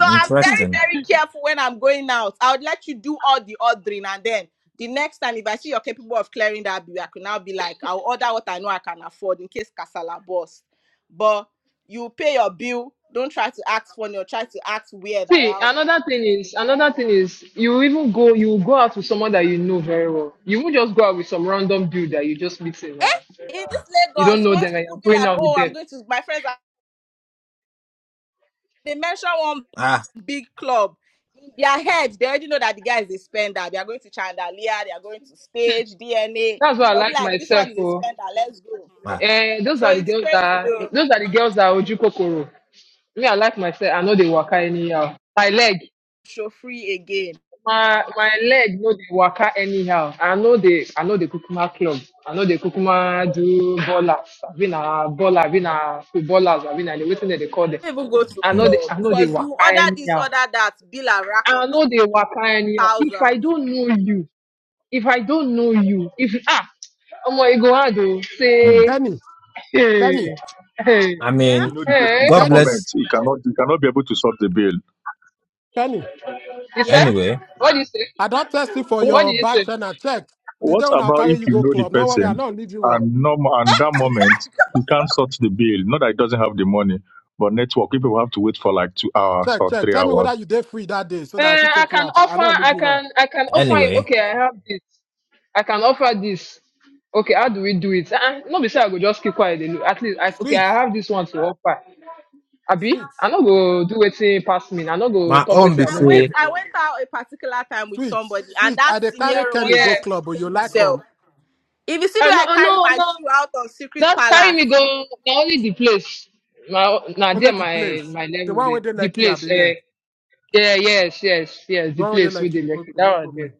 J: So I'm very,
L: interesting.
J: very careful when I'm going out. I would let you do all the ordering, and then the next time, if I see you're capable of clearing that bill, I can now be like, I'll order what I know I can afford in case Casala bursts. But you pay your bill. Don't try to act funny or try to act weird
M: See,
J: around.
M: another thing is another thing is you even go you will go out with someone that you know very well. You won't just go out with some random dude that you just meet in. Uh,
J: In this
M: you don't
J: Lagos,
M: know
J: once
M: them and you're
J: people be
M: going
J: like,
M: out with
J: oh, I'm
M: them.
J: going to, my friends, are, they mention one
L: Ah,
J: big club. In their head, they already know that the guy is a spender. They are going to Chandelier, they are going to stage, DNA.
M: That's why I
J: They'll be
M: like
J: like, this
M: myself.
J: one is a
M: Oh,
J: spender, let's go.
L: ah.
M: and those
J: So
M: are the
J: it's
M: girls
J: crazy
M: that
J: to
M: those are the girls that oju kokoro. Me, I like myself. I know they waka anyhow. My leg.
J: show free again.
M: my my leg no dey waka anyhow i know dey i no dey kukuma club i no dey kukuma do ballers I've been a baller I've abi na footballers abi na wetin dem they call them.
J: Don't Even go to
M: i know
L: Hmm,
M: dey
J: club
M: i no dey
J: because
M: waka
J: you order this,
M: anyhow
J: order that, bill and rack
M: i
J: up
M: no
J: to
M: dey waka anyhow if i
J: thousands.
M: don't know you if i don't know you if ah omo e go hard oo
L: hmm.
F: [LAUGHS]
M: say
F: Kenny, Kenny,
M: hey hey
L: I
J: Yeah,
N: If you
L: mean,
N: know the person
M: hey
N: at that
L: God
F: Kenny,
N: moment,
L: bless.
N: you cannot you cannot be able to sort the bill.
F: Kenny.
M: you say
J: yeah.
L: Anyway,
M: what do you say
F: I don't test you for
N: What
M: what do
F: your
M: you
F: back
M: say
F: channel. Check. The
N: what
F: day when i
N: about
F: carry
N: if
F: you
N: you
F: go
N: know the
F: club. No worry, I
N: person
F: don't leave you on.
N: and norm and that moment you can't sort the bill? Not that he doesn't have the money, but network people have to wait for like two hours
F: Check,
N: or
F: check.
N: three
F: Tell me
N: hours.
F: whether you day free that day so
M: Uh,
F: that if it
M: I
F: take you
M: can
F: out, I
M: offer.
F: don't leave
M: I
F: you on.
M: can. I can offer him.
L: anyway,
M: Okay, I have this. I can offer this. Okay, how do we do it? Uh, no, be say I go just keep quiet. dey look. At least, I, okay,
F: Sweet,
M: I have this one to offer. Abi,
F: sweet,
M: I no go do wetin pass me. I no go
L: my
M: talk
L: own
M: wetin
L: be
M: I
J: I
M: no
J: went,
M: get.
L: say,
J: I went out a particular time with
F: sweet,
J: somebody, and
F: sweet. I
J: that
F: dey
J: senior
F: carry Kenny
J: wanted
M: Yeah.
F: go
J: to
F: club, but you
J: reclaim
F: like
J: himself.
F: him.
J: If you see the
M: I
J: way
M: no.
J: I
M: I
J: carry
M: no.
J: my
M: No.
J: shoe out on Secret
M: That carry me
J: Palace,
M: go. Na only the place. Na na
F: Only
M: there
F: the
M: my
F: place.
M: my
F: The
M: level
F: one where
M: dey.
F: they
M: The
F: like you, I
M: place.
F: be
M: Uh,
F: where.
M: yeah. Yes. Yes. Yes.
F: The
M: The
F: one where they
M: place with
F: like
M: the
F: you,
M: lucky.
F: okay, no
M: That one
F: problem.
M: there.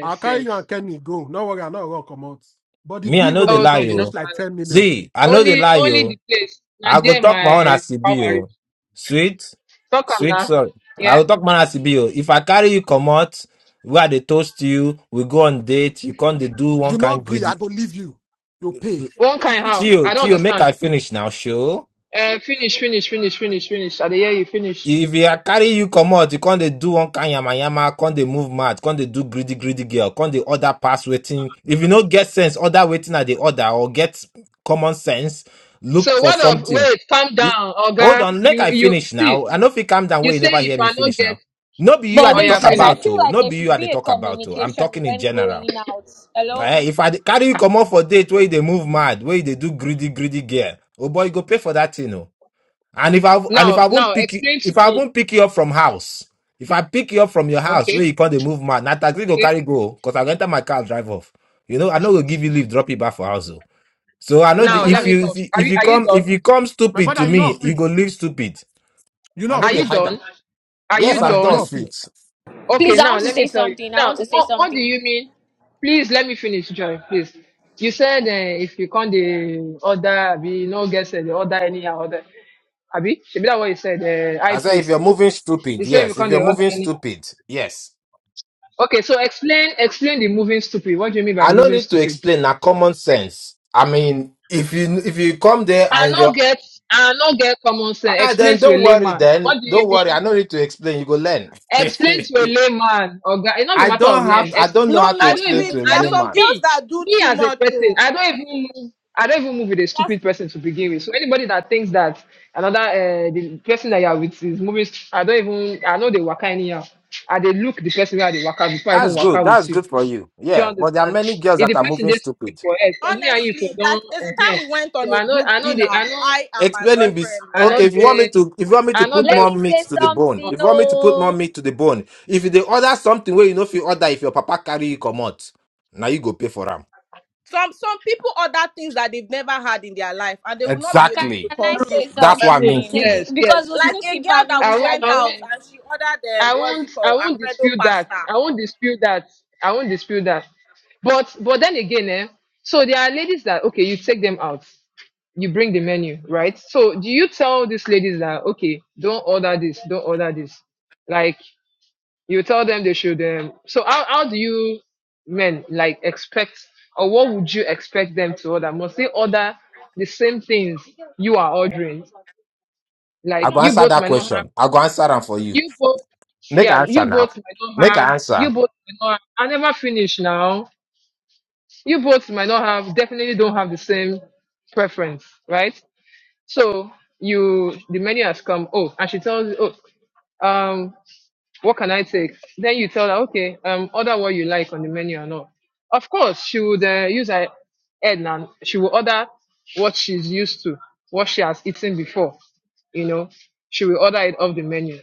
F: I'll carry you
M: Yes.
F: and Kenny go. No worry, I'm not going come out. But the
L: me, I
F: bill
L: know
F: where
L: they
F: we
L: lie
F: chop
M: Okay.
F: go
M: No.
F: reach
L: you.
F: like
M: wahala.
F: 10 million.
L: See, I know they
M: Only
L: lie
M: only the
L: you.
M: place. Now
L: I go
M: there
L: talk my own
M: my
L: as it
M: power
L: be
M: reach.
L: you. Sweet,
M: Talk am
L: sweet,
M: now.
L: sorry. I
M: Yeah.
L: go talk my own as it be you. If I carry you come out, where they toast you, we go on date, you come they do
F: You
L: one
F: not
L: kind
F: agree, I
L: greedy.
F: go leave you. You pay.
M: One kind
L: See
M: how? I
L: you,
M: don't
L: see you, make
M: understand.
L: I finish now, show.
M: Uh, finish, finish, finish, finish, finish. I dey hear you finish.
L: If you carry you come out, you not they do one kind yama yama, not they move mad? Can't they do greedy greedy girl, Can't they order pass waiting? If you no get sense, order waiting at the order or get common sense, look
M: So
L: for
M: what of
L: something.
M: wait, calm
L: E-
M: down,
L: Hold
M: Oga.
L: on, make
M: You
L: I
M: you
L: finish
M: see,
L: now. I know if you calm down
M: you
L: where you
M: say
L: never
M: if
L: hear me
M: I not
L: finish
M: get
L: now. No be you at
E: But
M: oh
L: the
E: wait
M: yeah,
L: talk
E: first,
M: finish.
E: I
L: about
E: feel
L: oh,
E: like
L: no
E: there
L: be you
E: should
L: at the
E: be a
L: talk about oh. I'm
E: communication
L: talking in
E: when
L: general.
E: going out.
L: Eh,
E: Hello?
L: if I dey carry you come out for date where they move mad, where they do greedy greedy girl, oh boy, you go pay for that thing oh. And if I and if
M: Now,
L: I
M: now
L: won't pick you,
M: explain to
L: if I
M: me.
L: won't pick you up from house, if I pick you up from your house where
M: Okay,
L: you call the move man, na taxi go
M: okay.
L: carry go because I go enter my car drive off. You know, I know go give you leave, drop you back for house. oh. So I know
F: My
L: the,
M: Now let
L: if
F: brother,
M: me
L: you
M: talk. Are
L: if
M: you
L: you
M: are you
L: come
M: done?
L: if you come
F: my
L: stupid
F: brother,
L: to
F: you
L: me,
F: not
L: you
F: fit.
L: go leave stupid.
F: You
L: I
F: not
L: know
M: Are
L: they
M: you
F: fit.
L: hide that.
M: done? Are
L: Yes,
M: you
F: Brother,
L: I'm
F: you
L: done,
M: done?
F: not fit.
L: sweet.
M: Okay,
E: Please, I
M: now
E: want to
M: let me
E: say
M: tell you.
E: something. I
M: Now,
E: want to say
M: what what do
E: something.
M: you mean? Please let me finish, Joy. Please. You said uh, if you can't the order, be no guess the order anyhow order. Abi, should be that what you said. Uh, high
L: I said if you're
M: priest.
L: moving
M: You
L: stupid,
M: said if you
L: yes. If
M: can't the
L: you're
M: order
L: moving
M: anyhow.
L: stupid, yes.
M: Okay, so explain explain the moving stupid. What do you mean by
L: I no
M: moving
L: need to
M: stupid?
L: explain. Na common
M: Ex-
L: sense. I mean, if you if you come there
M: I
L: and you're
M: not get I not get common sense.
L: Ah,
M: Explain
L: then
M: to a
L: don't worry.
M: layman.
L: Then
M: What do you
L: don't worry.
M: mean?
L: I don't need to explain. You go learn.
M: explain
L: [LAUGHS]
M: to a layman or guy, it's not a
L: I
M: matter
L: don't
M: of
L: have.
M: learn.
L: I
M: Explain
L: don't know
M: to,
J: no,
L: how to
M: I
J: no,
M: don't even
L: explain
J: sweet.
L: to a
J: There
M: I
J: are
M: don't
J: some
L: layman.
J: girls
M: me
J: that do
M: me
J: too
M: as a
J: much.
M: person,
J: Oh.
M: I don't even move I don't even move with a
J: That's
M: stupid person to begin with. So anybody that thinks that another uh, the person that you are with is moving, st- I don't even I know they waka anyhow. I they look the person where they waka before I even
L: That's good.
M: waka
L: That's
M: with you. Do
L: good for you.
M: you
L: Yeah. But there are
M: understand?
L: many girls
M: If
L: that
M: the
L: are
M: person
L: moving
M: they stupid
L: stupid.
M: for head for me and you for
J: honestly like
M: don't
J: there's a
M: uh,
J: time we went
M: so
J: on a
M: I know
J: group
M: I know they I
J: dinner.
M: know
J: I and my
L: Explaining this.
J: boyfriend,
M: I know
J: right?
L: okay. If you want me
M: they
L: to, if you want me
M: I
L: to
M: know
L: put
E: Let
M: get
L: more
E: me
L: meat
E: say
L: to the bone,
E: something.
L: if you want me to put more
E: Oh,
L: meat to the bone, if they order something where you know if you order, if your papa carry you come out, now you go pay for them.
J: some some people order things that they've never had in their life and they will not be
E: can
J: able to
L: Exactly.
J: con-
E: I
M: true,
J: this
E: say
J: con-
L: That's what
J: um,
L: I
M: true.
L: mean,
J: consume
L: Kenny.
E: something?
J: it
M: Yes,
E: Because
M: yes.
E: we'll
J: like
E: still
J: a
E: keep
J: girl
E: having
J: that we
M: I
E: this
M: won't,
J: went
M: I won't,
J: out
E: argument.
J: and she ordered um
M: I
J: what's
M: won't,
J: it
M: I
J: called
M: won't
J: alfredo
M: dispute that.
J: pasta
M: I won't dispute that. I won't dispute that. But, but then again, eh? So there are ladies that okay, you take them out, you bring the menu, right? So do you tell these ladies that okay, don't order this, don't order this? Like you tell them they should. Um, so how how do you men like expect or what would you expect them to order? Must they order the same things you are ordering? Like
L: I go
M: you
L: answer
M: both
L: that
M: might not have
L: question. I go answer them for you.
M: You both,
L: Make
M: yeah,
L: an answer
M: you
L: now.
M: both might not
L: Make
M: have,
L: an
M: you
L: answer.
M: both might not have, I never finish now. You both might not have, definitely don't have the same preference, right? So you, the menu has come, oh, and she tells you, oh, um, what can I take? Then you tell her, okay, um, order what you like on the menu or not. Of course, she would uh, use her head now. She will order what she's used to, what she has eaten before you know, she will order it off the menu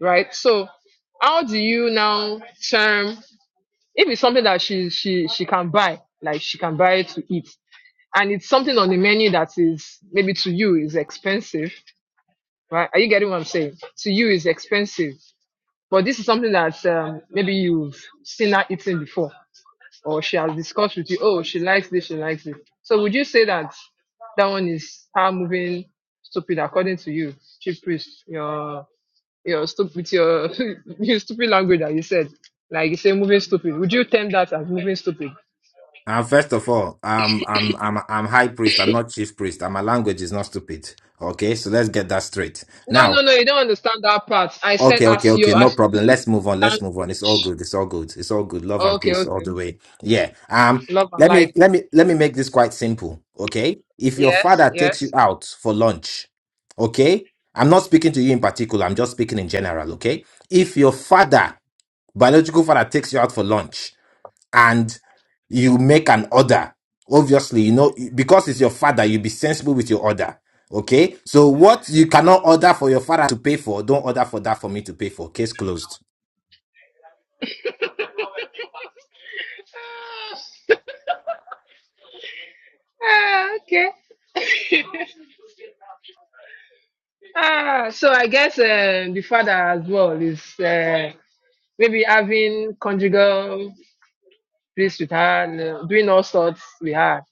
M: right? So how do you now term if it's something that she she she can buy, like she can buy it to eat, and it's something on the menu that is maybe to you is expensive, right? Are you getting what I'm saying? To you is expensive, but this is something that um, maybe you've seen her eating before, or she has discussed with you. Oh, she likes this, she likes it. So would you say that that one is her moving stupid according to you, chief priest? Your you're stupid with your [LAUGHS] your stupid language that you said. Like you say moving stupid. Would you term that as moving stupid?
L: Uh, first of all, um, I'm I'm I'm high priest. I'm not chief priest, and my language is not stupid. Okay, so let's get that straight.
M: No,
L: Now,
M: no, no, you don't understand that part. I said
L: Okay, okay,
M: as
L: okay.
M: you
L: No
M: as you
L: problem.
M: use
L: Let's move
M: the
L: on. Let's move on. It's all
M: language.
L: good. It's all good. It's all good. Love and
M: Okay,
L: peace all
M: okay.
L: the way. Yeah. Um,
M: Love and
L: let me
M: light.
L: let me let me make this quite simple. Okay. If your
M: Yes,
L: father takes you
M: yes.
L: out for lunch, okay? I'm not speaking to you in particular, I'm just speaking in general, okay? If your father, biological father, takes you out for lunch, and you make an order. Obviously, you know, because it's your father, you be sensible with your order. Okay. So what you cannot order for your father to pay for, don't order for that for me to pay for. Case closed.
M: Ah, okay. [LAUGHS] ah, so I guess um, the father as well is uh, maybe having conjugal bliss with her and uh, doing all sorts with her.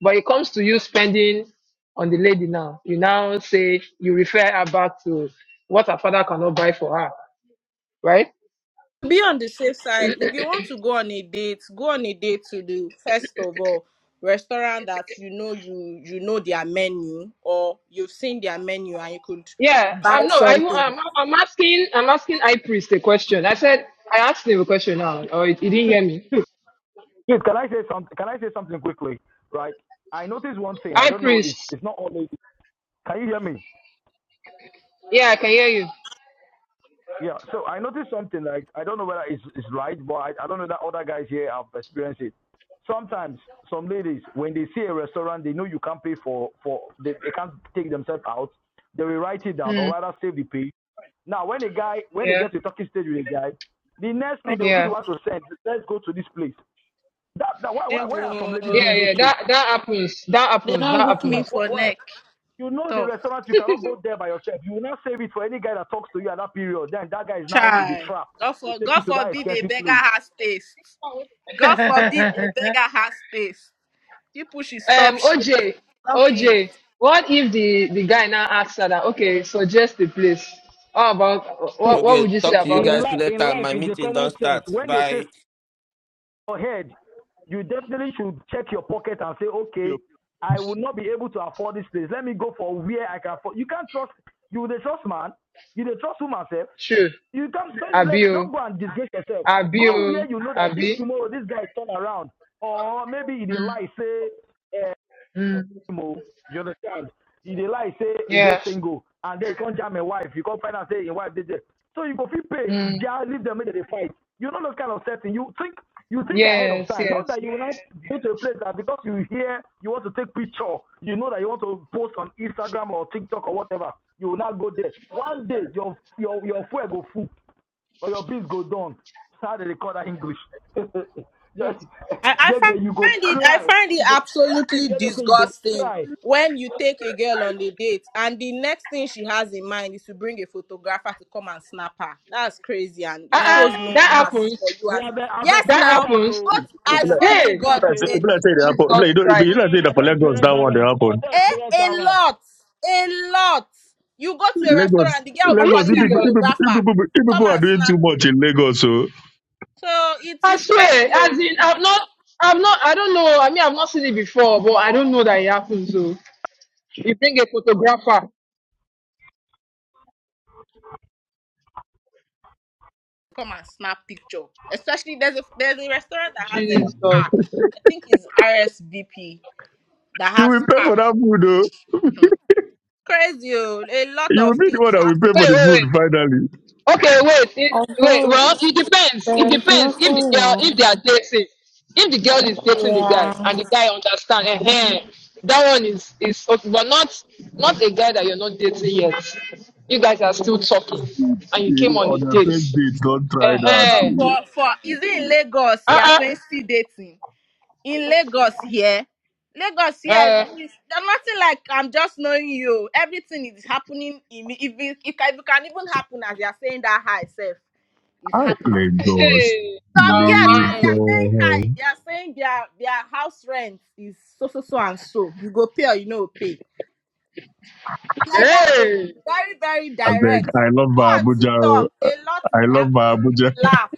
M: But it comes to you spending on the lady now. You now say you refer her back to what her father cannot buy for her, right?
J: be on the safe side if you want to go on a date go on a date to the first of all restaurant that you know you you know their menu or you've seen their menu and you could
M: Yeah,
J: buy
M: um, no, I,
J: something
M: I'm, I'm asking, I'm asking high priest a question. I said, I asked him a question now, or he, he didn't hear me.
B: Yes, can I say something? Can I say something quickly? Right. I noticed one thing. I
M: High
B: don't know. It's
M: priest,
B: it's not always. Can you hear me?
M: yeah, I can hear you.
B: Yeah. So I noticed something. Like I don't know whether it's it's right, but I, I don't know that other guys here have experienced it. Sometimes some ladies, when they see a restaurant, they know you can't pay for for they, they can't take themselves out. They will write it down or
M: Mm.
B: rather save the pay. Now when a guy when they
M: Yeah,
B: get to talking stage with a guy, the next thing they will be the
M: yeah,
B: one to send. Let's go to this place. That, that why,
J: they
B: why why are some ladies
M: yeah,
B: doing those
J: will
M: yeah.
B: shit?
M: That that happens. That
J: they
M: happens.
J: don't hook
B: Why
J: me
M: That
B: why
J: for
B: why?
J: neck
B: You know the
J: Tough.
B: restaurant, you cannot go there by yourself. You will not save it for any guy that talks to you at that period. Then that guy is now in the
J: Try.
B: trap
J: God
B: to
J: for
B: take
J: God
B: you to that
J: forbid a
B: expensive
J: beggar
B: place.
J: has taste. God forbid a
M: happens. [LAUGHS]
J: beggar has taste. People should stop
M: Um,
J: shaming.
M: OJ,
J: Stop it.
M: OJ, what if the, the guy now asks her that, okay, suggest the place? How about, what, what
H: Okay,
M: would you
B: see,
M: say
H: talk to you
M: about
B: in
M: that?
H: guys
B: life, in
H: later.
B: life,
H: My
B: it's a
H: meeting don't
B: common sense.
H: start.
B: When they say
H: Bye.
B: your head, you definitely should check your pocket and say, okay, I will not be able to afford this place. Let me go for where I can afford. You can't trust. You the trust man. You the trust woman self.
M: True.
B: You can't don't
M: Abi,
B: let
M: oh.
B: don't go and disgrace yourself.
M: Abi,
B: Go
M: oh.
B: where you know that if
M: Abi.
B: tomorrow this guy turn around or maybe he lie say eh,
M: Mm,
B: oh. You understand? He dey lie say he dey
M: yeah.
B: single, and then he can't jam a wife. You not find out say him wife dey there. So you go fit pay,
M: Mm,
B: ja, leave them make they fight. You no know those kind of setting. You think you think ahead of
M: yes,
B: time. Not
M: yes.
B: that you will not go to a place that because you hear you want to take picture, you know that you want to post on Instagram or TikTok or whatever. You will not go there. One day your your your fuel go full but your biz go down. How they call that English? [LAUGHS] Gege,
J: I, I
B: you go
J: find it I
B: cry.
J: find it
B: You go.
J: absolutely
B: [LAUGHS] you go
J: disgusting
B: cry. [LAUGHS]
J: when you take a girl on the date and the next thing she has in mind is to bring a photographer to come and snap her. That's crazy and it
M: Uh-uh,
J: shows
B: Ah,
J: no
M: that
J: class
M: happens.
J: for you
B: we
J: as a-
B: have I've
J: yes
M: That
B: experienced
J: now.
B: that
M: happens.
B: too.
J: But
B: I've
J: I swear to
B: experienced
M: Hey,
J: God
B: that
J: who
B: too.
N: If
J: made
N: I
J: me.
N: say they
M: Jesus
N: happen, like, don't, you
M: Christ.
N: don't say
B: Ah, I
N: that for
B: don't
N: Lagos,
B: experience
N: that
B: that
N: one they
B: one. I
N: happen.
B: don't
J: Eh,
B: experience
J: a
B: that one.
J: lot. A lot. You go to a restaurant
N: Lagos,
J: and the girl will be
M: Are you
N: Lagos,
J: calling
N: if
J: a
N: people,
M: serious?
N: if people, if
J: photographer.
N: people, if
J: Come
N: people are
J: and
N: doing
J: snap
N: too much
J: me.
N: in Lagos, so
J: So it
M: I
J: is
M: swear,
J: crazy. oh.
M: as in,
J: Hmm.
M: I'm not, I'm not, I don't know. I mean, I've not seen it before, but I don't know that it happens. So, you bring a photographer.
J: Come and snap picture. Especially there's a there's a restaurant that has a
M: Jesus.
J: car. I think it's RSVP that
N: you will
J: has
N: pay
J: car.
N: for that food, though.
J: Crazy. oh. A lot
N: You will
J: of
N: be the one
J: things
N: that will
J: happen.
N: pay
M: wait,
N: for the
M: wait,
N: food
M: wait.
N: finally.
M: Okay, wait, it, wait.
Q: Although
M: Well, it depends.
Q: there
M: It
Q: is
M: depends if
Q: nothing
M: the girl, if
Q: wrong.
M: they are dating, if the girl is dating the guy
Q: Yeah.
M: and the guy understand, eh, that one is is okay, but not not a guy that you're not dating yet. You guys are still talking,
N: First
M: and
N: date,
M: you
N: eh,
M: came on a
N: On your first
M: date.
N: date, don't try that.
J: For
M: Eh,
J: for
N: eh.
J: for is it in
M: [LAUGHS]
J: Lagos? You are
M: uh, uh,
J: saying still dating. in Lagos here. Lagos here,
M: uh,
J: we- there's nothing like I'm just knowing you. Everything is happening. In, if, it, if, it can even happen as you're saying that hi self is
N: I
J: happening.
N: Lagos,
M: hey,
J: Some
M: now,
J: guests, as
M: um,
J: they're saying
N: Lagos.
J: hi, they're saying their, their house rent is so, so, so, and so. You go pay or you no pay. Like that, oh,
M: hey,
J: very, very
N: I beg,
J: direct.
N: I love
J: Go
N: my
J: on
N: Abuja. oh.
J: TikTok. A lot
N: I
J: is
N: love
J: happening.
N: my
J: You
N: Abuja.
J: will
N: [LAUGHS]
J: laugh.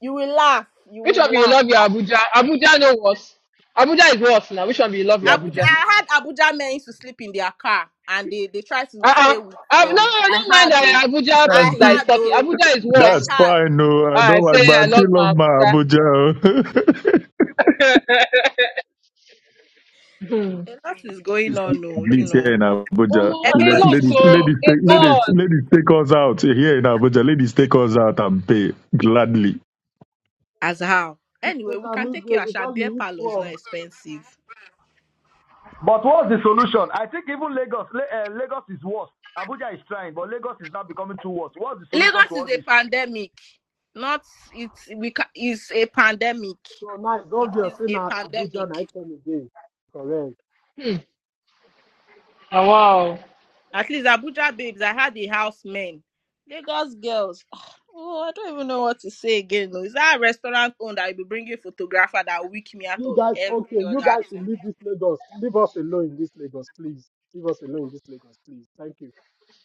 J: You will laugh. You
M: which one
J: will
M: be you
J: laugh.
M: love your Abuja? Abuja no worse. Abuja is worse now. Which one be you love
N: So,
M: your
J: Abuja,
M: Abuja?
J: I had Abuja men used to sleep in their car and they, they tried to
M: Uh-uh.
J: stay with
M: i have no,
J: them.
M: I
J: I
M: don't mind
J: had though.
M: the Abuja
N: That's,
J: I
M: person that is
J: had
M: talking.
J: though.
M: Abuja is
J: I
M: worse.
N: that's
J: had.
N: fine, no. I
M: Ah, I
N: don't like,
M: say
N: but I
M: I love
N: still
M: my
N: love my
M: Abuja.
N: Abuja. oh. [LAUGHS]
M: [LAUGHS]
J: A lot is going on, oh, you
N: Ladies
J: know.
N: here in Abuja,
M: oh, it
N: Let-
J: Everybody.
M: looks
N: ladies, ladies,
M: so. It
N: take,
J: Eh?
N: ladies,
M: was.
N: ladies, take us out here in Abuja. Ladies, take us out and pay gladly.
J: As how?
F: You
J: Anyway,
F: Take
J: we
F: a
J: can take you
F: meal before
J: Asha beer
F: you eat
J: parlor is not
F: from
J: expensive.
B: But what's the solution? I think even Lagos, uh, Lagos is worse. Abuja is trying, but Lagos is now becoming too worse. What's the solution to
J: Lagos is
B: all
J: a
B: this?
J: pandemic. Not it's we ca- it's a pandemic.
F: tonight.
J: It
F: God will
J: is
F: say
J: a
F: now Abuja
J: pandemic.
F: night come again. Correct.
M: Oh, wow.
J: At least Abuja babes, I had the house men. Lagos girls. [SIGHS] Oh, I don't even know what to say again. oh. Is that a restaurant owner that will be bringing photographer that will weak me out
F: You
J: of
F: guys, okay,
J: every
F: you
J: other
F: guys should
J: thing?
F: leave this Lagos. Leave us alone in this Lagos, please. Leave us alone in this Lagos, please. Thank you.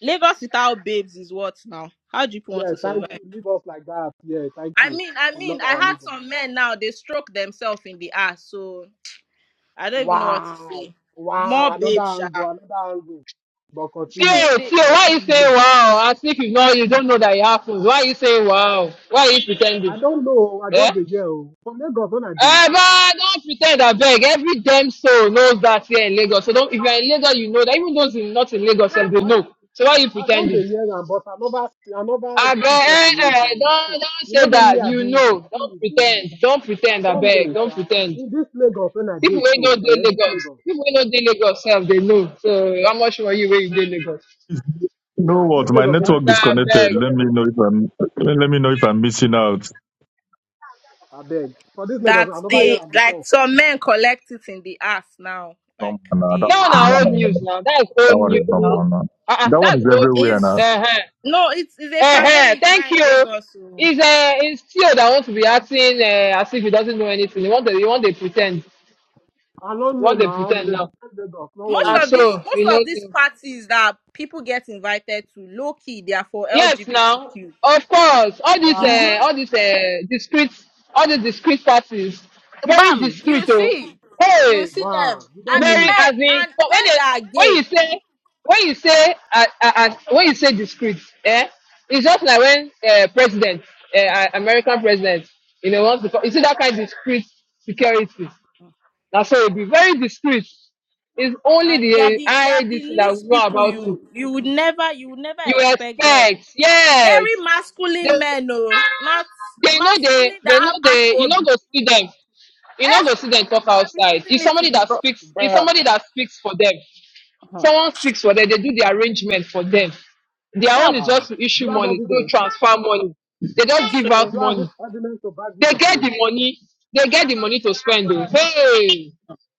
J: Lagos without babes is what now? How do you want
F: Yeah,
J: to
F: thank
J: survive?
F: you. Leave us like that. Yeah, thank
J: I
F: you.
J: mean, I
F: We
J: mean,
F: love
J: I
F: our
J: had
F: Lagos.
J: some men now, they stroke themselves in the ass, so I don't even know what to
F: Wow.
J: say. More
F: Wow. Another
J: babes, sha.
F: angle, another angle. But continue.
J: So
M: Still,
J: they,
M: still,
F: But
M: why
J: they
F: still
M: you
F: leave
M: say
F: Lagos alone.
M: wow? As if you know you don't know that it happens. Why you say wow? Why you
F: I
M: pretending?
F: don't know. I
M: Yeah?
F: just the year. From Lagos on a day.
M: Eh, but don't pretend I beg. Every damn soul knows that here in Lagos. So don't if you're in Lagos, you know that. Even those in, not in Lagos, sef,
F: No,
M: they
F: I.
M: know. So why you
F: I don
M: pretending?
F: dey hear am, but I never see, I never
M: I
F: see person wey do
M: beg,
F: am. and say,
M: don't
F: You
M: don't
F: know
M: say
F: when me
M: that.
F: I
M: You
F: be
M: know,
F: still
M: don't
F: with the league.
M: pretend, don't
F: I
M: pretend. I
F: don't
M: beg,
F: know,
M: don't
F: sha.
M: pretend.
F: In this Lagos when I
M: People
F: dey
M: wey no
F: so, eh,
M: dey
F: this
M: Lagos,
F: Lagos,
M: people wey no dey Lagos sef dey know. So how much more you wey you dey Lagos?
N: You know
F: ah, this
N: what? My
F: Lagos when I
M: After
N: network
F: dey
M: I
F: so,
N: disconnected.
M: beg,
N: Let me know if I'm. Let, let me know if I'm missing out.
F: I beg. For this Lagos,
J: that
F: I never hear
J: they
F: am
J: like
F: before.
J: some men collect it in the ass now.
N: No,
J: Like
N: no, that
M: that one
J: they,
N: is
M: na
N: not my
M: old
J: they
N: number.
M: news now. That is
N: That
M: old
N: one is
M: news
N: not my
M: now.
N: number.
M: Ah, Uh,
N: That one is
M: that's old
N: everywhere
M: news.
N: now.
J: It's
M: Uh-huh.
J: no, it's, it's a
M: Uh-huh.
J: pandemic
M: Thank
J: now in
M: you.
J: Lagos. So
M: It's uh, it's still that wants to be acting uh, as if he doesn't know anything. He want to, he want to pretend. He
F: I don't know
M: want to
F: now. With
M: pretend
F: the
M: now.
F: different Lagos. No
J: most
M: Ah,
F: worry.
J: of these
M: so
J: most
M: you
J: of these
M: know.
J: parties that people get invited to, low key, they are for
M: Yes, now,
J: LGBTQ.
M: of course, all these,
F: Wow,
M: uh, all
J: Mm-hmm.
M: these uh, discrete, all the discrete parties, very
J: Bam, you
M: discreet. Oh,
J: see, you
M: hey,
J: see
F: wow.
J: them,
F: You don't
J: and the
F: mean
M: very
F: it.
M: as
J: men
M: in.
J: and
M: But when
J: men
M: they,
J: that are
M: when you
J: gay,
M: say, when you say, uh, uh, uh, when you say discreet, eh, it's just like when uh, president, uh, uh, American president, you know, wants to. co- You see that kind of discreet security. Now, so it'll be very discreet. It's only
J: and they are
M: the
J: the they
M: I
J: are the
M: this that will
J: least
M: know
J: people
M: about it.
J: you you would never you would never
M: You
J: expect them.
M: expect,
J: Very
M: yes. They,
J: masculine men, no, not
M: they know they
J: masculine
M: they know
J: that have
M: they you know
J: acrobi.
M: go see them. You
J: Eh,
M: know go see them talk
J: they are
M: outside.
J: receiving
M: It's
J: it
M: somebody
J: in the
M: that
J: box.
M: speaks it's
J: Bruh.
M: somebody that speaks for them.
J: Uh-huh.
M: Someone speaks for them, they do the arrangement for them. Their own
J: Sharp.
M: is
F: Wow.
M: just to
F: Do
M: issue
F: you have
M: money, to
F: evidence?
M: transfer money. They just
J: That's
M: give
F: Do
M: out
J: true.
F: you have
M: money.
F: evidence to back this
M: They
F: your
M: get the
F: claim?
M: money, they get the money to spend though. Hey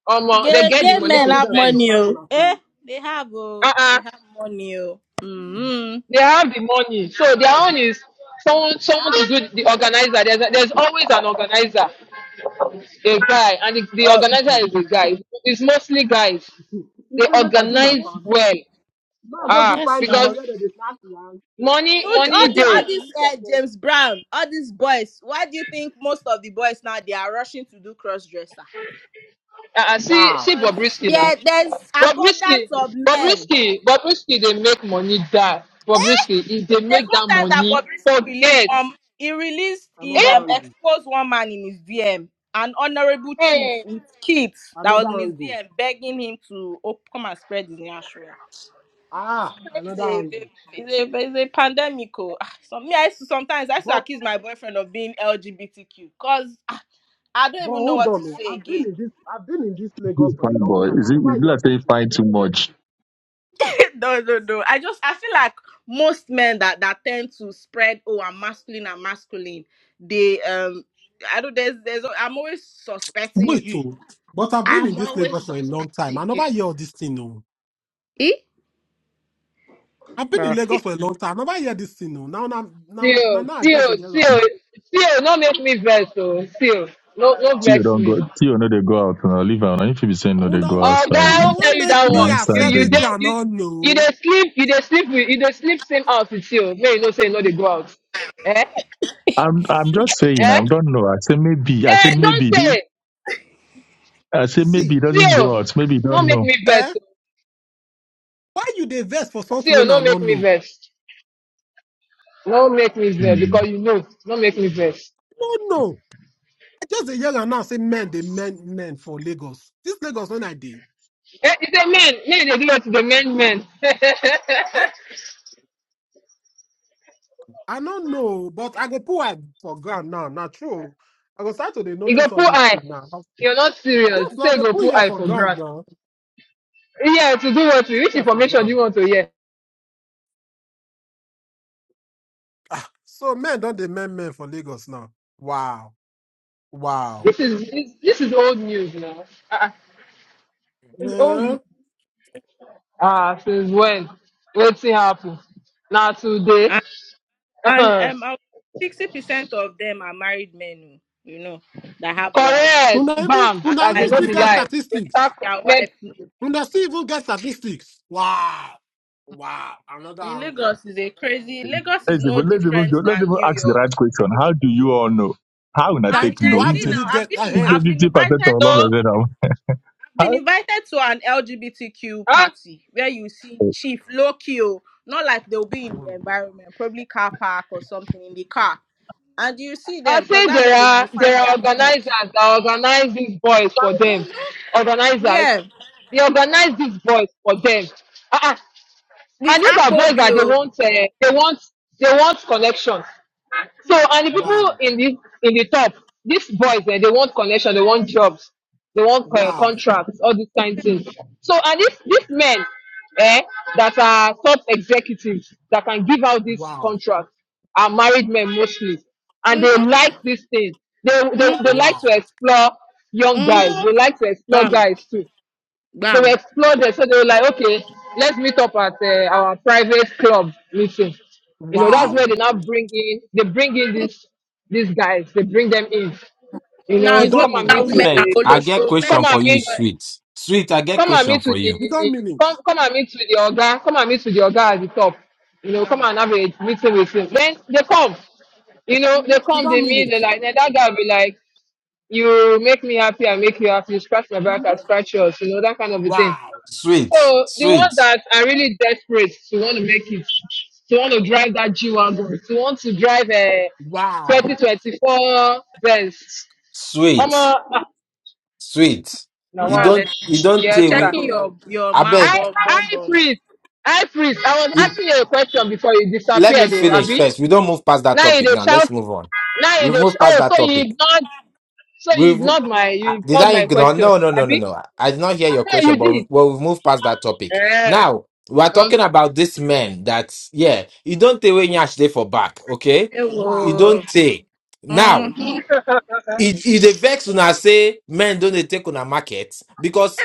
M: um, they
J: Gay,
M: get
J: gay
M: the
F: When I
M: money
F: get
J: men
M: to
J: have
F: evidence to
M: spend.
F: take
J: money.
F: back on
J: Oh.
F: a
J: Eh,
F: claim,
J: they have. Oh,
M: Uh-uh.
J: they have money. Oh. Mm-hmm.
M: They have the money. So their own is someone someone to do the organizer. There's, there's always an organizer. a guy, and it's, the
J: Uh,
M: organizer is a guy. It's mostly guys.
F: you
M: They
F: say make I do my
M: organize
J: mhm.
F: family.
M: well.
F: Now go do
M: Ah,
J: Yes,
F: find this
J: now.
F: for
M: because
F: where they dey snatch land.
M: money,
J: All
F: [LAUGHS]
M: money
F: That's
J: the all
M: day.
F: the
J: this uh,
F: wicked
J: James Brown, all these boys. Why do you think most of the boys now they are rushing to do cross dresser?
M: Ah, uh, see,
F: Wow.
M: see
J: Because
M: Bobrisky now.
J: there, there's abundance
M: Bobrisky,
J: of men.
M: Bobrisky, Bobrisky. They make money that Bobrisky. If they
J: There's
M: make
J: one
M: that
J: time that
M: money,
J: Bobrisky released
M: forget.
J: um he released he
M: Eh?
F: Another
J: um
F: angle.
J: exposed one man in his DM, an honorable chief
M: Hmm.
J: with kids that was in
F: Another
J: his
F: angle.
J: DM begging him to op- come and spread his nashua. It's
F: Ah, another
J: crazy. babe.
F: angle.
J: It's a, it's a pandemic. Oh. Ah, Some, me, I used to, sometimes I used to
F: But
J: accuse my boyfriend of being LGBTQ because I don't
F: but
J: even know
F: hold
J: what
F: on.
J: to
F: oh.
J: say
F: I've been
J: again.
F: in this I've been in this Lagos for a
N: Fine
F: long
N: boy,
F: time.
N: is
F: I
N: it?
F: never
N: If
F: hear
N: I
F: of this
N: say
F: thing.
N: fine
F: oh.
N: too much,
J: [LAUGHS] no, no, no. I just I feel like most men that that tend to spread oh I'm masculine, I'm masculine. They um I don't there's there's I'm always suspecting
F: Wait,
J: you.
F: oh. But I've been in
J: I'm
F: this
J: always
F: Lagos for a long time. I
J: suspecting you.
F: never hear of this thing. no.
J: Eh?
F: I've been in
J: Bruh. Eh,
F: Lagos for a long time. I never hear this thing. no. Now, now, now, now,
M: Still,
F: now I just dey
M: still,
F: hear am.
M: still, still. No make me vex. Oh, still. No, no
N: Tio
M: vex
N: don't
M: me.
N: go. Tio no, they go out now. Leave her. now. If you be saying no, they
F: Una
N: go
M: Oh
F: want,
M: God,
N: outside.
M: I
F: una
M: will tell
F: want
M: you
F: make
M: that
N: Now
F: me
M: one. You
N: inside,
F: accept
M: you
F: it
N: baby.
M: did
F: and
M: you
F: not
M: you they
F: know.
M: sleep you they sleep with you they sleep same house with you. May you no say you know they go out. Eh?
N: I'm I'm
F: See,
N: just saying
M: Eh?
N: I don't know. I said maybe. I
M: Eh,
N: said
M: don't
N: maybe. They-
M: say
N: I said maybe
F: see,
N: it doesn't
M: still
N: go out. Maybe you
M: no
N: don't
M: make
N: know.
M: me vex.
F: eh? Why you dey vex for something
M: Still
F: when
M: no
F: I
M: make
F: not
M: me
F: know?
M: vex. No make me vex
N: Hmm.
M: because you know, no make me vex.
F: No, no. just a year and now say men they men men for Lagos. This Lagos when I did,
M: Eh, it's a man, me they do it to the men man.
F: I
M: [LAUGHS]
F: I don't know, but I go put am for ground now. Not true. I go start to dey
M: you go
F: notice all
M: pull
F: this
M: eye.
F: thing now.
M: You're not serious.
F: Yes,
M: You
F: now
M: say you
F: they
M: go
F: put
M: pull
F: here
M: eye
F: for
M: for
F: ground
M: grass.
F: now.
M: Yeah, to do what? Which
F: Here for
M: information do you
F: ground.
M: want to hear?
F: So men don't they men men for Lagos now. Wow, wow.
M: This is this, this is old news now. Uh, it's
F: Uh,
M: old. Ah, since when? Let's see how happen. Now today. [LAUGHS]
J: And,
M: Correct.
J: and um sixty percent of them are married men, oh, you know, that have wives.
F: una even
M: Bam.
J: And
F: una
M: As
F: even
M: in
J: like
M: not
F: still
M: be
F: get
M: lie. They start
F: statistics.
J: their
M: make
J: wife no.
F: Una still even get statistics. Wow, wow. Another
J: in
F: angry.
J: Lagos is a crazy Lagos is
N: Let's
J: no
N: even let's even go,
J: different
N: let's
J: than
N: even
J: New
N: ask the
J: York.
N: right question. How do you all know? How will I
J: I'm
N: take
F: Thank you.
N: no?
J: Gen
F: How
N: You
J: Z
F: do
N: say
J: now.
F: you
J: I've
F: get
J: been
F: ahead?
J: I've been
N: fifty
J: invited
N: percent of
M: no.
N: all of
J: to
N: them.
J: been
N: How?
J: invited to an LGBTQ
M: Huh?
J: party where you see chief Loki, oh, not like they'll be in the
F: Wow,
J: environment, probably car park or something in the car. And you see
M: I
J: them because
M: say
J: that's
M: there
J: where they
M: are
J: you
M: there
J: find
M: are
J: their clique.
M: organizers that organize these boys for them.
J: hmm
M: Organizers.
J: Yeah,
M: They organize these boys for them. Uh-uh.
J: with
M: And these are
J: Akpo
M: boys that they
J: Bill.
M: want, uh, they want, they want connections.
J: hmm
M: So, and the people
F: Wow,
M: in the in the top, these boys, eh, they want connection, they want jobs, they want uh,
F: wow.
M: contracts, all these kind of things. So, and these these men, eh, that are top executives that can give out these
F: Wow.
M: contracts are married men mostly, and they like these things. They they,
J: hmm
M: they like
F: Wow.
M: to explore young
J: hmm
M: guys.
J: hmm
M: They like to explore
J: Bam,
M: guys too they were
J: bam.
M: exploded. So they were like, okay, let's meet up at uh, our private club meeting. You know,
J: hmm
M: that's where
F: Wow.
M: they now bring in, they bring in these these guys, they bring them in. You
J: Now
F: You
M: know,
J: it's not
M: come
F: don't
M: and
F: mean
J: that
M: meet
F: it.
L: I
J: women
M: with
L: beg,
J: are
M: the,
J: all
L: I get
J: show. Men
M: come
L: question
J: say
M: and
L: for you,
M: meet,
J: joy.
L: sweet. Sweet, I get
M: come and
L: question
M: meet
L: for
M: with
L: you.
F: You don't
M: the,
F: mean it.
M: come come and meet with the organ, come and meet with the organ at the top. You know, come
J: Bam.
M: and have a meeting with him. Then they come. You
J: hmm
M: know, they
F: You
M: come,
F: don't
M: they
F: mean
M: meet,
F: it.
M: they like, then that guy will be like, you make me happy, I make you happy. You scratch my
J: hmm
M: back, I scratch yours. You know that kind of a thing.
F: Wow.
L: Sweet,
M: So the ones
L: sweet,
M: that are really desperate to want to make it, to want to drive that G wagon, to want to drive a
F: Wow.
M: 2024 Benz. I'm
L: sweet,
M: a
L: sweet.
M: no
L: You
J: More or
M: wow.
L: don't,
J: less,
L: you don't
M: Yes,
L: take away.
M: sir.
J: checking your your
L: I
J: man
M: I
L: beg,
J: bum
M: I
J: bum bum.
M: freeze. I freeze. I was
L: it,
M: asking you a question before you
L: let me
M: disappeared, though,
L: finish
M: Abby.
L: first. We don't move past that
M: Now you
L: topic
M: dey
L: now.
M: shout.
L: Let's move on.
M: Now you
L: We've
M: dey. Sh-
L: moved past
M: oh,
L: that
M: so you
L: topic.
M: ignored. So you
L: We've
M: ignored my.
L: I-
M: You
L: did
M: ignored
L: I
M: my
L: ignore?
M: question,
L: No, no, no, no,
M: Abby.
L: no. I did not hear your
M: Yeah, you
L: question,
M: did.
L: but well, we've moved past that topic.
M: Yeah.
L: Now we are
M: okay.
L: talking about this man that yeah, you don't take when yash day for back, okay? You
F: Wow.
J: Ewo.
L: don't take. Now
J: hmm
M: [LAUGHS]
L: it it dey vex when I say men don't dey take on a market because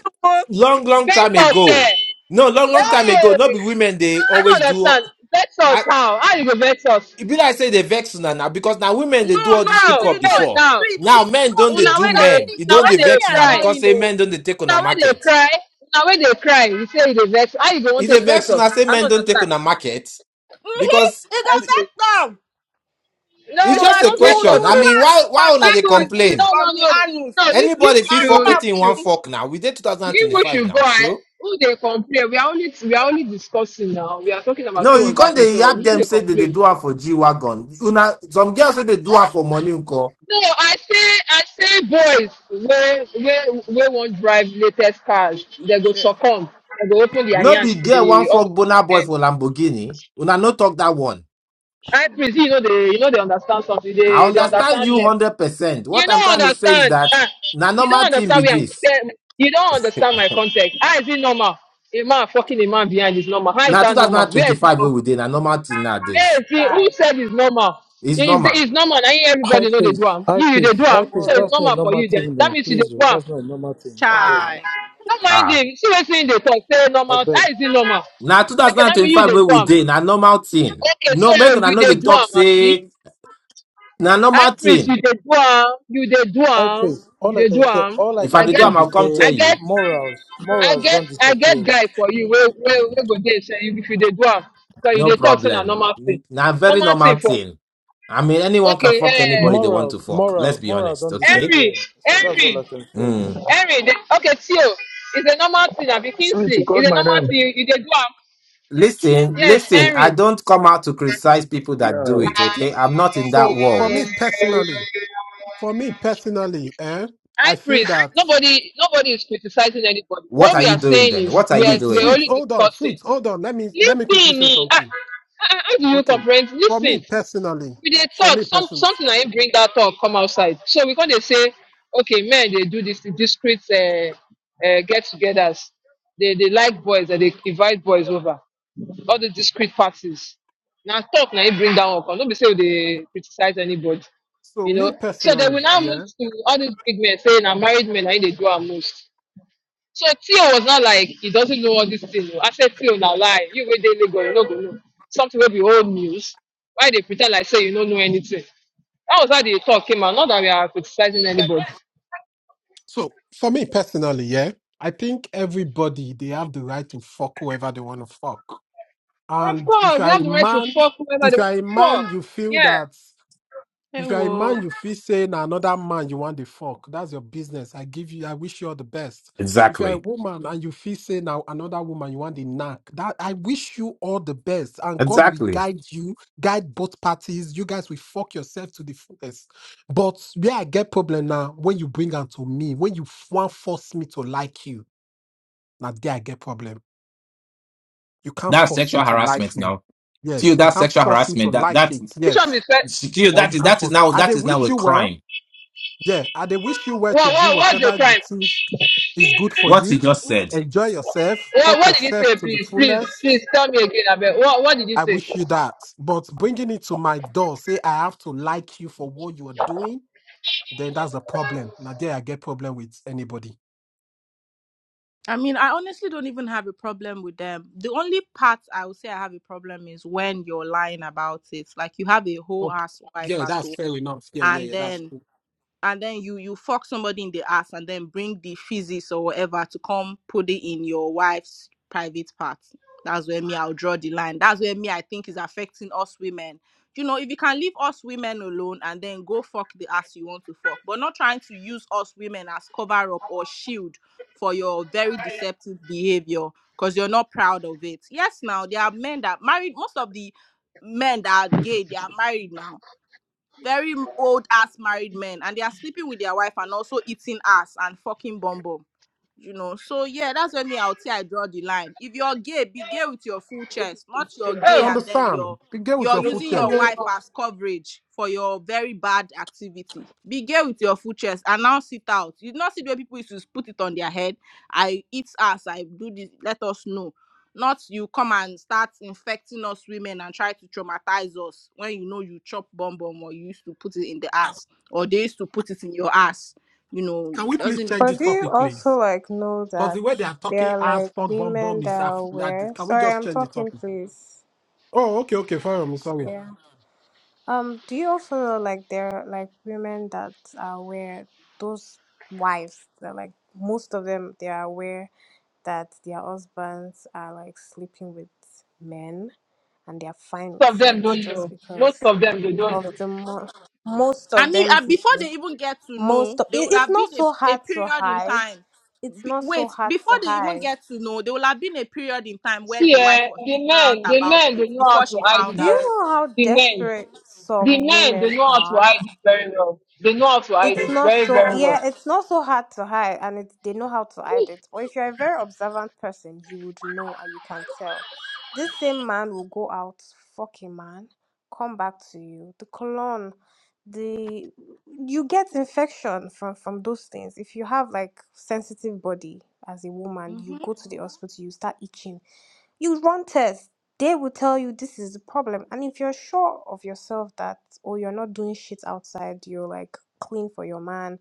L: long long
M: Vex
L: time
M: us, yeah.
L: ago, no long long time ago, not be
M: Hey,
L: women they
M: I
L: always
M: don't
L: do
M: understand. Vex us how? How you go vex us?
L: e be like say they vex una now because now women
J: No,
L: they do all
J: no,
L: this
J: it's no
M: How?
L: hookup
M: Vex
L: before.
M: how?
J: sweet.
L: Now
J: It's no
L: men don't they
J: sweet.
M: Una
L: do
M: wey
J: It's
M: dey,
L: men.
J: actually
L: You
J: it's
M: una
L: don't
M: wey
L: they
M: dey
L: vex
J: actually
L: una
M: cry,
L: because
J: annoying,
L: say
J: though.
L: men don't they take on a
M: una wey dey
L: market.
M: cry, una wey dey cry. You say you dey vex. How you go want
L: If they
M: take vex
L: vex
M: us?
L: una say
M: I don't
L: men don't take
M: understand.
L: on a market
J: Mhm.
L: because
J: It's
M: I
J: does that
M: say
J: down
M: no,
L: it's
M: you
L: just
J: because
L: a
M: no
J: you
M: vex
J: you
L: question.
M: us.
J: will
L: I
M: So
J: go
L: mean,
J: and
L: why why
M: you
L: una they
J: contact
M: go
J: disease
M: no,
L: complain?
J: from
M: no,
J: the
M: no,
J: anus
M: no. You you
L: Anybody feel
J: and
L: fuck
M: should,
J: come
M: you
J: and
L: wetin in
J: put
M: should.
L: one
J: in
L: fuck now? We did
M: You we
L: 2025
M: should go.
L: now,
M: I,
L: sure.
M: who they complain? We are only we are only discussing now. We are talking about
L: No,
M: who
L: you
M: was
L: can't
M: happening.
L: they
M: So
L: yap
M: you know
L: them
M: they
L: say that they
M: complain.
L: do her for G Wagon. Una some girls say they do her for money. unko.
M: No, I say I say boys where where where won't drive latest cars. They go
J: Sure,
M: succumb. They go open their
L: No
M: hands
L: be
M: to
L: girl one
M: the all the
L: fuck boner boy
M: men.
L: for Lamborghini. Una no talk that one.
M: I
J: sure.
M: presume you know they you know they understand something.
L: I
M: They they
L: understand
M: understand
L: you
M: less.
L: hundred percent.
M: You
L: What I'm
M: don't
L: trying to say is
M: understand.
L: that
M: Ah,
L: na
M: you
L: normal
M: don't
L: thing be
M: understand where I'm.
L: this.
M: eh, You don't understand my context. How is it normal? A man fucking a man behind is normal. How is
L: Na
M: that normal? Where is it
L: 2025 wey
M: normal?
L: we dey na normal thing
M: Yeah,
L: nowadays.
M: see, who
J: child.
M: said it's normal?
L: It's
M: It's,
L: normal.
M: it's normal. Now
R: High
M: everybody know they
R: priest,
M: do am.
R: high
M: You, you they do
R: priest, high
M: am. So
R: priest.
M: it's
J: Oh,
R: That's not a
M: normal for
R: normal
M: you then.
R: thing,
M: That
R: though.
M: means you they
R: Please,
M: do
R: oh,
M: am.
R: that's not a normal thing. I beg,
J: Chai.
M: Don't mind
L: Ah,
M: him. See what's in the talk. Say
R: I
M: normal.
R: beg.
M: How is it normal?
L: na
M: Okay, that means you
L: 2025
M: they
L: wey
M: do
L: we
M: am.
L: dey na normal thing.
M: Okay,
L: No,
M: so
L: make
M: you
L: una no
M: they
L: dey
M: do
L: talk
M: am, Abi.
L: say na
M: High
L: normal
M: priest, you
L: thing.
M: they do am. You they do
R: High
M: am.
R: priest.
M: You
R: All I
M: they do
R: can say,
M: am.
R: all I
L: If I
M: I
R: can
L: dey do
M: get,
R: say,
L: am,
R: be
L: I'll come
R: say
M: I
L: tell
M: get,
L: you.
R: morals,
M: I
R: morals
M: get,
R: don't
M: I get
R: disappear.
M: guy for you. Where, where, where go there? Say if you they do am, so you
L: No
M: they talk say na
L: problem.
M: normal thing.
L: Na very
M: Normal thing
L: normal
M: for.
L: thing. I mean, anyone can
M: Okay,
L: fuck
M: eh.
L: anybody they want to
R: Morals,
L: fuck. Let's
R: moral,
L: be
R: moral
L: honest,
R: don't
L: okay?
M: Henry,
R: disappear. So
J: Child. Ew.
R: that's all
M: Henry,
R: I can say.
L: Hmm.
M: Henry. The, okay, Theo. It's a normal thing. Abi
N: Sweet, you
M: Kingsley.
N: called
M: It's a
N: my
M: normal
N: name.
M: thing. You dey do am.
L: Listen,
M: Yes,
L: listen, I
M: Henry.
L: don't come out to criticize people that do
N: Yeah,
L: it, okay? I'm not in that
F: So for
L: world.
F: me personally, for me personally, eh, I
M: High
F: feel
M: priest.
F: that
M: Nobody, nobody is criticizing anybody.
L: What
M: What
L: are
M: we
L: you
M: are
L: doing
M: saying
L: then?
M: is
L: What are
M: we
L: you
M: are
F: sweet,
M: we're
L: doing?
F: sweet,
M: only
F: hold on,
M: discussing.
F: sweet, hold on. Let me let me quickly
M: Listen,
F: say
M: eh, ah,
F: something.
M: ah, ah, how do you
F: Okay.
M: comprehend?
F: For me
M: Listen.
F: personally,
M: we dey
F: for
M: talk
F: me
M: some
F: personally.
M: something na him bring that talk come outside so we come dey say okay men dey do this discreet uh, uh, get-togethers they they like boys and they invite boys over all the discreet parties Now talk na him bring that one come no be say we dey criticize anybody
F: So
M: you
F: me
M: know so they
F: personally,
M: will now move
F: yeah.
M: to all these big men saying na married men na him dey do am most so Theo was not like he doesn't know all this thing. oh. I said Theo now lie. You wait daily go, you no go know. Something will be old news. Why they pretend like say you don't know anything? That was how the talk came out. Not that we are criticizing anybody.
F: So for me personally, yeah. I think everybody they have the right to fuck whoever they want to fuck.
M: Of
F: And if
M: course,
F: you
M: they
F: are
M: have
F: a
M: the right to
F: man,
M: fuck whoever they
F: if you
M: want
F: are a
M: to fuck.
F: man, you feel
M: Yeah.
F: that
J: Hey,
F: if you are a man, you feel saying another man you want the fuck. That's your business. I give you, I wish you all the best. If you are a
L: Exactly.
F: woman and you feel saying now another woman you want the knack, that I wish you all the best. And God will
L: Exactly.
F: guide you, guide both parties. You guys will fuck yourself to the fullest. But where I get problem now, when you bring unto me, when you want force me to like you, now there I get problem. You can't
L: That's
F: force me
L: sexual
F: to like
L: harassment
F: you.
L: now. To
F: Yes.
L: you,
F: You
L: that's
F: can't
L: sexual
F: force me to
L: harassment. That
F: like
L: that
F: it.
M: Which one
F: Yes.
M: is that?
L: to you,
F: Or
L: that
F: you
L: is
F: can't
L: that is
F: force it.
L: now
F: I
L: that
F: they
L: is now
F: wish
L: a
F: you well.
L: crime.
F: Yeah. I they wish you well to
M: What
F: do
M: what what's your
F: whatever you
M: crime?
F: think is good for
L: What you
F: you.
L: just said.
F: Enjoy yourself.
M: What
F: Fuck
M: what did you
F: yourself
M: say?
F: to the
M: Please please please
F: fullest.
M: tell me again. Abel. What what did you
F: I
M: say?
F: wish you that. But bringing it to my door, say I have to like you for what you are doing, then that's a problem. Now there I get problem with anybody.
J: I mean, I honestly don't even have a problem with them. The only part I would say I have a problem is when you're lying about it. Like you have a whole
F: Okay.
J: ass wife
F: Yeah,
J: at home,
F: that's fair enough. Yeah, yeah,
J: and
F: yeah. That's
J: then
F: true.
J: and then you you fuck somebody in the ass and then bring the physics or whatever to come put it in your wife's private part. That's where me I'll draw the line. That's where me I think is affecting us women. You know, if you can leave us women alone and then go fuck the ass you want to fuck, but not trying to use us women as cover up or shield for your very deceptive behavior because you're not proud of it. Yes, now there are men that married most of the men that are gay, they are married now very old ass married men and they are sleeping with their wife and also eating ass and fucking bum bum. You know, so yeah, that's where me I'll say I draw the line. If you're gay, be gay with your full chest, not you're
F: You
J: gay
M: Oh.
J: and then
F: understand?
J: you're
F: You get with
J: you're
F: your full
J: using your
F: chest.
J: wife
M: Most
J: as coverage for your very bad activity. Be gay with your full chest and now sit out. You not see the way people used to put it on their head. I eat ass, I do this, let us know not you come and start infecting us women and try to traumatize us when you know you chop bomb bomb or you used to put it in the ass or they used to put it in your ass you know
F: Can we please
J: doesn't
F: change
J: make
Q: But
F: this
J: sense
Q: do you
F: topic,
J: now.
Q: also
F: please?
Q: like know
F: Because
Q: that
F: the way they are
Q: there
F: talking
Q: are
F: as
Q: like
F: fuck bomb bomb
Q: women that
F: is
Q: are
F: af-
Q: aware?
F: that- can we
Q: Sorry,
F: just
Q: I'm
F: change the
Q: talking,
F: topic?
Q: please.
F: Oh, okay, okay, fine. I'm sorry.
Q: Yeah. Um. Do you also know like there are like women that are aware? Those wives that like most of them they are aware that their husbands are like sleeping with men and they're fine
M: of
Q: with
M: them
Q: it
M: don't
Q: just
M: know. Most
Q: because
M: of them they don't know.
Q: of the mo- most
J: i
Q: of
J: mean
Q: them
J: uh,
Q: do-
J: before they even get to
Q: most
J: know
Q: of
J: there
Q: it,
J: would
Q: it's
J: have
Q: not
J: been a,
Q: so
J: a
Q: hard to
J: period in
Q: hide
J: time
Q: it's
J: be,
Q: not so
J: wait
Q: hard
J: before
Q: to
J: they even
Q: hide
J: get to know there would have been a period in time where the
M: See,
J: wife
M: eh,
J: was
M: the
J: ignorant
M: men, the
J: about
M: men,
J: it
M: they know how
J: before
M: to
J: she
M: hide it
J: found
Q: do you
J: out
M: very
Q: know
M: well.
Q: how
M: The men,
Q: desperate
M: the
Q: some
M: men,
Q: women
M: they know how to
Q: are
M: hide it very well. They know how to hide
Q: It's
M: it
Q: not
M: very,
Q: so
M: very well.
Q: yeah, it's not so hard to hide and it, they know how to hide it. Or if you're a very observant person, you would know and you can tell. This same man will go out, fuck a man, come back to you. The cologne, the you get infection from from those things. If you have like sensitive body as a woman, you go
J: hmm
Q: to the hospital, you start itching you run tests. They will tell you this is the problem. And if you're sure of yourself that, or you're not doing shit outside, you're like clean for your man,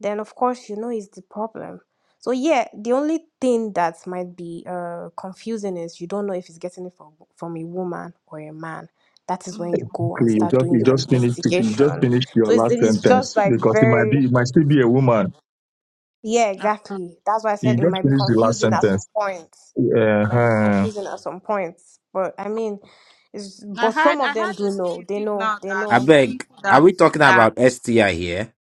Q: then of course you know it's the problem. So yeah, the only thing that might be uh, confusing is you don't know if he's getting it from from a woman or a man. That is when you go and
N: okay. You
Q: start
N: just
Q: doing
N: you
Q: your
N: just finished it. You just
Q: investigation.
N: finished
Q: So
N: your
Q: it's,
N: last
Q: it's just
N: sentence
Q: like
N: because it might
Q: very
N: be it might still be a woman.
Q: yeah,
J: I
Q: exactly. That's why I said
N: You
Q: it
N: just
Q: might be
N: finished the last
Q: confusing at some
N: sentence.
Q: points. It might be
N: Uh-huh.
Q: confusing at some points, but I mean, it's
J: I
Q: but some
J: heard
Q: of
J: I
Q: them
J: heard
Q: do
J: there's
Q: know.
J: a
Q: They
J: disease
Q: know.
J: now
Q: They
J: that
L: I
Q: know.
L: beg.
J: people
L: Are
J: that
L: we talking
J: that
L: about STI here?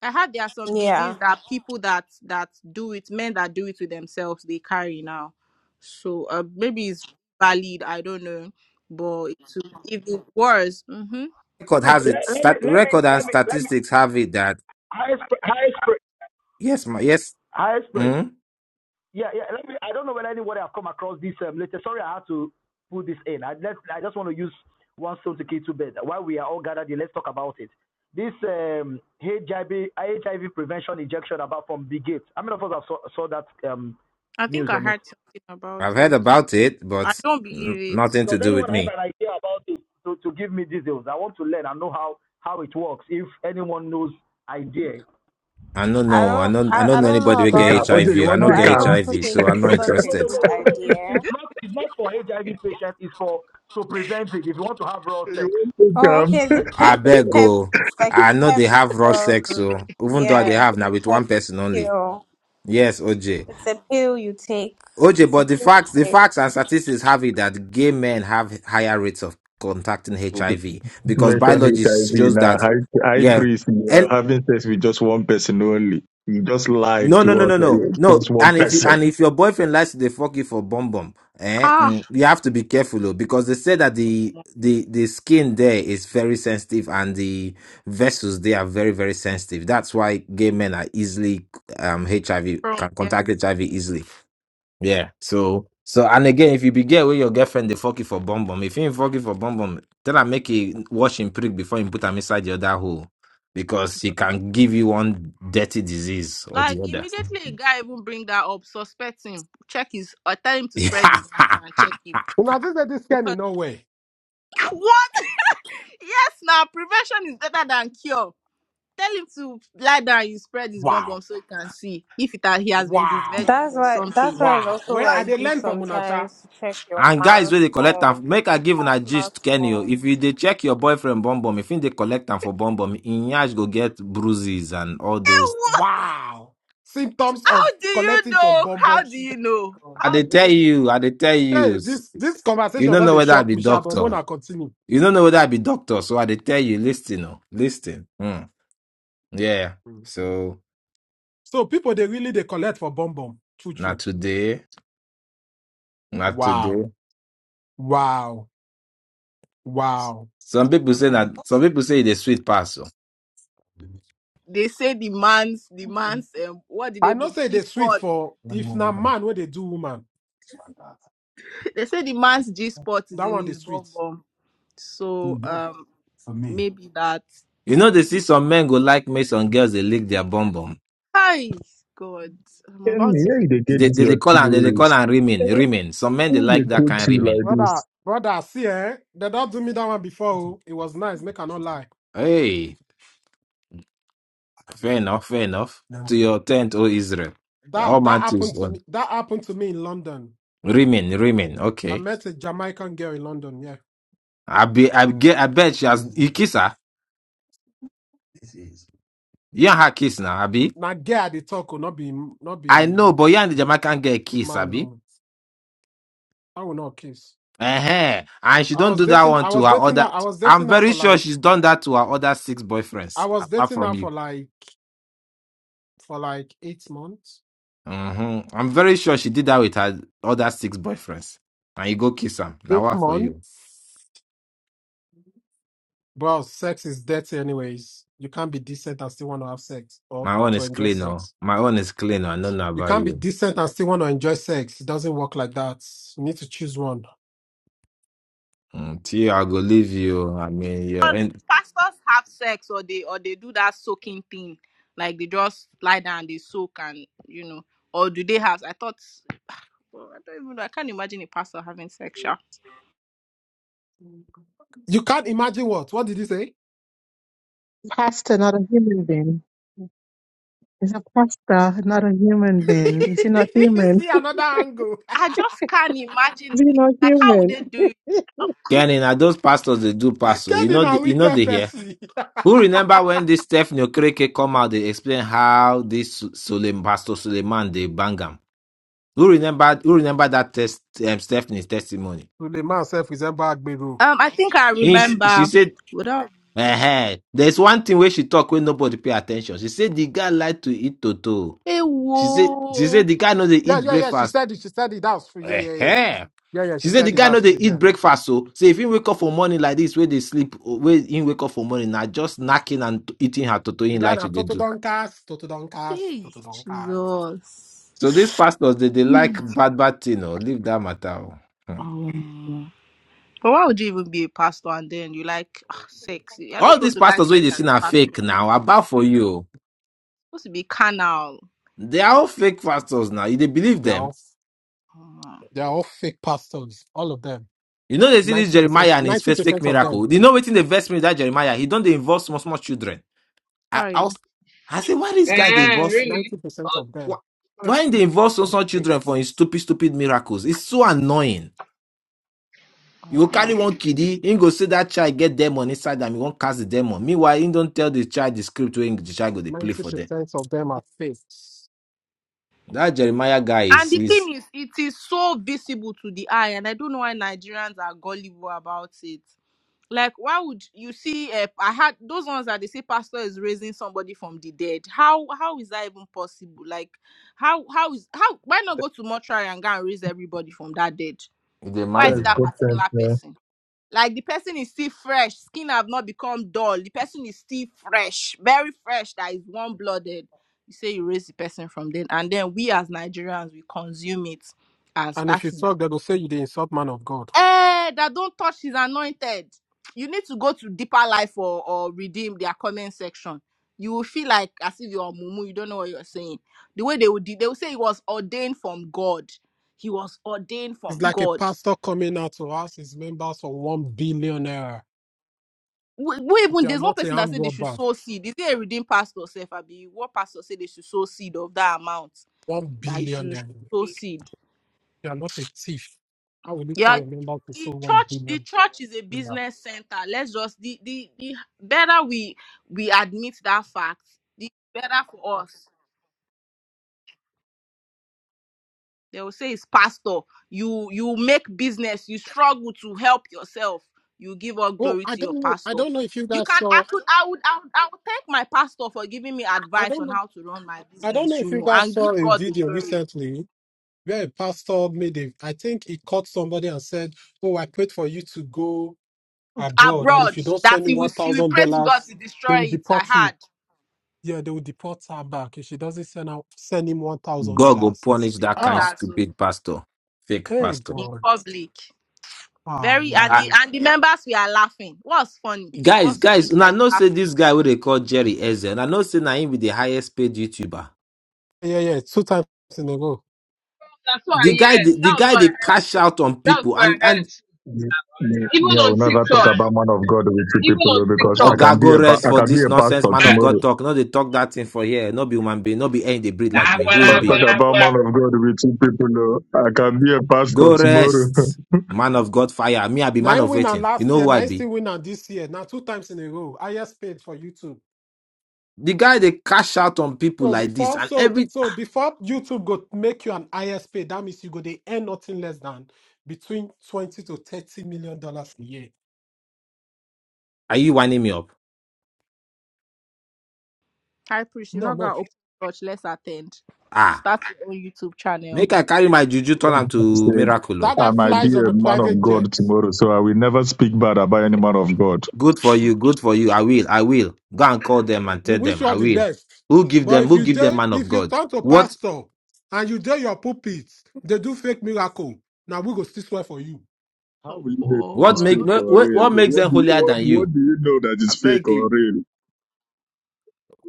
J: I heard there are some
Q: Yeah,
J: disease that people that that do it, men that do it to themselves, they carry now. So uh, maybe it's valid. I don't know, but it will- if it was, hmm
L: Record
B: Please
L: has it
B: let, let me
L: stat
B: let me
L: record and
B: let me let me
L: statistics have it that
B: high experience
L: yes, my yes,
B: high experience
L: mm,
B: Yeah, yeah. Let me, I don't know whether anybody have come across this um, later. Sorry, I had to put this in. I, let, I just want to use one stone to kill two birds. While we are all gathered here, let's talk about it. This um, HIV, HIV prevention injection about from Big Gates. How many of us have saw, saw that um,
J: I think
B: news
J: I
B: on it?
J: heard something about
L: I've heard
J: it.
L: about it,
J: I
L: but
J: don't
L: mm,
J: believe it.
L: nothing to
B: Does
L: do with
B: anyone have
L: me.
B: an idea about it to, to give me details? I want to learn and know how, how it works. If anyone knows idea.
L: I don't
Q: I
L: know. I
Q: don't.
L: don't. I
Q: I,
L: don't
Q: I
L: know
Q: don't know
L: anybody will
N: Take her.
L: get
Q: about
L: HIV. I
N: Okay.
Q: this,
N: you
L: V. I
N: want
Q: but
L: don't
Q: I
N: take
Q: don't
L: get
N: her?
Q: also
L: HIV,
Q: think
L: so I'm not
Q: it's such a
B: No, no, no,
L: interested.
B: no,
Q: good
B: no. no. It's,
Q: idea.
B: it's not it's not for HIV patients. It's for to prevent it. If you want to have raw sex.
N: You want
Q: Oh, okay.
N: take
Q: The
L: I
Q: pep
L: beg
Q: pep.
L: go.
Q: It's like a
L: I know
Q: pep.
L: they have raw sex,
Q: Um,
L: so even though they
Q: yeah,
L: have
Q: the
L: now with one
Q: pep
L: person only.
Q: pill.
L: Yes, OJ.
Q: It's a pill you take.
L: OJ,
Q: It's a
L: but the
Q: pill
L: facts,
Q: you
L: the
Q: take.
L: facts and statistics have it that gay men have higher rates of contracting
N: her?
L: HIV because
J: Mhm.
N: mention
L: biology
N: HIV
L: shows
N: now.
L: that.
N: High, high
L: Yeah,
N: priest, you are having sex with just one person only. You just lied
L: No, no,
N: to
L: no,
N: us
L: no,
N: that
L: no,
N: you
L: no.
N: just one
L: And if you,
N: person.
L: and if your boyfriend likes to dey fuck you for bum bum, eh,
J: Ah,
L: mm, you have to be careful oh, because they say that the the the skin there is very sensitive and the vessels they are very very sensitive. That's why gay men are easily um HIV
J: bro,
L: can
J: yeah.
L: contact HIV easily. Yeah. So so and again, if you be gay with your girlfriend, they fuck you for bum bum. If you ain't fuck you for bum bum, tell her make you wash him prick before you put him inside the other hole because he can give you one dirty disease or
J: Like
L: the other.
J: immediately, a guy even bring that up, suspect him, check his, or tell him
L: [LAUGHS]
J: to spread his mask and check it
F: Una just said this can in
J: because
F: no way.
J: [LAUGHS] what? Yes, now prevention is better than cure. Tell him to lie down. You spread his bum bum
F: Wow.
J: so he can see if it ha- he has been
F: Wow.
J: disvirgin
Q: That's
J: or
Q: why that's
J: something.
Q: why it's
F: Wow.
Q: also
F: Where are
J: 'Cause-
Q: like
F: they
Q: good
F: learn from Unacha?
Q: sometimes to check your
L: and guys
Q: man's
L: wey dey collect
Q: phone,
L: am make i
Q: your
L: give una gist
Q: partner's
L: kenny o
Q: phone.
L: if you dey check your boyfriend bum bum if you dey collect am for bum bum him yansh go get bruises and all
J: Eh,
L: those
J: what?
F: Wow. Symptoms of
J: How do you
F: collecting from
J: know?
F: bomb bomb.
J: How do
F: She-
J: you know?
L: i
J: How
L: dey
F: [LAUGHS]
L: tell you i dey tell you
F: hey, this this
L: you
F: conversation
L: no
F: that
L: know
F: they
L: whether i
F: shock
L: be
F: Michelle, but
L: doctor
F: Mona continue.
L: you no know whether i be doctor so i dey tell you listen o listen hmm yeah
F: Mm.
L: so
F: So people they really they collect for bomb bomb. True,
L: na
F: true.
L: today na
F: Wow.
L: today
F: Wow. Wow.
L: some people say na some people say e dey sweet pass o
J: they say the man's the man's um, what did
F: I
J: they
F: know
J: put
F: say
J: G
F: they sweet
J: spot?
F: for if na man where they do woman.
J: [LAUGHS] They say the man's G spot is
F: That
J: in
F: one they
J: his bum
F: sweet.
J: bum. So um maybe that.
L: you know they see some men go like make some girls dey lick their bum bum
J: Hi God, I'm
N: And
J: about
N: where they get
L: They,
N: this
L: they, they
N: your
L: call and they, they call
N: theories?
L: and
N: And
L: remain, remain. Some men they
N: Who they
L: like that
N: quote
L: kind of
N: you
L: remain.
N: like
F: Brother,
N: this?
F: brother, see eh? They don't do me that one before. oh. It was nice, make I not lie.
L: Hey, fair enough, fair enough. To your tent, O Israel.
F: That
L: All
F: that
L: my
F: happened
L: tools
F: to
L: one.
F: me. That happened to me in London.
L: Remain, remain.
F: I
L: Okay.
F: met a Jamaican girl in London, yeah.
L: I be I get I bet she has you kiss her. You and her kiss now, Abby.
F: Now girl they talk will not be not
L: I know,
F: be
L: but you and the Jamaican girl kiss,
F: man
L: Abby.
F: no. I will not kiss.
L: uh And she
F: I
L: don't
F: was
L: do that
F: dating
L: one
F: I
L: to
F: was
L: her
F: dating
L: other.
F: her I was
L: I'm
F: dating her
L: very
F: for
L: sure
F: like
L: she's done that to her other six
F: I
L: boyfriends,
F: was
L: apart
F: dating
L: from
F: her
L: you.
F: for like for like eight months.
L: hmm I'm very sure she did that with her other six boyfriends. And you go kiss them. Now
F: Eight
L: what for
F: months.
L: you?
F: Well, sex is dirty anyways. You can't be decent and still want to have sex or
L: My own
F: to
L: is
F: enjoy
L: clean, oh.
F: sex.
L: My own is clean. oh. I don't know
F: You
L: about
F: can't be
L: you.
F: decent and still want to enjoy sex. It doesn't work like that. You need to choose one.
L: Mm, T, I go leave you. I mean, yeah. And
J: pastors have sex or they or they do that soaking thing like they just lie down they soak and you know or do they have i thought [SIGHS] well, i don't even know i can't imagine a pastor having sex sha.
F: You can't imagine what? What did you say?
P: pastor, not a human being. He's a pastor, not a human being. Is he not
F: [LAUGHS]
P: human?
F: See another angle.
J: i just can't imagine
P: Is he
J: it.
P: not
J: like how would
P: human?
J: they do it
L: Kenny, now those pastors they do pastor. You
F: Kenny
L: know,
F: na
L: the, you know
F: wicked
L: they here.
F: person.
L: Who remember when this Stephanie Okereke come out? They explain how this Suleiman, Pastor Suleiman they bang him. Who remember? Who remember that test? Um, Stephanie's testimony.
F: Suleiman self resemble Agbero.
J: um i think i
L: He, she
J: remember
L: said
J: without
L: uh There's one thing where she talk when nobody pay attention. She said the guy like to eat toto.
J: hey
L: She said she
J: whoa
L: said the guy know they
F: Yeah,
L: eat
F: yeah, yeah. She
L: breakfast.
F: said it. She said it. That's free. Yeah,
L: uh
F: yeah, yeah. Yeah, yeah.
L: She
F: She
L: said the
F: said it.
L: guy know
F: That's
L: they
F: free.
L: eat
F: Yeah.
L: breakfast. So say if he wake up for morning like this, where they sleep, where he wake up for morning, now just snacking and eating her toto
F: The
L: in
F: guy
L: like she
F: that
L: they
F: Toto
L: do.
F: Donkas, Toto Donkas,
J: hey
F: Toto Donkas.
J: jesus
L: So these pastors they, they
J: Hmm.
L: like bad bad thing or leave that matter. oh. Hmm.
J: Um, but why would you even be a pastor and then you like ah, sex you're not
L: All these
J: supposed to like
L: pastors where
J: sex
L: they
J: as
L: seen are
J: a pastor
L: fake now. About for you, oh.
J: you're supposed to be carnal
L: they are all
J: like
L: fake pastors now. You they believe
F: They're
L: them?
F: all, they're all fake pastors. All of them.
L: You know they see this Jeremiah
F: 90%,
L: and his first fake
F: 90% of them.
L: miracle. You know waiting the verse me that Jeremiah. He don't they involve small small children. I, I
J: Sorry.
L: was I say why this guy they
F: 90,
M: Eh,
L: involve
M: really?
F: 90%
M: Oh,
F: of
L: why
F: them.
L: why they involve small
F: are
L: small
F: fake.
L: children for his stupid stupid miracles? It's so annoying. You go
J: Uh,
L: carry one kiddie, him go see that child get demon inside them, he won't cast the demon. Meanwhile, he don't tell the child the script when the child go they play for them.
F: 90% of them are fake.
L: That Jeremiah guy
J: And
L: is
J: the
L: is
J: thing is, it is so visible to the eye, and I don't know why Nigerians are gullible about it. Like, why would you see? Uh, I had those ones that they say pastor is raising somebody from the dead. How how is that even possible? Like, how how is how why not go to mortuary and go and raise everybody from that dead?
L: in the
J: Why is
N: That
L: mind.
J: it
N: is
J: that
N: content
J: particular
N: now.
J: person? Like the person is still fresh, skin have not become dull. The person is still fresh, very fresh, that is warm blooded. You say you raise the person from then, and then we as Nigerians we consume it as
F: And if
J: that
F: you
J: is
F: talk, they go say you the insult man of God.
J: eh that don't touch is anointed. You need to go to deeper life or, or redeem their comment section. You will feel like as if you're mumu, you don't know what you're saying. The way they would they would say he was ordained from God. He was ordained
F: It's
J: from
F: like a
J: God.
F: pastor coming out to ask his members for one billionaire.
J: wh- wait
F: If
J: even
F: you are
J: there's one
F: not a
J: person that
F: hand
J: said they should
F: robber,
J: sow seed. Is it a redeemed pastor self? I be what pastor said they should sow seed of that amount
F: one
J: that you should
F: billionaire.
J: sow seed.
F: You are not a thief. How will you tell
J: Yeah,
F: your member to sell
J: the
F: one
J: church the
F: billion
J: church is a
F: naira?
J: business center. Let's just the the, the better we we admit that fact, the better for us. They will say it's pastor. You you make business. You struggle to help yourself. You give all
F: Oh,
J: glory
F: I
J: to
F: don't
J: your
F: know. I
J: pastor.
F: don't know if you
J: You
F: guys
J: can I
F: saw.
J: could I would I would, I would thank my pastor for giving me
F: I
J: advice
F: don't
J: on
F: know.
J: how to run my
F: I don't know
J: business, you
F: if you
J: know,
F: guys
J: and
F: saw
J: give
F: a
J: God the
F: video
J: glory.
F: recently where a pastor made a. I think he caught somebody and said, "Oh, I prayed for you to go abroad, and if
J: Abroad,
F: you don't
J: that
F: send me
J: he will
F: one
J: he will
F: thousand
J: pray to God
F: dollars,
J: to
F: they
J: destroy
F: will
J: it. I
F: deport you."
J: had
F: Yeah, they will deport her back if she doesn't send out send him one thousand
L: God go
F: dollars.
L: punish that kind
F: Ah,
J: dollars oh,
L: stupid pastor, fake
F: hey
L: pastor.
J: in
F: God,
J: public.
F: ah
J: Very and the
F: man,
J: and the members we are laughing. What's funny?
L: Guys,
J: What's funny
L: guys, una
J: that you're
L: know say
J: laughing?
L: this guy wey they call Jerry Ezel, I know say na him be the highest paid YouTuber.
F: yeah, yeah, two times in a row.
M: That's what I
L: The guy,
M: heard.
L: the, the
M: That was what
L: guy, they
M: I heard.
L: cash out on
M: That was
L: people
M: what I
L: and and
M: heard.
N: Me, me, me,
M: Even
N: I
M: on
N: will never talk
M: TikTok,
N: about man of God with you
M: even
N: people oh,
M: on
N: because I
M: TikTok.
N: can
L: Oga
N: be
L: go
N: a pa-
L: rest
N: I
L: for
N: can be
L: this
N: a
L: nonsense
N: pastor
L: man of
N: tomorrow.
L: God talk. No, they talk that thing for here. No be human being, no be any they breed like me. Who him
N: Don't talk
L: be?
N: about man
M: Very
N: of God with you people. oh. I can be a pastor
L: Go
N: tomorrow. [LAUGHS]
L: rest, man of God fire. Me, I be man
F: Nine
L: of
F: winner
L: waiting. You
F: last
L: know
F: year,
L: who I
F: nine
L: be?
F: still win this year. Now two times in a row, highest paid for YouTube.
L: The guy they cash out on people
F: So
L: like this,
F: before,
L: and
F: so
L: every
F: so before YouTube go make you an highest paid, that means you go they earn nothing less than between twenty to thirty million dollars a year.
L: are you winding me up?
J: High priest, you're
F: No,
J: not
F: no,
J: gonna open church. Let's attend.
L: Ah,
J: Start your own YouTube channel.
L: make I carry my juju turn am to
N: said,
L: miracle. oh.
F: that
N: I
F: guy
N: might be
F: flies on
N: a
F: a
N: man of
F: private
N: God
F: jet.
N: tomorrow, so I will never speak bad about any man of God.
L: Good for you. Good for you. I will. I will. Go and call them and
F: we
L: tell
F: wish
L: them.
F: you all
L: I
F: the
L: will.
F: best.
L: Who give
F: But
L: them?
F: if
L: Who
F: you
L: give them
F: dare,
L: man of
F: if you
L: God?
F: talk to
L: What?
F: pastor and you dare your pulpits, they do fake miracle. Now we go still swear for you.
N: How
J: Oh
N: will you know if
L: What
N: it's
L: make?
J: boy.
N: fake or
L: What,
N: real?
L: what makes
N: What
L: them
N: do you,
L: holier
N: what,
L: than you?
N: what do you know that
L: I
N: it's fake
L: beg
N: or
L: you.
N: real?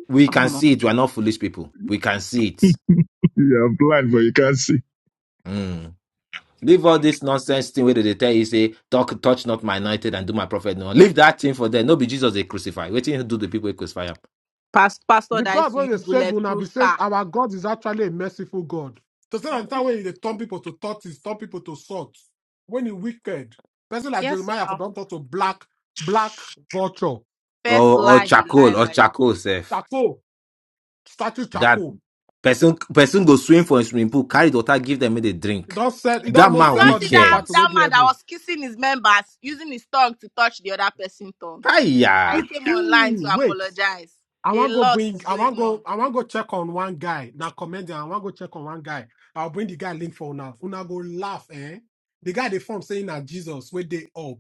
L: We
J: Oh
L: can
J: my.
L: see it. We are not foolish people. We can see it.
N: [LAUGHS] you are blind, but you can't see.
L: Mm. Leave all this nonsense thing where they tell you say, "Talk, touch not my anointed and do my prophet." No, leave that thing for them. No, be Jesus they crucify. Waiting to do the people they crucify him.
J: Past pastor
F: The
J: that
F: God
J: used to
F: when they
J: use
F: save will not be
J: bulletproof
F: saved.
J: car.
F: Our God is actually a merciful God. To say
J: hmm
F: that when they turn people to tortoise, turn people to salt. When he wicked, person like
J: Yes,
F: Jeremiah for
J: now.
F: don't talk to black, black vulture,
J: First
L: Or, or
J: lie, he lie
L: charcoal, or
J: like.
L: charcoal, self.
F: charcoal, statue
L: That
F: charcoal.
L: person person go swim for a swimming pool, carry the water, give them make they
F: He
L: drink.
F: don't sell, he don't
J: eh,
L: That
F: almost
J: you
L: man
F: sell
J: not
F: all the
J: see that
L: wicked.
F: property
J: that
F: with the
J: man that
F: heaven.
J: was kissing his members using his tongue to touch the other person's tongue. I
L: Hiya.
J: came online
F: [LAUGHS]
J: to
F: Wait.
J: apologize.
F: I
J: A
F: want go
J: lot
F: bring.
J: is
F: I want
J: going
F: go.
J: on.
F: I want go check on one guy. Now, commander, I want go check on one guy. I'll bring the guy link for now. Una Una go laugh, eh? The guy they form saying that Jesus when they up,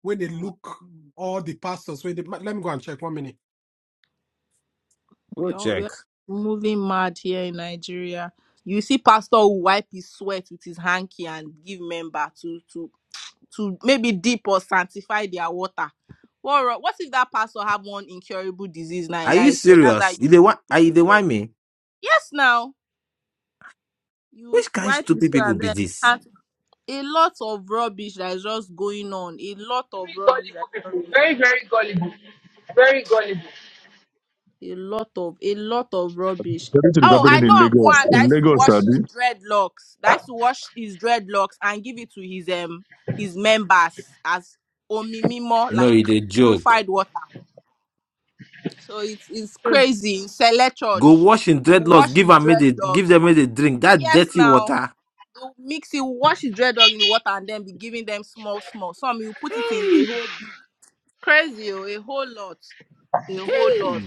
F: when they
J: Omo,
F: look all the pastors when they ma- let me go and check one minute.
L: Go
J: We are, we
L: check.
J: are moving mad here in Nigeria. You see, pastor will wipe his sweat with his hanky and give member to to to maybe dip or sanctify their water. What, ro- what if that pastor have one incurable disease now
L: Are
J: and
L: you
J: that is sweat? That's how
L: serious?
J: you
L: You they want are you they
J: yourself.
L: want me?
J: Yes, now you
L: Which kind of
J: wipe his
L: stupid
J: sweat
L: people
J: and
L: be
J: then
L: this?
J: start a lot of rubbish that is just going on. A lot of rubbish that
M: gullible
J: is
M: people.
J: just going on.
M: Very, very gullible. Very gullible.
J: A lot of a lot of rubbish.
N: Everything is
J: Oh, I
N: happening
J: know
N: in
J: of
N: Lagos.
J: one that
N: In
J: used to
N: Lagos,
J: wash his
N: Abi,
J: dreadlocks. That used to wash his dreadlocks and give it to his um his members as omimimo,
L: No,
J: like
L: it a joke.
J: purified water. So it's it's crazy. Select
L: Go
J: church.
L: wash in
J: You
L: dreadlocks,
J: wash
L: give
J: his
L: them made they give
J: dreadlocks.
L: them made they drink. That
J: Yes,
L: dirty
J: now
L: water.
J: you mix you wash his dreadlock in the water and then be giving them small, small. Some you put it in a
L: Hey,
J: whole big crazy, oh, a whole lot, a whole
L: hey.
J: lot.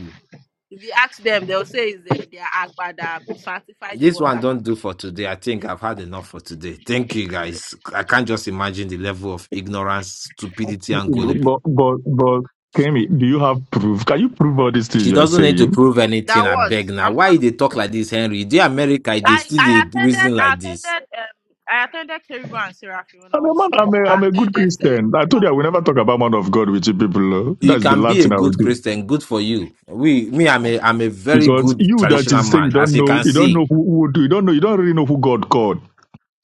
J: If you ask them, they'll say it's their, their agba that sanctified the
L: This one
J: water.
L: don't do for today. I think I've had enough for today. Thank you guys. I can't just imagine the level of ignorance, stupidity, and gullibility
N: but, but, but, Kemi, do you have proof? Can you prove all these things
L: She
N: you are
L: doesn't need to
N: saying?
L: prove anything.
J: That
L: I
J: what?
L: beg now.
J: I'm
L: Why
J: coming.
L: they talk like this, Henry? The America, they
J: I
L: still they
J: I attended
L: reason
J: I
L: like this.
J: attended um I attended Caribou and Seraphim when I
N: I'm a
J: was
N: man.
J: small.
N: I'm a, I'm
J: I
N: a good
J: attended
N: Christian. I told
J: Celestial.
N: you I will never talk about man of God with you people. oh.
L: You
N: That's the
L: can
N: last
L: be a
N: thing I will
L: good
N: do.
L: Christian, good for you. We, me, I'm a, I'm a very
N: Because
L: good
N: you that
L: traditional
N: is saying you
L: man, as
N: don't
L: you
N: know,
L: can
N: you don't
L: see.
N: know who, who do, you don't know, you don't really know who God called.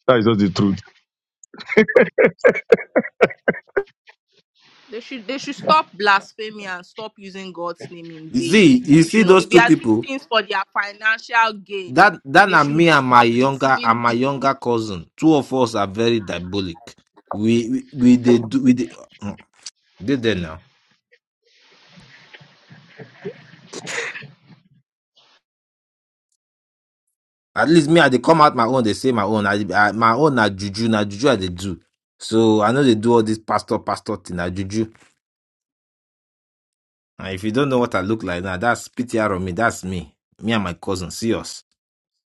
N: That is just the truth.
J: They should they should stop blasphemy and stop using God's name in
L: You
J: vain.
L: see, you
J: You
L: see
J: know,
L: those
J: if they
L: two
J: are doing
L: people.
J: things for their financial gain,
L: That, that
J: they
L: are
J: should
L: me and my
J: stop
L: younger
J: deceiving
L: and my
J: people.
L: younger cousin. Two of us are very diabolic. We, we, we they do, we they, [CLEARS THROAT] they there now. At least me, I they come out my own. They say my own. I, I my own na juju, na juju. I they do. So I know they do all this pastor, pastor thing. Na juju. And if you don't know what I look like now, that's PTR on me. That's me. Me and my cousin. See us.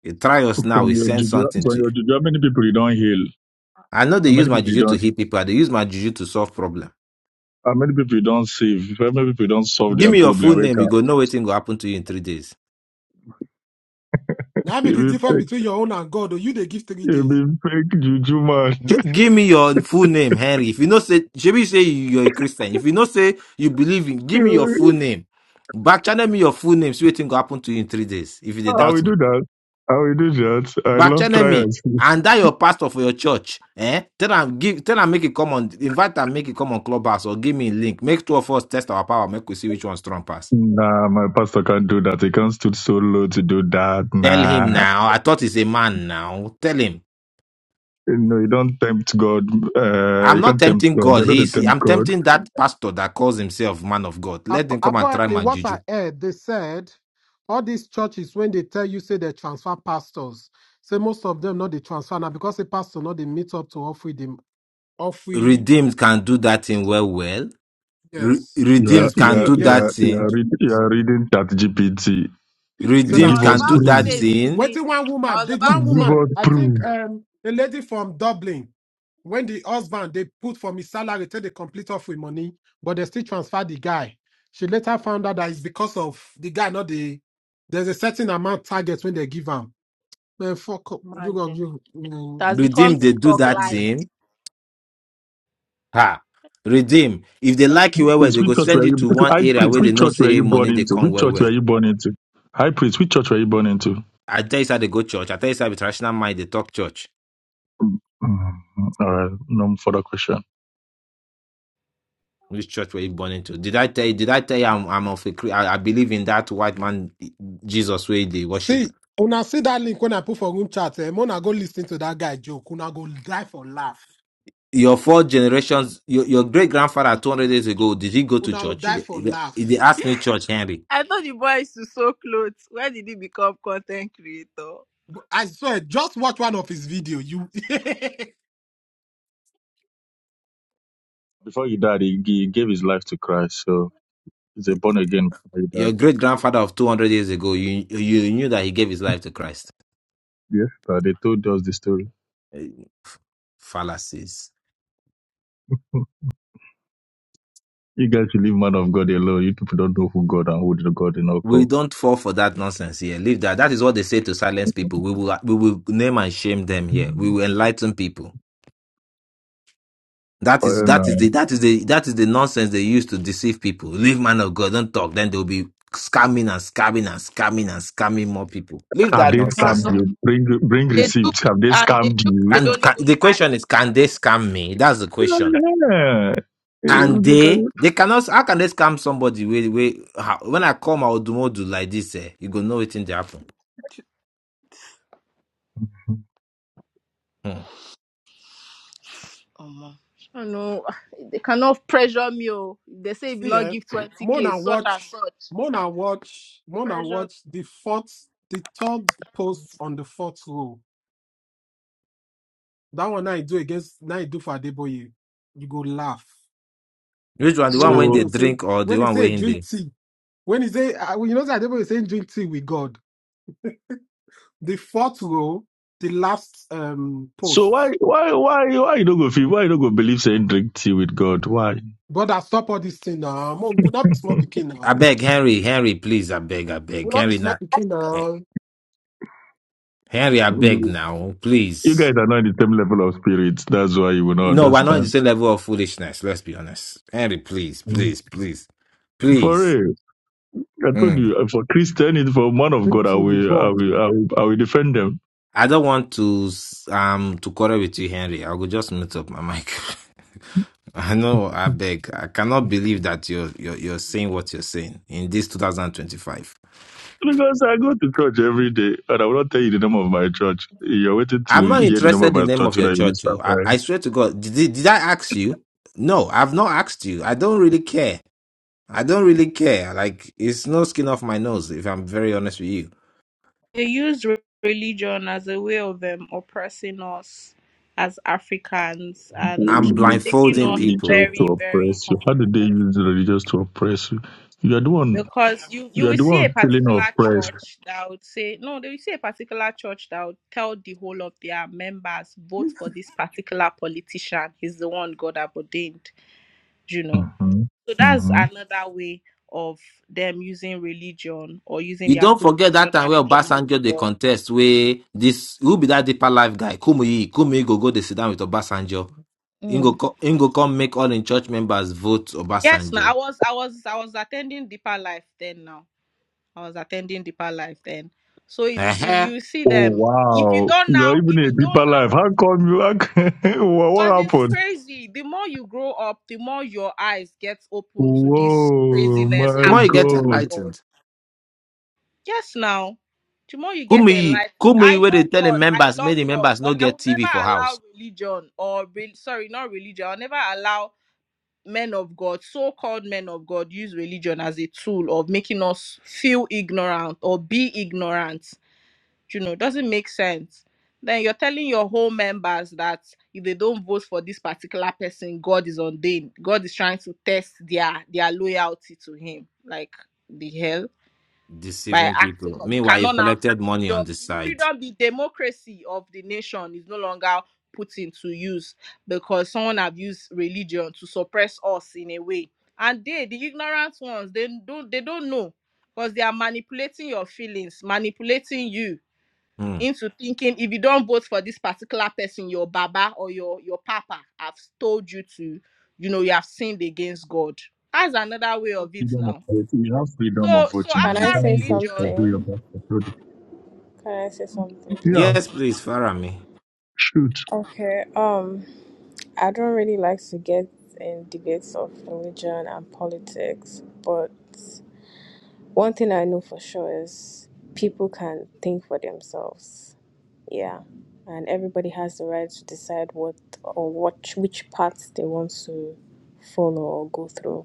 L: They try us now.
N: From
L: We
N: your
L: send
N: juju,
L: something
N: from
L: to you.
N: your juju, how many people you don't heal?
L: I know they
N: How
L: use
N: many
L: my
N: people you
L: juju to
N: don't?
L: hit people. I they use my juju to solve problem.
N: How many people you don't save? How many people you don't solve
L: Give
N: their
L: me your
N: problem?
L: full
N: We
L: name. You
N: can.
L: go know what thing go happen to you in three days.
F: Now be the
N: You be
F: difference
N: fake,
F: between your own and God. Or you they give three
N: you
F: days.
N: be fake juju man.
L: Ju- give me your full name, Henry. If you not say, should we say you- you're a Christian? If you not say you believe in,
N: [LAUGHS]
L: give me your full name. Back channel me your full name. See what thing go happen to you in three days if you dey
N: How we
L: doubt me.
N: do that? How we do that? I
L: Back
N: love
L: channel me
N: trials. [LAUGHS]
L: and that your pastor for your church. Eh? Tell him give. Tell him make it come on. Invite and make it come on clubhouse or give me a link. Make two of us test our power. Make we see which one strong pass.
N: Nah, my pastor can't do that. He can't stood so low to do that.
L: Tell him
N: Nah.
L: now. I thought he's a man now. Tell him.
N: No, you don't tempt God. Uh,
L: I'm
N: you
L: not
N: can't tempt
L: tempting
N: God.
L: God.
N: I know they
L: He's.
N: tempt
L: I'm
N: God.
L: tempting that pastor that calls himself man of God. Let
F: App-
L: him come and try
F: Apparently,
L: my
F: what
L: juju.
F: I heard, they said all these churches when they tell you say they transfer pastors, say most of them not they transfer now because the pastor not they meet up to offer them offer.
L: redeemed can do that thing well well Re-
F: Yes.
N: You are,
L: redeemed
F: Yes, we
N: you
L: can
N: are,
F: did.
L: do
N: you
L: that
N: are,
F: Yes.
N: you
L: thing
N: are, read, you are reading ChatGPT.
F: So now
J: I
L: redeemed
N: Give
J: was
F: chat
N: us
L: can do
J: about to
N: proof.
L: that
J: say
F: GPT.
J: it's
F: did
L: thing
J: redeemed.
F: one
J: I
F: woman.
J: was
F: Did
J: about
F: one
J: to say
N: Give
F: woman,
N: us
F: I
J: redeemed.
N: proof.
F: think um a lady from Dublin, when the husband they put for his salary till they complete off with money, but they still transfer the guy. She later found out that it's because of the guy, not the there's a certain amount target when they give him. Man, fuck up. You
J: Imagine.
F: go
J: It
F: you
J: has become
L: redeemed they do
J: TikTok
L: that
J: life.
F: man.
L: thing ha redeem if they
N: High
L: like you well well
N: priest,
L: they
N: which
L: go
N: church
L: send
N: were
L: you
N: you?
L: to one
N: High
L: area
N: priest,
L: where they
N: which
L: know
N: church were
L: say
N: you born
L: money they
N: into?
L: come
N: Which
L: well
N: church
L: well
N: were you born into? High priest, which church were you born into?
L: i tell you how they go church i tell you how with rational mind they talk church
N: Mhm. All right, no further question.
L: which church were you born into did i tell you did i tell you i'm, I'm of a Cre- I, I believe in that white man jesus way they worship
F: see when I see that link when I put for room chat, eh, Mona go listen to that guy joke. Una go die for laugh.
L: your four generations, your, your great grandfather 200 years ago, did he go to
F: Una will
L: church?
F: die
L: He-
F: for
L: he- They
F: laugh.
L: asked me, Church Henry,
J: I thought the boy used to sew clothes. Where did he become content creator? No,
F: I swear, just watch one of his video. You
N: Before he died, he, he gave his life to Christ, so he's a born again. Before he
L: your
N: died.
L: great grandfather of 200 years ago, you, you knew that he gave his life to Christ.
N: Yes, but they told us the story.
L: Fallacies.
N: You guys should leave man of God alone. You people don't know who God and who the God in all
L: We
N: call.
L: don't fall for that nonsense here. Leave that. That is what they say to silence people. We will we will name and shame them here. We will enlighten people. That is that is the that is the that is the nonsense they use to deceive people. Leave man of God, don't talk. Then they'll be scamming and scamming and scamming and scamming more people. Leave
N: Have
L: that
N: they
L: nonsense.
N: scammed
J: no.
N: you? Bring bring
J: They do
N: receipts.
J: it
N: Have they
J: and they
N: scammed
J: do they
N: you?
L: Can,
J: don't
L: can
J: even
L: the
J: hide
L: question
J: it
L: is can they
J: now.
L: scam me? That's the question.
N: Yeah.
L: Can
N: If they
L: they?
N: can.
L: They cannot. How can they scam somebody? Wait, wait. How, when I come, I will do more do like this. Eh, you go know what in the happen. Hmm.
J: Omo, I don't know. [SIGHS] They cannot pressure me. Oh. They
F: [LAUGHS]
J: say if you
F: see,
J: not
F: eh?
J: give
F: [CLEARS THROAT]
J: 20k,
F: Mona
J: such and
F: watch,
J: such.
F: Mona watch, Mona
J: Pressure.
F: watch the fourth, the third post on the fourth row. That one I do against, now I do for Adeboye. You go laugh
L: Which one? The
F: when
L: one when
N: So
L: they
F: Adeboye say,
L: drink or the
F: when he
L: one
F: say
L: when
F: drink
L: they?
F: tea, when he say, uh, you know, that Adeboye saying drink tea with God. The fourth row, the last um
N: so why
F: post.
N: why why why you don't go feel why you don't go believe saying drink tea with God? Why?
F: Brother, stop all this thing now. Mo- Not small picking
L: I
F: now.
L: beg Henry, Henry, please. I beg, I beg
F: Well, that
L: Henry.
F: is
L: Now,
F: not picking now.
L: Henry, I beg
N: No.
L: now,
N: You guys
L: please.
N: are not in the same level of spirit. That's why you will not
L: No, we're not in the
N: understand.
L: same level of foolishness. Let's be honest. Henry, please, please, please,
N: For
L: please.
N: real. I told
L: Hmm.
N: you uh, for Christian it's for man of God
F: Thank
N: I
F: you,
N: will I
F: God.
N: will I will, I will defend them.
L: I don't want to um to quarrel with you, Henry. I will just mute up my mic. [LAUGHS] I know. I beg. I cannot believe that you're you're you're saying what you're saying in this 2025.
N: Because I go to church every day and I will not tell you the name of my church. You're waiting
L: I'm
N: to
L: not
N: hear the name of
L: interested in
N: my
L: the name
N: church
L: of
N: so
L: your
N: that you will
L: church. oh.
N: start
L: I, I swear to God. Did, did I ask you? No, I've not asked you. I don't really care. I don't really care. Like it's no skin off my nose. If I'm very honest with you,
J: They used re- religion as a way of um, oppressing us as Africans and
L: I'm
J: making
L: blindfolding
J: us
L: people.
N: Religious to
J: very, very
N: oppress you. How did they
J: humble.
N: use the religious to oppress you? You are the one.
J: Because you, you
N: You are
J: will
N: the
J: see a
N: one feeling
J: particular
N: oppressed.
J: church that would say, no, they will see a particular church that would tell the whole of their members, vote for this particular politician. He's the one God have ordained, you know.
N: hmm
J: So that's
N: hmm
J: another way of them using religion or using
L: You
J: their
L: don't forget that
J: position
L: time
J: as
L: where
J: the man of
L: Obasanjo they
J: God.
L: contest where this who be that deeper life guy Kumuyi Kumuyi go go they sit down with Obasanjo. Ingo
J: Mm.
L: co- Ingo come make all in church members vote
J: Yes, now I
L: Obasanjo.
J: was I was I was attending deeper life then now. I was attending deeper life then. So it's is
L: Uh-huh.
J: you see
N: Oh
J: them if you
N: wow!
J: don't
N: You are
J: now,
N: even
J: if
N: a
J: you don't
N: deeper
J: now,
N: life. How come you? How come, [LAUGHS] what, what
J: because it's
N: happened?
J: crazy. The more you grow up, the more your eyes get open to this
N: Whoa!
J: craziness
N: My
L: Tomorrow you
J: happening
L: get
J: in
N: God!
J: the world.
L: enlightened.
J: Yes, now. The more you get
L: Kumuyi
J: enlightened,
L: Kumuyi
J: I
L: where
J: know
L: they tell the
J: God. I
L: members make
J: love
L: the
J: God,
L: members no
J: but I
L: get
J: will
L: TV for
J: never
L: house
J: allow religion or re- sorry, not religion. I'll never allow men of God, so-called men of God, use religion as a tool of making us feel ignorant or be ignorant. You know, doesn't make sense. Then you're telling your whole members that if they don't vote for this particular person, God is on them. God is trying to test their their loyalty to Him. Like the hell by
L: deceiving
J: acting
L: people.
J: up. You
L: Meanwhile you've
J: cannot now have
L: collected money on
J: freedom.
L: the
J: The
L: side.
J: freedom, the democracy of the nation is no longer put into use because someone abused religion to suppress us in a way. And they, the ignorant ones, they don't they don't know because they are manipulating your feelings, manipulating you
L: Hmm.
J: into thinking if you don't vote for this particular person, your baba or your your papa have told you to, you know, you have sinned against God. That's another way
N: You have
J: of it
N: freedom of
J: now.
N: voting. You have freedom of
J: So so
N: voting.
Q: Can
N: You
Q: I
J: after
Q: say
N: don't vote for
J: religion,
N: who
Q: something?
N: you're about to vote.
Q: Can I say something
N: Yeah,
Q: please?
L: Yes, please Farah me.
N: shoot.
Q: Okay. Um I don't really like to get in debates of religion and politics, but one thing I know for sure is people can think for themselves. Yeah. And everybody has the right to decide what or what which paths they want to follow or go through.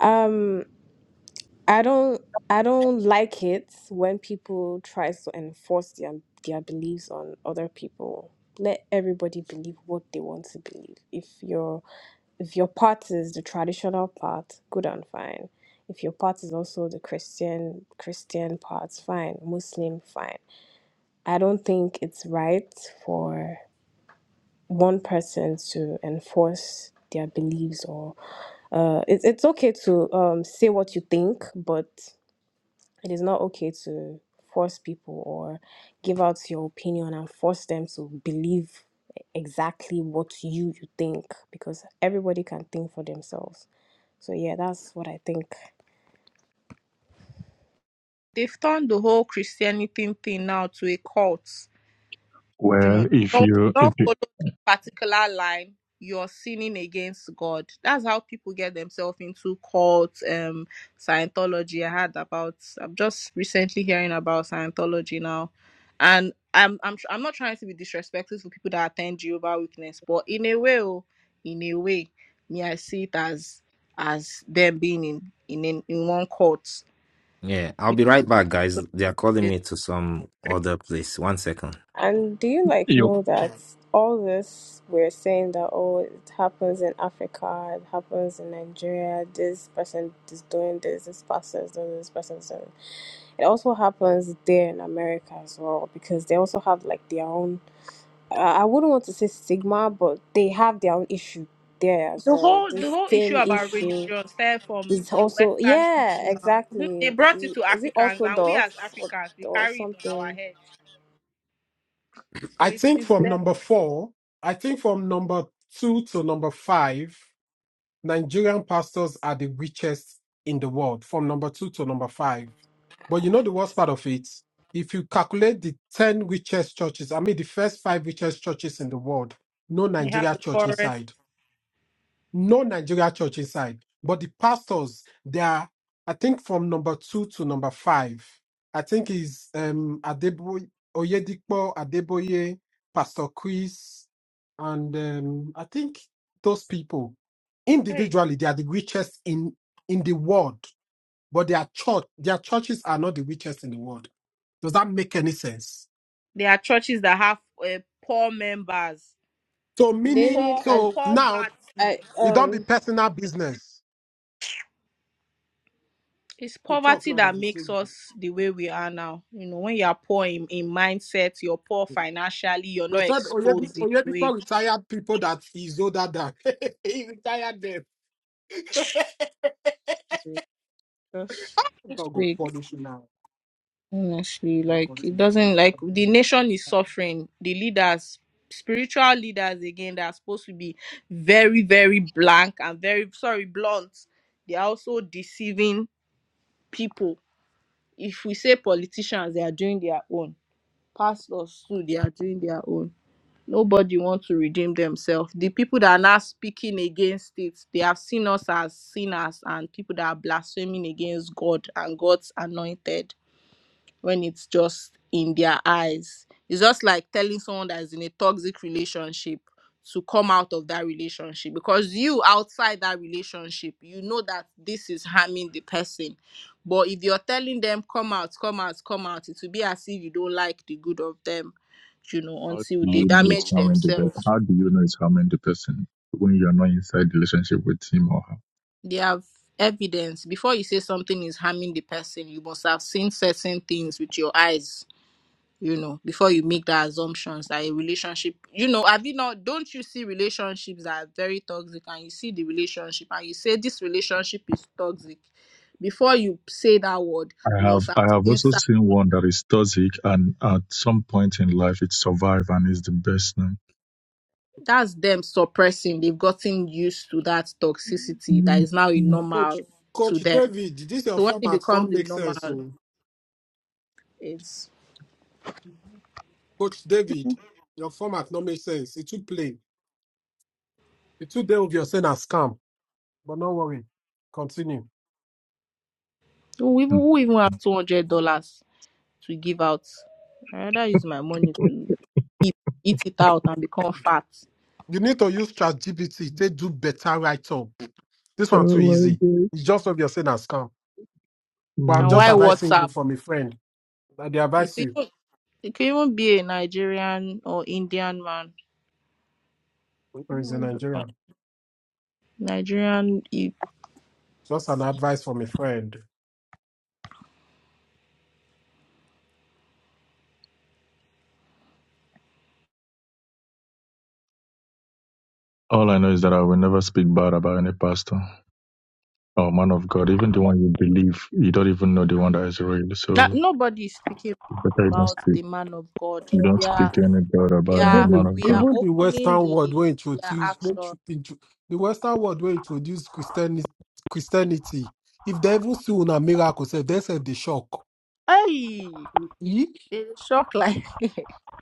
Q: Um, I don't I don't like it when people try to enforce their their beliefs on other people. Let everybody believe what they want to believe. If your if your part is the traditional part, good and fine. If your part is also the Christian Christian part, fine. Muslim, fine. I don't think it's right for one person to enforce their beliefs or uh, it's it's okay to um, say what you think, but It is not okay to force people or give out your opinion and force them to believe exactly what you, you think because everybody can think for themselves. So yeah, that's what I think.
J: they've turned the whole Christianity thing now to a cult. You
N: Well,
J: know,
N: if
J: don't,
N: you if
J: don't follow this particular line, you're sinning against God. That's how people get themselves into cults, um, Scientology. I had about I'm just recently hearing about Scientology now. And I'm I'm I'm not trying to be disrespectful to people that attend Jehovah's Witness, but in a way, oh, in a way, me I see it as as them being in in, in one cult
L: Yeah, I'll be right back, guys. They are calling me to some other place. One second.
Q: And do you like
N: you
Q: know that all this we're saying that oh it happens in Africa, it happens in Nigeria, this person is doing this, this person is doing this, this person is doing it also happens there in America as well because they also have like their own I I wouldn't want to say stigma, but they have their own issue there as
J: The
Q: well.
J: whole
Q: The
J: the whole issue
Q: same
J: about
Q: issue
J: religion started from
Q: is
J: the
Q: also
J: Western
Q: yeah,
J: people now. Mhm. They
Q: exactly.
J: brought it
Q: The
J: to
Q: is it
J: Africans, and we as
Q: orthodox or,
J: Africans we
Q: or
J: carry it on our
Q: something?
J: head. So
F: I
J: it,
F: think
J: it's
F: from
J: them.
F: number four, I think from number two to number five, Nigerian pastors are the richest in the world, from number two to number five. But you know the worst part of it? If you calculate the 10 richest churches, I mean the first five richest churches in the world, no
J: They have
F: Nigeria
J: the
F: church
J: forest.
F: inside no Nigeria church inside, but the pastors they are, I think, from number two to number five. I think is um Adeboye Oyedipo Adeboye, Pastor Chris, and um, I think those people
J: Hey,
F: individually they are the richest in in the world, but their church their churches are not the richest in the world. Does that make any sense?
J: there are churches that have uh, poor members.
F: So meaning,
Q: David,
J: Poor
Q: I,
F: so now
J: poverty.
Q: I
F: it don't be
Q: um.
F: personal business.
J: It's
F: We talk
J: poverty
F: now.
J: that
F: There's a
J: makes
F: single.
J: us the way we are now. You know, when you are poor in, in mindset, you're poor financially, you're
F: They
J: not
F: said
J: exposed
F: Oyebi-
J: in a way.
F: Oyedepo retired people that he's older than. [LAUGHS] he retired them.
J: Uh, Just just
F: God go
J: wait.
F: punish you now.
J: Honestly,
F: Now,
J: like
F: punish
J: it
F: him.
J: doesn't like the nation is suffering. The leaders, spiritual leaders again, they are supposed to be very, very blank and very sorry, blunt. They are also deceiving people. If we say politicians, they are doing their own. Pastors too, they are doing their own. Nobody wants to redeem themselves. The people that are now speaking against it, they have seen us as sinners and people that are blaspheming against God and God's anointed when it's just in their eyes. It's just like telling someone that is in a toxic relationship to come out of that relationship because you outside that relationship, you know that this is harming the person. But if you're telling them, come out, come out, come out, it will be as if you don't like the good of them, you know,
N: How do
J: until they
N: you know it's
J: damage
N: how many person?
J: themselves.
N: How do you know it's how many person when you're not inside the relationship with him or
J: They have evidence. Before you say something is harming the person, you must have seen certain things with your eyes you know before you make the assumptions that a relationship you know have you not don't you see relationships that are very toxic and you see the relationship and you say this relationship is toxic before you say that word
N: her? I
J: you
N: have
J: must have
N: I have
J: seen
N: also
J: sa-
N: seen one that is toxic and at some point in life it survived and is the best now.
J: that's them suppressing they've gotten used to that toxicity that is now a
N: [LAUGHS]
F: Coach,
J: normal to
F: Coach
J: them
F: David, this your
J: so when it
F: format
J: becomes
F: don't
J: the
F: make sense.
J: normal
F: So,
J: it's
F: Coach David, your format don't make sense. It's too plain. It's too day of your saying a scam. But no worry. Continue.
J: who even, who even have $200 to give out i rather use my money to eat, eat it out and become fat
F: You need to use ChatGPT. They do better write up. This one
N: Oh
F: too
N: my
F: easy.
N: God.
F: It's just of your saying a scam. But I'm
J: And
F: just
J: why
N: Mm.
F: advising you
J: WhatsApp?
F: from a friend. that they
J: It
F: advise
J: could
F: you.
J: even, it could even be a Nigerian or Indian man.
F: Or is in
J: No, that's
F: Nigeria.
J: fine. Nigerian, you,
F: Just an advice from a friend.
N: All I know is that I will never speak bad about any pastor or man of God, even the one you believe. You don't even know the one that is real,
J: that,
N: so
J: nobody is speaking
N: it's better you don't
J: about
N: speak.
J: the man of God.
N: You don't
J: Yeah,
N: speak any God about any
J: yeah,
N: man
F: Even
N: of
F: the
J: we
N: God.
J: are
F: even the
J: opening
F: Western
J: the
F: world will
J: yeah,
F: introduce when
J: action.
F: tr- intro- the Western world will introduce Christianity. Christianity. If they even see una miracle, self, they say the shock.
J: Hey,
F: Ye-
J: it's shock like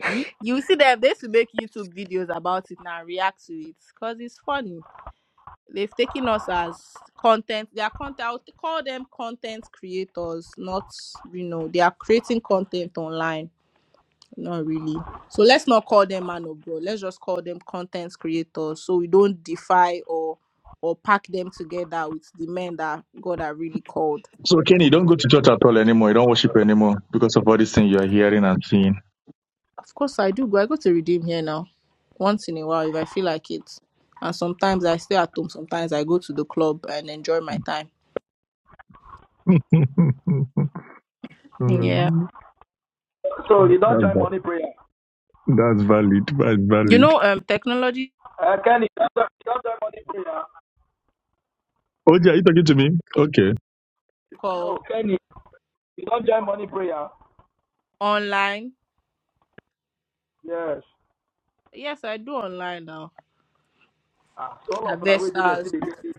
F: ye-
J: [LAUGHS] you see them. They should make YouTube videos about it now, react to it because it's funny. They've taken us as content. They are content. I would call them content creators, not you know they are creating content online. Not really. So let's not call them man of God. Let's just call them content creators. So we don't defy or or pack them together with the men that God are really called.
N: So Kenny, you don't go to church at all anymore. You don't worship anymore because of all these things you are hearing and seeing.
J: Of course, I do go. I go to redeem here now, once in a while if I feel like it. And sometimes I stay at home. Sometimes I go to the club and enjoy my time.
N: [LAUGHS]
J: Yeah,
B: So you don't
N: That's
B: join
N: valid.
B: morning prayer.
N: That's valid. That's
J: you
N: valid.
J: know, um, technology.
B: Uh, Kenny, you don't, you don't join morning prayer.
N: OJ, are you talking to me? Okay.
B: No, Kenny, you don't join morning prayer.
J: Online?
B: Yes.
J: Yes, I do online now.
B: Ah, so often I na we did they
J: Investors.
B: get this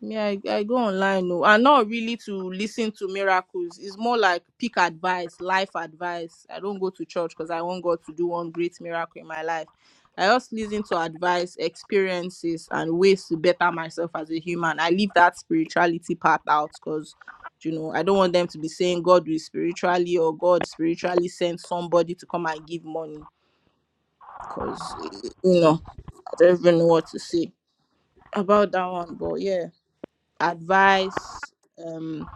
J: Yeah, I, I go online no. And not really to listen to miracles. It's more like pick advice, life advice. I don't go to church because I want God to do one great miracle in my life. I just listen to advice, experiences, and ways to better myself as a human. I leave that spirituality part out because you know I don't want them to be saying God will spiritually or God spiritually sent somebody to come and give money. Cause eh, you know. I don't even know what to say about that one, but yeah, advice. Um,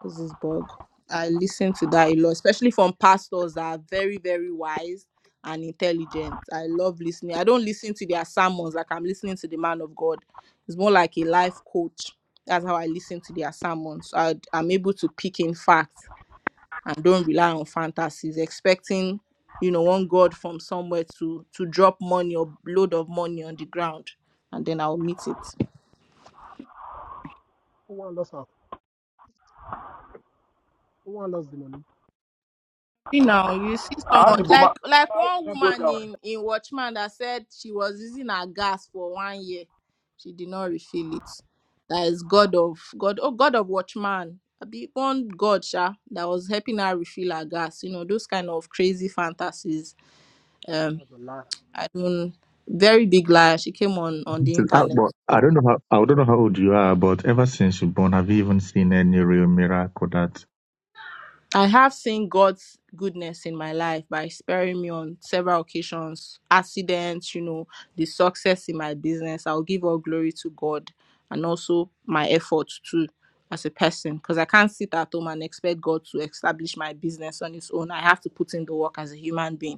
J: what's this bug? I listen to that a lot, especially from pastors that are very, very wise and intelligent. I love listening. I don't listen to their sermons like I'm listening to the man of God. It's more like a life coach. That's how I listen to their sermons. I, I'm able to pick in facts and don't rely on fantasies expecting you know one god from somewhere to to drop money or load of money on the ground and then i'll meet it
F: Who want lost am? Who want lost the money?
J: you know you see
B: How the
J: someone
B: boma?
J: like like
B: How
J: one
B: did you go
J: woman
B: down?
J: in in watchman that said she was using her gas for one year she did not refill it that is god of god oh god of watchman a big one god sha, that was helping her refill her gas you know those kind of crazy fantasies
F: That's a lie.
J: i don't very big lie she came on on
N: This
J: the
N: is- ah,
J: internet
N: but I don't know how I don't know how old you are, but ever since you're born, have you even seen any real miracle that
J: I have seen God's goodness in my life by sparing me on several occasions, accidents, you know, the success in my business. I'll give all glory to God and also my efforts too as a person because I can't sit at home and expect God to establish my business on its own. I have to put in the work as a human being.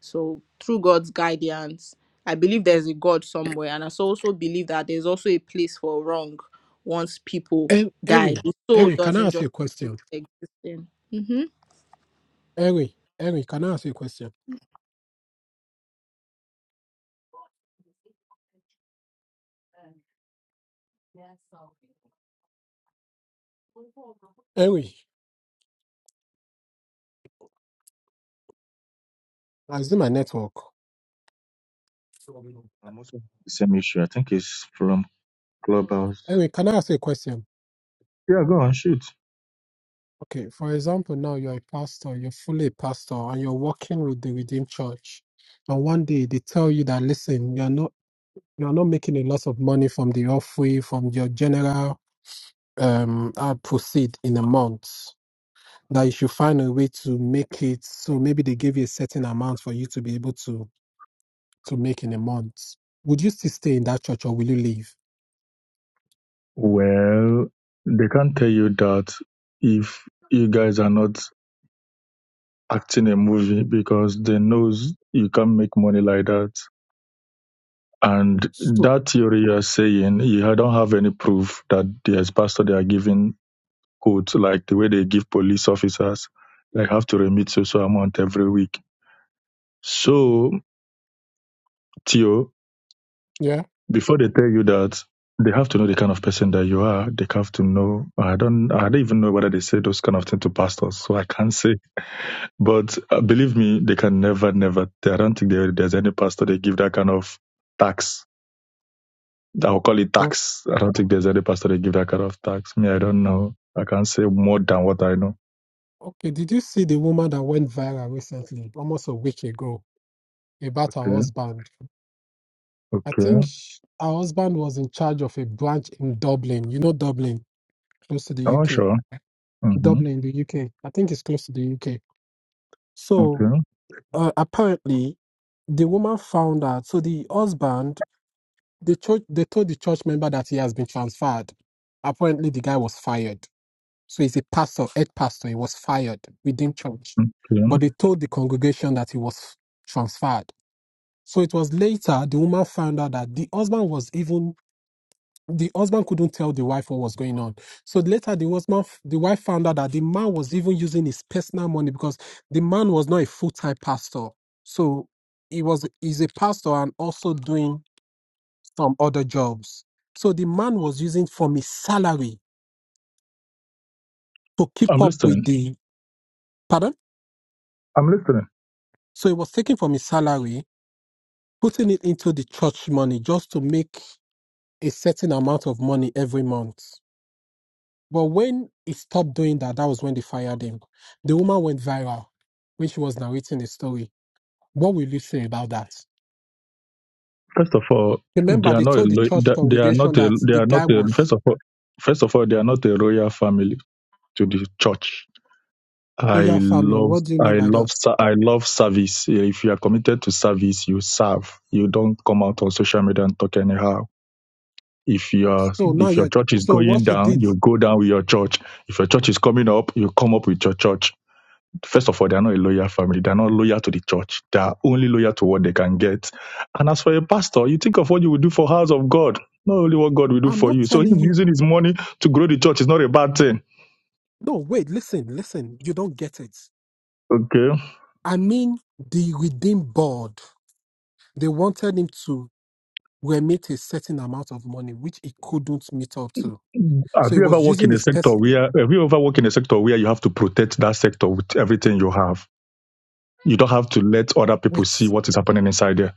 J: So through God's guidance, I believe there's a God somewhere, and I so also believe that there's also a place for wrong once people
F: And
J: die.
F: Erin,
J: The soul
F: Erin, can I
J: doesn't
F: ask you
J: just
F: a question?
J: exist. Mm-hmm.
F: Erin, Erin, can I ask you a question? Erin, I see my network.
N: I'm also having the same issue. I think it's from Clubhouse.
F: Erin, can I ask you a question?
N: Yeah, go on, shoot.
F: Okay, for example, now you're a pastor, you're fully a pastor, and you're working with the Redeemed Church. And one day they tell you that listen, you're not you're not making a lot of money from the offering, from your general um uh, proceed in a month. That you should find a way to make it so maybe they give you a certain amount for you to be able to to make in a month, would you still stay in that church or will you leave?
N: Well, they can't tell you that if you guys are not. acting a movie because they knows you can't make money like that. And
F: So,
N: that theory you're saying, you don't have any proof that the ex-pastor they are giving quotes like the way they give police officers, They have to remit so so amount every week. So, Theo,
F: yeah.
N: before they tell you that, they have to know the kind of person that you are. They have to know. I don't. I don't even know whether they say those kind of things to pastors, so I can't say. But uh, believe me, they can never, never. I don't think there, there's any pastor they give that kind of tax. I'll call it
F: But
N: tax. I don't think there's any pastor they give that kind of tax. Me, I don't know. I can't say more than what I know.
F: okay, did you see the woman that went viral recently, almost a week ago, about her
N: Okay,
F: husband? I
N: okay.
F: think sh- her husband was in charge of a branch in Dublin. You know Dublin, close to the
N: Oh,
F: UK.
N: sure. hmm
F: Dublin, the UK. I think it's close to the UK. So
N: Okay,
F: uh, apparently, the woman found out. So the husband, the church, they told the church member that he has been transferred. Apparently, the guy was fired. So he's a pastor, head pastor. He was fired within church,
N: okay.
F: but they told the congregation that he was transferred. So it was later the woman found out that the husband was even the husband couldn't tell the wife what was going on. So later, the husband, the wife found out that the man was even using his personal money because the man was not a full time pastor. So he was he's a pastor and also doing some other jobs. So the man was using from his salary to keep
N: I'm
F: up with
N: listening.
F: the pardon.
N: I'm listening.
F: So he was taking from his salary, putting it into the church money just to make a certain amount of money every month. But when he stopped doing that, that was when they fired him. The woman went viral when she was narrating the story. What will you say about that?
N: First of all, they
F: Remember,
N: are
F: they
N: not. A,
F: told the
N: lo-
F: church
N: they they are
F: congregation
N: not. A,
F: that
N: they
F: the
N: are not.
F: guy
N: A,
F: was
N: first of all, first of all, they are not a royal family to the church. I
F: Oya family.
N: love,
F: What do you mean
N: I
F: by
N: love,
F: that?
N: ser- I love service. If you are committed to service, you serve. You don't come out on social media and talk anyhow. If your
F: So now
N: if your
F: you're
N: church is
F: so
N: going
F: what she
N: down,
F: did.
N: you go down with your church. If your church is coming up, you come up with your church. First of all, they are not a loyal family. They are not loyal to the church. They are only loyal to what they can get. And as for a pastor, you think of what you will do for house of God, not only what God will do
F: I'm
N: for
F: not
N: you. So
F: telling
N: him
F: you.
N: using his money to grow the church is not a bad thing.
F: No, wait, listen, listen. You don't get it.
N: Okay.
F: I mean, the redeem board. They wanted him to remit a certain amount of money, which he couldn't meet up to.
N: Ah, Have
F: So he
N: you ever
F: was
N: worked
F: using
N: in a
F: his
N: sector
F: pers-
N: where have you ever worked in a sector where you have to protect that sector with everything you have? You don't have to let other people
F: Wait,
N: see what is happening inside there.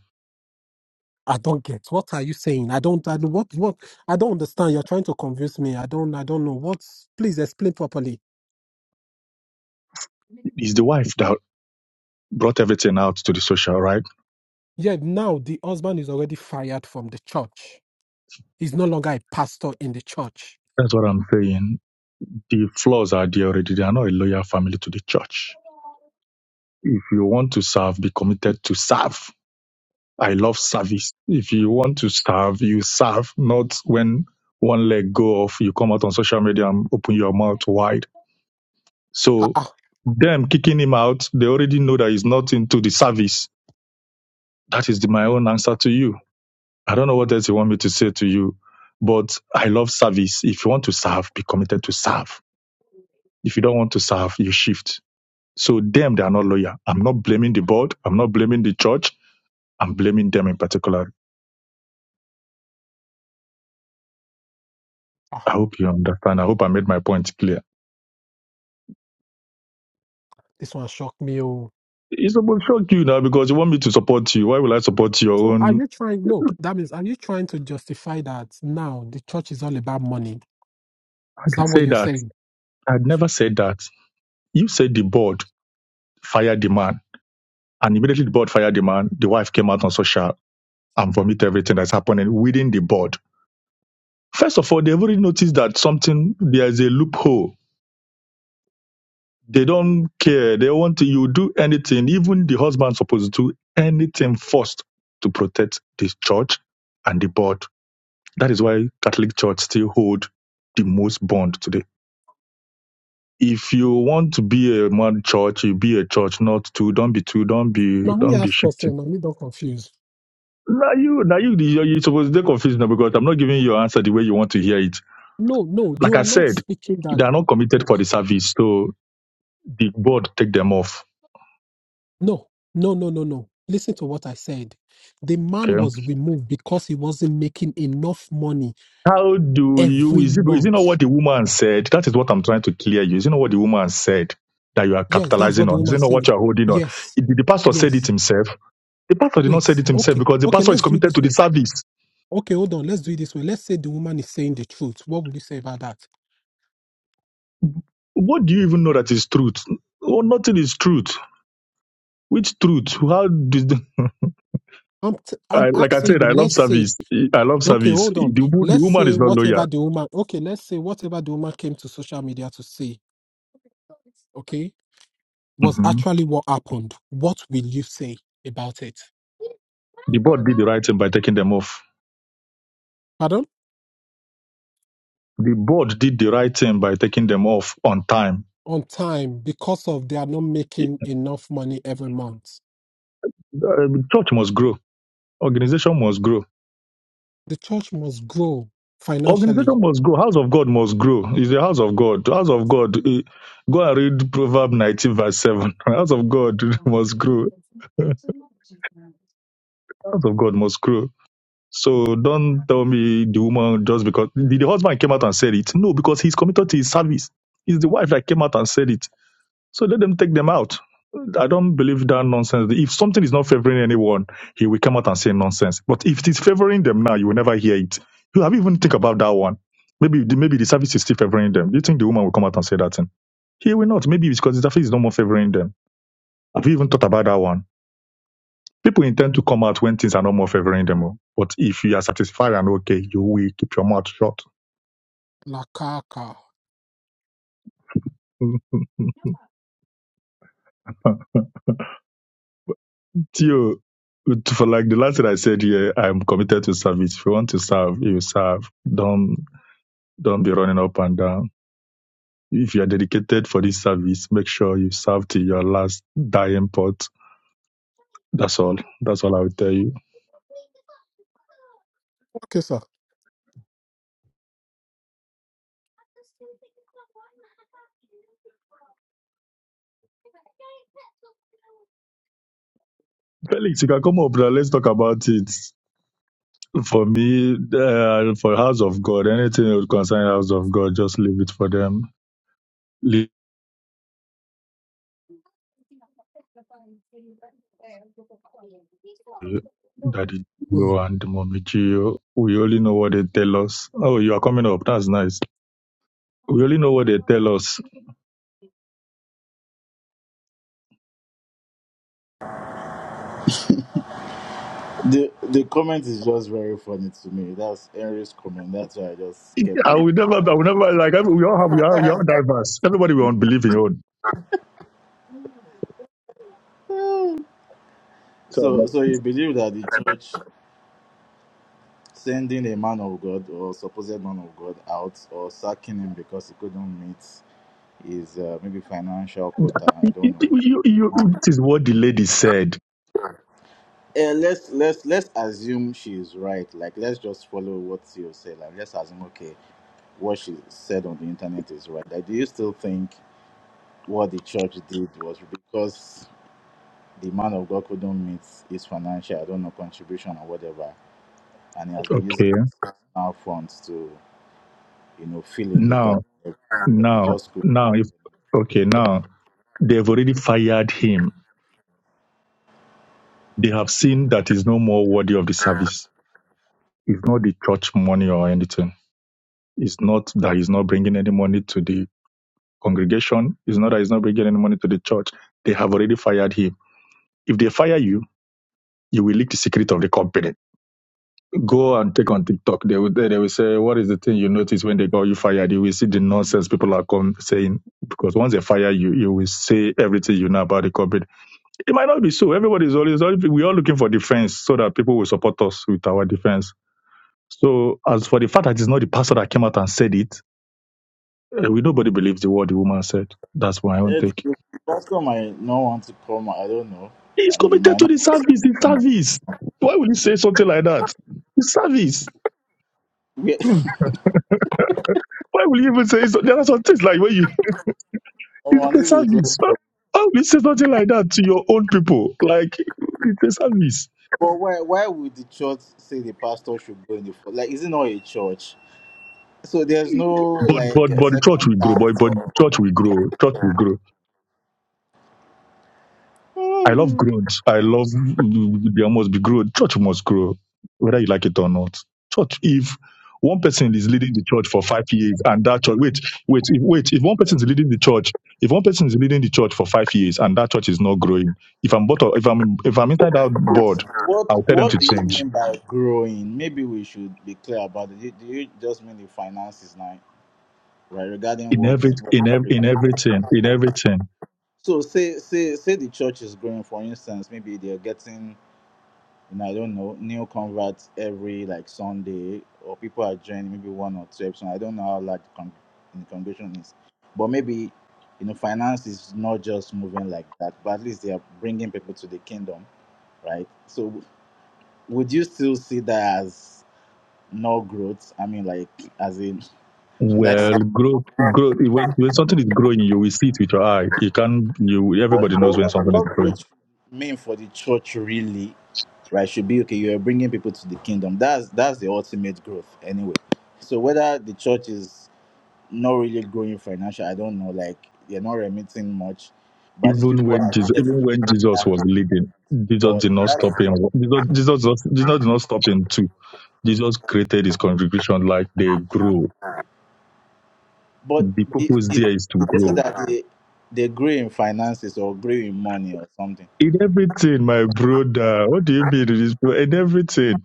F: I don't get. What are you saying? I don't. I don't. What? What? I don't understand. You're trying to convince me. I don't. I don't know. What? Please explain properly.
N: It's the wife that brought everything out to the social, right?
F: Yeah. Now the husband is already fired from the church. He's no longer a pastor in the church.
N: That's what I'm saying. The flaws are there already. They are not a loyal family to the church. If you want to serve, be committed to serve. I love service. If you want to serve, you serve, not when one leg go off, you come out on social media and open your mouth wide
F: Ah,
N: So
F: ah,
N: them kicking him out, they already know that he's not into the service. That is the, my own answer to you. I don't know what else you want me to say to you, but I love service. If you want to serve, be committed to serve. If you don't want to serve, you shift. So them, they are not loyal. I'm not blaming the board. I'm not blaming the church. I'm blaming them in particular.
F: ah,
N: I hope you understand. I hope I made my point clear.
F: this one shocked me. oh.
N: It's about shock you now because you want me to support you. Why will I support your
F: So are
N: own?
F: you trying? Look, that means are you trying to justify that now the church is all about money?
N: I
F: Is
N: can
F: that what
N: say
F: you're
N: that.
F: saying?
N: I'd never said that. You said the board. fired the man. And immediately the board fired the man. The wife came out on social and vomit everything that's happening within the board. First of all, they've already noticed that something, there is a loophole. They don't care. They want you do anything. Even the husband supposed to do anything first to protect this church and the board. That is why Catholic Church still hold the most bond today. If you want to be a man church, you be a church, not two. Don't be two. Don't be,
F: Now me
N: don't be
F: ask
N: shifting.
F: question. Now me don't confuse.
N: Now you, now you, you- you're supposed to get confused now because I'm not giving you your answer the way you want to hear it.
F: No, no,
N: Like
F: you
N: I
F: are not
N: said,
F: speaking that.
N: they are not committed for the service, so the board take them off.
F: No, no, no, no, no. Listen to what I said. The man
N: Okay.
F: was removed because he wasn't making enough money
N: How do you?
F: every
N: Is it is it not
F: month.
N: what the woman said? That is what I'm trying to clear you. Is it not what the woman said that you are
F: Yes, that's what
N: capitalizing
F: the
N: on? Is
F: woman
N: it not what
F: said.
N: you are holding on?
F: Yes,
N: It- the pastor said it
F: yes.
N: himself. The pastor did not say
F: Wait.
N: it himself
F: Okay,
N: because the
F: okay.
N: pastor is
F: Let's do it
N: committed to
F: this
N: the
F: way.
N: service.
F: Okay, hold on. Let's do it this way. Let's say the woman is saying the truth. What would you say about that?
N: What do you even know that is truth? Oh, nothing is truth. Which truth? How did?
F: I'm t- I'm
N: I, like I
F: asking
N: said,
F: you.
N: I love
F: Let's say,
N: service. I love
F: okay,
N: service.
F: hold on.
N: The, wo- the
F: Let's
N: woman
F: say
N: is not loyal.
F: whatever the woman, okay, let's say whatever the woman came to social media to say, okay, was
N: hmm
F: actually what happened. What will you say about it?
N: The board did the right thing by taking them off.
F: Pardon?
N: The board did the right thing by taking them off on time.
F: On time because of they are not making enough money every month.
N: Uh, Church must grow. Organization must grow.
F: The church must grow
N: Organization
F: financially.
N: must grow. House of God must grow. It's the house of God. House of God. eh, Go and read Proverb 19, verse 7. [LAUGHS] House of God [LAUGHS] must grow. House of God must grow. So don't tell me the woman just because the, the husband came out and said it. No, because he's committed to his service. It's the wife that came out and said it. So let them take them out. I don't believe that nonsense. If something is not favoring anyone, he will come out and say nonsense. But if it is favoring them now, you will never hear it. You have even think about that one. Maybe the, maybe the service is still favoring them. Do you think the woman will come out and say that thing? He will not. Maybe it's because the service is no more favoring them. Have you even thought about that one? People intend to come out when things are no more favoring them. oh. But if you are satisfied and okay, you will keep your mouth shut.
F: La kaka.
N: [LAUGHS] Theo, for like the last thing I said here, I'm committed to service. If you want to serve, you serve. Don't don't be running up and down. If you are dedicated for this service, make sure you serve till your last dying pot. That's all. That's all I will tell you.
F: Okay, sir.
N: Felix, you can come up now. Let's talk about it. For me, uh, for House of God, anything that would concern House of God, just leave it for them. Leave Daddy
F: Mm.
N: Gio and Mommy Gio. We only know what they tell us. Oh, you are coming up. That's nice. We only know what they tell us.
S: The the comment is just very funny to me. That's Henry's comment. That's why I just kept
N: I
S: it.
N: will never, I will never, like, I- we all have, we are, we are diverse. Everybody will believe in your own. So,
S: So so you believe that the church sending a man of God or supposed man of God out or sacking him because he couldn't meet his uh, maybe financial quota. I
N: you,
S: don't know.
N: you, you, this is what the lady said.
S: Uh, let's let's let's assume she is right. Like let's just follow what you said. Like let's assume okay, what she said on the internet is right. Like, do you still think what the church did was because? the man of God couldn't meet his financial, I don't know, contribution or whatever, and he has been using
N: Okay.
S: his personal funds to, you know, fill in the gap.
N: Now,
S: But he
N: now,
S: just could.
N: now, if, okay, now, they've already fired him They have seen that is no more worthy of the service. It's not the church money or anything. It's not that he's not bringing any money to the congregation. It's not that he's not bringing any money to the church. They have already fired him. If they fire you, you will leak the secret of the company. Go and take on TikTok. They will, they will say, What is the thing you notice when they got you fired? You will see the nonsense people are come saying. Because once they fire you, you will say everything you know about the company. It might not be so. Everybody is always, we're looking for defense so that people will support us with our defense So as for the fact that it's not the pastor that came out and said it, uh, we nobody believes the word the woman said. That's my own
S: Eh, the-
N: take.
S: the Pastor might not want to come. I don't know.
N: He's
S: I mean, he
N: committed
S: might
N: to
S: not.
N: the service. The service. Why would you say something like that? The service.
S: Yeah,
N: Hmm.
S: [LAUGHS]
N: Why would you even say so? There are some things like when you [LAUGHS]
S: come on,
N: it's the
S: this is very-
N: service. Why why will you say something like that to your own people? Like it's a service.
S: but why? Why would the church say the pastor should go in the front? Like, is it not a church? So there's no
N: But
S: like
N: but
S: a
N: but the church
S: second
N: will grow. But
S: chance
N: but
S: or
N: church will grow. Church will grow I love growth. I love mm, there must be growth. Church must grow, whether you like it or not. Church, if one person is leading the church for five years and that church, wait, wait, if, wait, if one person is leading the church, if one person is leading the church for five years and that church is not growing, if I'm but if I'm if I'm inside that board,
S: what?
N: I'll tell them to
S: What do you
N: change
S: mean by growing? Maybe we should be clear about it. Do do you just mean the finances now? right? Regarding
N: in
S: what,
N: every
S: what
N: in ev- in everything in everything.
S: so say say say the church is growing. For instance, maybe they are getting you know I don't know new converts every like Sunday, or people are joining maybe one or two episodes. I don't know how large the, con- the congregation is, but maybe you know finance is not just moving like that, but at least they are bringing people to the kingdom, right? So would you still see that as no growth? I mean, like as in [LAUGHS] that
N: Well, growth, growth. When, when something is growing, you will see it with your eye. You can, you
S: But,
N: everybody
S: but
N: knows when
S: what,
N: something is
S: what
N: growing
S: growth should mean for the church really, right? Should be okay. You are bringing people to the kingdom. That's that's the ultimate growth, anyway. So whether the church is not really growing financially, I don't know. Like they're not remitting much, but at least
N: Even
S: people
N: when
S: are
N: Jesus,
S: getting
N: even when Jesus
S: closer
N: was
S: to
N: leading, Jesus
S: God.
N: did not
S: That's
N: stop him.
S: not.
N: Jesus, Jesus, was- Jesus did not stop him too. Jesus created his congregation like they grow.
S: But
N: The
S: the,
N: purpose
S: the,
N: there
S: the,
N: is to
S: this is
N: grow
S: that they they grow in finances or grow in money or something.
N: in everything, my brother. What do you mean in this? In everything,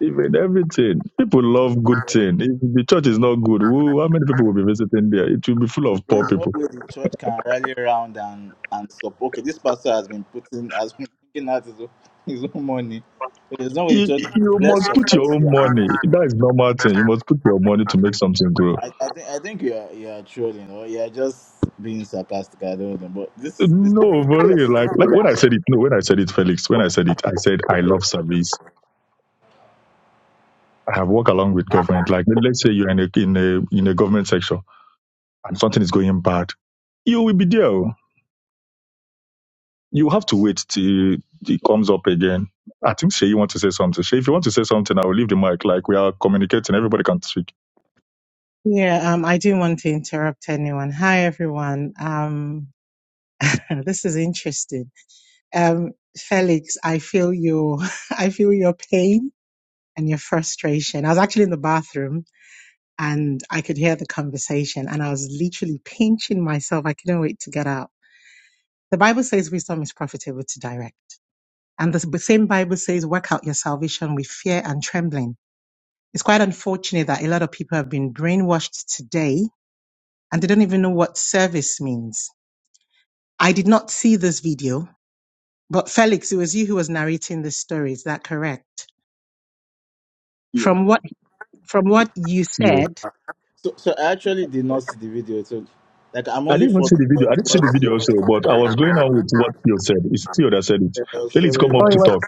N: even everything. People love good thing. If the church is not good, who, how many people will be visiting there? It will be full of poor
S: there's no
N: people.
S: way the church can rally around and and support. Okay, this pastor has been putting has been taking out his own, [LAUGHS] his own money. But there's no way the
N: You,
S: church can
N: you
S: let's
N: must put
S: support
N: your own
S: you. And
N: money. That is normal thing. You must put your money to make something grow
S: I, I think I think you are you are trolling or you are just being sarcastic. I don't know. But this, this
N: No, for real. Like, like when I said it, no, when I said it, Felix, when I said it, I said I love service. I have worked along with government. Like, let's say you're in a in a in a government section and something is going bad, you will be there. oh. You have to wait till it comes up again. I think Shay, you want to say something. Shay, if you want to say something, I will leave the mic. Like we are communicating, everybody can speak.
P: Yeah, um, I didn't want to interrupt anyone. Hi, everyone. Um, [LAUGHS] this is interesting. Um, Felix, I feel your, [LAUGHS] I feel your pain and your frustration. I was actually in the bathroom and I could hear the conversation and I was literally pinching myself. I couldn't wait to get out. The Bible says wisdom is profitable to direct. And the same Bible says, work out your salvation with fear and trembling. It's quite unfortunate that a lot of people have been brainwashed today and they don't even know what service means. I did not see this video, but Felix, it was you who was narrating this story. Is that correct?
N: Yo,
P: From what, from what you
N: Theo.
P: said.
S: so so I actually did not see the video. So like I'm
N: I
S: only
N: didn't even
S: following
N: see the video.
S: what
N: I didn't see the
S: what you
N: video also,
S: already
N: but I was
S: did.
N: going on with what you said. It's Theo that said it.
S: Yeah, I was
N: Felix,
S: sorry
N: come up
P: Oh,
S: about
P: it
N: to
P: was,
N: talk.
S: it.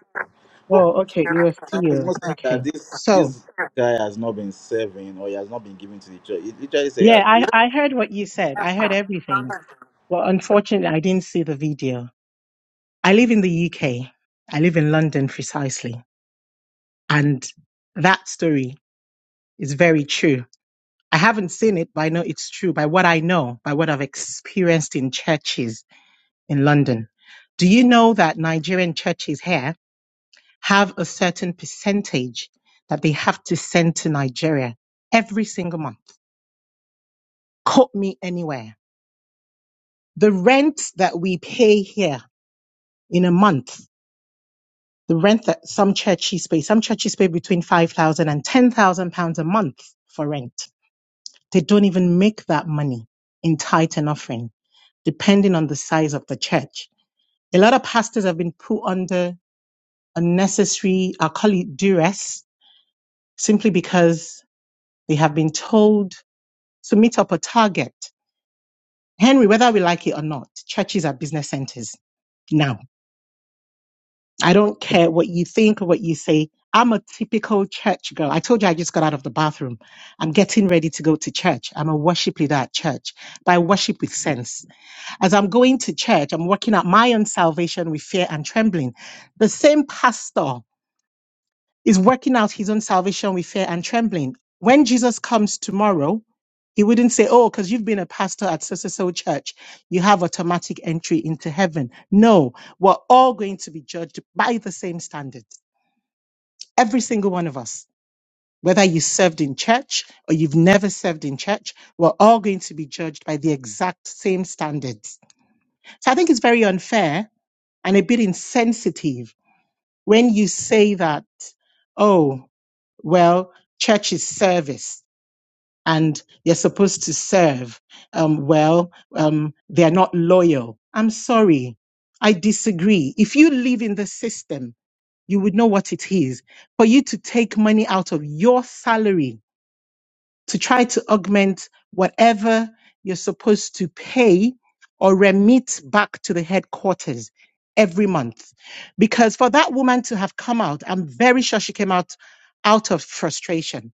S: But
P: oh, okay. It was
S: it's
P: you.
S: not saying that
P: Okay.
S: this
P: So
S: this guy has not been serving or he has not been given to the church. It literally says he
P: yeah,
S: has been.
P: I, I heard what you said. I heard everything. Well, unfortunately, I didn't see the video. I live in the UK. I live in London precisely. And that story is very true. I haven't seen it, but I know it's true by what I know, by what I've experienced in churches in London. Do you know that Nigerian churches here have a certain percentage that they have to send to Nigeria every single month? Quote me anywhere. The rent that we pay here in a month, the rent that some churches pay, some churches pay between 5,000 and 10,000 pounds a month for rent They don't even make that money in tithe and offering, depending on the size of the church. A lot of pastors have been put under unnecessary, I'll call it duress, simply because they have been told to meet up a target. Henry, whether we like it or not, churches are business centers now. I don't care what you think or what you say. I'm a typical church girl. I told you I just got out of the bathroom. I'm getting ready to go to church. I'm a worship leader at church, but I worship with sense. As I'm going to church, I'm working out my own salvation with fear and trembling. The same pastor is working out his own salvation with fear and trembling. When Jesus comes tomorrow, he wouldn't say, Oh, because you've been a pastor at so so so church, you have automatic entry into heaven. No, we're all going to be judged by the same standards. Every single one of us, whether you served in church or you've never served in church, we're all going to be judged by the exact same standards. So I think it's very unfair and a bit insensitive when you say that, oh, well, church is service and you're supposed to serve. Um, well, um, they're not loyal. I'm sorry. I disagree. If you live in the system, you would know what it is for you to take money out of your salary to try to augment whatever you're supposed to pay or remit back to the headquarters every month. Because for that woman to have come out, I'm very sure she came out out of frustration.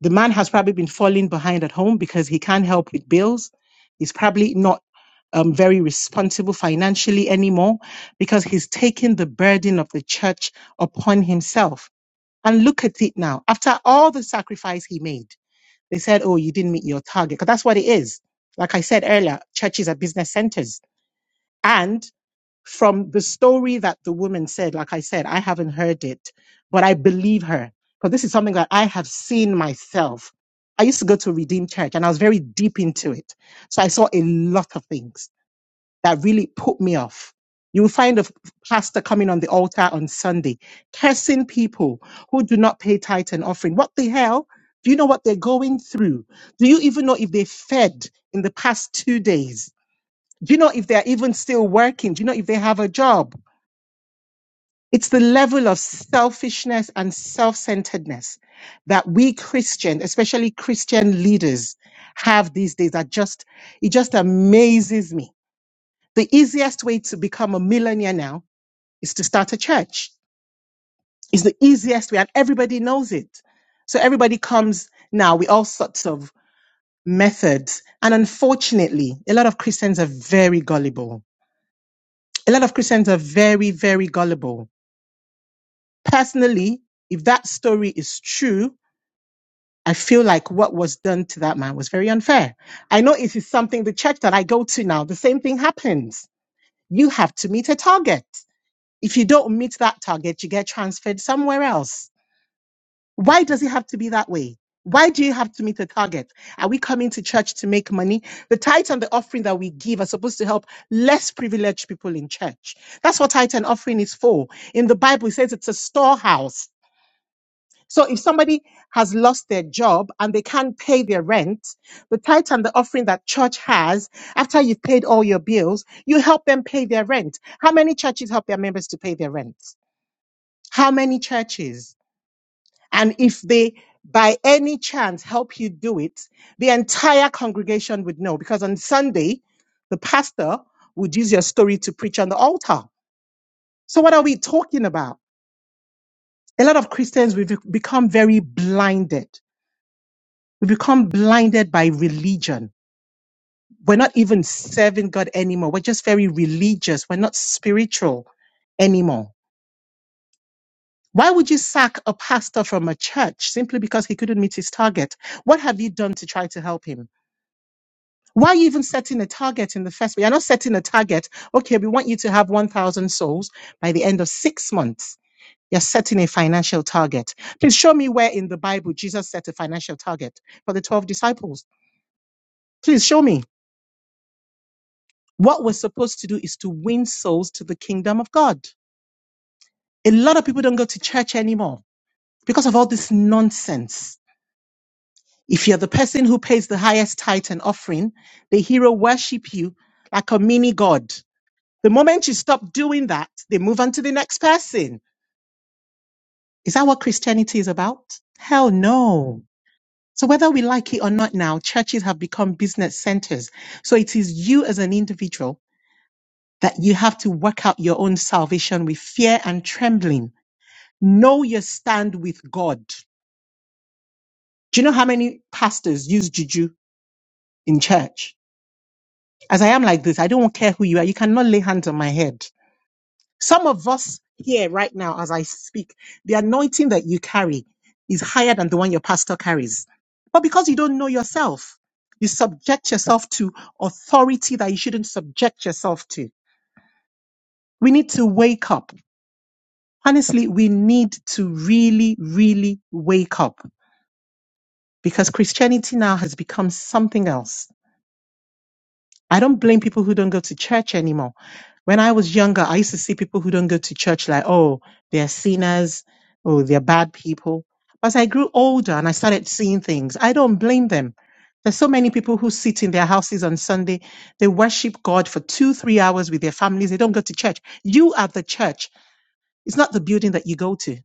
P: The man has probably been falling behind at home because he can't help with bills. He's probably not um, very responsible financially anymore because he's taken the burden of the church upon himself. And look at it now. After all the sacrifice he made, they said, oh, you didn't meet your target." Because that's what it is. Like I said earlier, churches are business centers. And from the story that the woman said, like I said, I haven't heard it, but I believe her. Because this is something that I have seen myself. I used to go to Redeemed Church and I was very deep into it. So I saw a lot of things that really put me off. You will find a f- pastor coming on the altar on Sunday, cursing people who do not pay tithe and offering. What the hell? Do you know what they're going through? Do you even know if they fed in the past two days? Do you know if they're even still working? Do you know if they have a job? It's the level of selfishness and self centeredness that we Christians, especially Christian leaders, have these days that just, it just amazes me the easiest way to become a millionaire now is to start a church. It's the easiest way, and everybody knows it. So everybody comes now with all sorts of methods. And unfortunately, a lot of Christians are very gullible. A lot of Christians are very, very gullible. Personally, if that story is true, I feel like what was done to that man was very unfair. I know it is something the church that I go to now, the same thing happens. You have to meet a target. If you don't meet that target, you get transferred somewhere else. Why does it have to be that way? Why do you have to meet a target? Are we coming to church to make money? The tithe and the offering that we give are supposed to help less privileged people in church. That's what tithe and offering is for. In the Bible, it says it's a storehouse. So if somebody has lost their job and they can't pay their rent, the tithe and the offering that church has, after you've paid all your bills, you help them pay their rent. How many churches help their members to pay their rent? how many churches? And if they, by any chance, help you do it, the entire congregation would know because on Sunday, the pastor would use your story to preach on the altar. So, what are we talking about? A lot of Christians, we've become very blinded. We become blinded by religion. We're not even serving God anymore. We're just very religious. We're not spiritual anymore. Why would you sack a pastor from a church simply because he couldn't meet his target? What have you done to try to help him? Why are you even setting a target in the first place? You're not setting a target. Okay, we want you to have 1,000 souls by the end of six months. You're setting a financial target. Please show me where in the Bible Jesus set a financial target for the 12 disciples. Please show me. What we're supposed to do is to win souls to the kingdom of God. A lot of people don't go to church anymore because of all this nonsense If you're the person who pays the highest tithe and offering, the hero worship you like a mini god. The moment you stop doing that, they move on to the next person. Is that what Christianity is about? Hell no. So whether we like it or not now, churches have become business centers. So it is you as an individual that you have to work out your own salvation with fear and trembling. Know your stand with God. Do you know how many pastors use juju in church? As I am like this, I don't care who you are. You cannot lay hands on my head. Some of us here right now, as I speak, the anointing that you carry is higher than the one your pastor carries. But because you don't know yourself, you subject yourself to authority that you shouldn't subject yourself to. We need to wake up. Honestly, we need to really, really wake up because Christianity now has become something else. I don't blame people who don't go to church anymore. When I was younger, I used to see people who don't go to church like, oh, they're sinners, oh, they're bad people. But as I grew older and I started seeing things, I don't blame them. There's so many people who sit in their houses on Sunday. They worship God for two, three hours with their families. They don't go to church. You are the church. It's not the building that you go to.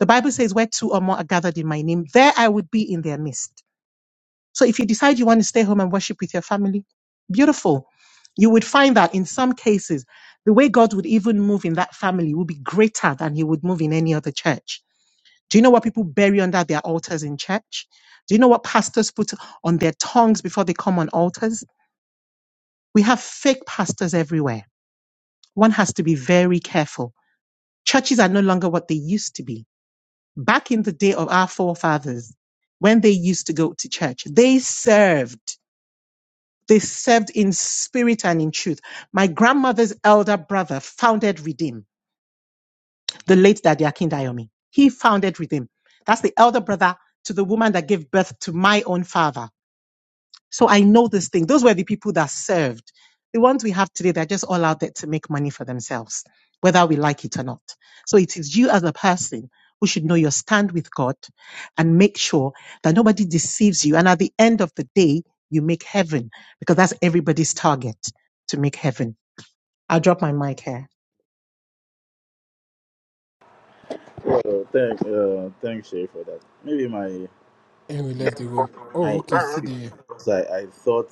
P: The Bible says, where two or more are gathered in my name, there I would be in their midst. So if you decide you want to stay home and worship with your family, beautiful. You would find that in some cases, the way God would even move in that family would be greater than he would move in any other church. Do you know what people bury under their altars in church? Do you know what pastors put on their tongues before they come on altars? We have fake pastors everywhere. One has to be very careful. Churches are no longer what they used to be. Back in the day of our forefathers, when they used to go to church, they served They served in spirit and in truth. My grandmother's elder brother founded Redeem, the late Daddy Akin He founded Redeem. That's the elder brother to the woman that gave birth to my own father. So I know this thing. Those were the people that served. The ones we have today, they're just all out there to make money for themselves, whether we like it or not. So it is you as a person who should know your stand with God and make sure that nobody deceives you. And at the end of the day, you make heaven because that's everybody's target to make heaven. I'll drop my mic here.
S: Oh, thank, uh, thanks, Shay, for that. Maybe my
F: And we
S: my,
F: left the room.
S: my
F: Oh, okay. See
S: issue
F: the
S: is I, I thought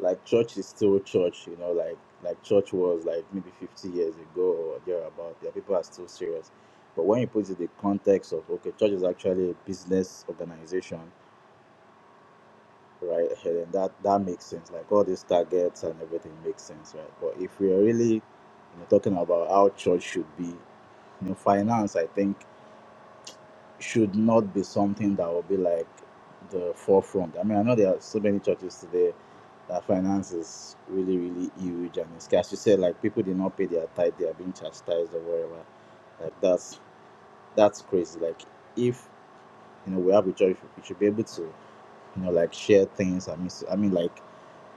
S: like church is still church, you know, like like church was like maybe 50 years ago or thereabout. Yeah, people are still serious. But when you put it in the context of okay, church is actually a business organization, right? And that that makes sense. Like all these targets and everything makes sense, right? But if we are really you know, talking about how church should be, you know, finance, I think. should not be something that will be like the forefront. I mean, I know there are so many churches today that finance is really, really huge and it's as you said, like people did not pay their tithe, they are being chastised or whatever. Like that's that's crazy. Like if you know we have a church, we should be able to you know like share things. I mean, I mean like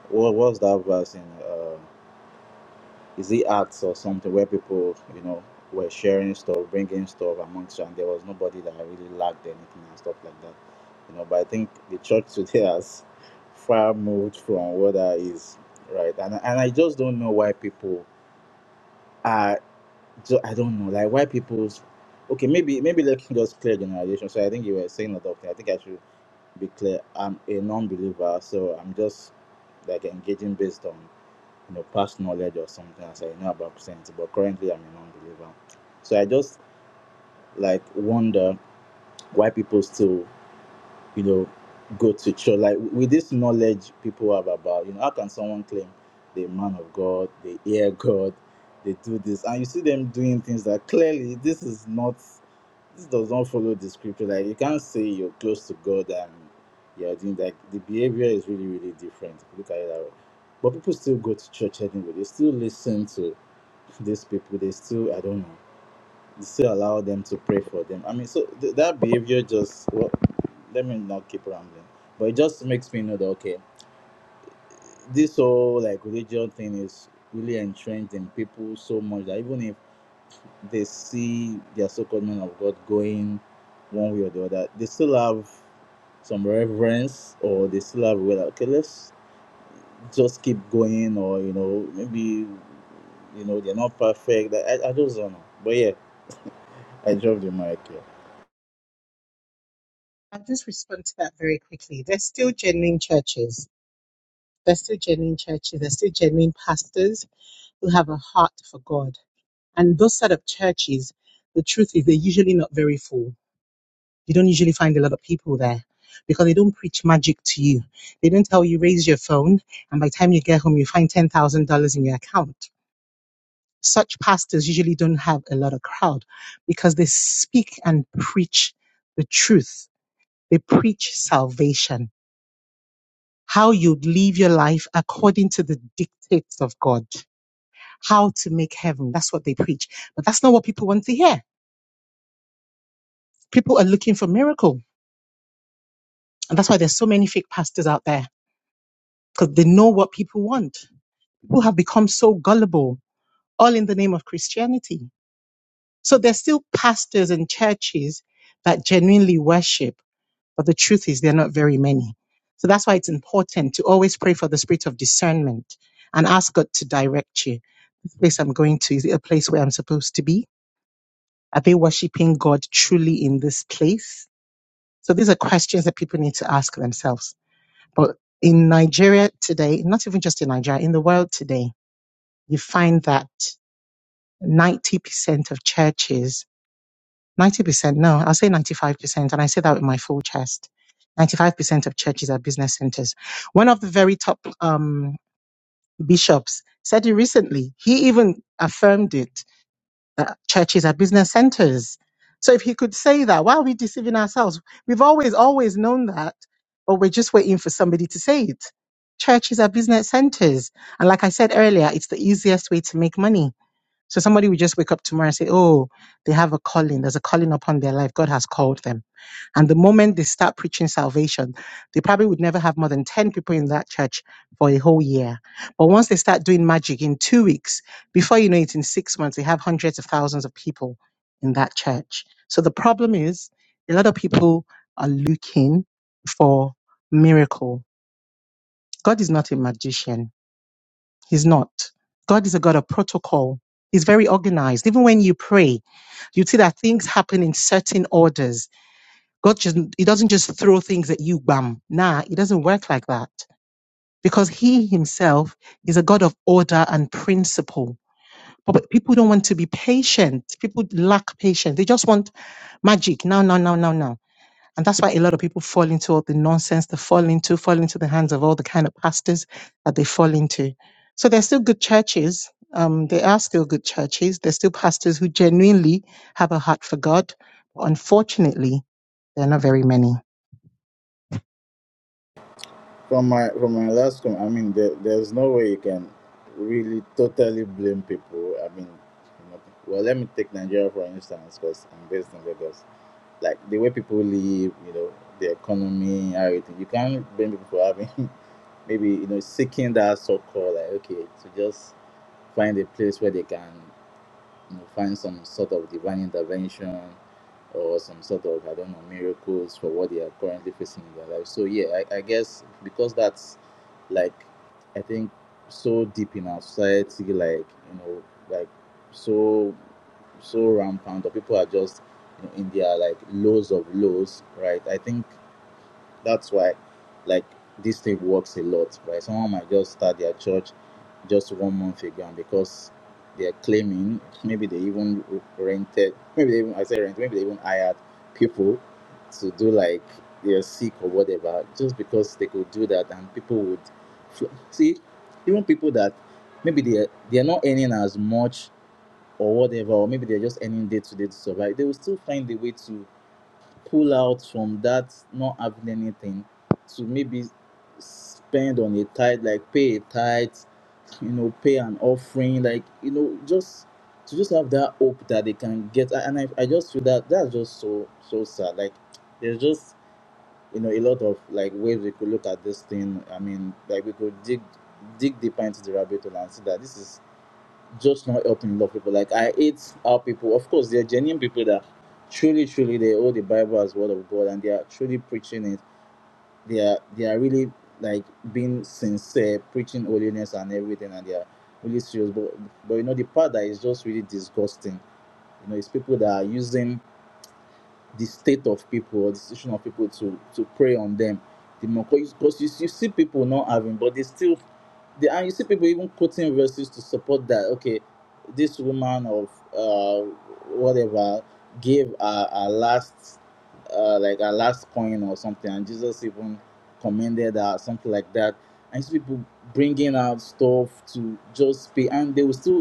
S: what was that verse in? Uh, is it arts or something where people you know were sharing stuff bringing stuff amongst you and there was nobody that really lacked anything and stuff like that you know but i think the church [LAUGHS] today has far moved from what that is right and, and i just don't know why people are ju- i don't know like why people's okay maybe maybe let me just clear generalization so i think you were saying a lot of things i think i should be clear i'm a non-believer so i'm just like engaging based on you know, past knowledge or something as I know about Christianity, but currently I'm a non-believer. So I just like wonder why people still, you know, go to church. Like with this knowledge people have about, you know, how can someone claim they're a man of God, they hear God, they do this, and you see them doing things that clearly this is not, this does not follow the scripture. Like you can't say you're close to God and you're doing that. The behavior is really, really different. look at it that way. But people still go to church anyway. They still listen to these people they still i don't know they still allow them to pray for them i mean so th- that behavior just well, let me not keep rambling but it just makes me know that okay this whole like religion thing is really entrenched in people so much that even if they see their so-called men of god going one way or the other they still have some reverence or they still have well okay let's just keep going or you know maybe you know they're not perfect i, I just don't know but yeah i dropped the mic here.
P: I'll just respond to that very quickly. There's still genuine churches. There's still genuine churches. There's still genuine pastors who have a heart for God And those set up churches, the truth is they're usually not very full. You don't usually find a lot of people there because they don't preach magic to you. They don't tell you raise your phone and by the time you get home you find ten thousand dollars in your account. Such pastors usually don't have a lot of crowd because they speak and preach the truth. They preach salvation. How you live your life according to the dictates of God. How to make heaven. That's what they preach. But that's not what people want to hear. People are looking for miracle And that's why there's so many fake pastors out there because they know what people want. People have become so gullible, all in the name of Christianity. So there's still pastors and churches that genuinely worship, but the truth is they're not very many. So that's why it's important to always pray for the spirit of discernment and ask God to direct you. This place I'm going to, is it a place where I'm supposed to be? Are they worshiping God truly in this place? So these are questions that people need to ask themselves. But in Nigeria today, not even just in Nigeria, in the world today, you find that 90% of churches, 90%, no, I'll say 95%, and I say that with my full chest. 95% of churches are business centers. One of the very top um, bishops said it recently. He even affirmed it uh, churches are business centers. So if he could say that, why are we deceiving ourselves? We've always, always known that, but we're just waiting for somebody to say it. Churches are business centers. And like I said earlier, it's the easiest way to make money so somebody will just wake up tomorrow and say, Oh, they have a calling. There's a calling upon their life. God has called them. And the moment they start preaching salvation, they probably would never have more than 10 people in that church for a whole year. But once they start doing magic in two weeks, before you know it, in six months, they have hundreds of thousands of people in that church. So the problem is a lot of people are looking for miracle. God is not a magician. He's not. God is a God of protocol. He's very organized. Even when you pray, you see that things happen in certain orders. God just He doesn't just throw things at you, bam. Nah, it doesn't work like that. Because He Himself is a God of order and principle. But but people don't want to be patient. People lack patience. They just want magic now, now, now, now, now. And that's why a lot of people fall into all the nonsense they fall into, fall into the hands of all the kind of pastors that they fall into. So there's still good churches. Um, there are still good churches. There's still pastors who genuinely have a heart for God. unfortunately, there are not very many.
S: From my from my last comment, I mean, there, there's no way you can really totally blame people. I mean, you know, well, let me take Nigeria for instance, because I'm based in Lagos. Like the way people live, you know, the economy, everything. You can't blame people for having [LAUGHS] maybe you know seeking that so-called like okay to just find a place where they can you know, find some sort of divine intervention or some sort of I don't know miracles for what they are currently facing in their life. So yeah, I, I guess because that's like I think so deep in our society, like you know, like so so rampant, or people are just you know in their like lows of lows, right? I think that's why, like, this thing works a lot, right? Someone might just start their church just one month ago, and because they're claiming, maybe they even rented, maybe they even, I say rent, maybe they even hired people to do like they're sick or whatever, just because they could do that, and people would fl- see even people that maybe they are- they are not earning as much or whatever, or maybe they're just earning day to day to survive. They will still find a way to pull out from that not having anything to maybe spend on a tithe, like pay a tithe, you know, pay an offering, like you know, just to just have that hope that they can get. And I, I just feel that that's just so so sad. Like there's just you know a lot of like ways we could look at this thing. I mean, like we could dig dig deeper into the rabbit hole and see that this is just not helping a lot of people. Like I hate how people, of course, they're genuine people that truly, truly they owe the Bible as word of God and they are truly preaching it. They are they are really like being sincere, preaching holiness and everything, and they are really serious. But but you know the part that is just really disgusting. You know, it's people that are using the state of people or the situation of people to to prey on them the more because you, you see people not having but they still they and you see people even quoting verses to support that okay this woman of uh whatever gave a, a last uh like a last coin or something and jesus even commended her something like that and you see people bringing out stuff to just pay and they will still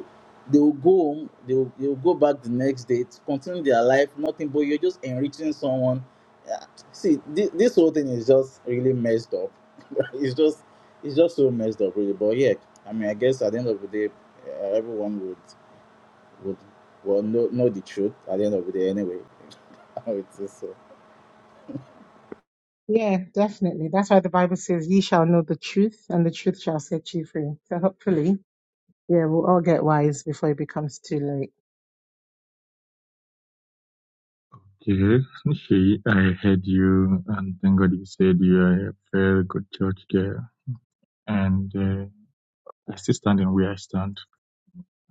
S: they will go home, they will, they will go back the next day to continue their life, nothing, but you're just enriching someone. Yeah. See, this, this whole thing is just really messed up. [LAUGHS] it's just it's just so messed up, really. But yeah, I mean, I guess at the end of the day, uh, everyone would would well know, know the truth at the end of the day anyway. [LAUGHS] I would so.
P: Yeah, definitely. That's why the Bible says, "Ye shall know the truth, and the truth shall set you free." So hopefully, yeah, we'll all get wise before it becomes too late.
N: Okay, Nishi, I heard you, and thank God you said you are a very good church girl. And uh, I still stand in where I stand.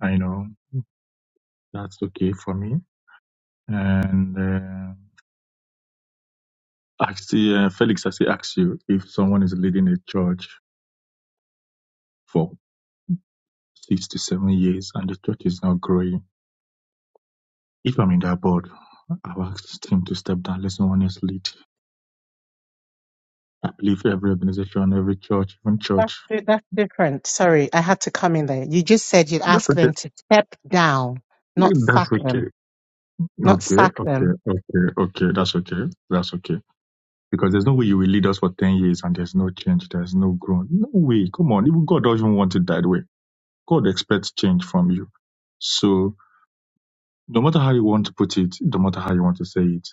N: I know that's okay for me. And uh, I see, uh, Felix, I still ask you if someone is leading a church for six to seven years and the church is not growing. If I'm in that board, I'll ask him to step down, let someone else lead. I believe every organization, every church, even
P: That's
N: church.
P: di- that's different. Sorry, I had to come in there. You just said you'd
N: That's
P: ask them
N: okay.
P: to step down, not
N: That's
P: sack
N: okay.
P: them, not
N: Okay,
P: sack
N: okay,
P: them.
N: okay, okay. That's okay. That's okay. Because there's no way you will lead us for 10 years and there's no change. There's no growth. No way. Come on. Even God doesn't want it that way. God expects change from you. So no matter how you want to put it, no matter how you want to say it,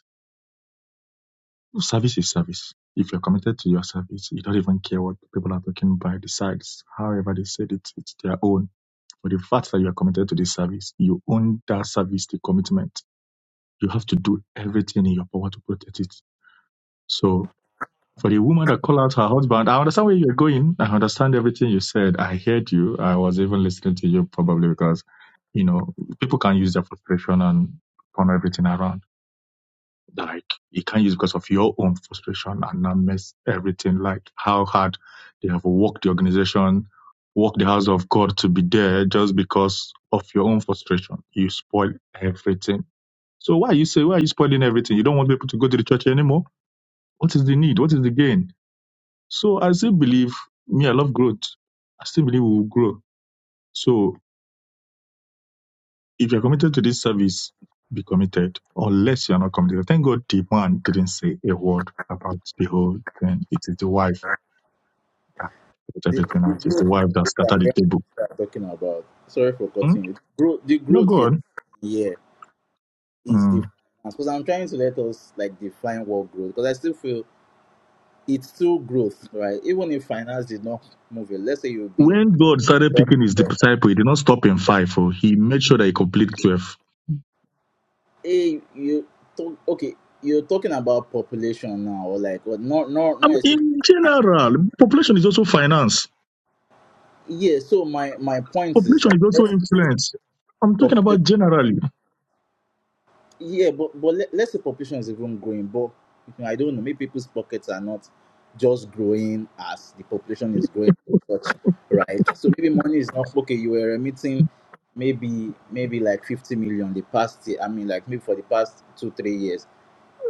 N: service is service. If you're committed to your service, you don't even care what people are talking by the sides. However they said it, it's their own. But the fact that you are committed to this service, you own that service, the commitment. You have to do everything in your power to protect it. So For the woman that called out her husband, I understand where you're going. I understand everything you said. I heard you. I was even listening to you probably because, you know, people can use their frustration and turn everything around. Like you can't use because of your own frustration and not mess everything like how hard they have worked the organization, worked the house of God to be there just because of your own frustration. You spoil everything. So why you say why are you spoiling everything? You don't want people to go to the church anymore? What is the need? What is the gain? So I still believe me, I love growth. I still believe we will grow. So if you're committed to this service, be committed, unless you're not committed. Thank God the man didn't say a word about the whole thing. It is the wife that put
S: The,
N: everything out. It's the wife that scattered the
S: yeah,
N: table.
S: I'm talking about, sorry for
N: Hmm?
S: cutting you. Growth, the
N: No
S: growth here,
N: God.
S: yeah, is
N: Hmm.
S: the because I'm trying to let us like define what growth because I still feel it's through growth, right? Even if finance did not move it, let's say you've been,
N: When God started picking his disciple, he did not stop in five. Oh, he made sure that he completed twelve.
S: hey, you talk, okay, you're talking about population now, or like, or not, not,
N: I
S: not
N: mean,
S: actually,
N: in general, population is also finance.
S: Yeah. So my my point is
N: Population
S: that
N: is also
S: let's
N: influence. I'm talking about
S: population,
N: generally.
S: yeah, but but let, let's say population is even growing, but you know, I don't know, maybe people's pockets are not just growing as the population is growing, such, right? So maybe money is not okay. You were emitting maybe maybe like 50 million the past year i mean like maybe for the past two three years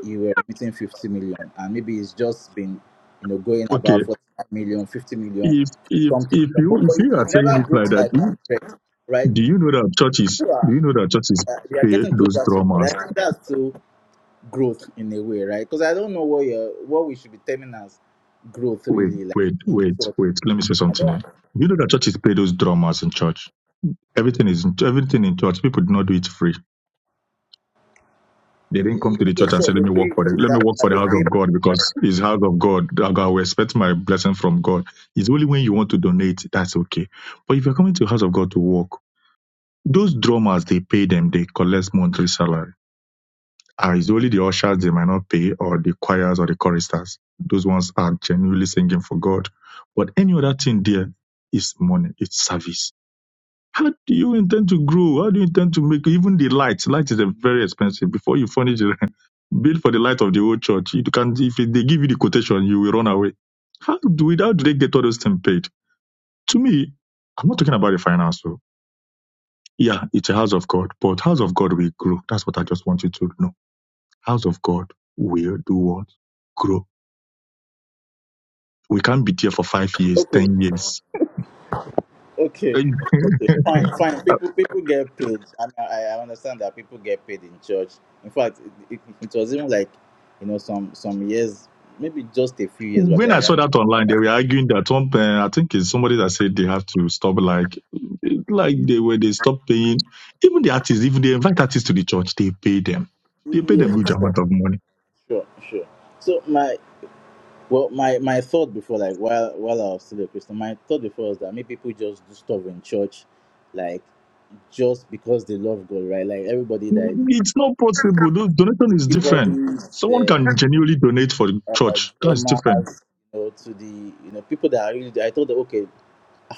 S: you were remitting 50 million and maybe it's just been you know going
N: Okay,
S: about 45 million fifty million,
N: if if
S: something
N: if
S: but,
N: you
S: but
N: if
S: it
N: you are saying
S: never
N: it like
S: grows
N: that,
S: like
N: do
S: one
N: you,
S: thread right
N: do you know that churches
S: you
N: do
S: are,
N: you know that churches
S: uh, they are
N: pay
S: getting
N: those
S: closer to it.
N: drummers?
S: I think that's still growth in a way right because i don't know what you what we should be terming as growth
N: Wait,
S: really like
N: wait,
S: in
N: wait,
S: short
N: wait. Let me say
S: i
N: something here.
S: don't
N: Do you know that churches pay those drummers in church? Everything is in, everything in church. People do not do it free. They
S: yeah,
N: didn't come
S: yeah,
N: to the church
S: yeah,
N: and
S: sure
N: say,
S: they
N: "Let me
S: pay
N: work for
S: yeah,
N: the let me
S: that,
N: work for
S: that
N: the
S: they
N: house of
S: pay
N: God because it's house of God. I will expect my blessing from God." It's only when you want to donate that's okay. But if you're coming to the house of God to work, those drummers they pay them. They collect monthly salary Uh, it's only the ushers they might not pay, or the choirs or the choristers. Those ones are genuinely singing for God. But any other thing there is money, it's service. How do you intend to grow? How do you intend to make even the lights? Light is a very expensive. Before you furnish it, [LAUGHS] bill for the light of the old church. You can if they give you the quotation, you will run away. How do we how do they get all those things paid? To me, I'm not talking about the finance. So yeah, it's a house of God, but house of God will grow. That's what I just want you to know house of God will do what? Grow. We can't be there for five years, ten years.
S: okay
N: [LAUGHS]
S: Fine, fine. People, people get paid. I mean, I, I understand that people get paid in church. In fact, it, it, it was even like, you know, some some years, maybe just a few years back.
N: When I
S: That,
N: saw that online, they were arguing that one. eh, I think it's somebody that said they have to stop, like, eh, like they were they stop paying. Even the artists, even they invite artists to the church, they pay them.
S: that
N: They pay them
S: yes,
N: huge amount of money.
S: sure, sure. So my well, my my thought before, like while while I was still a Christian, my thought before was that maybe people just do stuff in church, like just because they love God, right? Like everybody that
N: It's not possible. Those donation is different.
S: keyboardists,
N: Someone
S: uh,
N: can genuinely donate for the
S: you
N: church. That's different.
S: know, to the you know people that are really. I thought that okay,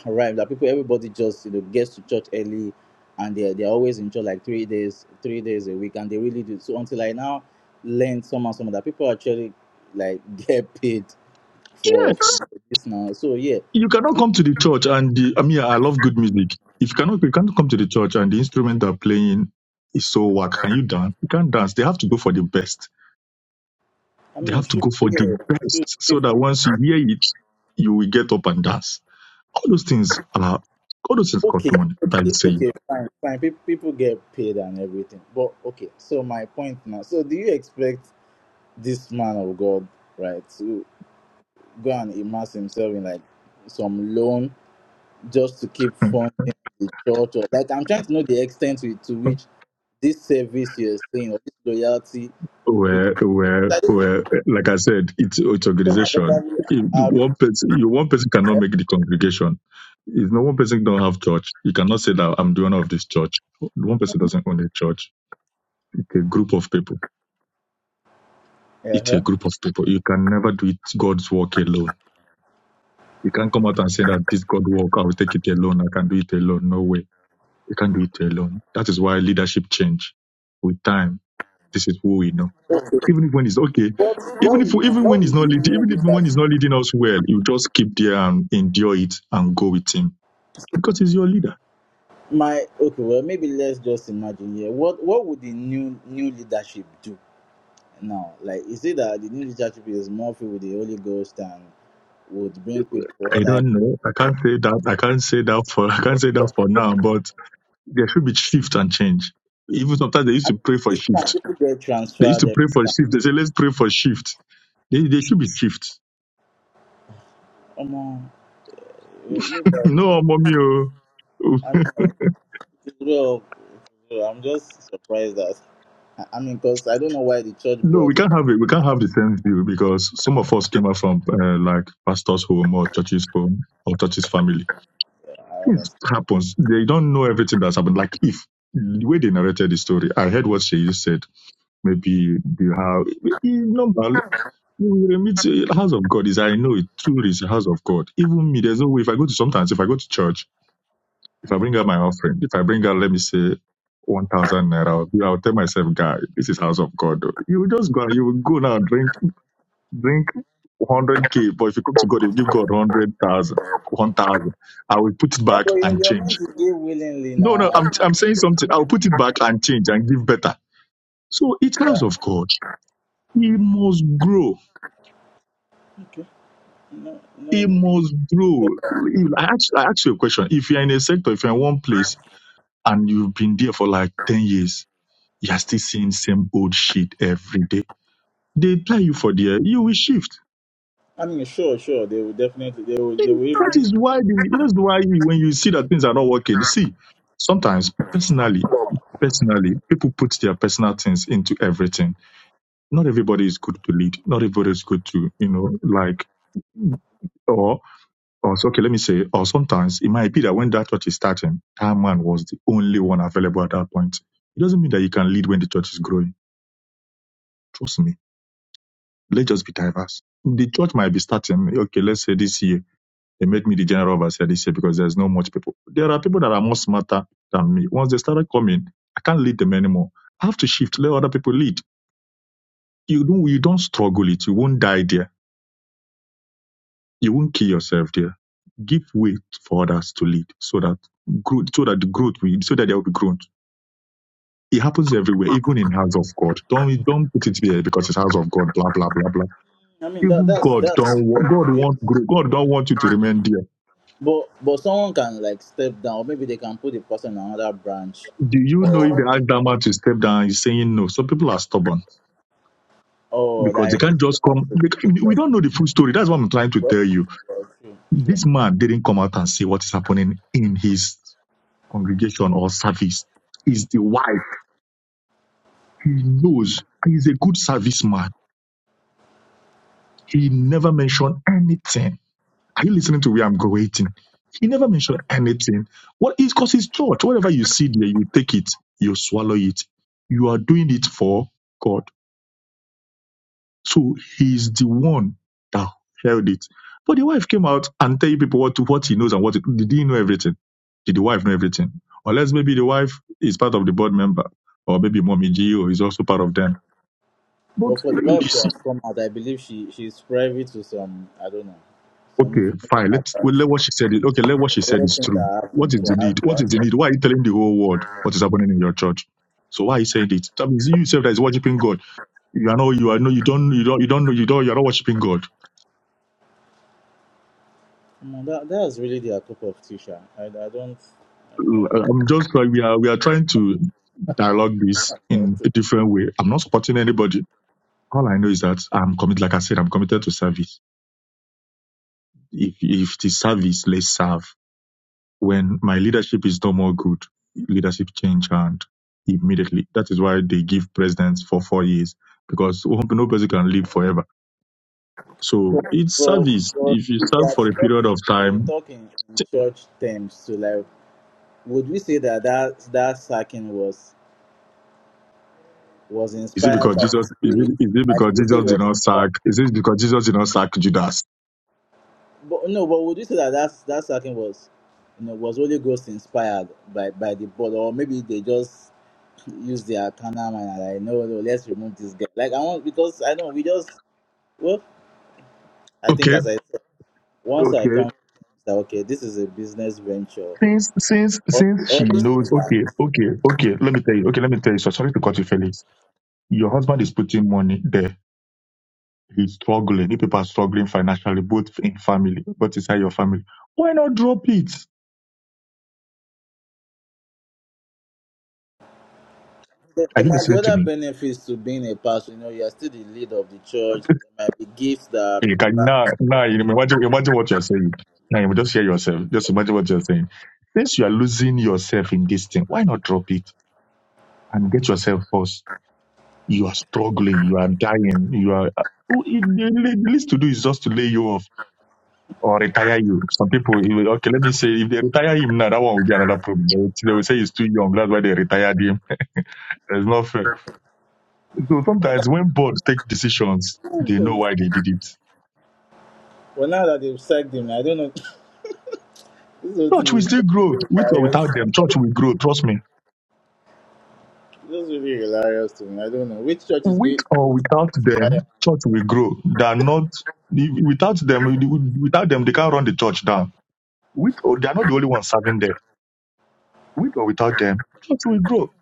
S: Right, that people, everybody just you know gets to church early, and they are they're always in church like three days, three days a week, and they really do. So until I now learned some and some that people actually like [LAUGHS] get paid for,
N: Yes.
S: for this now. So yeah,
N: you cannot come to the church and the, I mean, I love good music. If you cannot, you cannot come to the church and the instrument they're playing is so whack. Can you dance? You can't dance. They have to go for the best.
S: I
N: They
S: mean,
N: have to
S: sure,
N: go for
S: yeah,
N: the
S: sure,
N: best so
S: if-
N: that once you hear it, you will get up and dance. All those things are, all those things cost
S: okay,
N: money. That I'm
S: okay,
N: saying.
S: okay, fine, fine. People people get paid and everything, but okay. So my point now. So do you expect this man of God, right, to go and immerse himself in like some loan? just to keep funding the church or like i'm trying to know the extent to, to which this service you're saying or this loyalty could
N: Well, well,
S: have
N: well. Like I said, it's it's organization. If One person, you one person cannot make the congregation. If no one person don't have church, you cannot say that I'm the owner of this church. One person doesn't own a church. It's a group of people. It's a
S: uh-huh.
N: group of people. You can never do it God's work alone. You can't come out and say that this God work, I will take it alone. I can do it alone. No way. You can't do it alone. That is why leadership change with time. This is who we know. even if when it's okay,
S: What
N: even
S: what we
N: if even
S: what
N: when he's
S: would the
N: not leading,
S: new
N: even if when
S: that
N: he's not leading us well, you just keep there and endure it and go with him because he's your leader.
S: my okay well maybe let's just imagine here what what would the new new leadership do now like is it that the new leadership is more filled with the holy ghost and would bring people
N: I
S: like
N: don't know. I can't say that. I can't say that for. I can't say that for now. But there should be shift and change. Even sometimes they used to pray for
S: it's fine,
N: shift.
S: people get
N: They used
S: transferred
N: to
S: eh,
N: pray for shift. They say, "Let's pray for shift." They, they should be shift. [LAUGHS]
S: come on eh, you
N: No, mommy. Oh.
S: guys, Well, well, I'm just surprised that I I mean, because I don't know why the church
N: No,
S: bought.
N: we can't have it. We can't have the same view because some of us came out from uh, like pastor's home or church's home or church's family
S: Uh, I
N: Things
S: understand.
N: happens. They don't know everything that's happened. Like if the way they narrated the story, I heard what she said. Maybe you have normal. It's a house of God is I know it truly is the house of God. Even me, there's no way if I go to sometimes if I go to church, if I
S: Mm.
N: bring out my offering, if I bring out let me say one thousand naira, I'll I'll tell myself, guy, this is house of God. You will just go and you will go now drink drink hundred K, but if you come to God, you will give God hundred thousand, one thousand. I will put it
S: Yeah,
N: back
S: but you're,
N: and
S: you're
N: change.
S: meant to give willingly
N: No, no,
S: now. I
N: I'm,
S: think
N: I'm saying something. I'll put it back and change and give better. So it has
S: that-
N: of God, he must grow.
S: okay. No,
N: He
S: no.
N: must grow. I ask, I ask you a question. If you're in a sector, if you're in one place and you've been there for like 10 years, you're still seeing same old shit every day. They try you for there, you will shift.
S: I mean, sure, sure. They will definitely. They will. They will
N: That
S: even.
N: is why, the, you know, that's why you- when you see that things are not working, see, sometimes personally, personally, people put their personal things into everything Not everybody is good to lead. Not everybody is good to, you know, like, or, or so, okay, let me say, or sometimes it might be that when that church is starting, that man was the only one available at that point. It doesn't mean that you can lead when the church is growing. Trust me. Let's just be diverse. The church might be starting, okay, let's say this year, they made me the general overseer this year because there's no much people. There are people that are more smarter than me. Once they started coming, I can't lead them anymore. I have to shift, let other people lead. You don't, you don't struggle it. You won't die there You won't kill yourself there. Give way for others to lead so that growth so that the growth will so that there will be growth. It happens everywhere, even in house of God. Don't don't put it there because it's house of God, blah blah blah blah.
S: I mean, that
N: Even
S: that's
N: God
S: that's
N: don't wa- God
S: fine. Yes.
N: want grow. God don't want you to remain there.
S: But but someone can like step down. Or Maybe they can put the person on another branch.
N: Do you know if they ask that man to step down, he's saying no. Some people are stubborn
S: Oh,
N: because
S: that
N: they
S: is
N: can't just come. They
S: the
N: can't, we
S: church.
N: don't know the full story. That's what I'm trying to
S: Well,
N: tell you.
S: well, true, true.
N: This man didn't come out and see what is happening in his congregation or service. Is the why. He knows he's a good serviceman. He never mentioned anything. Are you listening to where I'm going? He never mentioned anything. What is because it's church, whatever you see there, you take it, you swallow it. You are doing it for God. So he's the one that held it. But the wife came out and tell you people what what he knows and what he, did he know everything? Did the wife know everything? Unless maybe the wife is part of the board member, or maybe mommy Gio is also part of them. But
S: But for the
N: uh, you
S: wife to
N: see
S: have come out, I believe she she's privy to some I don't know some
N: Okay,
S: information
N: fine.
S: about
N: Let's well,
S: everything
N: let what she said. Is, okay, let what she said is true.
S: that
N: What
S: happened
N: is
S: for
N: the
S: her.
N: need?
S: to
N: What is
S: have- said.
N: the need? Why are you telling the whole world what is happening in your church? So why are you saying it? That means you yourself that is worshiping God. You are not. You are no. You don't. You don't. You don't know. You don't. You are not worshiping God.
S: Come on, that that is really their cup of tea, sha. I I don't.
N: Uh, I'm just like we are. We are trying to dialogue this
S: But
N: in a different way. I'm not supporting anybody. All I know is that I'm committed. Like I said, I'm committed to service. If if it is service, let's serve when my leadership is no more good, leadership change hand immediately. That is why they give presidents for four years because no no president can live forever. So
S: but
N: it's service.
S: but
N: If you
S: if you
N: serve
S: are
N: for a period
S: talking,
N: of
S: you're
N: time,
S: talking in church terms So like, would we say that that that sacking was was
N: is it
S: inspired
N: because
S: by the
N: Jesus? Is
S: spirit?
N: it, is it
S: Like,
N: because
S: would we say
N: Jesus
S: it
N: did
S: was
N: not
S: inspired?
N: sack? Is it because Jesus did not sack Judas?
S: But no, but would you say that that's, that sacking was, you know, was Holy Ghost inspired by by the board, or maybe they just use their canal mind and like, no, no, let's remove this guy. Like I want because I know we just well, I think
N: Okay,
S: as I said, once I
N: okay.
S: come, that okay, this is a business venture.
N: Since since since she
S: All this,
N: knows, okay, okay, okay. Let me tell you. Okay, let me tell you. So sorry to cut you, Felix. Your husband is putting money there he's struggling, if people are struggling financially, both in family, but inside your family, why not drop it?
S: there
N: Are
S: there
N: you
S: might be
N: listening to
S: other
N: me?
S: benefits to being a pastor. You know, you are still the lead of the church.
N: [LAUGHS]
S: There might be gifts that.
N: You can now, now you imagine, imagine what you're saying. Now you just hear yourself. Just imagine what you're saying. Since you are losing yourself in this thing, why not drop it and get yourself first? You are struggling. You are dying. You are. oh, it- The the least to do is just to lay you off or retire you. Some people, you will- okay, let me say, if they retire him now, that one will be another problem. They will they will say he's too young. That's why they retired him. It's not fair. So sometimes when boards take decisions, they know why they did it.
S: Well, now that they've sacked him, I don't know. [LAUGHS] this whole
N: Church will
S: thing
N: still grow with or
S: is.
N: without them. Church will grow. Trust me.
S: This will be hilarious to me. I don't know which church is
N: With
S: going to
N: or without
S: fire.
N: them, church will grow. They are not without them. Without them, they can't run the church down. With or they are not the only ones serving there. With or without them, church will grow.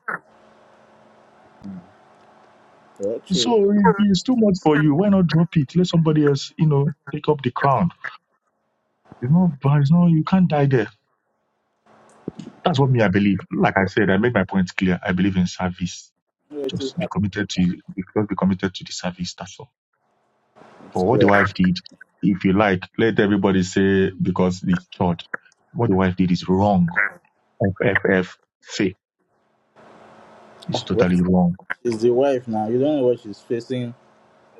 S: Oh, true.
N: So if it's too much for you. Why not drop it? Let somebody else, you know, take up the crown. You know, but it's not. You can't die there. That's what me I believe. Like I said, I made my point clear. I believe in service.
S: It is,
N: Just be committed to just be committed to the service. That's all.
S: it's
N: For what the
S: clear.
N: wife did, if you like, let everybody say because the church, what the wife did is wrong. F F F, fake is
S: Ah, well,
N: totally wrong.
S: She's the wife now. You don't know what she's facing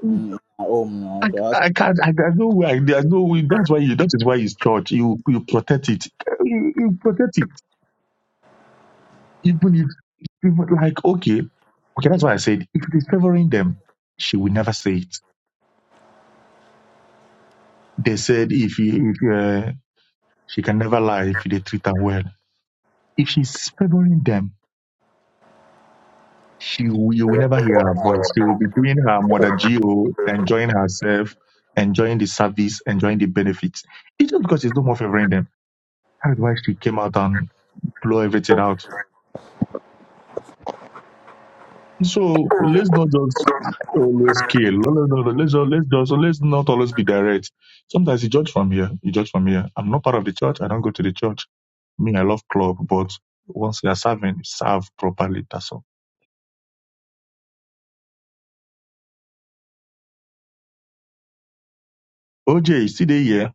S: in in her home now.
N: I,
S: So.
N: I can't. I, there's no way. I- There's no way. That's why. You, that is why it's church. You you protect it. You, you protect it. Even if people like okay, okay. That's why I said if it is favoring them, she will never say it. They said if you if uh, she can never lie if they treat her well. If she's favoring them, she will, you will never hear her voice. She will be doing her mother GO, enjoying herself, enjoying the service, enjoying the benefits. It's just because she's no more favoring them. That's why she came out and blow everything out. So let's not just always kill. No, no, no, no. Let's just, let's just let's not always be direct. Sometimes you judge from here. You judge from here. I'm not part of the church. I don't go to the church. Me, I love club, but once you are serving, serve properly. That's all. OJ, see the here.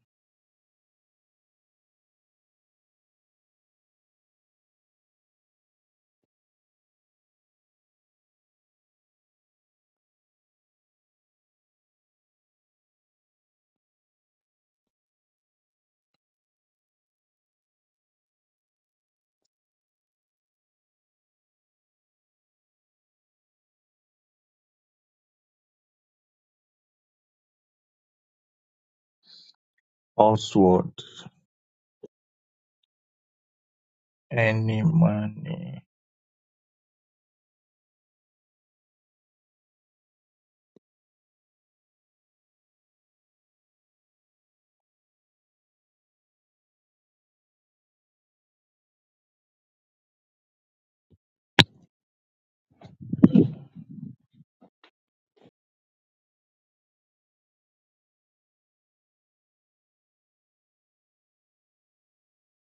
N: Oswald. any money.